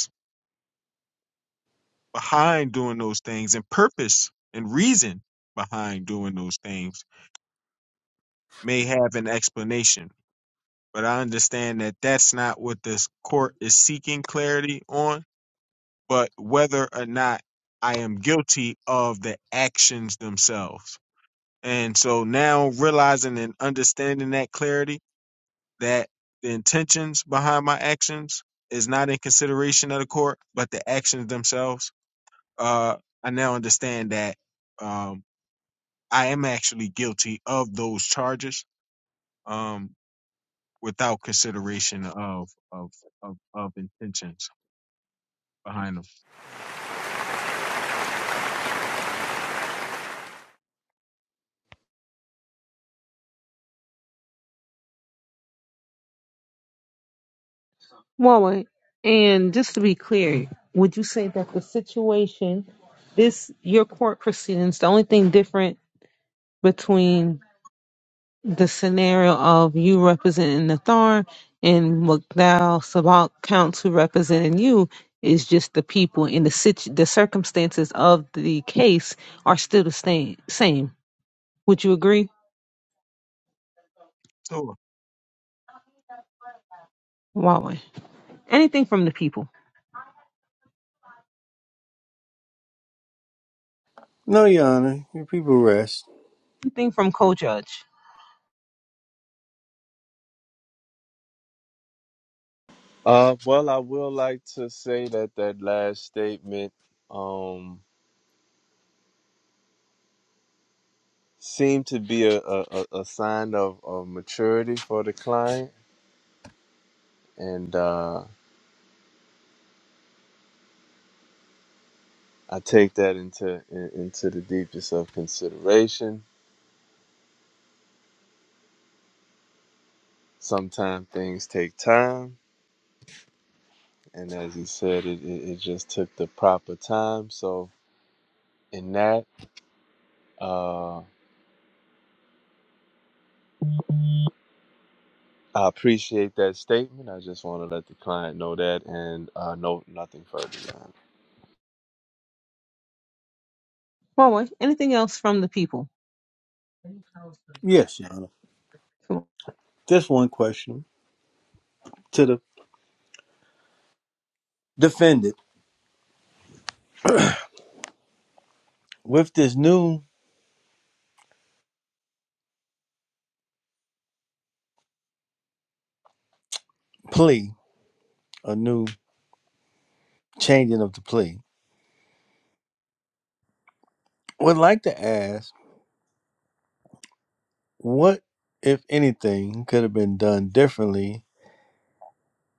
[SPEAKER 9] behind doing those things and purpose and reason behind doing those things may have an explanation. But I understand that that's not what this court is seeking clarity on, but whether or not I am guilty of the actions themselves. And so now realizing and understanding that clarity, that the intentions behind my actions is not in consideration of the court, but the actions themselves, uh, I now understand that um, I am actually guilty of those charges, um, without consideration of of of, of intentions behind them.
[SPEAKER 1] Well, and just to be clear, would you say that the situation, this your court proceedings, the only thing different between the scenario of you representing Nathar and McDowell Sabak counts who representing you is just the people and the situ- the circumstances of the case are still the same. Same. Would you agree,
[SPEAKER 9] Sure,
[SPEAKER 1] Huawei? Anything from the people.
[SPEAKER 6] No, Your Honor. Your people rest.
[SPEAKER 1] Anything from co-judge.
[SPEAKER 3] Uh, well, I will like to say that that last statement um seemed to be a a, a a sign of, of maturity for the client, and uh, I take that into in, into the deepest of consideration. Sometimes things take time, and as he said, it, it, it just took the proper time. So in that, uh, I appreciate that statement. I just want to let the client know that, and uh, no, nothing further. Than that.
[SPEAKER 1] Huawei. Anything else from the people?
[SPEAKER 6] Yes, Your Honor. Just one question to the defendant. With this new plea, a new changing of the plea, would like to ask what, if anything, could have been done differently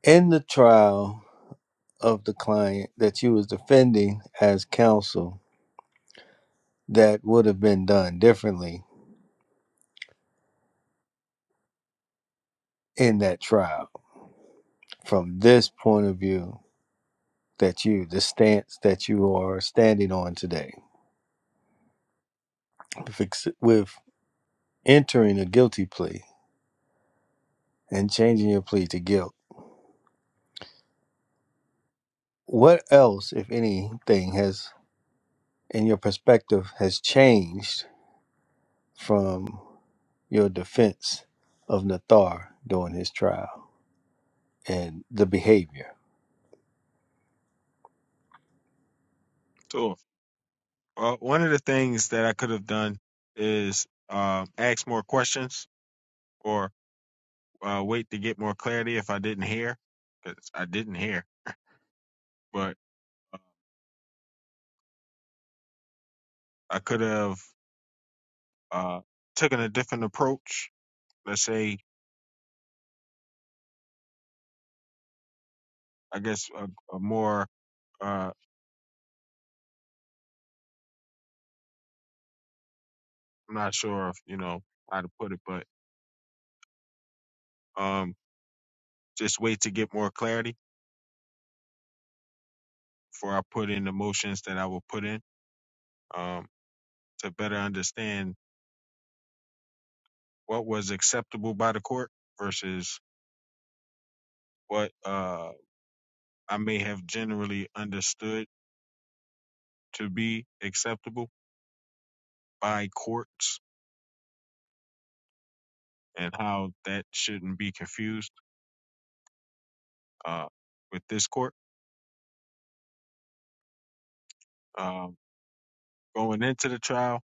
[SPEAKER 6] in the trial of the client that you was defending as counsel that would have been done differently in that trial from this point of view that you the stance that you are standing on today with, with entering a guilty plea and changing your plea to guilt what else if anything has in your perspective has changed from your defense of Nathar during his trial and the behavior
[SPEAKER 9] sure. uh, one of the things that I could have done is uh, ask more questions or uh, wait to get more clarity if I didn't hear, because I didn't hear. But uh, I could have uh, taken a different approach. Let's say, I guess, a, a more uh, I'm not sure if you know how to put it, but um, just wait to get more clarity before I put in the motions that I will put in um, to better understand what was acceptable by the court versus what uh, I may have generally understood to be acceptable by courts and how that shouldn't be confused uh, with this court. Um, going into the trial,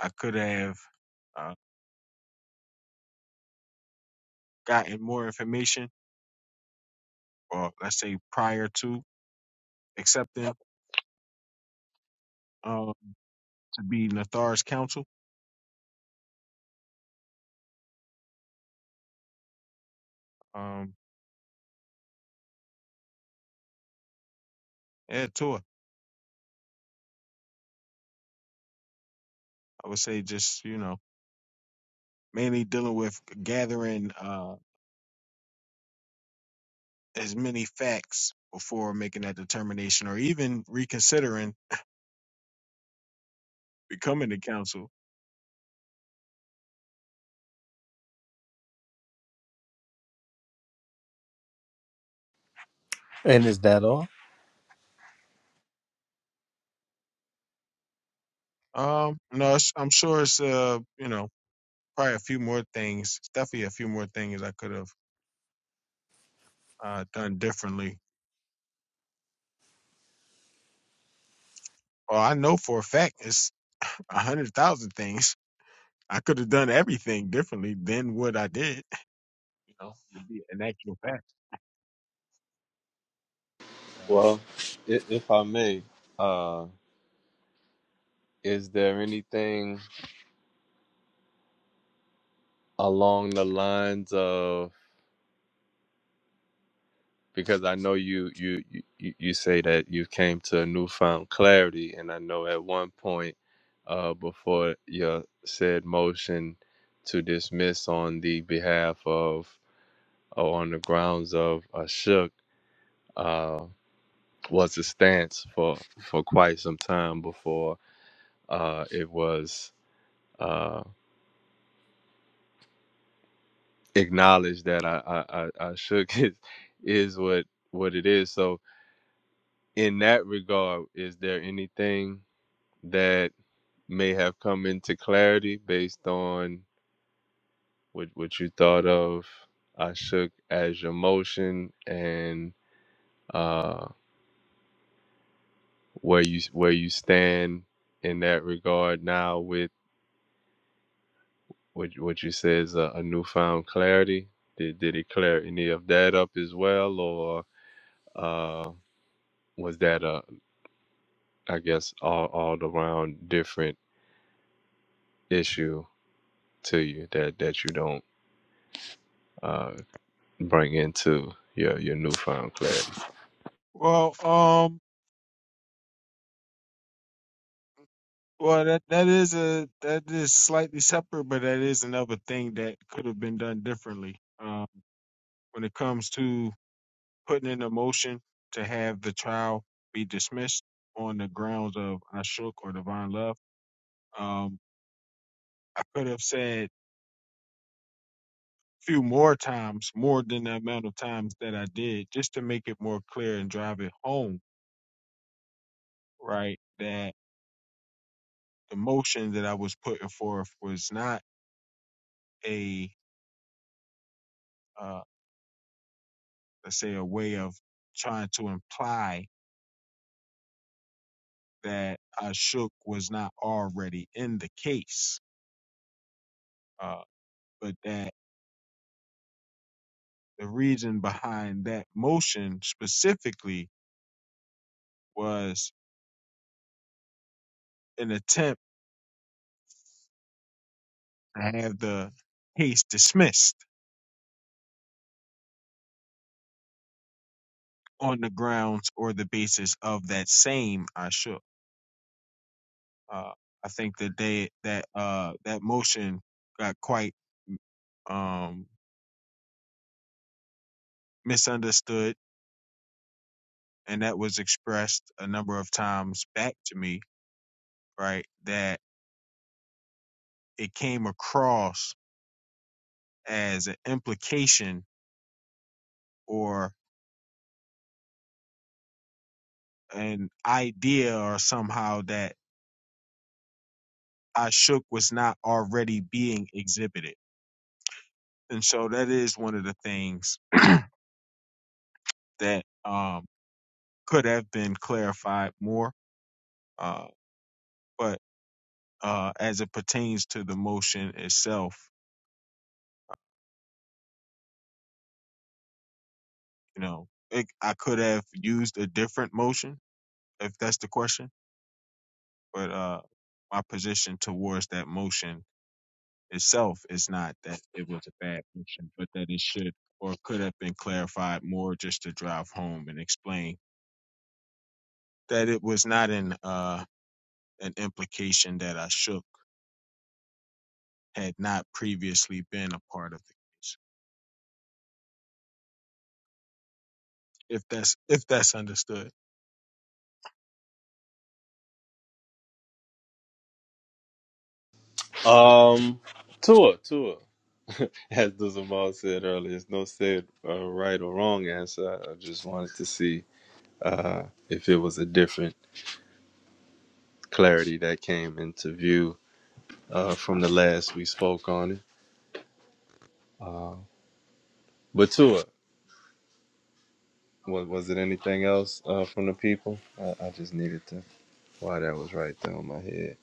[SPEAKER 9] I could have uh, gotten more information, or let's say prior to accepting uh, to be Nathar's counsel. Um, Yeah, tour. I would say just, you know, mainly dealing with gathering uh as many facts before making that determination or even reconsidering becoming the council.
[SPEAKER 6] and is that all
[SPEAKER 9] Um, no, it's, I'm sure it's uh, you know, probably a few more things. It's definitely a few more things I could have uh done differently. Well, I know for a fact it's a hundred thousand things. I could have done everything differently than what I did. You know, would be an actual fact. Um,
[SPEAKER 3] Well, if, if I may, uh, is there anything along the lines of? because I know you you you, you say that you came to a newfound clarity, and I know at one point, uh, before your said motion to dismiss on the behalf of or on the grounds of a shook uh, was a stance for for quite some time before uh, it was uh, acknowledged that I I, I, I shook is is what what it is. So in that regard, is there anything? that may have come into clarity based on what, what you thought of I shook as your motion and uh, where you where you stand in that regard now with what, what you say is a, a newfound clarity. Did, did it clear any of that up as well, or uh, was that a I guess all all around different issue to you that that you don't uh, bring into your your newfound clarity?
[SPEAKER 9] well, um, Well, that that is a that is slightly separate, but that is another thing that could have been done differently. Um, when it comes to putting in a motion to have the trial be dismissed on the grounds of Ashok or divine love, um, I could have said few more times, more than the amount of times that I did, just to make it more clear and drive it home, right? That the motion that I was putting forth was not a uh, let's say, a way of trying to imply that Ashok was not already in the case, uh, but that the reason behind that motion specifically was an attempt to have the case dismissed on the grounds or the basis of that same Ashok. Uh, I think that they that uh, that motion got quite um, misunderstood, and that was expressed a number of times back to me right? That it came across as an implication or an idea or somehow that Ashok was not already being exhibited. And so that is one of the things that um, could have been clarified more. Uh, but uh, as it pertains to the motion itself, you know, it, I could have used a different motion if that's the question. But uh, my position towards that motion itself is not that it was a bad action, but that it should or could have been clarified more just to drive home and explain that it was not an uh, an implication that I shook had not previously been a part of the case. If that's if that's understood.
[SPEAKER 3] Um, Tua, Tua. As the said earlier, there's no said uh, right or wrong answer. I I just wanted to see uh, if it was a different clarity that came into view uh, from the last we spoke on it. Uh, but Tua, was, was it anything else uh, from the people? I, I just needed to. Why that was right there on my head.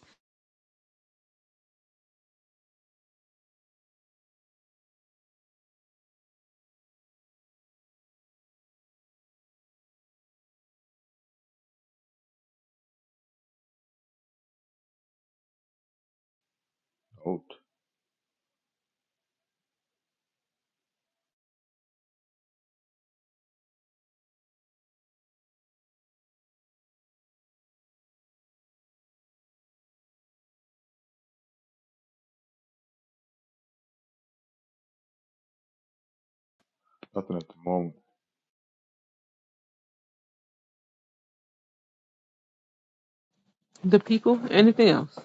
[SPEAKER 5] Oh, nothing at the moment.
[SPEAKER 1] The people? Anything else?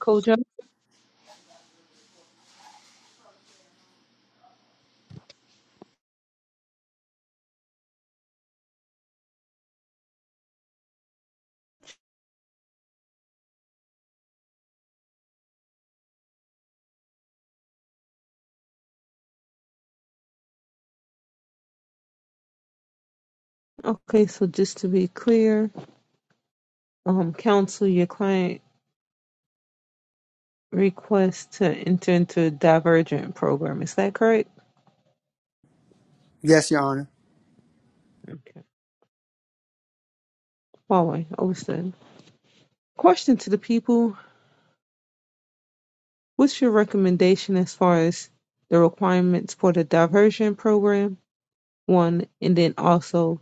[SPEAKER 1] Kojo? Okay, so just to be clear, um, counsel your client requests to enter into a divergent program. Is that correct?
[SPEAKER 7] Yes, Your Honor.
[SPEAKER 1] Okay. Huawei, overstood. Question to the people. What's your recommendation as far as the requirements for the diversion program? One, and then also,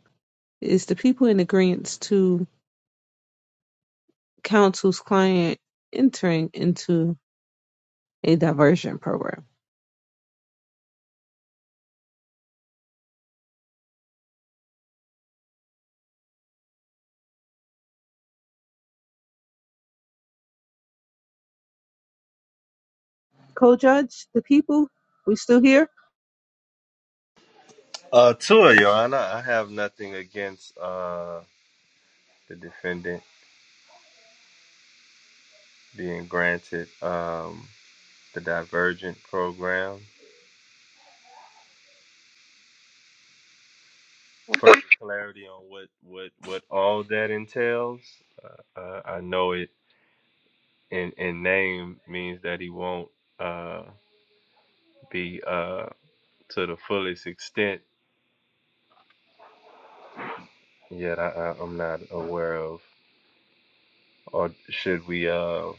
[SPEAKER 1] is the people in agreement to counsel's client entering into a diversion program? Co-judge, the people, we still here?
[SPEAKER 3] Uh, Tua, Your Honor, I have nothing against uh, the defendant being granted um, the divergent program. further clarity on what what what all that entails. Uh, uh, I know it in in name means that he won't uh, be uh, to the fullest extent. Yet I, I, I'm not aware of. Or should we uh,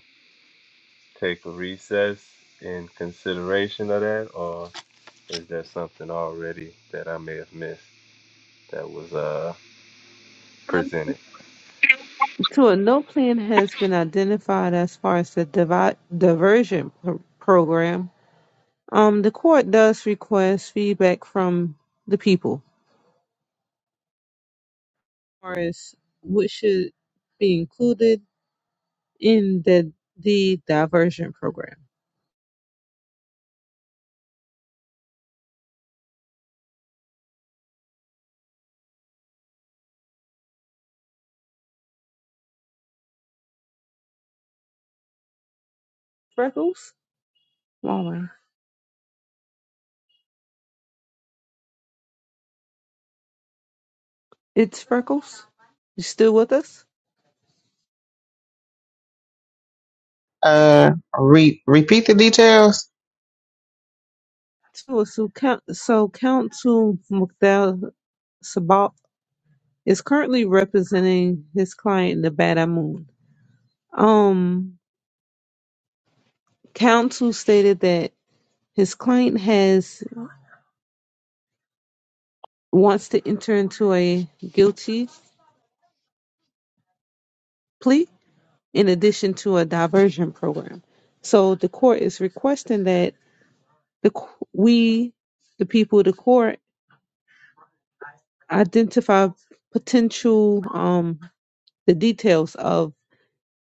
[SPEAKER 3] take a recess in consideration of that, or is there something already that I may have missed that was uh,
[SPEAKER 1] No-
[SPEAKER 3] presented?
[SPEAKER 1] Two, no plan has been identified as far as the divi- diversion pro- program. Um, the court does request feedback from the people as far as what should be included in the the diversion program. Freckles, Mama, it's Freckles. You still with us?
[SPEAKER 4] Uh, re- repeat the details.
[SPEAKER 1] So, so, count. so Council McDowell Sabal is currently representing his client, Nevada Moon. Um, counsel stated that his client has wants to enter into a guilty plea in addition to a diversion program. So the court is requesting that the we, the people, of the court identify potential um the details of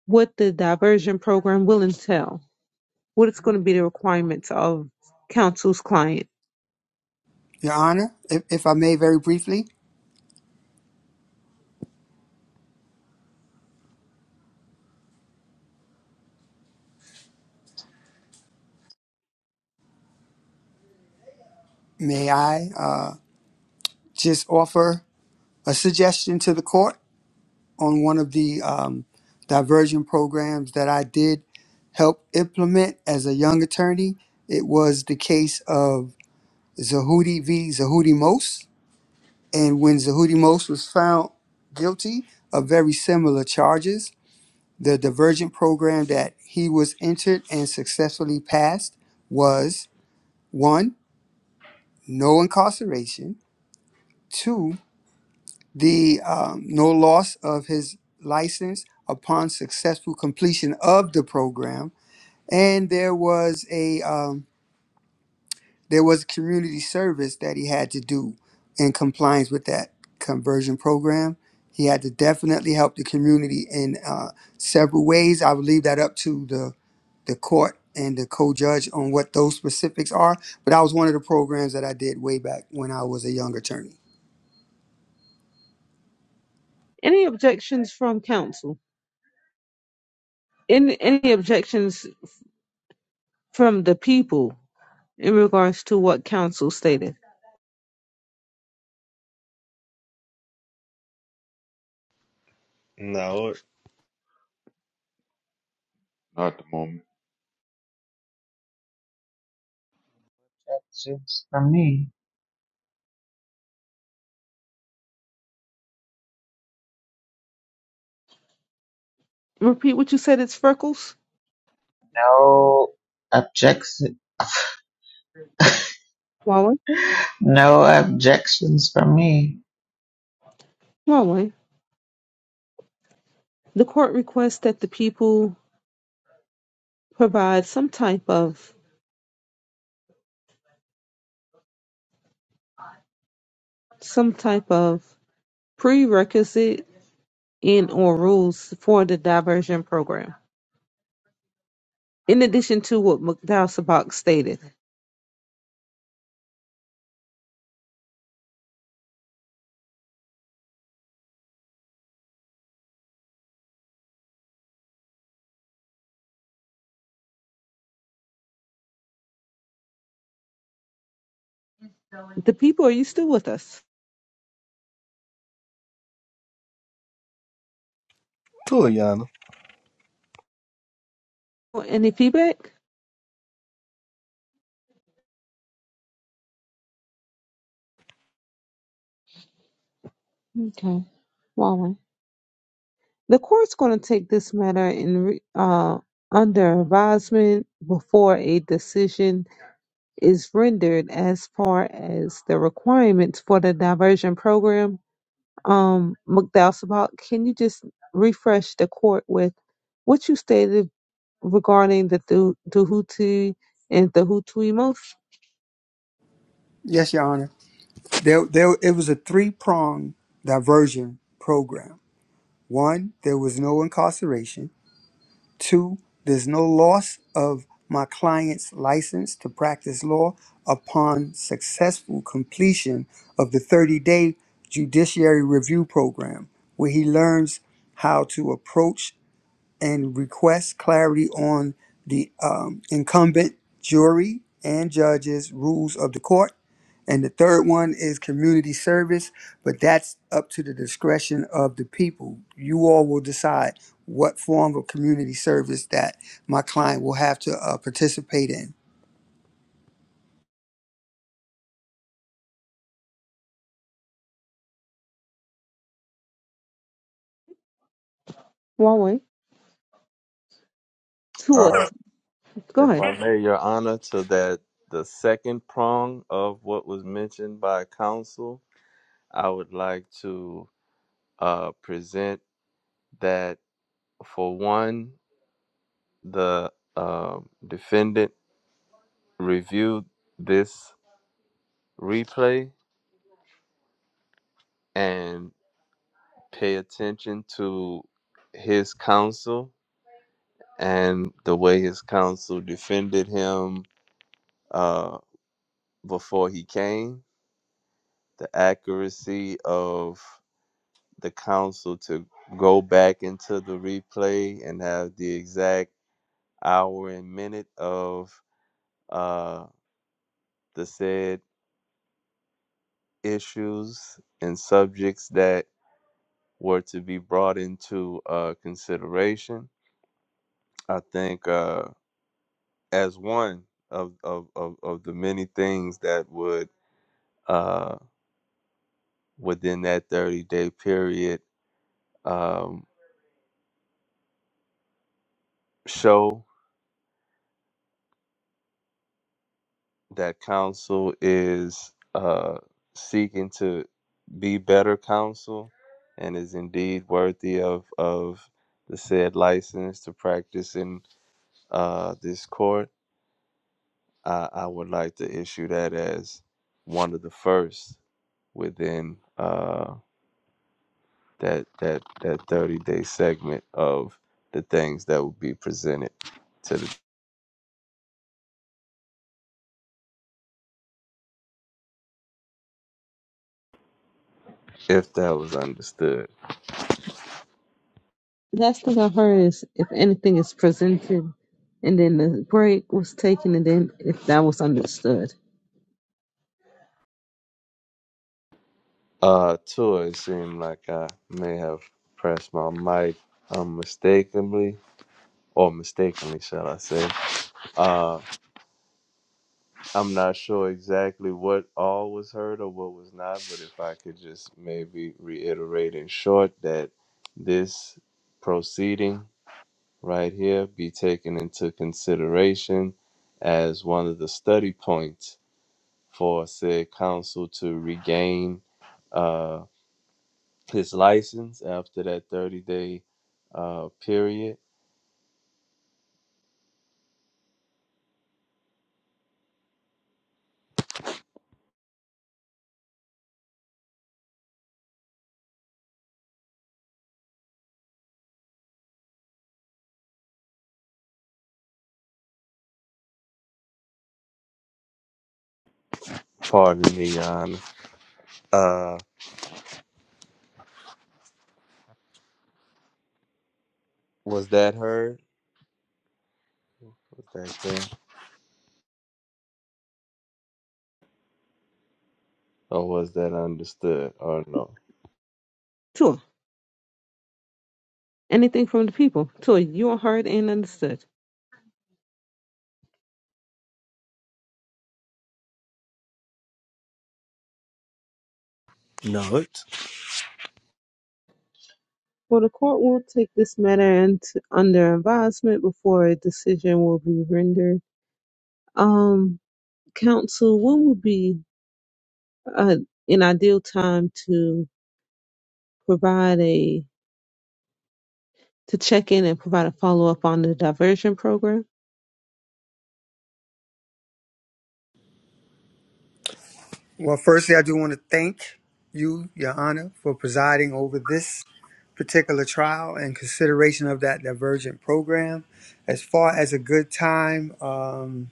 [SPEAKER 1] what the diversion program will entail, what it's going to be the requirements of counsel's client.
[SPEAKER 7] Your Honor, if, if I may, very briefly, may I uh, just offer a suggestion to the court on one of the um, diversion programs that I did help implement as a young attorney? It was the case of Zahudi v. Zahudi Mose. And when Zahudi Mose was found guilty of very similar charges, the divergent program that he was entered and successfully passed was one, no incarceration, two, the um, no loss of his license upon successful completion of the program, and there was a um, there was community service that he had to do in compliance with that conversion program. He had to definitely help the community in uh, several ways. I would leave that up to the the court and the co-judge on what those specifics are. But that was one of the programs that I did way back when I was a young attorney.
[SPEAKER 1] Any objections from counsel? Any any objections from the people in regards to what counsel stated.
[SPEAKER 3] No,
[SPEAKER 5] Not at the moment.
[SPEAKER 4] That's just from me.
[SPEAKER 1] Repeat what you said, it's Freckles?
[SPEAKER 4] No objections.
[SPEAKER 1] Waller?
[SPEAKER 4] No objections from me.
[SPEAKER 1] Waller. The court requests that the people provide some type of some type of prerequisite and or rules for the diversion program. In addition to what McDowell Sabak stated. The people, are you still with us?
[SPEAKER 6] Cool, Your Honor.
[SPEAKER 1] Any feedback? Okay. Waller. The court's going to take this matter in re- uh, under advisement before a decision is rendered as far as the requirements for the diversion program. Um, McDowell Sabat, can you just refresh the court with what you stated regarding the Du- Duhuti and the Hutui most
[SPEAKER 7] Yes, Your Honor. There, there. It was a three-pronged diversion program. One, there was no incarceration. Two, there's no loss of my client's license to practice law upon successful completion of the 30 day judiciary review program, where he learns how to approach and request clarity on the um, incumbent jury and judges' rules of the court and the third one is community service, but that's up to the discretion of the people. You all will decide what form of community service that my client will have to uh, participate in.
[SPEAKER 1] Huawei? To us. Go
[SPEAKER 3] If
[SPEAKER 1] ahead.
[SPEAKER 3] I may, Your Honor, to that the second prong of what was mentioned by counsel, I would like to uh, present that for one, the uh, defendant reviewed this replay and pay attention to his counsel and the way his counsel defended him uh, before he came, the accuracy of the council to go back into the replay and have the exact hour and minute of uh, the said issues and subjects that were to be brought into uh, consideration. I think uh, as one of, of, of, of the many things that would uh, within that 30 day period um, show that counsel is uh, seeking to be better counsel and is indeed worthy of, of the said license to practice in uh, this court, I, I would like to issue that as one of the first within uh, that, that, that 30 day segment of the things that would be presented to the, if that was understood.
[SPEAKER 1] Last thing I heard is if anything is presented, and then the break was taken, and then if that was understood.
[SPEAKER 3] Uh, too, it seemed like I may have pressed my mic unmistakably, or mistakenly, shall I say. Uh, I'm not sure exactly what all was heard or what was not, but if I could just maybe reiterate in short that this proceeding right here be taken into consideration as one of the study points for said council to regain uh, his license after that 30 day uh period. Pardon me, Your Honor. Uh, was that heard? Was that clear? Or was that understood? Or no?
[SPEAKER 1] Sure. Anything from the people. Sure. You are heard and understood.
[SPEAKER 6] Note,
[SPEAKER 1] For the court will take this matter into, under advisement before a decision will be rendered. Um, counsel, when would be uh, an ideal time to provide a to check in and provide a follow up on the diversion program.
[SPEAKER 7] Well, firstly, I do want to thank you, Your Honor, for presiding over this particular trial and consideration of that divergent program. As far as a good time, um,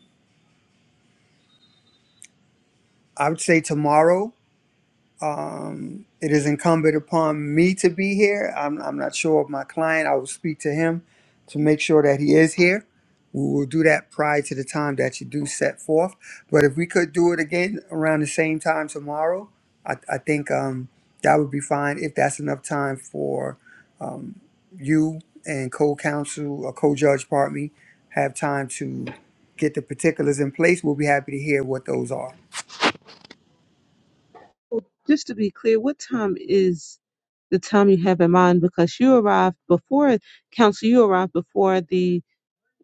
[SPEAKER 7] I would say tomorrow Um, it is incumbent upon me to be here. I'm, I'm not sure of my client. I will speak to him to make sure that he is here. We will do that prior to the time that you do set forth. But if we could do it again around the same time tomorrow, I, I think um, that would be fine if that's enough time for you and co-counsel or co-judge, pardon me, have time to get the particulars in place. We'll be happy to hear what those are.
[SPEAKER 1] Well, Just to be clear, what time is the time you have in mind? Because you arrived before council. You arrived before the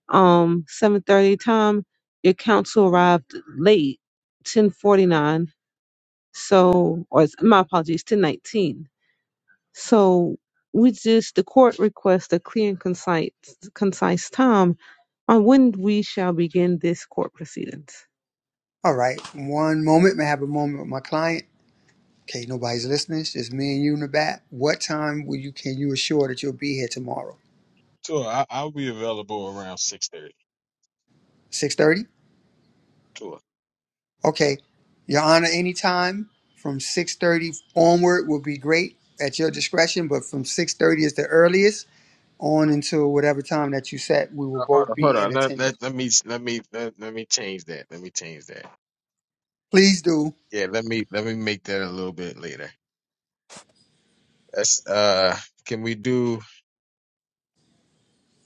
[SPEAKER 1] um seven thirty time. Your council arrived late, ten forty nine. So, or it's- my apologies, ten nineteen. So we just the court requests a clear and concise concise time on when we shall begin this court proceedings.
[SPEAKER 7] All right. One moment. May I have a moment with my client. Okay, nobody's listening. It's just me and you in the back. What time will you can you assure that you'll be here tomorrow?
[SPEAKER 9] Sure, I, I'll be available around six thirty.
[SPEAKER 7] Six thirty?
[SPEAKER 9] Sure.
[SPEAKER 7] Okay. Your Honor, any time from six thirty onward will be great at your discretion, but from six thirty is the earliest on until whatever time that you set, we will
[SPEAKER 9] Uh, Hold
[SPEAKER 7] both
[SPEAKER 9] on, hold
[SPEAKER 7] be in
[SPEAKER 9] on. Let, let,
[SPEAKER 7] attendance.
[SPEAKER 9] let me let me let, let me change that. Let me change that.
[SPEAKER 7] Please do.
[SPEAKER 9] Yeah, let me let me make that a little bit later. That's uh can we do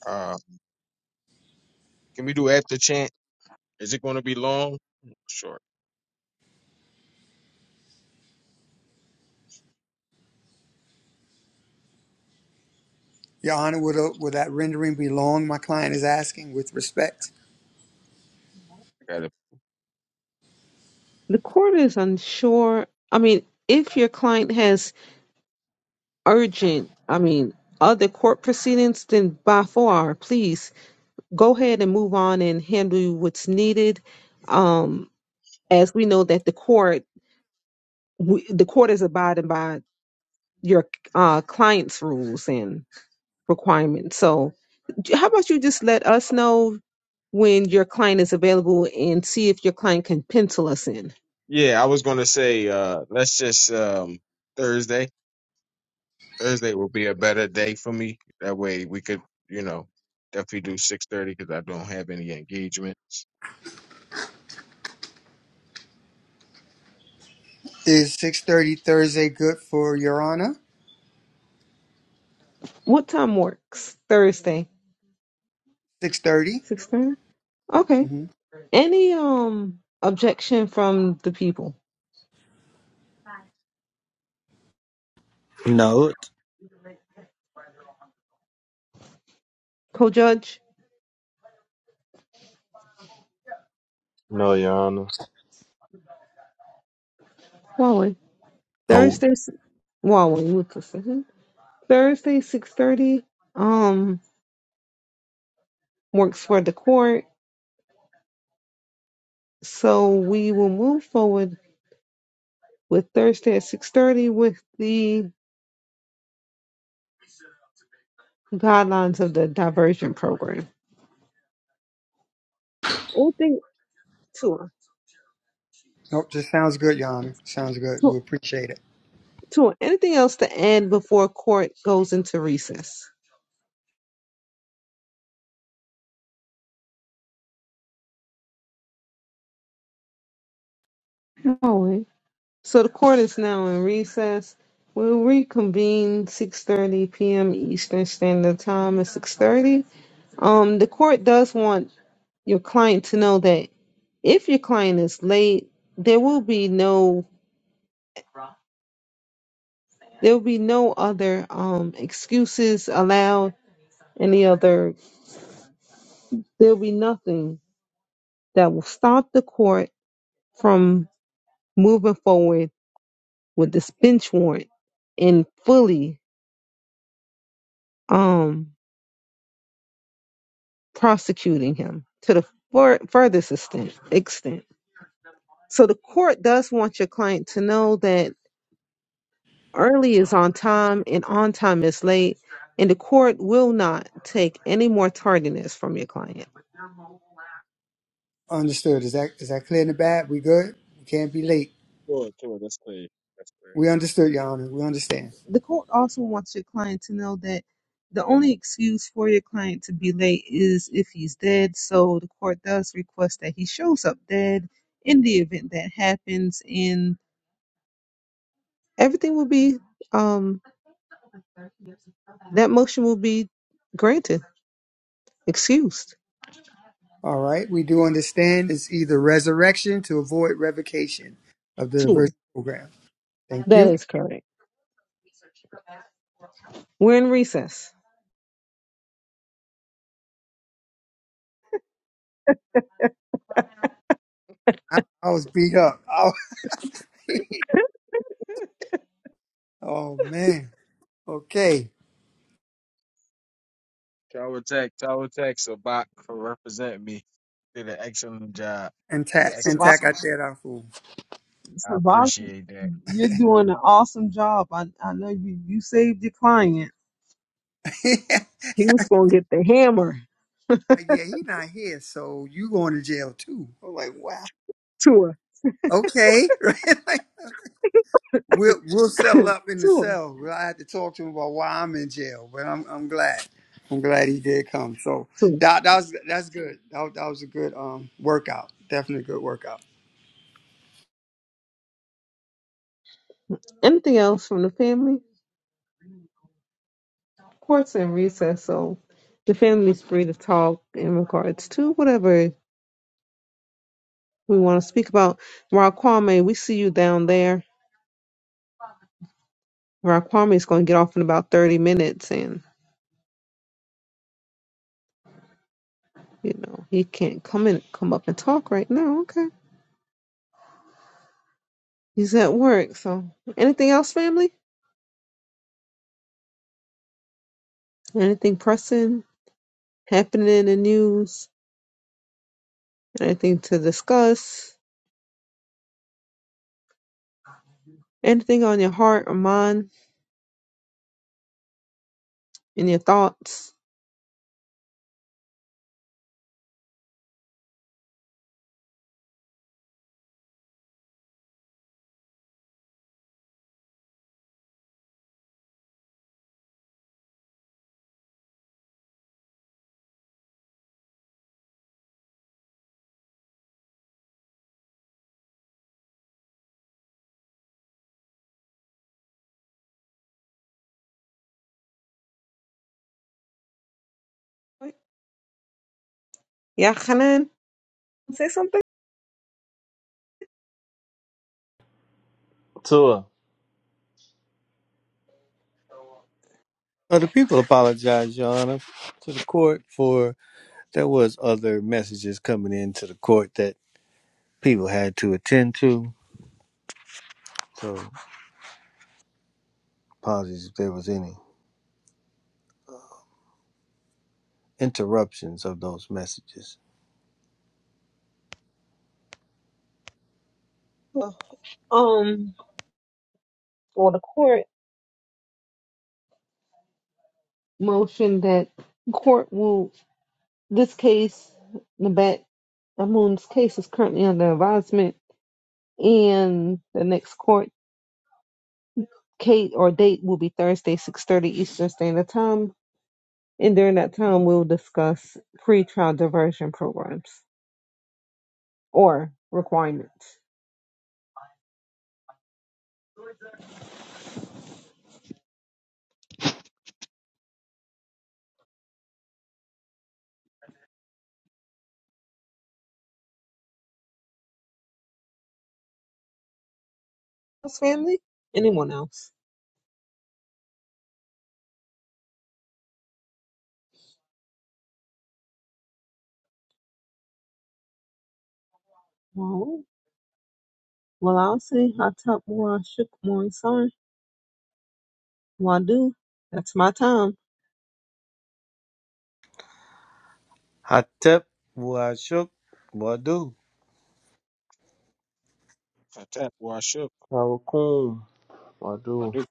[SPEAKER 9] uh can we do after chant? Is it going to be long? Short.
[SPEAKER 7] Your Honor, will, will that rendering be long? My client is asking with respect.
[SPEAKER 9] Got it.
[SPEAKER 1] The court is unsure. I mean, if your client has urgent, I mean, other court proceedings, then by far, please go ahead and move on and handle what's needed. Um, as we know that the court, we, the court is abiding by your uh, client's rules and requirements. So, j- how about you just let us know when your client is available and see if your client can pencil us in?
[SPEAKER 9] Yeah, I was going to say, uh, let's just um, Thursday. Thursday will be a better day for me. That way we could, you know, definitely do six thirty because I don't have any engagements.
[SPEAKER 7] Is six thirty Thursday good for Your Honor?
[SPEAKER 1] What time works? Thursday.
[SPEAKER 7] Six thirty?
[SPEAKER 1] Six thirty? Okay.
[SPEAKER 7] Mm-hmm.
[SPEAKER 1] Any um objection from the people?
[SPEAKER 6] note.
[SPEAKER 1] Co-judge
[SPEAKER 3] No, Your Honor.
[SPEAKER 1] Huawei
[SPEAKER 5] Hold.
[SPEAKER 1] Thursday s- Wally with precision. Thursday six thirty um works for the court. So we will move forward with Thursday at six thirty with the guidelines of the diversion program. Anything to
[SPEAKER 7] Nope, just sounds good, Your Honor. Sounds good. We appreciate it.
[SPEAKER 1] to anything else to add before court goes into recess? Huawei. So the court is now in recess. We'll reconvene 6:30 p.m. Eastern Standard Time at 6:30. Um, the court does want your client to know that if your client is late, there will be no there will be no other um excuses allowed. Any other there will be nothing that will stop the court from moving forward with this bench warrant and fully. um prosecuting him to the fur- furthest extent. extent. So the court does want your client to know that early is on time and on time is late, and the court will not take any more tardiness from your client.
[SPEAKER 7] Understood. Is that is that clear in the back? We good? We can't be late.
[SPEAKER 9] Sure, sure. That's clear. That's clear.
[SPEAKER 7] We understood, Your Honor. We understand.
[SPEAKER 1] The court also wants your client to know that the only excuse for your client to be late is if he's dead. So the court does request that he shows up dead in the event that happens, and everything will be um, that motion will be granted. excused
[SPEAKER 7] All right. We do understand it's either resurrection to avoid revocation of the
[SPEAKER 1] to
[SPEAKER 7] diversity program. Thank
[SPEAKER 1] That
[SPEAKER 7] you.
[SPEAKER 1] is correct. We're in recess.
[SPEAKER 7] I, I was beat up. I was- oh man. Okay.
[SPEAKER 9] Tower Tech, Tower Tech, Sabak for representing me. Did an excellent job.
[SPEAKER 7] And tack and
[SPEAKER 9] Excellent.
[SPEAKER 1] Savant,
[SPEAKER 7] tack I
[SPEAKER 9] job.
[SPEAKER 7] said our fool.
[SPEAKER 9] I
[SPEAKER 1] Savant,
[SPEAKER 9] appreciate that.
[SPEAKER 1] you're doing an awesome job. I, I know you, you saved your client.
[SPEAKER 7] like,
[SPEAKER 1] He was going to get the hammer
[SPEAKER 7] yeah, he not here, so you going to jail too. I'm like, wow.
[SPEAKER 1] to her.
[SPEAKER 7] Okay. right. We'll we'll
[SPEAKER 1] to
[SPEAKER 7] settle up in the cell. Well, I had to talk to him about why I'm in jail, but I'm I'm glad. I'm glad he did come. So that that was that's good. That, was- that was a good um workout. Definitely a good workout.
[SPEAKER 1] Anything else from the family? Of course, in recess. So the family's free to talk in regards to whatever we want to speak about. Raquame, we see you down there. Raquame is going to get off in about 30 minutes. and. You know, he can't come in, come up and talk right now. Okay. He's at work. So, anything else, family? Anything pressing, happening in the news? Anything to discuss? Anything on your heart or mind? In your thoughts? Yeah, Hanan, say something.
[SPEAKER 3] Tua,
[SPEAKER 6] Other people apologize, Your Honor, to the court for there was other messages coming into the court that people had to attend to. So apologies if there was any interruptions of those messages.
[SPEAKER 1] Um, well, the court motion that court will this case, Nabat Amun's case is currently under advisement, and the next court Kate or date will be Thursday, 6:30 Eastern Standard Time, and during that time we'll discuss pretrial diversion programs or requirements. Else, family? Anyone else? Well, well, I'll say hot top more, shook more, Well, I do. That's my time.
[SPEAKER 6] Hatep Washuk Wadu.
[SPEAKER 9] Fantastic. Well, I should.
[SPEAKER 3] Tawakum,
[SPEAKER 9] I
[SPEAKER 3] Wadu.
[SPEAKER 9] do.